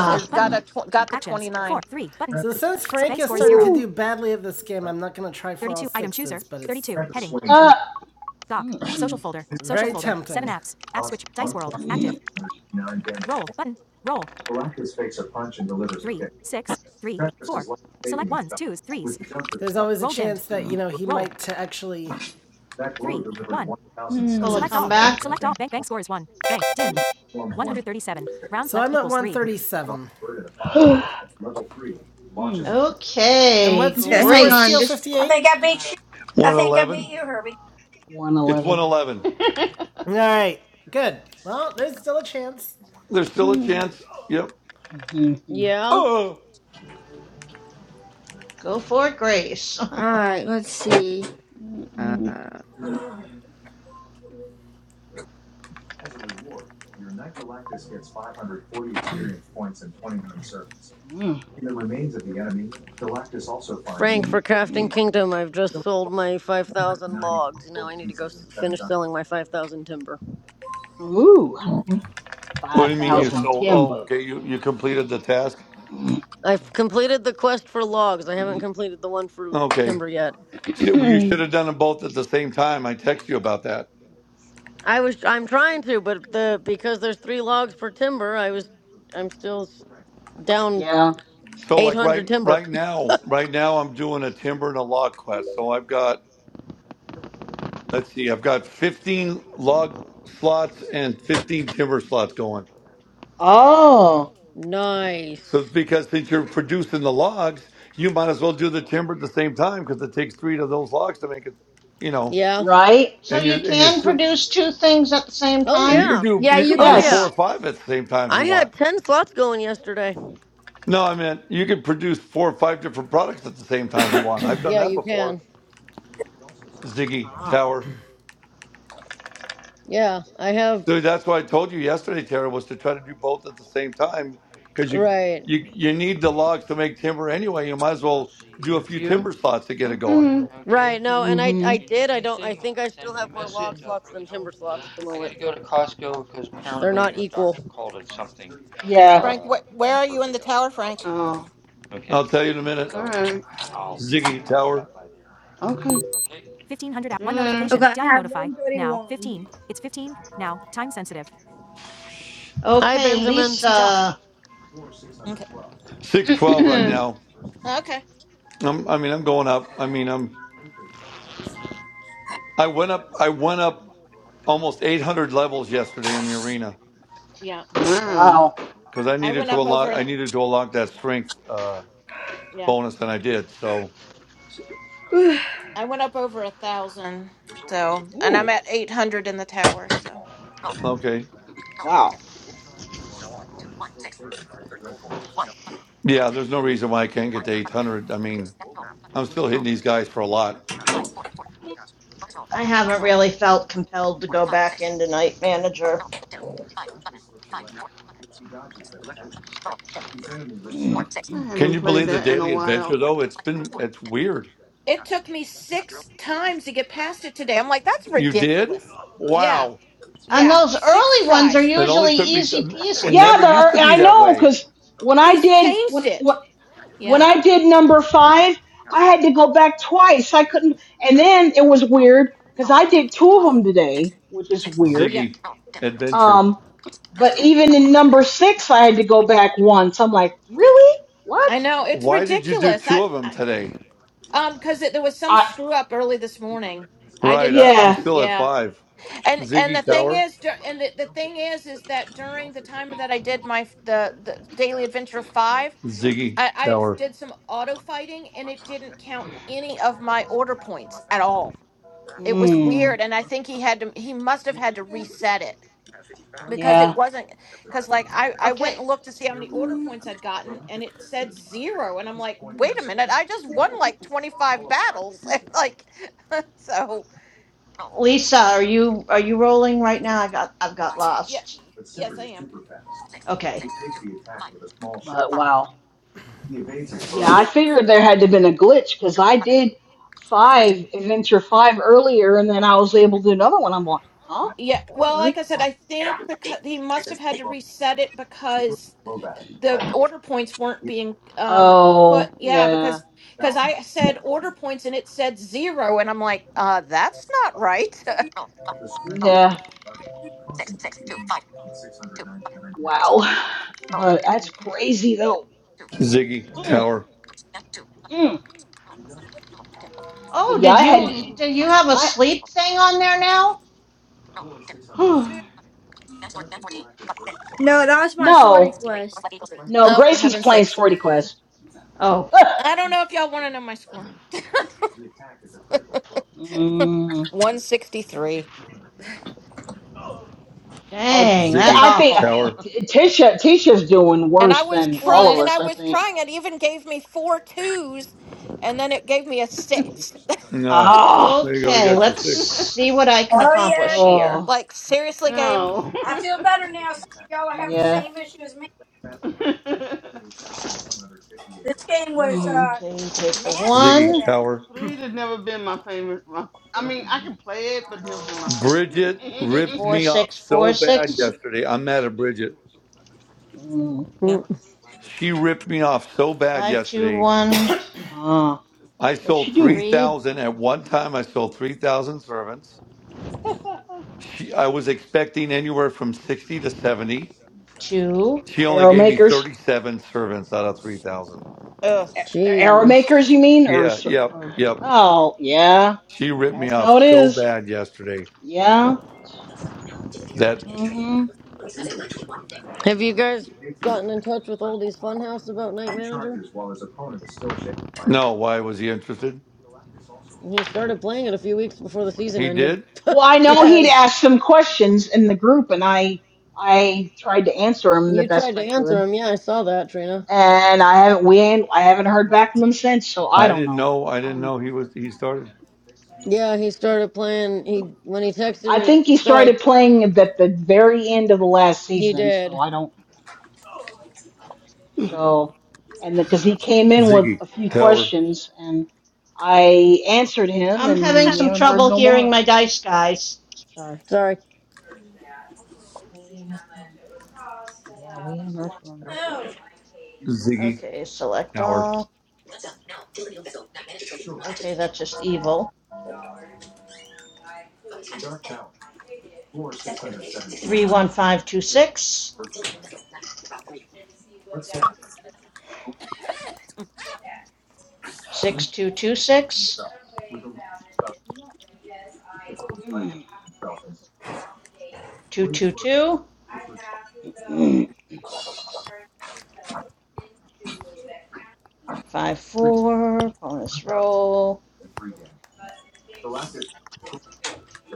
[SPEAKER 1] Four
[SPEAKER 14] It
[SPEAKER 1] button.
[SPEAKER 14] got a
[SPEAKER 5] mm.
[SPEAKER 14] tw- got the
[SPEAKER 1] Actions. Four,
[SPEAKER 14] 29.
[SPEAKER 1] three button. So since Frank Bank is starting zero. to do
[SPEAKER 5] Woo.
[SPEAKER 1] badly at this game, I'm not going to try for all 32 sixes, item chooser. but it's 32 heading.
[SPEAKER 5] Uh.
[SPEAKER 1] Doc. Social
[SPEAKER 5] Mm,
[SPEAKER 1] folder. Social Very folder. tempting. Seven apps. App switch. Dice World.
[SPEAKER 5] mm,
[SPEAKER 1] Active. Roll button. Roll. Three, six, three, four. Select ones, twos, threes, there's always a Roll dimmed. chance end. that you
[SPEAKER 5] mm,
[SPEAKER 1] know he Roll. might to actually. three, one.
[SPEAKER 3] me.
[SPEAKER 11] pull a
[SPEAKER 3] Mm.
[SPEAKER 1] Select all. Button.
[SPEAKER 11] comeback.
[SPEAKER 1] Select all. Bank. Bank score is one. Bank. Dim. 137. Rounds So I'm at 137.
[SPEAKER 5] mm. Mm,
[SPEAKER 1] And
[SPEAKER 11] Okay,
[SPEAKER 1] what's your
[SPEAKER 6] Okay,
[SPEAKER 1] score,
[SPEAKER 6] hang
[SPEAKER 11] Grace.
[SPEAKER 6] on.
[SPEAKER 1] Steel
[SPEAKER 6] Just.
[SPEAKER 4] I
[SPEAKER 1] 58?
[SPEAKER 4] think I beat you. I think I
[SPEAKER 2] 111.
[SPEAKER 4] beat you, Herbie.
[SPEAKER 2] It's
[SPEAKER 5] 111.
[SPEAKER 2] 111.
[SPEAKER 1] All right, good. Well, there's still a chance.
[SPEAKER 2] There's still a
[SPEAKER 3] Mm.
[SPEAKER 2] chance. Yep.
[SPEAKER 5] Mhm, mhm.
[SPEAKER 13] Yeah.
[SPEAKER 2] Oh,
[SPEAKER 11] Go for it, Grace.
[SPEAKER 6] Alright, let's see.
[SPEAKER 3] Mm,
[SPEAKER 6] Um.
[SPEAKER 4] Oh
[SPEAKER 5] Mm,
[SPEAKER 13] Frank,
[SPEAKER 5] mm,
[SPEAKER 13] for Crafting
[SPEAKER 5] mm.
[SPEAKER 13] Kingdom, I've just sold my 5,000 logs. Now I need to go s- finish selling my 5,000 timber.
[SPEAKER 5] Ooh.
[SPEAKER 2] what do you mean you
[SPEAKER 13] Yep.
[SPEAKER 5] 5,000
[SPEAKER 2] sold? Oh,
[SPEAKER 5] timbo.
[SPEAKER 2] okay. You, you completed the task.
[SPEAKER 5] Mm,
[SPEAKER 13] I've completed the quest for logs. I haven't
[SPEAKER 5] mm.
[SPEAKER 13] completed the one for
[SPEAKER 2] Okay.
[SPEAKER 13] timber yet.
[SPEAKER 2] Shit, well, You should
[SPEAKER 3] mm.
[SPEAKER 2] have done them both at the same time. I text you about that.
[SPEAKER 13] I was I'm trying to, but the because there's three logs per timber, I was I'm still s- down
[SPEAKER 5] Yeah.
[SPEAKER 2] So like
[SPEAKER 13] 800
[SPEAKER 2] right
[SPEAKER 13] timber.
[SPEAKER 2] right now, right now I'm doing a timber and a log quest. So I've got let's see, I've got 15 log slots and 15 timber slots going.
[SPEAKER 5] Oh.
[SPEAKER 13] Nice.
[SPEAKER 2] So because since you're producing the logs, you might as well do the timber at the same time because it takes three to those logs to make it. You know,
[SPEAKER 13] Yeah.
[SPEAKER 5] Right?
[SPEAKER 11] so
[SPEAKER 2] and you're
[SPEAKER 11] you
[SPEAKER 2] and you're
[SPEAKER 11] can
[SPEAKER 2] still
[SPEAKER 11] produce two things at the same
[SPEAKER 13] Oh
[SPEAKER 11] time?
[SPEAKER 2] you can
[SPEAKER 13] yeah.
[SPEAKER 2] do
[SPEAKER 6] Yeah,
[SPEAKER 2] you can
[SPEAKER 6] you
[SPEAKER 13] Oh
[SPEAKER 2] produce
[SPEAKER 6] can.
[SPEAKER 2] four
[SPEAKER 13] yeah.
[SPEAKER 5] Yes.
[SPEAKER 2] or five at the same time if you
[SPEAKER 13] I had
[SPEAKER 2] want.
[SPEAKER 13] 10 slots going yesterday.
[SPEAKER 2] No, I mean you can produce four or five different products at the same time if you want. I've done
[SPEAKER 13] Yeah,
[SPEAKER 2] that
[SPEAKER 13] you
[SPEAKER 2] before.
[SPEAKER 13] can.
[SPEAKER 2] Ziggy
[SPEAKER 5] Ah.
[SPEAKER 2] Tower.
[SPEAKER 13] Yeah, I have
[SPEAKER 2] So that's why I told you yesterday, Tara, was to try to do both at the same time because you
[SPEAKER 13] right.
[SPEAKER 2] you you need the logs to make timber anyway. You might as well do a few timber slots to get it going.
[SPEAKER 3] Okay.
[SPEAKER 13] Right. No, and I
[SPEAKER 5] Mm-hmm.
[SPEAKER 13] I did. I don't I think I still have more log slots than timber slots at the moment. They're not equal.
[SPEAKER 5] Yeah.
[SPEAKER 14] Frank, wh- where are you in the tower, Frank?
[SPEAKER 3] Oh,
[SPEAKER 2] I'll tell you in a minute. Ziggy Tower,
[SPEAKER 3] okay.
[SPEAKER 1] 1500 out.
[SPEAKER 3] See you
[SPEAKER 1] One
[SPEAKER 3] later.
[SPEAKER 6] Okay, I
[SPEAKER 1] notification. DIE
[SPEAKER 6] have
[SPEAKER 1] notify. Now.
[SPEAKER 6] 131.
[SPEAKER 1] 15. It's 15. Now. Time sensitive.
[SPEAKER 13] Hi
[SPEAKER 11] Okay,
[SPEAKER 13] Benjamin.
[SPEAKER 1] Speech off.
[SPEAKER 11] Lisa.
[SPEAKER 14] Okay.
[SPEAKER 2] six twelve right
[SPEAKER 5] Mm.
[SPEAKER 2] now.
[SPEAKER 14] Okay.
[SPEAKER 2] I'm, I mean, I'm going up. I mean, I'm I went up. I went up almost 800 levels yesterday in the arena
[SPEAKER 14] Yeah.
[SPEAKER 3] Wow.
[SPEAKER 5] Wow.
[SPEAKER 2] because I
[SPEAKER 14] I
[SPEAKER 2] needed
[SPEAKER 14] went
[SPEAKER 2] to
[SPEAKER 14] up over
[SPEAKER 2] unlock I
[SPEAKER 14] a-
[SPEAKER 2] needed to unlock that strength uh,
[SPEAKER 14] yeah.
[SPEAKER 2] bonus and I did. So
[SPEAKER 14] I went up over a thousand, so and I'm
[SPEAKER 5] Ooh.
[SPEAKER 14] at eight hundred in the tower, so
[SPEAKER 2] okay,
[SPEAKER 5] Wow.
[SPEAKER 2] yeah, there's no reason why I can't get to 800. I mean, I'm still hitting these guys for a lot.
[SPEAKER 11] I haven't really felt compelled to go back into Night Manager.
[SPEAKER 3] I
[SPEAKER 2] Can
[SPEAKER 3] haven't
[SPEAKER 2] you
[SPEAKER 3] played
[SPEAKER 14] Oh.
[SPEAKER 2] believe the
[SPEAKER 3] that in a
[SPEAKER 2] daily adventure
[SPEAKER 3] while.
[SPEAKER 2] though? It's been it's weird.
[SPEAKER 14] It took me 6 times to get past it today. I'm like that's
[SPEAKER 2] You did?
[SPEAKER 14] ridiculous. Yeah.
[SPEAKER 2] Wow!
[SPEAKER 11] And
[SPEAKER 14] Yeah.
[SPEAKER 11] those
[SPEAKER 14] 6
[SPEAKER 11] early ones are
[SPEAKER 14] tries.
[SPEAKER 2] It only
[SPEAKER 11] usually
[SPEAKER 2] took me.
[SPEAKER 11] easy
[SPEAKER 2] It
[SPEAKER 11] peasy.
[SPEAKER 5] Yeah,
[SPEAKER 2] never
[SPEAKER 5] there
[SPEAKER 2] used
[SPEAKER 5] are,
[SPEAKER 2] to be
[SPEAKER 5] I
[SPEAKER 2] that
[SPEAKER 5] know
[SPEAKER 2] way,
[SPEAKER 5] because when I
[SPEAKER 14] He's
[SPEAKER 5] did when
[SPEAKER 14] changed
[SPEAKER 5] when
[SPEAKER 14] it.
[SPEAKER 5] when
[SPEAKER 14] Yeah.
[SPEAKER 5] I did number five, I had to go back twice. I couldn't, and then it was weird because I did two of them today, which is weird.
[SPEAKER 14] Yeah.
[SPEAKER 2] Ziggy. Adventure.
[SPEAKER 5] Um, but even in number six, I had to go back once. I'm like, really? What?
[SPEAKER 14] I know it's
[SPEAKER 2] Why did you do
[SPEAKER 14] ridiculous.
[SPEAKER 2] two
[SPEAKER 14] I,
[SPEAKER 2] of them
[SPEAKER 14] I
[SPEAKER 2] today?
[SPEAKER 14] um cuz there was some
[SPEAKER 5] I
[SPEAKER 14] screw up early this morning. I
[SPEAKER 2] Right,
[SPEAKER 14] did
[SPEAKER 2] I, I'm
[SPEAKER 14] too.
[SPEAKER 5] yeah
[SPEAKER 2] still at
[SPEAKER 14] Yeah.
[SPEAKER 2] five.
[SPEAKER 14] and and the
[SPEAKER 2] Ziggy
[SPEAKER 5] yeah
[SPEAKER 14] thing
[SPEAKER 2] Tower,
[SPEAKER 14] is dur- and the, the thing is is that during the time that i did my f- the the daily adventure five
[SPEAKER 2] Ziggy
[SPEAKER 14] i i
[SPEAKER 2] Tower,
[SPEAKER 14] did some auto fighting and it didn't count any of my order points at all it was Mhm.
[SPEAKER 5] mm,
[SPEAKER 14] weird and i think he had to he must have had to reset it because it
[SPEAKER 5] yeah.
[SPEAKER 14] wasn't because like i i went
[SPEAKER 11] Okay,
[SPEAKER 14] and looked to see how many order points i'd gotten and it said zero and i'm like wait a minute i just won like 25 battles and like so
[SPEAKER 11] Lisa, are you are you rolling right now? I got I've got
[SPEAKER 14] yeah
[SPEAKER 11] lost.
[SPEAKER 14] y- yes i am
[SPEAKER 11] Okay.
[SPEAKER 5] But wow. Yeah, I figured there had to have been a glitch because I did five adventure five earlier, and then I was able to do another one. I'm like, huh?
[SPEAKER 14] Yeah,
[SPEAKER 5] That was
[SPEAKER 14] well,
[SPEAKER 5] weird.
[SPEAKER 14] like I said, I think because he must have had to reset it because the order points weren't being um put.
[SPEAKER 5] Oh,
[SPEAKER 14] Yeah,
[SPEAKER 5] yeah,
[SPEAKER 14] because because I said order points and it said zero, and I'm like, uh, that's not right.
[SPEAKER 5] yeah, wow. But that's crazy though.
[SPEAKER 2] Ziggy
[SPEAKER 5] Mm,
[SPEAKER 2] Tower,
[SPEAKER 5] mm. But
[SPEAKER 11] Oh,
[SPEAKER 5] yeah,
[SPEAKER 11] did
[SPEAKER 5] I
[SPEAKER 11] you
[SPEAKER 5] had
[SPEAKER 11] do you have a
[SPEAKER 5] I
[SPEAKER 11] sleep thing on there now?
[SPEAKER 3] Oh.
[SPEAKER 6] no, that was my sortie
[SPEAKER 5] no
[SPEAKER 6] quest.
[SPEAKER 5] no
[SPEAKER 14] oh, for
[SPEAKER 5] Gracie's
[SPEAKER 14] heaven's
[SPEAKER 5] playing
[SPEAKER 14] sakes!
[SPEAKER 5] Swordy Quest.
[SPEAKER 11] Oh,
[SPEAKER 5] Ugh.
[SPEAKER 14] I don't know if y'all want to know my score.
[SPEAKER 5] Mm.
[SPEAKER 14] One sixty three,
[SPEAKER 5] Oh,
[SPEAKER 11] dang,
[SPEAKER 5] t- t-
[SPEAKER 11] that's
[SPEAKER 2] Ziggy
[SPEAKER 5] I think uh,
[SPEAKER 11] awful.
[SPEAKER 2] Tower.
[SPEAKER 5] t- Tisha Tisha's doing
[SPEAKER 14] and I
[SPEAKER 5] worse
[SPEAKER 14] was
[SPEAKER 5] than
[SPEAKER 14] trying,
[SPEAKER 5] all
[SPEAKER 3] what?
[SPEAKER 5] of
[SPEAKER 14] and I
[SPEAKER 5] us. I
[SPEAKER 14] was
[SPEAKER 5] think.
[SPEAKER 14] trying. It even gave me four twos, and then it gave me a six.
[SPEAKER 2] No,
[SPEAKER 5] Ah.
[SPEAKER 2] there you go. You
[SPEAKER 11] okay,
[SPEAKER 2] got your
[SPEAKER 11] let's
[SPEAKER 2] six.
[SPEAKER 11] see what I can
[SPEAKER 4] yeah,
[SPEAKER 11] accomplish
[SPEAKER 4] I did.
[SPEAKER 11] here.
[SPEAKER 5] Oh.
[SPEAKER 14] like seriously, game.
[SPEAKER 3] no.
[SPEAKER 4] I feel better now. See, y'all are having the
[SPEAKER 5] Yeah.
[SPEAKER 4] same issue as me.
[SPEAKER 3] Three
[SPEAKER 4] This game was
[SPEAKER 5] Mm-hmm.
[SPEAKER 4] uh,
[SPEAKER 11] Okay, you take the
[SPEAKER 4] nasty
[SPEAKER 11] one,
[SPEAKER 2] Ziggy
[SPEAKER 4] today.
[SPEAKER 2] Tower.
[SPEAKER 3] has never been my favorite. My, I mean, I can play it, but it's never been my
[SPEAKER 2] Bridget ripped
[SPEAKER 11] four,
[SPEAKER 3] favorite.
[SPEAKER 2] me off
[SPEAKER 11] six, four,
[SPEAKER 2] so bad
[SPEAKER 11] six,
[SPEAKER 2] yesterday. I'm mad at Bridget.
[SPEAKER 5] Mm.
[SPEAKER 13] Mm,
[SPEAKER 2] She ripped me off so bad
[SPEAKER 11] five, two,
[SPEAKER 2] yesterday.
[SPEAKER 11] one,
[SPEAKER 5] Ah,
[SPEAKER 2] I
[SPEAKER 5] what'd she
[SPEAKER 2] sold
[SPEAKER 5] do?
[SPEAKER 11] three,
[SPEAKER 2] 3,000 at one time. I sold 3,000 servants. She, I was expecting anywhere from 60 to 70.
[SPEAKER 11] two.
[SPEAKER 2] She only
[SPEAKER 5] Arrow
[SPEAKER 2] gave me
[SPEAKER 5] makers?
[SPEAKER 2] 37 servants out of 3,000.
[SPEAKER 14] Ugh.
[SPEAKER 5] A- Arrow
[SPEAKER 13] Jeez.
[SPEAKER 5] makers, you mean? Or,
[SPEAKER 2] Yeah,
[SPEAKER 5] s-
[SPEAKER 2] yep,
[SPEAKER 5] or,
[SPEAKER 2] yep.
[SPEAKER 5] oh, yeah,
[SPEAKER 2] She ripped me
[SPEAKER 5] that's how
[SPEAKER 2] off
[SPEAKER 5] it
[SPEAKER 2] so
[SPEAKER 5] is.
[SPEAKER 2] bad yesterday
[SPEAKER 5] Yeah.
[SPEAKER 2] that
[SPEAKER 5] Mm-hmm.
[SPEAKER 13] Have you guys gotten in touch with Oldie's Funhouse about Night Manager?
[SPEAKER 2] no, why was he interested?
[SPEAKER 13] He started playing it a few weeks before the season
[SPEAKER 2] He
[SPEAKER 13] ended.
[SPEAKER 2] did.
[SPEAKER 5] Well, I know he'd
[SPEAKER 13] yes.
[SPEAKER 5] asked some questions in the group, and I, I tried to answer him the
[SPEAKER 13] You tried
[SPEAKER 5] best
[SPEAKER 13] to
[SPEAKER 5] I
[SPEAKER 13] answer
[SPEAKER 5] could,
[SPEAKER 13] him. Yeah, I saw that, Trina.
[SPEAKER 5] and I haven't, we ain't, I haven't heard back from him since, so I
[SPEAKER 2] I
[SPEAKER 5] don't
[SPEAKER 2] didn't
[SPEAKER 5] know.
[SPEAKER 2] know. I
[SPEAKER 5] I
[SPEAKER 2] didn't
[SPEAKER 5] don't know.
[SPEAKER 2] know he was. He started
[SPEAKER 13] Yeah, he started playing. He when he texted
[SPEAKER 5] I
[SPEAKER 13] me,
[SPEAKER 5] think he
[SPEAKER 13] so I
[SPEAKER 5] started playing at the very end of the last
[SPEAKER 13] he
[SPEAKER 5] season, so
[SPEAKER 13] did.
[SPEAKER 5] I don't. So, and because he came in with
[SPEAKER 2] Ziggy
[SPEAKER 5] a few
[SPEAKER 2] Tower,
[SPEAKER 5] questions and I answered him,
[SPEAKER 11] I'm having
[SPEAKER 5] and we
[SPEAKER 11] some
[SPEAKER 5] haven't heard
[SPEAKER 11] trouble
[SPEAKER 5] no
[SPEAKER 11] hearing
[SPEAKER 5] more.
[SPEAKER 11] my dice guys.
[SPEAKER 5] Sorry,
[SPEAKER 13] Sorry.
[SPEAKER 5] we haven't. Um, yeah, we haven't heard from
[SPEAKER 4] Oh.
[SPEAKER 2] Ziggy
[SPEAKER 11] Okay, select
[SPEAKER 2] Tower,
[SPEAKER 11] all. Okay, that's just evil. Three,
[SPEAKER 5] him.
[SPEAKER 11] one, five, two, six, six, two, two, six,
[SPEAKER 5] Mm,
[SPEAKER 11] two, two, two.
[SPEAKER 5] mm,
[SPEAKER 11] Five, four, bonus roll,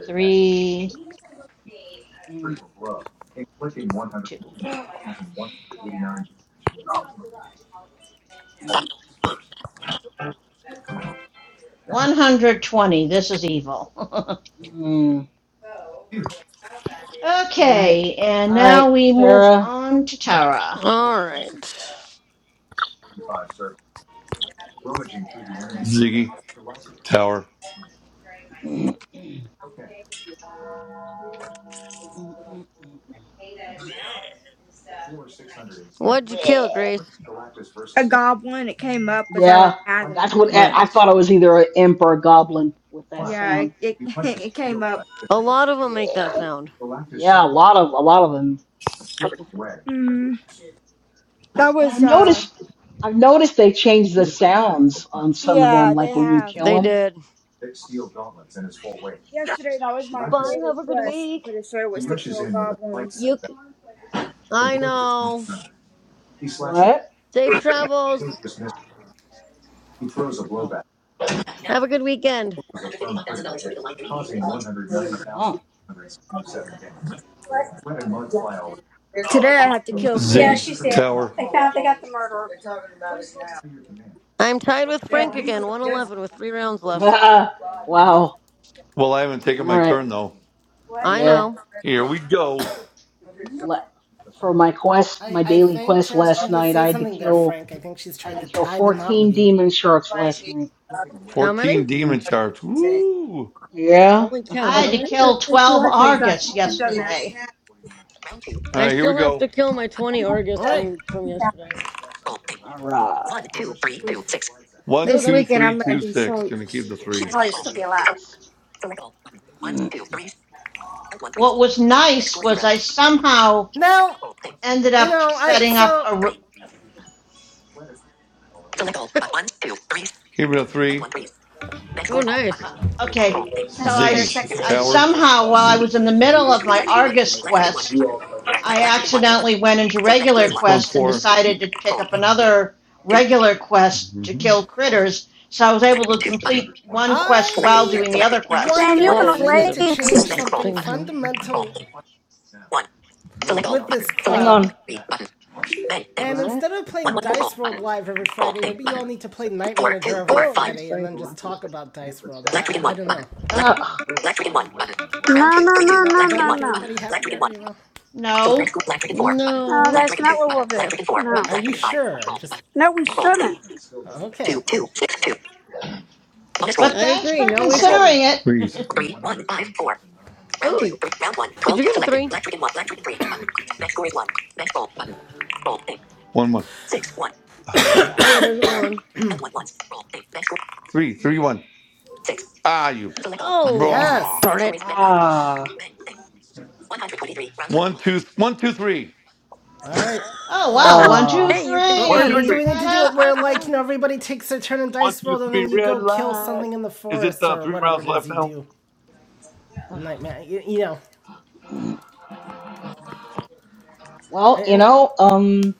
[SPEAKER 11] three,
[SPEAKER 5] mm,
[SPEAKER 11] two.
[SPEAKER 5] mm,
[SPEAKER 11] 120. This is evil.
[SPEAKER 5] mm. All right,
[SPEAKER 11] okay, and
[SPEAKER 5] all right,
[SPEAKER 11] now we move
[SPEAKER 5] Tara.
[SPEAKER 11] on to Tara.
[SPEAKER 13] All right.
[SPEAKER 2] Ziggy Tower,
[SPEAKER 5] Mm, mm, mm, mm, mm.
[SPEAKER 13] What'd you kill,
[SPEAKER 5] Bleh.
[SPEAKER 13] Grace?
[SPEAKER 6] A goblin. It came up as I was
[SPEAKER 5] Yeah, that's
[SPEAKER 6] gathering.
[SPEAKER 5] what I I thought.
[SPEAKER 13] Nice.
[SPEAKER 5] I was either an imp or a goblin with that
[SPEAKER 6] Yeah, it
[SPEAKER 5] sound.
[SPEAKER 6] it, it came up.
[SPEAKER 13] A lot of them make that
[SPEAKER 5] Bleh.
[SPEAKER 13] sound.
[SPEAKER 5] Yeah, a lot of a lot of them.
[SPEAKER 6] Mm, that
[SPEAKER 5] But i
[SPEAKER 6] was uh.
[SPEAKER 5] noticed, I've noticed they changed the sounds on some of
[SPEAKER 6] Yeah,
[SPEAKER 5] them,
[SPEAKER 6] they
[SPEAKER 5] like when you
[SPEAKER 6] have.
[SPEAKER 5] kill
[SPEAKER 13] They
[SPEAKER 5] them.
[SPEAKER 13] did.
[SPEAKER 6] Yesterday, that was my
[SPEAKER 13] Bye.
[SPEAKER 6] daily
[SPEAKER 13] Have a good
[SPEAKER 6] quest. I'm
[SPEAKER 13] week.
[SPEAKER 6] pretty sure it was to kill goblins.
[SPEAKER 13] You. c- I know.
[SPEAKER 5] What?
[SPEAKER 13] Safe travels.
[SPEAKER 5] Oh,
[SPEAKER 13] Have a good weekend.
[SPEAKER 5] wow.
[SPEAKER 4] What?
[SPEAKER 6] Today, I have to kill
[SPEAKER 4] Yeah, she
[SPEAKER 6] fish.
[SPEAKER 2] Ziggy
[SPEAKER 4] said
[SPEAKER 2] Tower.
[SPEAKER 4] they found they got the murderer. They're talking about it now.
[SPEAKER 13] I'm tied with
[SPEAKER 4] Yeah.
[SPEAKER 13] Frank again, 111 with three rounds left.
[SPEAKER 5] wow. All
[SPEAKER 2] Well, I haven't taken my
[SPEAKER 5] right.
[SPEAKER 2] turn though.
[SPEAKER 4] What?
[SPEAKER 13] I
[SPEAKER 5] Yeah.
[SPEAKER 13] know.
[SPEAKER 2] Here we go.
[SPEAKER 5] Le- For my quest,
[SPEAKER 1] I,
[SPEAKER 5] my
[SPEAKER 1] I
[SPEAKER 5] daily
[SPEAKER 1] think
[SPEAKER 5] quest
[SPEAKER 1] Tara's
[SPEAKER 5] last
[SPEAKER 1] trying to
[SPEAKER 5] night,
[SPEAKER 1] say
[SPEAKER 5] I had to
[SPEAKER 1] something there,
[SPEAKER 5] kill,
[SPEAKER 1] Frank. I think she's
[SPEAKER 5] I had
[SPEAKER 1] trying
[SPEAKER 5] to
[SPEAKER 1] to
[SPEAKER 5] kill
[SPEAKER 1] tie the knot
[SPEAKER 5] 14
[SPEAKER 1] with you.
[SPEAKER 5] demon sharks last night.
[SPEAKER 13] How
[SPEAKER 2] Fourteen
[SPEAKER 13] many?
[SPEAKER 2] demon
[SPEAKER 5] Mm.
[SPEAKER 2] charts. Woo! All
[SPEAKER 5] Yeah.
[SPEAKER 13] Holy cow,
[SPEAKER 11] I had
[SPEAKER 13] how
[SPEAKER 11] to
[SPEAKER 13] many?
[SPEAKER 11] kill
[SPEAKER 4] She
[SPEAKER 11] 12
[SPEAKER 4] likes me.
[SPEAKER 11] Argus
[SPEAKER 4] I had done that.
[SPEAKER 11] yesterday.
[SPEAKER 4] They
[SPEAKER 13] I
[SPEAKER 2] right, here we
[SPEAKER 13] still have
[SPEAKER 2] go.
[SPEAKER 13] to kill my 20
[SPEAKER 4] haven't
[SPEAKER 1] All
[SPEAKER 13] Argus
[SPEAKER 1] right.
[SPEAKER 13] from from
[SPEAKER 4] done
[SPEAKER 13] yesterday.
[SPEAKER 5] All right.
[SPEAKER 2] One,
[SPEAKER 13] Oh,
[SPEAKER 6] This
[SPEAKER 2] two,
[SPEAKER 13] that's
[SPEAKER 6] weekend,
[SPEAKER 2] three,
[SPEAKER 6] I'm gonna
[SPEAKER 2] two,
[SPEAKER 6] do
[SPEAKER 2] six. Gonna
[SPEAKER 6] sharks.
[SPEAKER 2] keep the
[SPEAKER 5] So-
[SPEAKER 2] three.
[SPEAKER 5] Sortie quest. Mm,
[SPEAKER 11] What was nice was I somehow
[SPEAKER 1] Now,
[SPEAKER 11] ended
[SPEAKER 1] you
[SPEAKER 11] up
[SPEAKER 1] know, I
[SPEAKER 11] setting up
[SPEAKER 1] so
[SPEAKER 11] a.
[SPEAKER 2] Keep it a three.
[SPEAKER 13] oh
[SPEAKER 11] uh,
[SPEAKER 13] nice.
[SPEAKER 11] Okay,
[SPEAKER 4] it. I
[SPEAKER 11] so I I
[SPEAKER 4] sit there a
[SPEAKER 2] Ziggy
[SPEAKER 4] second.
[SPEAKER 2] Tower.
[SPEAKER 11] somehow, while I
[SPEAKER 5] mm.
[SPEAKER 11] was in the middle of my Argus quest, I accidentally went into regular
[SPEAKER 2] It's one
[SPEAKER 11] quest and
[SPEAKER 2] four.
[SPEAKER 11] decided to pick up another regular quest to
[SPEAKER 2] Mm-hmm.
[SPEAKER 11] kill critters, so I was able to complete one quest while
[SPEAKER 1] I
[SPEAKER 11] doing the other
[SPEAKER 4] Man,
[SPEAKER 11] quest.
[SPEAKER 1] wonder
[SPEAKER 4] you
[SPEAKER 13] Whoa,
[SPEAKER 1] if
[SPEAKER 4] want to
[SPEAKER 13] you
[SPEAKER 1] we
[SPEAKER 13] guys
[SPEAKER 1] need
[SPEAKER 13] are
[SPEAKER 1] to
[SPEAKER 4] wait?
[SPEAKER 1] change
[SPEAKER 13] breaking up
[SPEAKER 1] something
[SPEAKER 13] big time.
[SPEAKER 1] fundamental with this
[SPEAKER 5] Hang
[SPEAKER 1] club.
[SPEAKER 5] on.
[SPEAKER 1] And
[SPEAKER 5] What?
[SPEAKER 1] instead of playing Dice World live every Friday, maybe you all need to play Night Manager every
[SPEAKER 13] Oh, nice,
[SPEAKER 1] Friday and
[SPEAKER 13] Frank.
[SPEAKER 1] then just talk about Dice World. I, I, I don't know.
[SPEAKER 5] Ugh. Oh my god.
[SPEAKER 4] No, no, no,
[SPEAKER 1] That
[SPEAKER 4] no,
[SPEAKER 1] that
[SPEAKER 4] no,
[SPEAKER 1] make
[SPEAKER 4] no.
[SPEAKER 1] everybody happier, you know?
[SPEAKER 11] No,
[SPEAKER 4] No,
[SPEAKER 13] No,
[SPEAKER 4] that's not what we'll do.
[SPEAKER 1] Are,
[SPEAKER 4] No.
[SPEAKER 1] are you sure? Just
[SPEAKER 4] No, we shouldn't.
[SPEAKER 1] okay.
[SPEAKER 11] but
[SPEAKER 13] I
[SPEAKER 11] thanks
[SPEAKER 13] agree.
[SPEAKER 11] for
[SPEAKER 13] No, we
[SPEAKER 11] considering
[SPEAKER 13] shouldn't.
[SPEAKER 2] Three.
[SPEAKER 11] it.
[SPEAKER 13] Oh, did you get a three?
[SPEAKER 2] One one.
[SPEAKER 13] Oh, there's a one.
[SPEAKER 2] Three. Three one. Ah, you.
[SPEAKER 13] Oh,
[SPEAKER 2] Blah.
[SPEAKER 1] Yes.
[SPEAKER 13] darn it.
[SPEAKER 5] Ah.
[SPEAKER 2] One two. One two three.
[SPEAKER 1] All right.
[SPEAKER 11] oh wow, one, two,
[SPEAKER 5] Uh,
[SPEAKER 13] hey, you can
[SPEAKER 1] Or,
[SPEAKER 2] One
[SPEAKER 1] or,
[SPEAKER 2] two
[SPEAKER 1] or
[SPEAKER 13] count.
[SPEAKER 11] three.
[SPEAKER 1] do
[SPEAKER 2] three.
[SPEAKER 1] we need to
[SPEAKER 11] Da,
[SPEAKER 1] do
[SPEAKER 11] da,
[SPEAKER 1] it
[SPEAKER 11] da,
[SPEAKER 1] where like
[SPEAKER 11] da.
[SPEAKER 1] you know everybody takes their turn in
[SPEAKER 2] One
[SPEAKER 1] Dice
[SPEAKER 2] two
[SPEAKER 1] World and
[SPEAKER 2] three.
[SPEAKER 1] then you
[SPEAKER 2] Red
[SPEAKER 1] go kill
[SPEAKER 2] light.
[SPEAKER 1] something in the
[SPEAKER 2] Is it
[SPEAKER 1] forest
[SPEAKER 2] uh,
[SPEAKER 1] or
[SPEAKER 2] three
[SPEAKER 1] whatever
[SPEAKER 2] rounds
[SPEAKER 1] it is
[SPEAKER 2] left
[SPEAKER 1] you
[SPEAKER 2] now?
[SPEAKER 1] do? Nightmare. You, you know. I,
[SPEAKER 5] well, you
[SPEAKER 1] I-
[SPEAKER 5] know, um,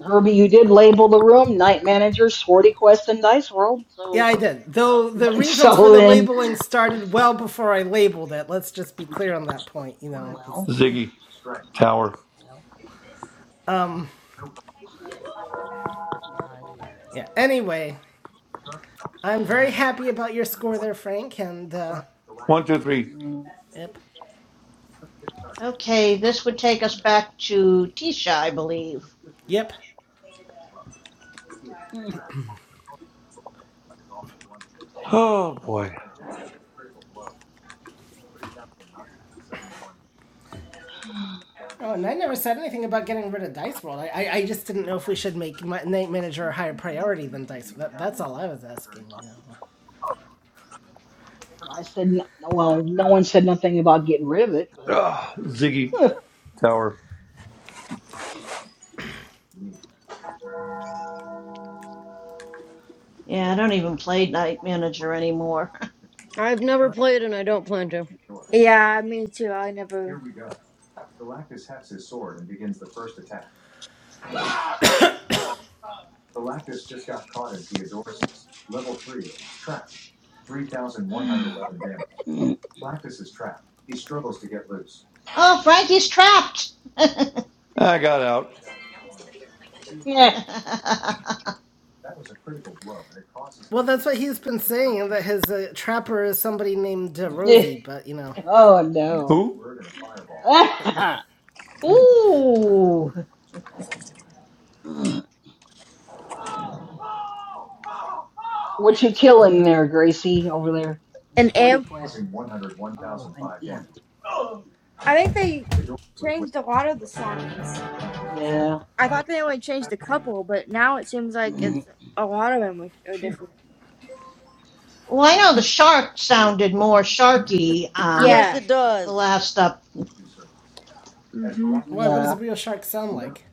[SPEAKER 5] Herbie, you did label the room Night Manager, Swordy Quest, and Dice World.
[SPEAKER 1] Yeah,
[SPEAKER 5] So,
[SPEAKER 1] I did. Though the reasons for
[SPEAKER 5] so
[SPEAKER 1] the
[SPEAKER 5] then,
[SPEAKER 1] labeling started well before I labeled it. Let's just be clear on that point. You know, it was.
[SPEAKER 5] well,
[SPEAKER 2] Ziggy Tower.
[SPEAKER 5] well, uh,
[SPEAKER 1] Yeah. Anyway, I'm very happy about your score there, Frank. And, uh,
[SPEAKER 2] One two three.
[SPEAKER 5] mm,
[SPEAKER 1] yep.
[SPEAKER 11] Okay, this would take us back to Tisha, I believe.
[SPEAKER 1] Yep.
[SPEAKER 5] mm.
[SPEAKER 1] Oh, and I never said anything about getting rid of Dice World. I, I, I just didn't know if we should make Night Manager a higher priority than Dice. World. That, that's all I was asking, you know.
[SPEAKER 5] I said, no, well, no one said nothing about getting rid of it,
[SPEAKER 2] Oh,
[SPEAKER 5] but
[SPEAKER 2] ah, Ziggy Tower.
[SPEAKER 11] Yeah, I don't even play Night Manager anymore.
[SPEAKER 13] I've never played and I don't plan to.
[SPEAKER 6] Yeah, me too. I never.
[SPEAKER 11] oh, Frankie's trapped.
[SPEAKER 2] I got out.
[SPEAKER 5] yeah,
[SPEAKER 1] Well, that's what he's been saying, that his uh, trapper is somebody named uh,
[SPEAKER 5] yeah.
[SPEAKER 1] Rosie, but, you know.
[SPEAKER 5] oh no.
[SPEAKER 2] Who?
[SPEAKER 11] Ooh.
[SPEAKER 5] what you killing there, Gracie, over there?
[SPEAKER 6] An
[SPEAKER 5] Swordy
[SPEAKER 6] imp.
[SPEAKER 5] Quest. Oh, an imp.
[SPEAKER 6] I think they changed a lot of the sounds.
[SPEAKER 5] Yeah.
[SPEAKER 6] I thought they only changed a couple, but now it seems like
[SPEAKER 5] Mm,
[SPEAKER 6] it's a lot of them which are different.
[SPEAKER 11] Well, I know the shark sounded more sharky um,
[SPEAKER 13] Yes,
[SPEAKER 6] Yeah.
[SPEAKER 13] it
[SPEAKER 11] the
[SPEAKER 13] does.
[SPEAKER 11] last up.
[SPEAKER 6] Mm-hmm.
[SPEAKER 1] Why, what does
[SPEAKER 5] yeah.
[SPEAKER 1] a real shark sound like?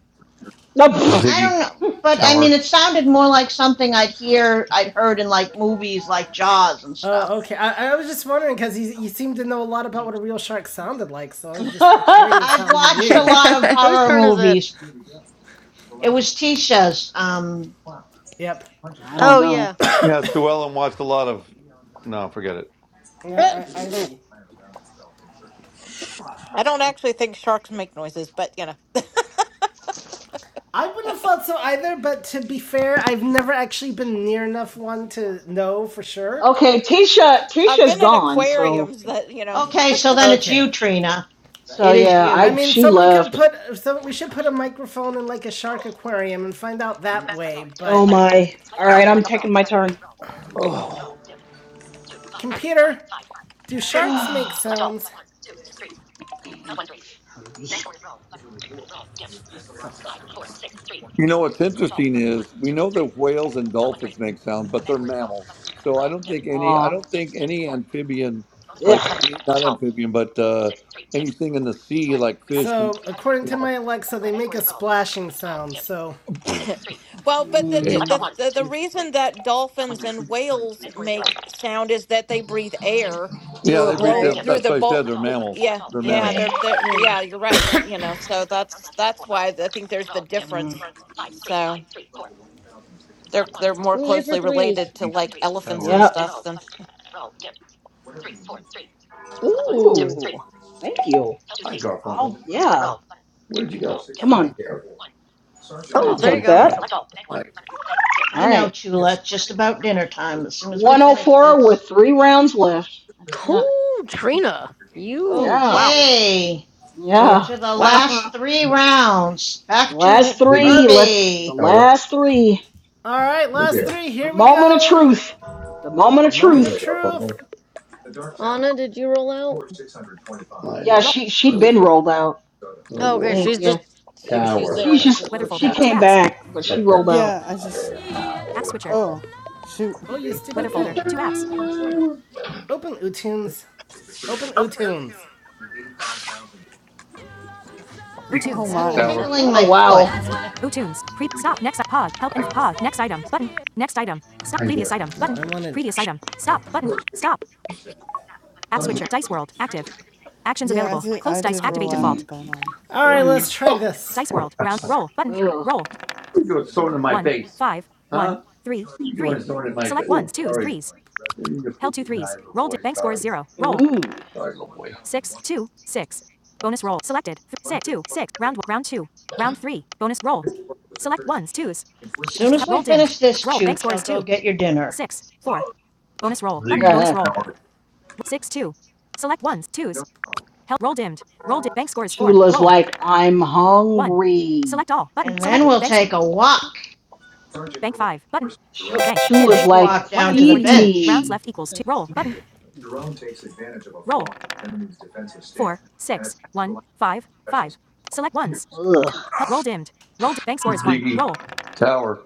[SPEAKER 5] No, pfft.
[SPEAKER 11] I
[SPEAKER 2] Ziggy
[SPEAKER 11] don't know, but I mean,
[SPEAKER 2] Tower.
[SPEAKER 11] it sounded more like something I'd hear, I'd heard in like movies like Jaws and stuff.
[SPEAKER 1] Oh, okay. I, I was just wondering because you, you seem to know a lot about what a real shark sounded like, so I was just
[SPEAKER 5] I
[SPEAKER 1] curious
[SPEAKER 11] I've
[SPEAKER 1] how you
[SPEAKER 11] watched a
[SPEAKER 1] knew.
[SPEAKER 11] lot of
[SPEAKER 13] Whose
[SPEAKER 11] horror
[SPEAKER 13] turn is it?
[SPEAKER 11] movies. It was Tisha's. Um,
[SPEAKER 1] Yep.
[SPEAKER 5] don't
[SPEAKER 13] Oh, yeah.
[SPEAKER 5] know.
[SPEAKER 2] Yeah, Sue Ellen watched a lot of. No, forget
[SPEAKER 1] Yeah, I, I
[SPEAKER 13] Uh,
[SPEAKER 1] see.
[SPEAKER 14] I don't actually think sharks make noises, but you know,
[SPEAKER 1] I wouldn't have thought so either, but to be fair, I've never actually been near enough one to know for sure.
[SPEAKER 5] Okay, Tisha
[SPEAKER 14] I've
[SPEAKER 5] Tisha's
[SPEAKER 14] been at
[SPEAKER 5] gone, so
[SPEAKER 14] aquariums that you know.
[SPEAKER 11] okay, so then it's
[SPEAKER 1] Okay.
[SPEAKER 11] you, Trina.
[SPEAKER 5] so
[SPEAKER 11] It is
[SPEAKER 5] yeah,
[SPEAKER 1] I
[SPEAKER 5] I
[SPEAKER 11] you.
[SPEAKER 1] mean,
[SPEAKER 5] she
[SPEAKER 1] somebody could
[SPEAKER 5] left.
[SPEAKER 1] put, so we should put a microphone in like a shark aquarium and find out that way,
[SPEAKER 5] Oh
[SPEAKER 1] but
[SPEAKER 5] my. Alright, I'm taking my turn.
[SPEAKER 1] computer, do
[SPEAKER 2] it.
[SPEAKER 1] sharks make sounds?
[SPEAKER 5] Herbie.
[SPEAKER 1] Oh, hell.
[SPEAKER 2] You know what's interesting is we know that whales and dolphins make sound, but they're mammals. So I don't think any I
[SPEAKER 5] Aw. Ugh.
[SPEAKER 2] don't think any amphibian like not amphibian, but uh, anything in the sea like fish and
[SPEAKER 1] So, according
[SPEAKER 2] you
[SPEAKER 1] to
[SPEAKER 2] know.
[SPEAKER 1] my Alexa, they make a splashing sound, so
[SPEAKER 14] Well, but
[SPEAKER 5] Mm.
[SPEAKER 14] the, the
[SPEAKER 2] Okay.
[SPEAKER 14] the
[SPEAKER 5] Ah,
[SPEAKER 14] the the reason that dolphins and whales make sound is that they breathe air
[SPEAKER 2] Yeah,
[SPEAKER 14] through a
[SPEAKER 2] they, be-
[SPEAKER 5] okay.
[SPEAKER 2] they
[SPEAKER 14] blow
[SPEAKER 13] Right.
[SPEAKER 14] through
[SPEAKER 2] that's
[SPEAKER 14] the
[SPEAKER 2] what I said.
[SPEAKER 14] bolt.
[SPEAKER 2] They're mammals.
[SPEAKER 14] Yeah,
[SPEAKER 2] They're
[SPEAKER 1] Yep.
[SPEAKER 14] yeah,
[SPEAKER 2] mammals.
[SPEAKER 14] they're they're
[SPEAKER 13] Yeah.
[SPEAKER 14] yeah, you're right. You know, so that's that's why I think there's the
[SPEAKER 5] Okay. Mm,
[SPEAKER 14] difference. So they're they're more
[SPEAKER 13] I'm here for
[SPEAKER 14] closely
[SPEAKER 13] threes.
[SPEAKER 14] related to like elephants
[SPEAKER 5] Yep.
[SPEAKER 14] and stuff than
[SPEAKER 5] Ooh,
[SPEAKER 13] Ooh.
[SPEAKER 5] thank you. I'll, yeah. Come on. I'll
[SPEAKER 13] Oh, there you
[SPEAKER 5] take that.
[SPEAKER 13] go.
[SPEAKER 5] All
[SPEAKER 2] Hi,
[SPEAKER 11] I know,
[SPEAKER 5] right.
[SPEAKER 11] Chula. It's just about dinner time. As soon as we finish
[SPEAKER 5] 104 with
[SPEAKER 11] this,
[SPEAKER 5] three rounds left. That's not,
[SPEAKER 13] Oh, Trina. You.
[SPEAKER 5] yeah,
[SPEAKER 13] Wow.
[SPEAKER 11] okay, we're
[SPEAKER 5] yeah.
[SPEAKER 11] to the
[SPEAKER 13] Wow.
[SPEAKER 11] last
[SPEAKER 5] the
[SPEAKER 11] three rounds. Back
[SPEAKER 5] last
[SPEAKER 11] to
[SPEAKER 2] Ziggy
[SPEAKER 5] three, let's, the
[SPEAKER 11] Herbie.
[SPEAKER 2] Tower.
[SPEAKER 5] last three.
[SPEAKER 1] All right,
[SPEAKER 2] Hey
[SPEAKER 1] last
[SPEAKER 2] there.
[SPEAKER 1] three.
[SPEAKER 5] The
[SPEAKER 1] Here we
[SPEAKER 5] moment of
[SPEAKER 1] go.
[SPEAKER 5] truth. The moment of
[SPEAKER 2] Hey
[SPEAKER 1] Moment of
[SPEAKER 5] truth.
[SPEAKER 2] there,
[SPEAKER 1] truth.
[SPEAKER 2] Garfunkel.
[SPEAKER 13] Anna, did you roll out?
[SPEAKER 2] Hey
[SPEAKER 5] Yeah,
[SPEAKER 2] there.
[SPEAKER 1] Roll.
[SPEAKER 5] she, she'd been rolled out,
[SPEAKER 2] Little
[SPEAKER 13] Oh,
[SPEAKER 5] I
[SPEAKER 2] boy.
[SPEAKER 13] okay,
[SPEAKER 5] think.
[SPEAKER 13] she's
[SPEAKER 5] Yeah.
[SPEAKER 13] just. She,
[SPEAKER 2] Tower.
[SPEAKER 13] she's there. I
[SPEAKER 5] She's
[SPEAKER 2] Tower.
[SPEAKER 13] just
[SPEAKER 5] just,
[SPEAKER 13] didn't know.
[SPEAKER 1] Weather
[SPEAKER 13] If,
[SPEAKER 5] she
[SPEAKER 1] folder.
[SPEAKER 2] Tower.
[SPEAKER 1] Two
[SPEAKER 5] came
[SPEAKER 1] apps.
[SPEAKER 5] back, but she rolled out.
[SPEAKER 8] Yeah. I just.
[SPEAKER 2] Tower.
[SPEAKER 13] yeah.
[SPEAKER 1] App
[SPEAKER 2] Tower.
[SPEAKER 1] switcher.
[SPEAKER 8] Oh, shoot.
[SPEAKER 1] Oh, you stupid Weather thing. folder. Two apps. Open Utunes. Open Utunes.
[SPEAKER 8] Oh
[SPEAKER 1] Ootunes.
[SPEAKER 11] That's
[SPEAKER 13] Hey,
[SPEAKER 8] my.
[SPEAKER 2] Tower.
[SPEAKER 11] tickling
[SPEAKER 5] Oh,
[SPEAKER 11] my
[SPEAKER 13] network?
[SPEAKER 11] foot.
[SPEAKER 5] wow.
[SPEAKER 11] As
[SPEAKER 1] Ootunes. Pre- stop. Next up. Pog. Help and pog. Next item. Button. Next item. Stop. Previous
[SPEAKER 2] Tower.
[SPEAKER 1] item. Button. No, I wanted- Previous item. Stop. Button. Stop. App
[SPEAKER 5] Mm,
[SPEAKER 1] switcher. Dice World. Active. Actions
[SPEAKER 8] Yeah, I
[SPEAKER 1] available.
[SPEAKER 8] did.
[SPEAKER 1] Close
[SPEAKER 8] I
[SPEAKER 1] dice.
[SPEAKER 8] did
[SPEAKER 1] Activate
[SPEAKER 8] roll
[SPEAKER 5] mm.
[SPEAKER 8] out,
[SPEAKER 1] default.
[SPEAKER 8] but um.
[SPEAKER 1] All right,
[SPEAKER 5] Mm.
[SPEAKER 1] let's try this. Dice World. Round. Roll. Button.
[SPEAKER 5] Ugh.
[SPEAKER 1] Roll. one, five, one, three, three. Select ones, twos, threes. Held two threes. Rolled. Bank scores zero. Roll.
[SPEAKER 5] Ooh.
[SPEAKER 1] Six, two, six. Bonus roll. Selected. Th- six, two, six. Round, round two. Round three. Bonus roll. Select ones, twos.
[SPEAKER 11] Soon as
[SPEAKER 1] Held
[SPEAKER 11] we
[SPEAKER 1] roll dimmed.
[SPEAKER 11] finish this
[SPEAKER 1] Roll. Bank
[SPEAKER 11] chooch, I'll
[SPEAKER 1] scores
[SPEAKER 11] go
[SPEAKER 1] two,
[SPEAKER 11] get your dinner.
[SPEAKER 1] six, four. Bonus roll. Button. Bonus roll. Six, two. Select ones, twos. Held. Roll dimmed. Roll. Di- bank scores four.
[SPEAKER 5] Chula's
[SPEAKER 1] Roll.
[SPEAKER 5] like, I'm
[SPEAKER 1] One.
[SPEAKER 5] hungry.
[SPEAKER 1] Select all. Button.
[SPEAKER 11] And
[SPEAKER 1] Select.
[SPEAKER 11] then we'll
[SPEAKER 1] Bank score.
[SPEAKER 11] take a walk.
[SPEAKER 1] Bank 5. Button.
[SPEAKER 5] Chu-
[SPEAKER 1] Bank. Dim.
[SPEAKER 5] Chula's
[SPEAKER 11] Big
[SPEAKER 5] like,
[SPEAKER 11] walk down to the
[SPEAKER 5] feed
[SPEAKER 1] 142.
[SPEAKER 11] bench.
[SPEAKER 1] Rounds
[SPEAKER 5] me.
[SPEAKER 1] left equals 2. Roll. Button. Roll. 4, 6, 1, 5, 5. Select ones.
[SPEAKER 5] Ugh.
[SPEAKER 1] Help. Roll dimmed. Roll. Di- bank score is 1.
[SPEAKER 2] Ziggy
[SPEAKER 1] Roll.
[SPEAKER 2] Tower.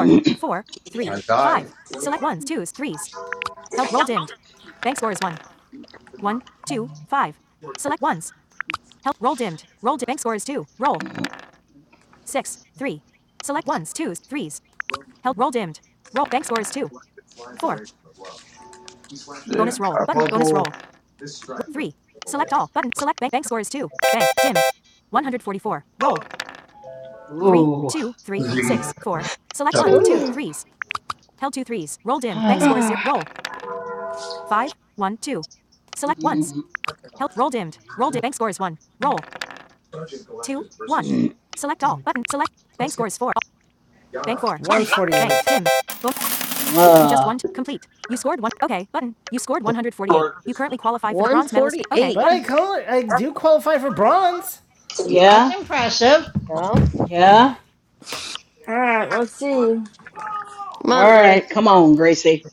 [SPEAKER 1] 4, 3,
[SPEAKER 2] I died.
[SPEAKER 1] 5. Select ones, twos, threes. Help. Roll dimmed. Bank score is 1. 1, 2, 5. Select ones. Help. Roll dimmed. Roll. Di- bank score is 2. Roll. 6, 3. Select ones, twos, threes. Help. Roll dimmed. Roll. Bank score is 2. 4. Bonus roll. Button. Bonus roll. Three. Select all. Button. Select bank. Bank score is two. Bank. Dim. 144. Roll. Three,
[SPEAKER 5] Ooh.
[SPEAKER 1] two, three, six, four. Select one, two,
[SPEAKER 13] Ooh.
[SPEAKER 1] threes. Held two threes. Roll dimmed. Bank score
[SPEAKER 5] uh,
[SPEAKER 6] All
[SPEAKER 1] is zero. Roll. Five, one, two. Select ones. Held. Roll dimmed. Roll dimmed. Bank score is one. Roll. Two, one. Select all. Button. Select. Bank score is four. Bank four. 148. Bank. Dim. Both. You just won. Complete. You scored one. Okay. Button. You scored 148.
[SPEAKER 2] Short.
[SPEAKER 1] You currently qualify for the bronze medalist. Okay.
[SPEAKER 13] 148.
[SPEAKER 1] But button. I call it, I do qualify for bronze.
[SPEAKER 11] That's
[SPEAKER 5] yeah,
[SPEAKER 11] impressive.
[SPEAKER 13] Yeah.
[SPEAKER 5] yeah.
[SPEAKER 6] right, let's see.
[SPEAKER 13] Come
[SPEAKER 5] All
[SPEAKER 13] on, Grace.
[SPEAKER 5] right, come on, Gracie.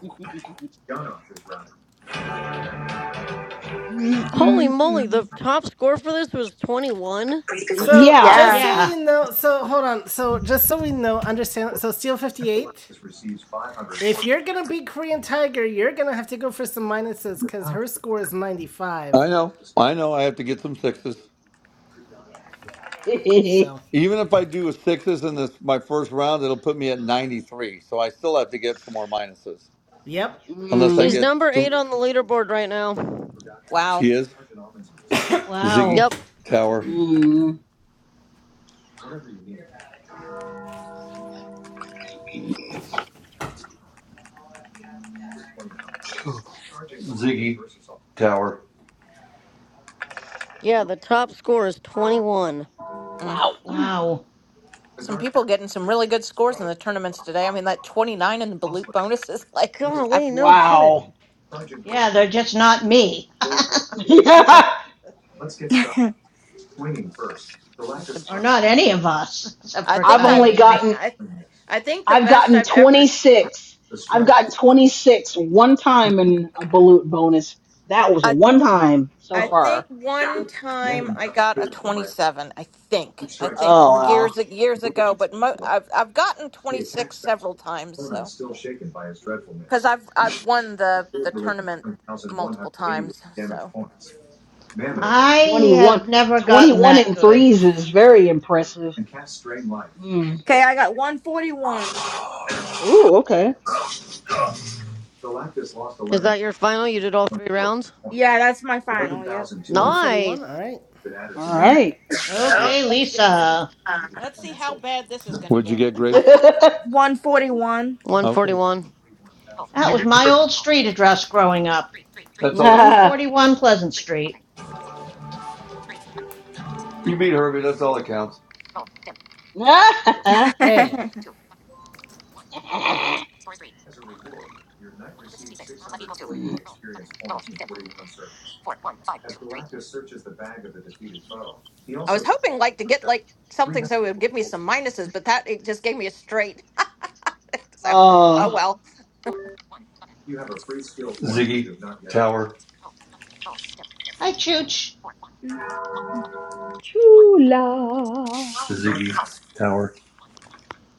[SPEAKER 13] Holy moly, the
[SPEAKER 5] Mm-mm-mm.
[SPEAKER 13] top score for this was 21.
[SPEAKER 1] So
[SPEAKER 5] yeah.
[SPEAKER 1] just
[SPEAKER 6] Yeah.
[SPEAKER 1] so
[SPEAKER 11] Yeah.
[SPEAKER 1] you know, so hold on. So just so we know, understand. So Steel Fifty Eight. If you're gonna beat Korean Tiger, you're gonna have to go for some minuses because her score is ninety
[SPEAKER 2] I
[SPEAKER 1] five.
[SPEAKER 2] know. I know. I have to get some sixes.
[SPEAKER 1] So,
[SPEAKER 2] Even if I do a sixes in this my first round, it'll put me at ninety three. So I still have to get some more minuses,
[SPEAKER 1] yep,
[SPEAKER 2] unless I
[SPEAKER 5] Mm,
[SPEAKER 13] She's
[SPEAKER 2] get.
[SPEAKER 13] number
[SPEAKER 2] Th-
[SPEAKER 13] eight on the leaderboard right now.
[SPEAKER 14] wow.
[SPEAKER 2] she is Ziggy
[SPEAKER 11] Wow.
[SPEAKER 13] Yep.
[SPEAKER 2] Tower.
[SPEAKER 5] mm.
[SPEAKER 2] Ziggy Tower.
[SPEAKER 13] Yeah, the top score is 21.
[SPEAKER 14] Mm.
[SPEAKER 5] Wow.
[SPEAKER 11] Wow.
[SPEAKER 14] Some people getting some really good scores in the tournaments today. I mean, that 29 in the balut bonus is like, I've,
[SPEAKER 13] Golly, no
[SPEAKER 5] Wow.
[SPEAKER 13] kidding.
[SPEAKER 11] Yeah, they're just not me.
[SPEAKER 5] yeah,
[SPEAKER 14] like the,
[SPEAKER 11] or not any of us, except
[SPEAKER 14] I
[SPEAKER 11] for
[SPEAKER 5] I've
[SPEAKER 14] think
[SPEAKER 5] only
[SPEAKER 14] I've
[SPEAKER 11] Tyann.
[SPEAKER 14] made,
[SPEAKER 5] gotten
[SPEAKER 14] I, I think the
[SPEAKER 5] I've
[SPEAKER 14] best
[SPEAKER 5] gotten
[SPEAKER 14] I've ever,
[SPEAKER 5] 26. I've gotten 26 one time in a balut bonus. That was
[SPEAKER 14] I,
[SPEAKER 5] one time so
[SPEAKER 14] I think
[SPEAKER 5] far.
[SPEAKER 14] one time I got a 27, I think, I think
[SPEAKER 5] Oh wow.
[SPEAKER 14] years, years ago, but mo, I've, I've gotten 26 several times. So. because I've I've won the the tournament multiple times. So
[SPEAKER 5] But
[SPEAKER 11] I
[SPEAKER 5] twenty one,
[SPEAKER 11] have never
[SPEAKER 5] twenty
[SPEAKER 11] gotten
[SPEAKER 5] one
[SPEAKER 11] that
[SPEAKER 5] 21 and
[SPEAKER 11] good.
[SPEAKER 5] threes is very impressive. Mm.
[SPEAKER 6] Okay, I got 141.
[SPEAKER 5] Ooh, okay.
[SPEAKER 13] Is that your final? You did all three rounds?
[SPEAKER 6] Yeah, that's my final. Yep.
[SPEAKER 1] one forty
[SPEAKER 13] Nice.
[SPEAKER 1] one. All right.
[SPEAKER 5] All right.
[SPEAKER 11] Okay, Lisa.
[SPEAKER 14] Let's see how bad this is gonna
[SPEAKER 2] What'd you
[SPEAKER 14] get.
[SPEAKER 2] get, Grace?
[SPEAKER 6] 141.
[SPEAKER 2] Okay,
[SPEAKER 13] 141.
[SPEAKER 11] That was my old street address growing up
[SPEAKER 2] that's all. That,
[SPEAKER 11] 141 Pleasant Street.
[SPEAKER 2] you beat Herbie. That's all that counts.
[SPEAKER 1] Hey,
[SPEAKER 14] I was hoping like to get like something so it would give me some minuses, but that it just gave me a straight. so oh
[SPEAKER 5] oh,
[SPEAKER 14] well,
[SPEAKER 2] Ziggy Tower.
[SPEAKER 11] Hi, Chooch.
[SPEAKER 5] Chula.
[SPEAKER 2] Ziggy Tower.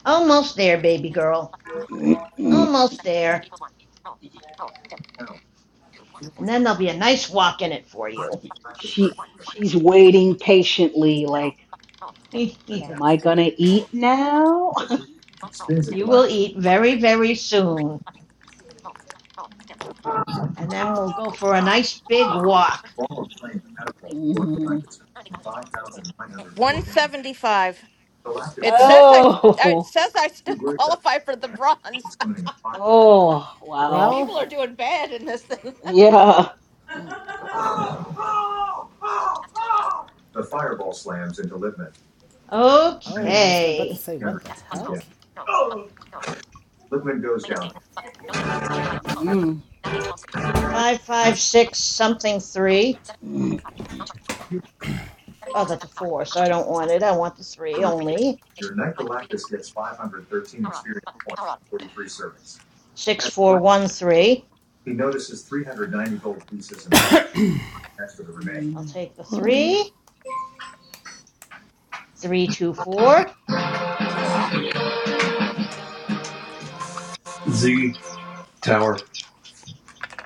[SPEAKER 11] Almost there, baby girl. Almost there. And then there'll be a nice walk in it for you.
[SPEAKER 5] she she's waiting patiently like
[SPEAKER 11] you
[SPEAKER 5] Am I gonna eat now?
[SPEAKER 11] will eat very, very soon. And then we'll go for a nice big walk.
[SPEAKER 5] Mm.
[SPEAKER 14] one seventy five. It says I. It
[SPEAKER 5] Oh,
[SPEAKER 14] says I still qualify for the bronze.
[SPEAKER 5] oh, wow.
[SPEAKER 1] well,
[SPEAKER 14] People are
[SPEAKER 5] Yeah.
[SPEAKER 14] doing bad in this thing.
[SPEAKER 5] Yeah.
[SPEAKER 1] oh, I was about
[SPEAKER 11] Okay.
[SPEAKER 1] to say what the heck.
[SPEAKER 5] Mm.
[SPEAKER 11] Five, five, six, something, three.
[SPEAKER 5] Mm.
[SPEAKER 11] Oh, that's a four, so I don't want it. I want the three only. Six, four, one, three. I'll take the
[SPEAKER 13] One.
[SPEAKER 11] three. Three, two, four.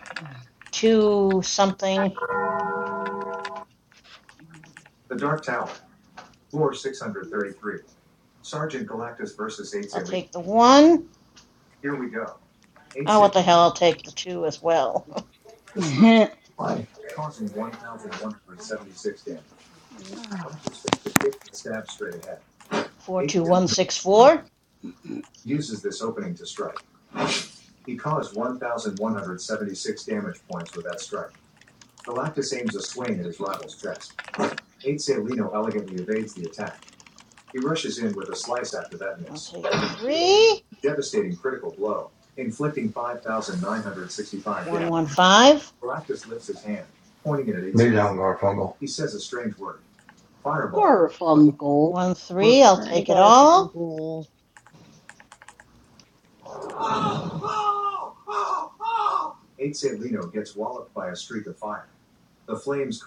[SPEAKER 5] Mm.
[SPEAKER 11] Two, something. I'll take the one. Oh, what the hell? I'll take the two as well. Four, two, one, six, four. I'll take the three. One one five.
[SPEAKER 5] Garfunkel.
[SPEAKER 11] One three. I'll
[SPEAKER 13] Hi,
[SPEAKER 11] take it all.
[SPEAKER 13] Garfunkel.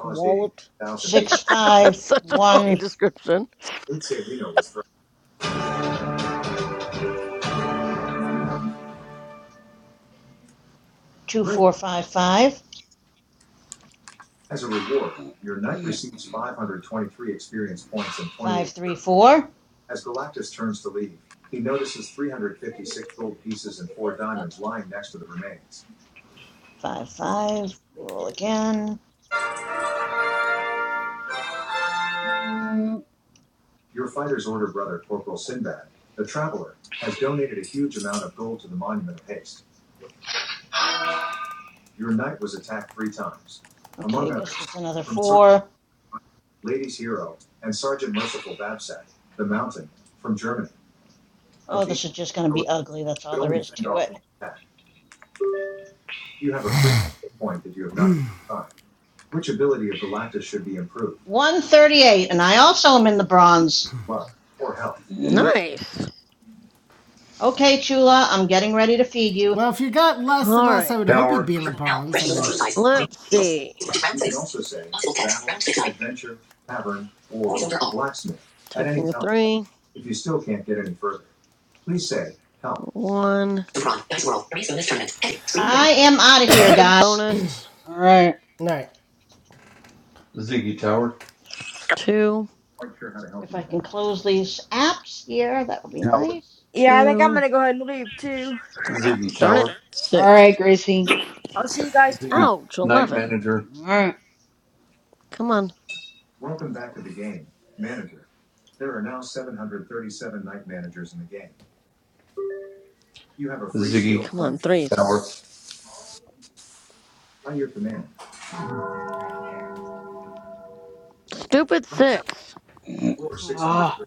[SPEAKER 13] Walloped.
[SPEAKER 11] Six five
[SPEAKER 13] That's such a funny
[SPEAKER 11] one
[SPEAKER 13] description.
[SPEAKER 5] Mm.
[SPEAKER 11] two four five five.
[SPEAKER 5] Mm.
[SPEAKER 11] Five three four. Five five. Roll again. Okay, I guess that's another four. Oh, this is just going to be ugly. That's all there is to it. One thirty-eight, and I also am in the bronze.
[SPEAKER 5] Mm.
[SPEAKER 13] Nice.
[SPEAKER 11] Okay, Chula, I'm getting ready to feed you.
[SPEAKER 1] Well, if you got less than
[SPEAKER 13] All
[SPEAKER 1] us, I
[SPEAKER 13] right.
[SPEAKER 1] would hope you'd
[SPEAKER 2] Tower.
[SPEAKER 1] be in the bronze. I mean,
[SPEAKER 13] Let's see. Taking a three. One.
[SPEAKER 11] I am out of here, guys.
[SPEAKER 13] Bonus.
[SPEAKER 5] All right.
[SPEAKER 1] all right,
[SPEAKER 2] Ziggy Tower.
[SPEAKER 13] Two.
[SPEAKER 11] If I can close these apps here, that would be
[SPEAKER 2] Tower.
[SPEAKER 11] nice.
[SPEAKER 6] Yeah, I think I'm
[SPEAKER 13] Two.
[SPEAKER 6] gonna go ahead and leave too.
[SPEAKER 2] Ziggy
[SPEAKER 13] Darn
[SPEAKER 2] Tower.
[SPEAKER 13] it.
[SPEAKER 5] All right,
[SPEAKER 13] Six.
[SPEAKER 5] Gracie.
[SPEAKER 6] I'll see you guys tonight.
[SPEAKER 2] Ziggy,
[SPEAKER 13] Ouch.
[SPEAKER 2] night
[SPEAKER 13] 11.
[SPEAKER 2] manager.
[SPEAKER 5] All right.
[SPEAKER 13] Come on.
[SPEAKER 2] You have a free Ziggy skill
[SPEAKER 13] Come on.
[SPEAKER 2] point.
[SPEAKER 13] Threes.
[SPEAKER 2] Hour.
[SPEAKER 13] Stupid six.
[SPEAKER 5] Ah,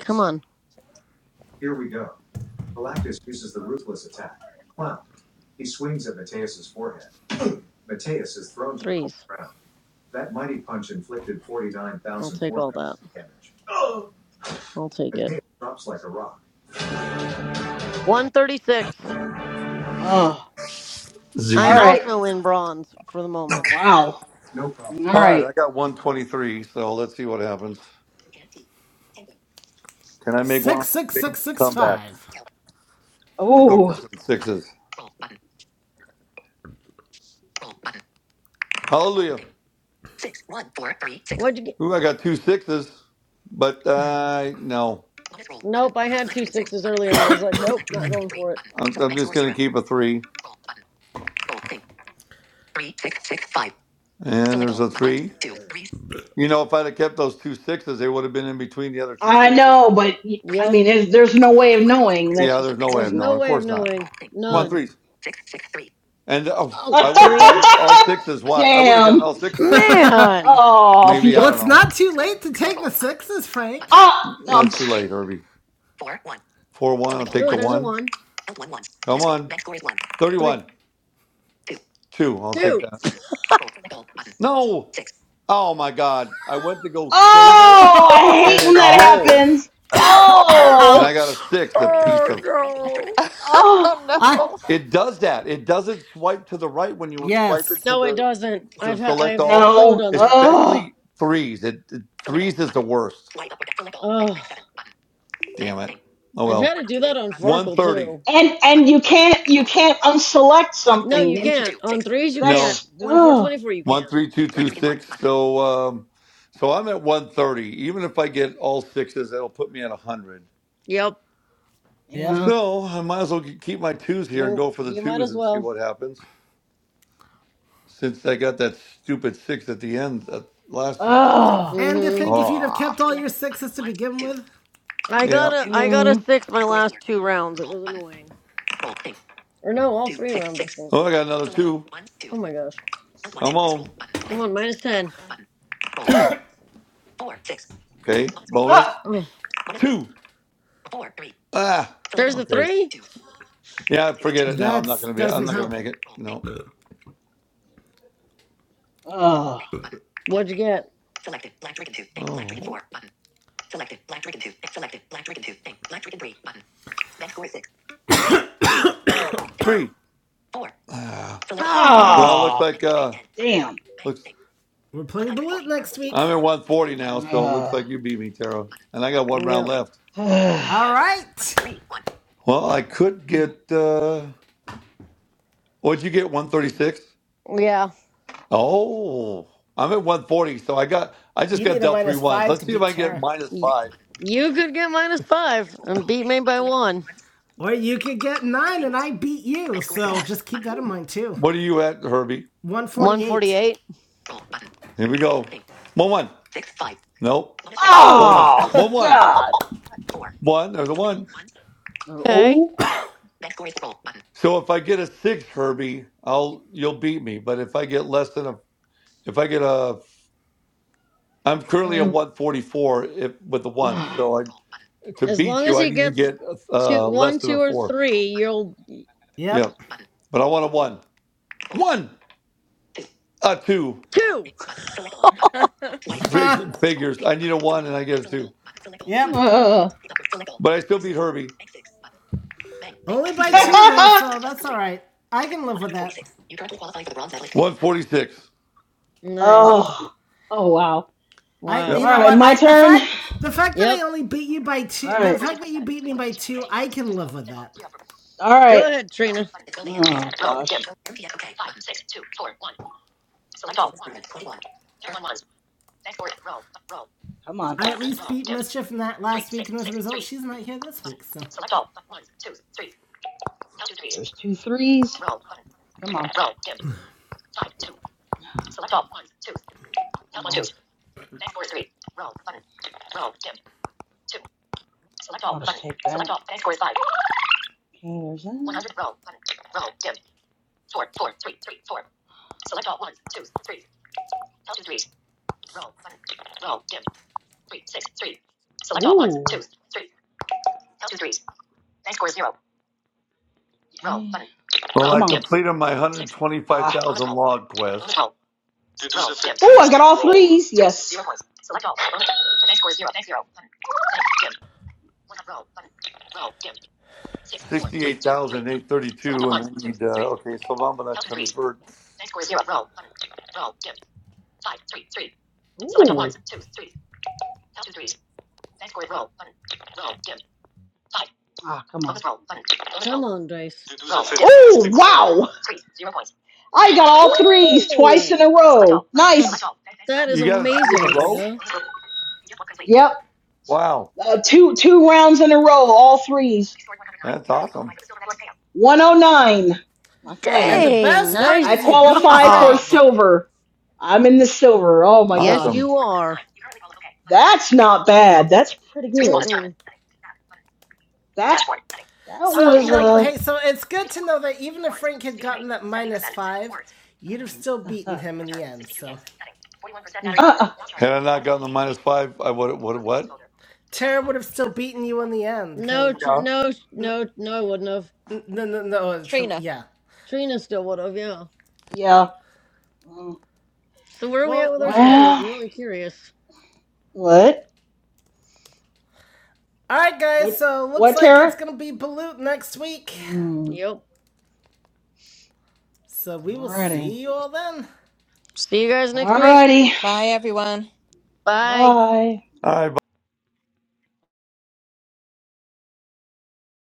[SPEAKER 13] Come on. Threes. I'll take all that. I'll take it. 136.
[SPEAKER 5] ah.
[SPEAKER 13] I
[SPEAKER 5] All
[SPEAKER 2] Ziggy.
[SPEAKER 13] am
[SPEAKER 5] right.
[SPEAKER 13] also in bronze for the moment.
[SPEAKER 5] Wow. All
[SPEAKER 2] All right,
[SPEAKER 5] right.
[SPEAKER 2] I got 123, so let's see what happens. Can I make one of
[SPEAKER 1] six six
[SPEAKER 2] my
[SPEAKER 1] six
[SPEAKER 2] famous
[SPEAKER 1] six
[SPEAKER 2] comebacks?
[SPEAKER 1] five.
[SPEAKER 2] Let's Go
[SPEAKER 5] Oh.
[SPEAKER 2] for some sixes. Hallelujah.
[SPEAKER 13] What'd you get?
[SPEAKER 2] Ooh, I got two sixes, but uh, no.
[SPEAKER 13] Nope, I had two sixes earlier and I was like, nope, not going for it.
[SPEAKER 2] I'm, I'm just going to keep a three. And there's a three. You know, if I'd have kept those two sixes, they would have been in between the other two
[SPEAKER 5] I
[SPEAKER 2] sixes.
[SPEAKER 5] know, but y- I
[SPEAKER 13] Yep.
[SPEAKER 5] mean, there's, there's no way of knowing. That's
[SPEAKER 2] Yeah,
[SPEAKER 5] just
[SPEAKER 2] there's no
[SPEAKER 5] the
[SPEAKER 2] way
[SPEAKER 13] There's
[SPEAKER 2] of
[SPEAKER 5] thing.
[SPEAKER 2] knowing.
[SPEAKER 13] no
[SPEAKER 2] Of
[SPEAKER 13] way of
[SPEAKER 2] course not.
[SPEAKER 13] knowing.
[SPEAKER 2] Come on,
[SPEAKER 1] Nope.
[SPEAKER 13] None.
[SPEAKER 2] threes. And oh,
[SPEAKER 13] Oh,
[SPEAKER 2] I would have gotten
[SPEAKER 13] three?
[SPEAKER 2] all sixes. Why? I would have gotten
[SPEAKER 5] Damn.
[SPEAKER 2] all sixes. I think
[SPEAKER 13] Man!
[SPEAKER 5] Oh, if
[SPEAKER 2] maybe I
[SPEAKER 1] Well,
[SPEAKER 5] you-
[SPEAKER 2] don't
[SPEAKER 1] it's
[SPEAKER 2] know.
[SPEAKER 1] not too late to take the sixes, Frank.
[SPEAKER 5] oh, no.
[SPEAKER 2] That's too late, Herbie. Four one. I'll take
[SPEAKER 13] Ooh,
[SPEAKER 2] the
[SPEAKER 13] there's a
[SPEAKER 2] one.
[SPEAKER 13] one.
[SPEAKER 2] Come on.
[SPEAKER 13] Three.
[SPEAKER 2] Thirty-one. Two. I'll take
[SPEAKER 13] Two.
[SPEAKER 2] that. No. Oh my God! I went to go save it,
[SPEAKER 5] oh, I
[SPEAKER 13] Oh,
[SPEAKER 2] and
[SPEAKER 5] hate when
[SPEAKER 2] it
[SPEAKER 5] that
[SPEAKER 13] no!
[SPEAKER 2] rolled,
[SPEAKER 5] happens.
[SPEAKER 2] and I
[SPEAKER 5] Oh,
[SPEAKER 2] got a
[SPEAKER 1] Ouch.
[SPEAKER 2] six. A piece
[SPEAKER 13] Oh,
[SPEAKER 2] of.
[SPEAKER 13] no!
[SPEAKER 14] oh
[SPEAKER 1] I
[SPEAKER 14] no.
[SPEAKER 2] It
[SPEAKER 5] oh,
[SPEAKER 2] does that. It doesn't swipe to the right when you swipe it
[SPEAKER 1] Yes.
[SPEAKER 2] to
[SPEAKER 13] No, it
[SPEAKER 2] the
[SPEAKER 13] doesn't.
[SPEAKER 2] to
[SPEAKER 13] I've ha-
[SPEAKER 2] select
[SPEAKER 13] I've
[SPEAKER 2] all,
[SPEAKER 13] so
[SPEAKER 5] no.
[SPEAKER 13] done that.
[SPEAKER 5] Oh,
[SPEAKER 2] especially threes. It, it threes is the worst.
[SPEAKER 13] Oh,
[SPEAKER 2] Damn it. Oh
[SPEAKER 13] I've
[SPEAKER 2] well.
[SPEAKER 13] had to do that on Farkle too.
[SPEAKER 5] and and you can't you can't unselect
[SPEAKER 13] No,
[SPEAKER 5] something
[SPEAKER 13] you
[SPEAKER 5] once you.
[SPEAKER 13] can't. On threes, you can't.
[SPEAKER 2] No.
[SPEAKER 5] That's
[SPEAKER 13] One four
[SPEAKER 5] oh
[SPEAKER 13] twenty four, you
[SPEAKER 2] one
[SPEAKER 13] can't.
[SPEAKER 2] three two two six. So um so I'm at one thirty. Even if I get all sixes, that'll put me at hundred.
[SPEAKER 13] Yep.
[SPEAKER 1] Yep.
[SPEAKER 5] yeah.
[SPEAKER 2] So I might as well ke- keep my twos here and
[SPEAKER 13] You
[SPEAKER 2] go for the
[SPEAKER 13] you might
[SPEAKER 2] twos
[SPEAKER 13] as
[SPEAKER 2] and see
[SPEAKER 13] well.
[SPEAKER 2] what happens. Since I got that stupid six at the end at last
[SPEAKER 5] Oh,
[SPEAKER 1] And to
[SPEAKER 13] Mm-hmm.
[SPEAKER 1] think if you'd have
[SPEAKER 2] Ah.
[SPEAKER 1] kept all your sixes to begin with,
[SPEAKER 13] I
[SPEAKER 2] yeah.
[SPEAKER 13] got a I got a
[SPEAKER 5] mm,
[SPEAKER 13] six my last two rounds. It was annoying. Or no, all three rounds I think.
[SPEAKER 2] Oh I got another two.
[SPEAKER 13] Oh my gosh.
[SPEAKER 2] I'm on.
[SPEAKER 13] Come on, minus ten.
[SPEAKER 2] Two. Okay.
[SPEAKER 5] oh,
[SPEAKER 2] Bonus.
[SPEAKER 13] Oh,
[SPEAKER 2] Two. Ah.
[SPEAKER 13] there's the
[SPEAKER 2] Okay.
[SPEAKER 13] three.
[SPEAKER 2] Yeah, forget it now. I'm
[SPEAKER 1] that
[SPEAKER 2] not gonna be I'm
[SPEAKER 1] doesn't
[SPEAKER 2] not going
[SPEAKER 1] help.
[SPEAKER 2] gonna make it. No.
[SPEAKER 5] oh,
[SPEAKER 13] What'd you get?
[SPEAKER 2] Oh, three. Ah,
[SPEAKER 13] Ah.
[SPEAKER 2] well, looks
[SPEAKER 5] oh,
[SPEAKER 2] like uh,
[SPEAKER 5] damn.
[SPEAKER 2] looks.
[SPEAKER 1] We're playing Balut next
[SPEAKER 2] I'm
[SPEAKER 1] week.
[SPEAKER 2] at 140 now, so it looks like you beat me, Taro, And I got one round
[SPEAKER 13] Yeah.
[SPEAKER 2] left.
[SPEAKER 1] All right.
[SPEAKER 2] Well, I could get. uh What'd you get? 136.
[SPEAKER 13] Yeah.
[SPEAKER 2] Oh, I'm at 140, so I got. I just
[SPEAKER 1] You
[SPEAKER 2] got
[SPEAKER 1] need a
[SPEAKER 2] dealt three
[SPEAKER 1] minus
[SPEAKER 2] ones.
[SPEAKER 1] five
[SPEAKER 2] Let's
[SPEAKER 1] to
[SPEAKER 2] see if I
[SPEAKER 1] beat
[SPEAKER 2] can get
[SPEAKER 1] Tara.
[SPEAKER 2] minus
[SPEAKER 13] Y-
[SPEAKER 2] five.
[SPEAKER 13] You could get minus five and beat me by one.
[SPEAKER 1] Or you could get nine and I beat you, so just keep that in mind too.
[SPEAKER 2] What are you at, Herbie?
[SPEAKER 13] One
[SPEAKER 1] 148.
[SPEAKER 13] forty-eight.
[SPEAKER 2] Here we go. One one. Nope.
[SPEAKER 13] Oh.
[SPEAKER 2] Bonus.
[SPEAKER 5] Oh
[SPEAKER 2] One one.
[SPEAKER 5] God!
[SPEAKER 2] One. There's a one.
[SPEAKER 13] Okay.
[SPEAKER 5] Oh.
[SPEAKER 2] So if I get a six, Herbie, I'll you'll beat me. But if I get less than a, if I get a, I'm currently a
[SPEAKER 5] Mm.
[SPEAKER 2] 144 if, with the ones.
[SPEAKER 5] Uh.
[SPEAKER 2] So I, to
[SPEAKER 13] As
[SPEAKER 2] beat
[SPEAKER 13] long as
[SPEAKER 2] you, I
[SPEAKER 13] he
[SPEAKER 2] need to
[SPEAKER 13] gets
[SPEAKER 2] get
[SPEAKER 13] two,
[SPEAKER 2] uh, less
[SPEAKER 13] one,
[SPEAKER 2] than a
[SPEAKER 13] two, or
[SPEAKER 2] four.
[SPEAKER 13] three, you'll
[SPEAKER 2] Yeah,
[SPEAKER 1] Yep.
[SPEAKER 2] but I want a one, one, a two.
[SPEAKER 13] two.
[SPEAKER 2] Fig- Figures. I need a one, and I get a two.
[SPEAKER 1] Yep.
[SPEAKER 2] But I still beat Herbie.
[SPEAKER 1] Only by
[SPEAKER 13] Yeah.
[SPEAKER 1] two though, so that's all right. I can live with that.
[SPEAKER 2] 146.
[SPEAKER 13] Nice.
[SPEAKER 5] oh. Oh wow.
[SPEAKER 1] I,
[SPEAKER 2] Yep.
[SPEAKER 1] you
[SPEAKER 5] All
[SPEAKER 13] Wow.
[SPEAKER 1] know
[SPEAKER 5] right,
[SPEAKER 1] what?
[SPEAKER 5] my
[SPEAKER 1] I the
[SPEAKER 5] turn.
[SPEAKER 1] fact the fact that I
[SPEAKER 13] Yep.
[SPEAKER 1] only beat you by
[SPEAKER 5] All
[SPEAKER 1] two,
[SPEAKER 5] right.
[SPEAKER 1] the fact that you beat me by two, I can live with that.
[SPEAKER 5] All right.
[SPEAKER 13] Go ahead, Trina.
[SPEAKER 5] Oh gosh. Come on.
[SPEAKER 1] I at least beat Mischief in that last week, and as a result, she's not here this week, so.
[SPEAKER 5] There's two threes. Come on. Come on. I'll just take that. Okay, there's that. Ooh. Okay.
[SPEAKER 2] Well, I
[SPEAKER 5] Come on. Dim.
[SPEAKER 2] completed my
[SPEAKER 5] Ah.
[SPEAKER 2] 125,000 log quest.
[SPEAKER 5] Oh, I got all threes. Yes. Ooh.
[SPEAKER 2] Sixty-eight thousand eight hundred thirty-two, and I need. Uh, okay, so I'm gonna convert.
[SPEAKER 5] Ah, come on.
[SPEAKER 13] Come on, Dice.
[SPEAKER 5] Oh, wow. I got all threes twice
[SPEAKER 13] Ooh,
[SPEAKER 5] in a row. Nice.
[SPEAKER 13] that is
[SPEAKER 2] You got a two in a
[SPEAKER 13] amazing,
[SPEAKER 1] Nice.
[SPEAKER 2] row.
[SPEAKER 13] Trina.
[SPEAKER 5] Yep.
[SPEAKER 2] Wow,
[SPEAKER 5] Uh, two two rounds in a row, all threes.
[SPEAKER 2] that's awesome.
[SPEAKER 5] 109. My
[SPEAKER 1] And the
[SPEAKER 5] final.
[SPEAKER 13] Dang,
[SPEAKER 1] best
[SPEAKER 14] Yeah.
[SPEAKER 1] part
[SPEAKER 13] nice
[SPEAKER 5] I
[SPEAKER 1] is you beat
[SPEAKER 5] qualify for
[SPEAKER 1] Frank.
[SPEAKER 13] job.
[SPEAKER 5] silver. I'm in the silver. Oh my
[SPEAKER 13] Yes,
[SPEAKER 5] gosh.
[SPEAKER 2] Awesome.
[SPEAKER 13] you are.
[SPEAKER 5] That's not bad. That's pretty good.
[SPEAKER 13] Mm-mm.
[SPEAKER 5] That that
[SPEAKER 1] So,
[SPEAKER 5] was
[SPEAKER 1] you know, but
[SPEAKER 5] uh,
[SPEAKER 1] hey, so it's good to know that even if Frank had gotten that minus five, you'd have still beaten him in the end. So,
[SPEAKER 5] uh, uh,
[SPEAKER 2] Had I not gotten the minus five, I would. What? What?
[SPEAKER 1] Tara would have still beaten you in the end
[SPEAKER 13] No,
[SPEAKER 1] because.
[SPEAKER 2] Yeah.
[SPEAKER 13] tr-
[SPEAKER 2] All
[SPEAKER 13] no, sh- no, no, I wouldn't have.
[SPEAKER 1] No, no, no.
[SPEAKER 14] Trina.
[SPEAKER 1] yeah.
[SPEAKER 13] Trina still would have, yeah.
[SPEAKER 5] yeah. Mm.
[SPEAKER 13] So where are we at
[SPEAKER 1] Well,
[SPEAKER 13] with
[SPEAKER 1] what
[SPEAKER 13] our
[SPEAKER 1] can I.
[SPEAKER 13] scores? I'm
[SPEAKER 5] Well,
[SPEAKER 13] really curious.
[SPEAKER 5] what
[SPEAKER 1] Alright, guys,
[SPEAKER 5] what
[SPEAKER 1] so looks
[SPEAKER 5] what
[SPEAKER 1] like it's
[SPEAKER 5] Tara?
[SPEAKER 1] gonna be Balut next week.
[SPEAKER 5] Mm,
[SPEAKER 13] Yep.
[SPEAKER 1] So, we will
[SPEAKER 5] alrighty,
[SPEAKER 1] see you all then.
[SPEAKER 13] See you guys next week.
[SPEAKER 5] alrighty.
[SPEAKER 14] Bye everyone.
[SPEAKER 13] Bye.
[SPEAKER 5] Bye.
[SPEAKER 2] right,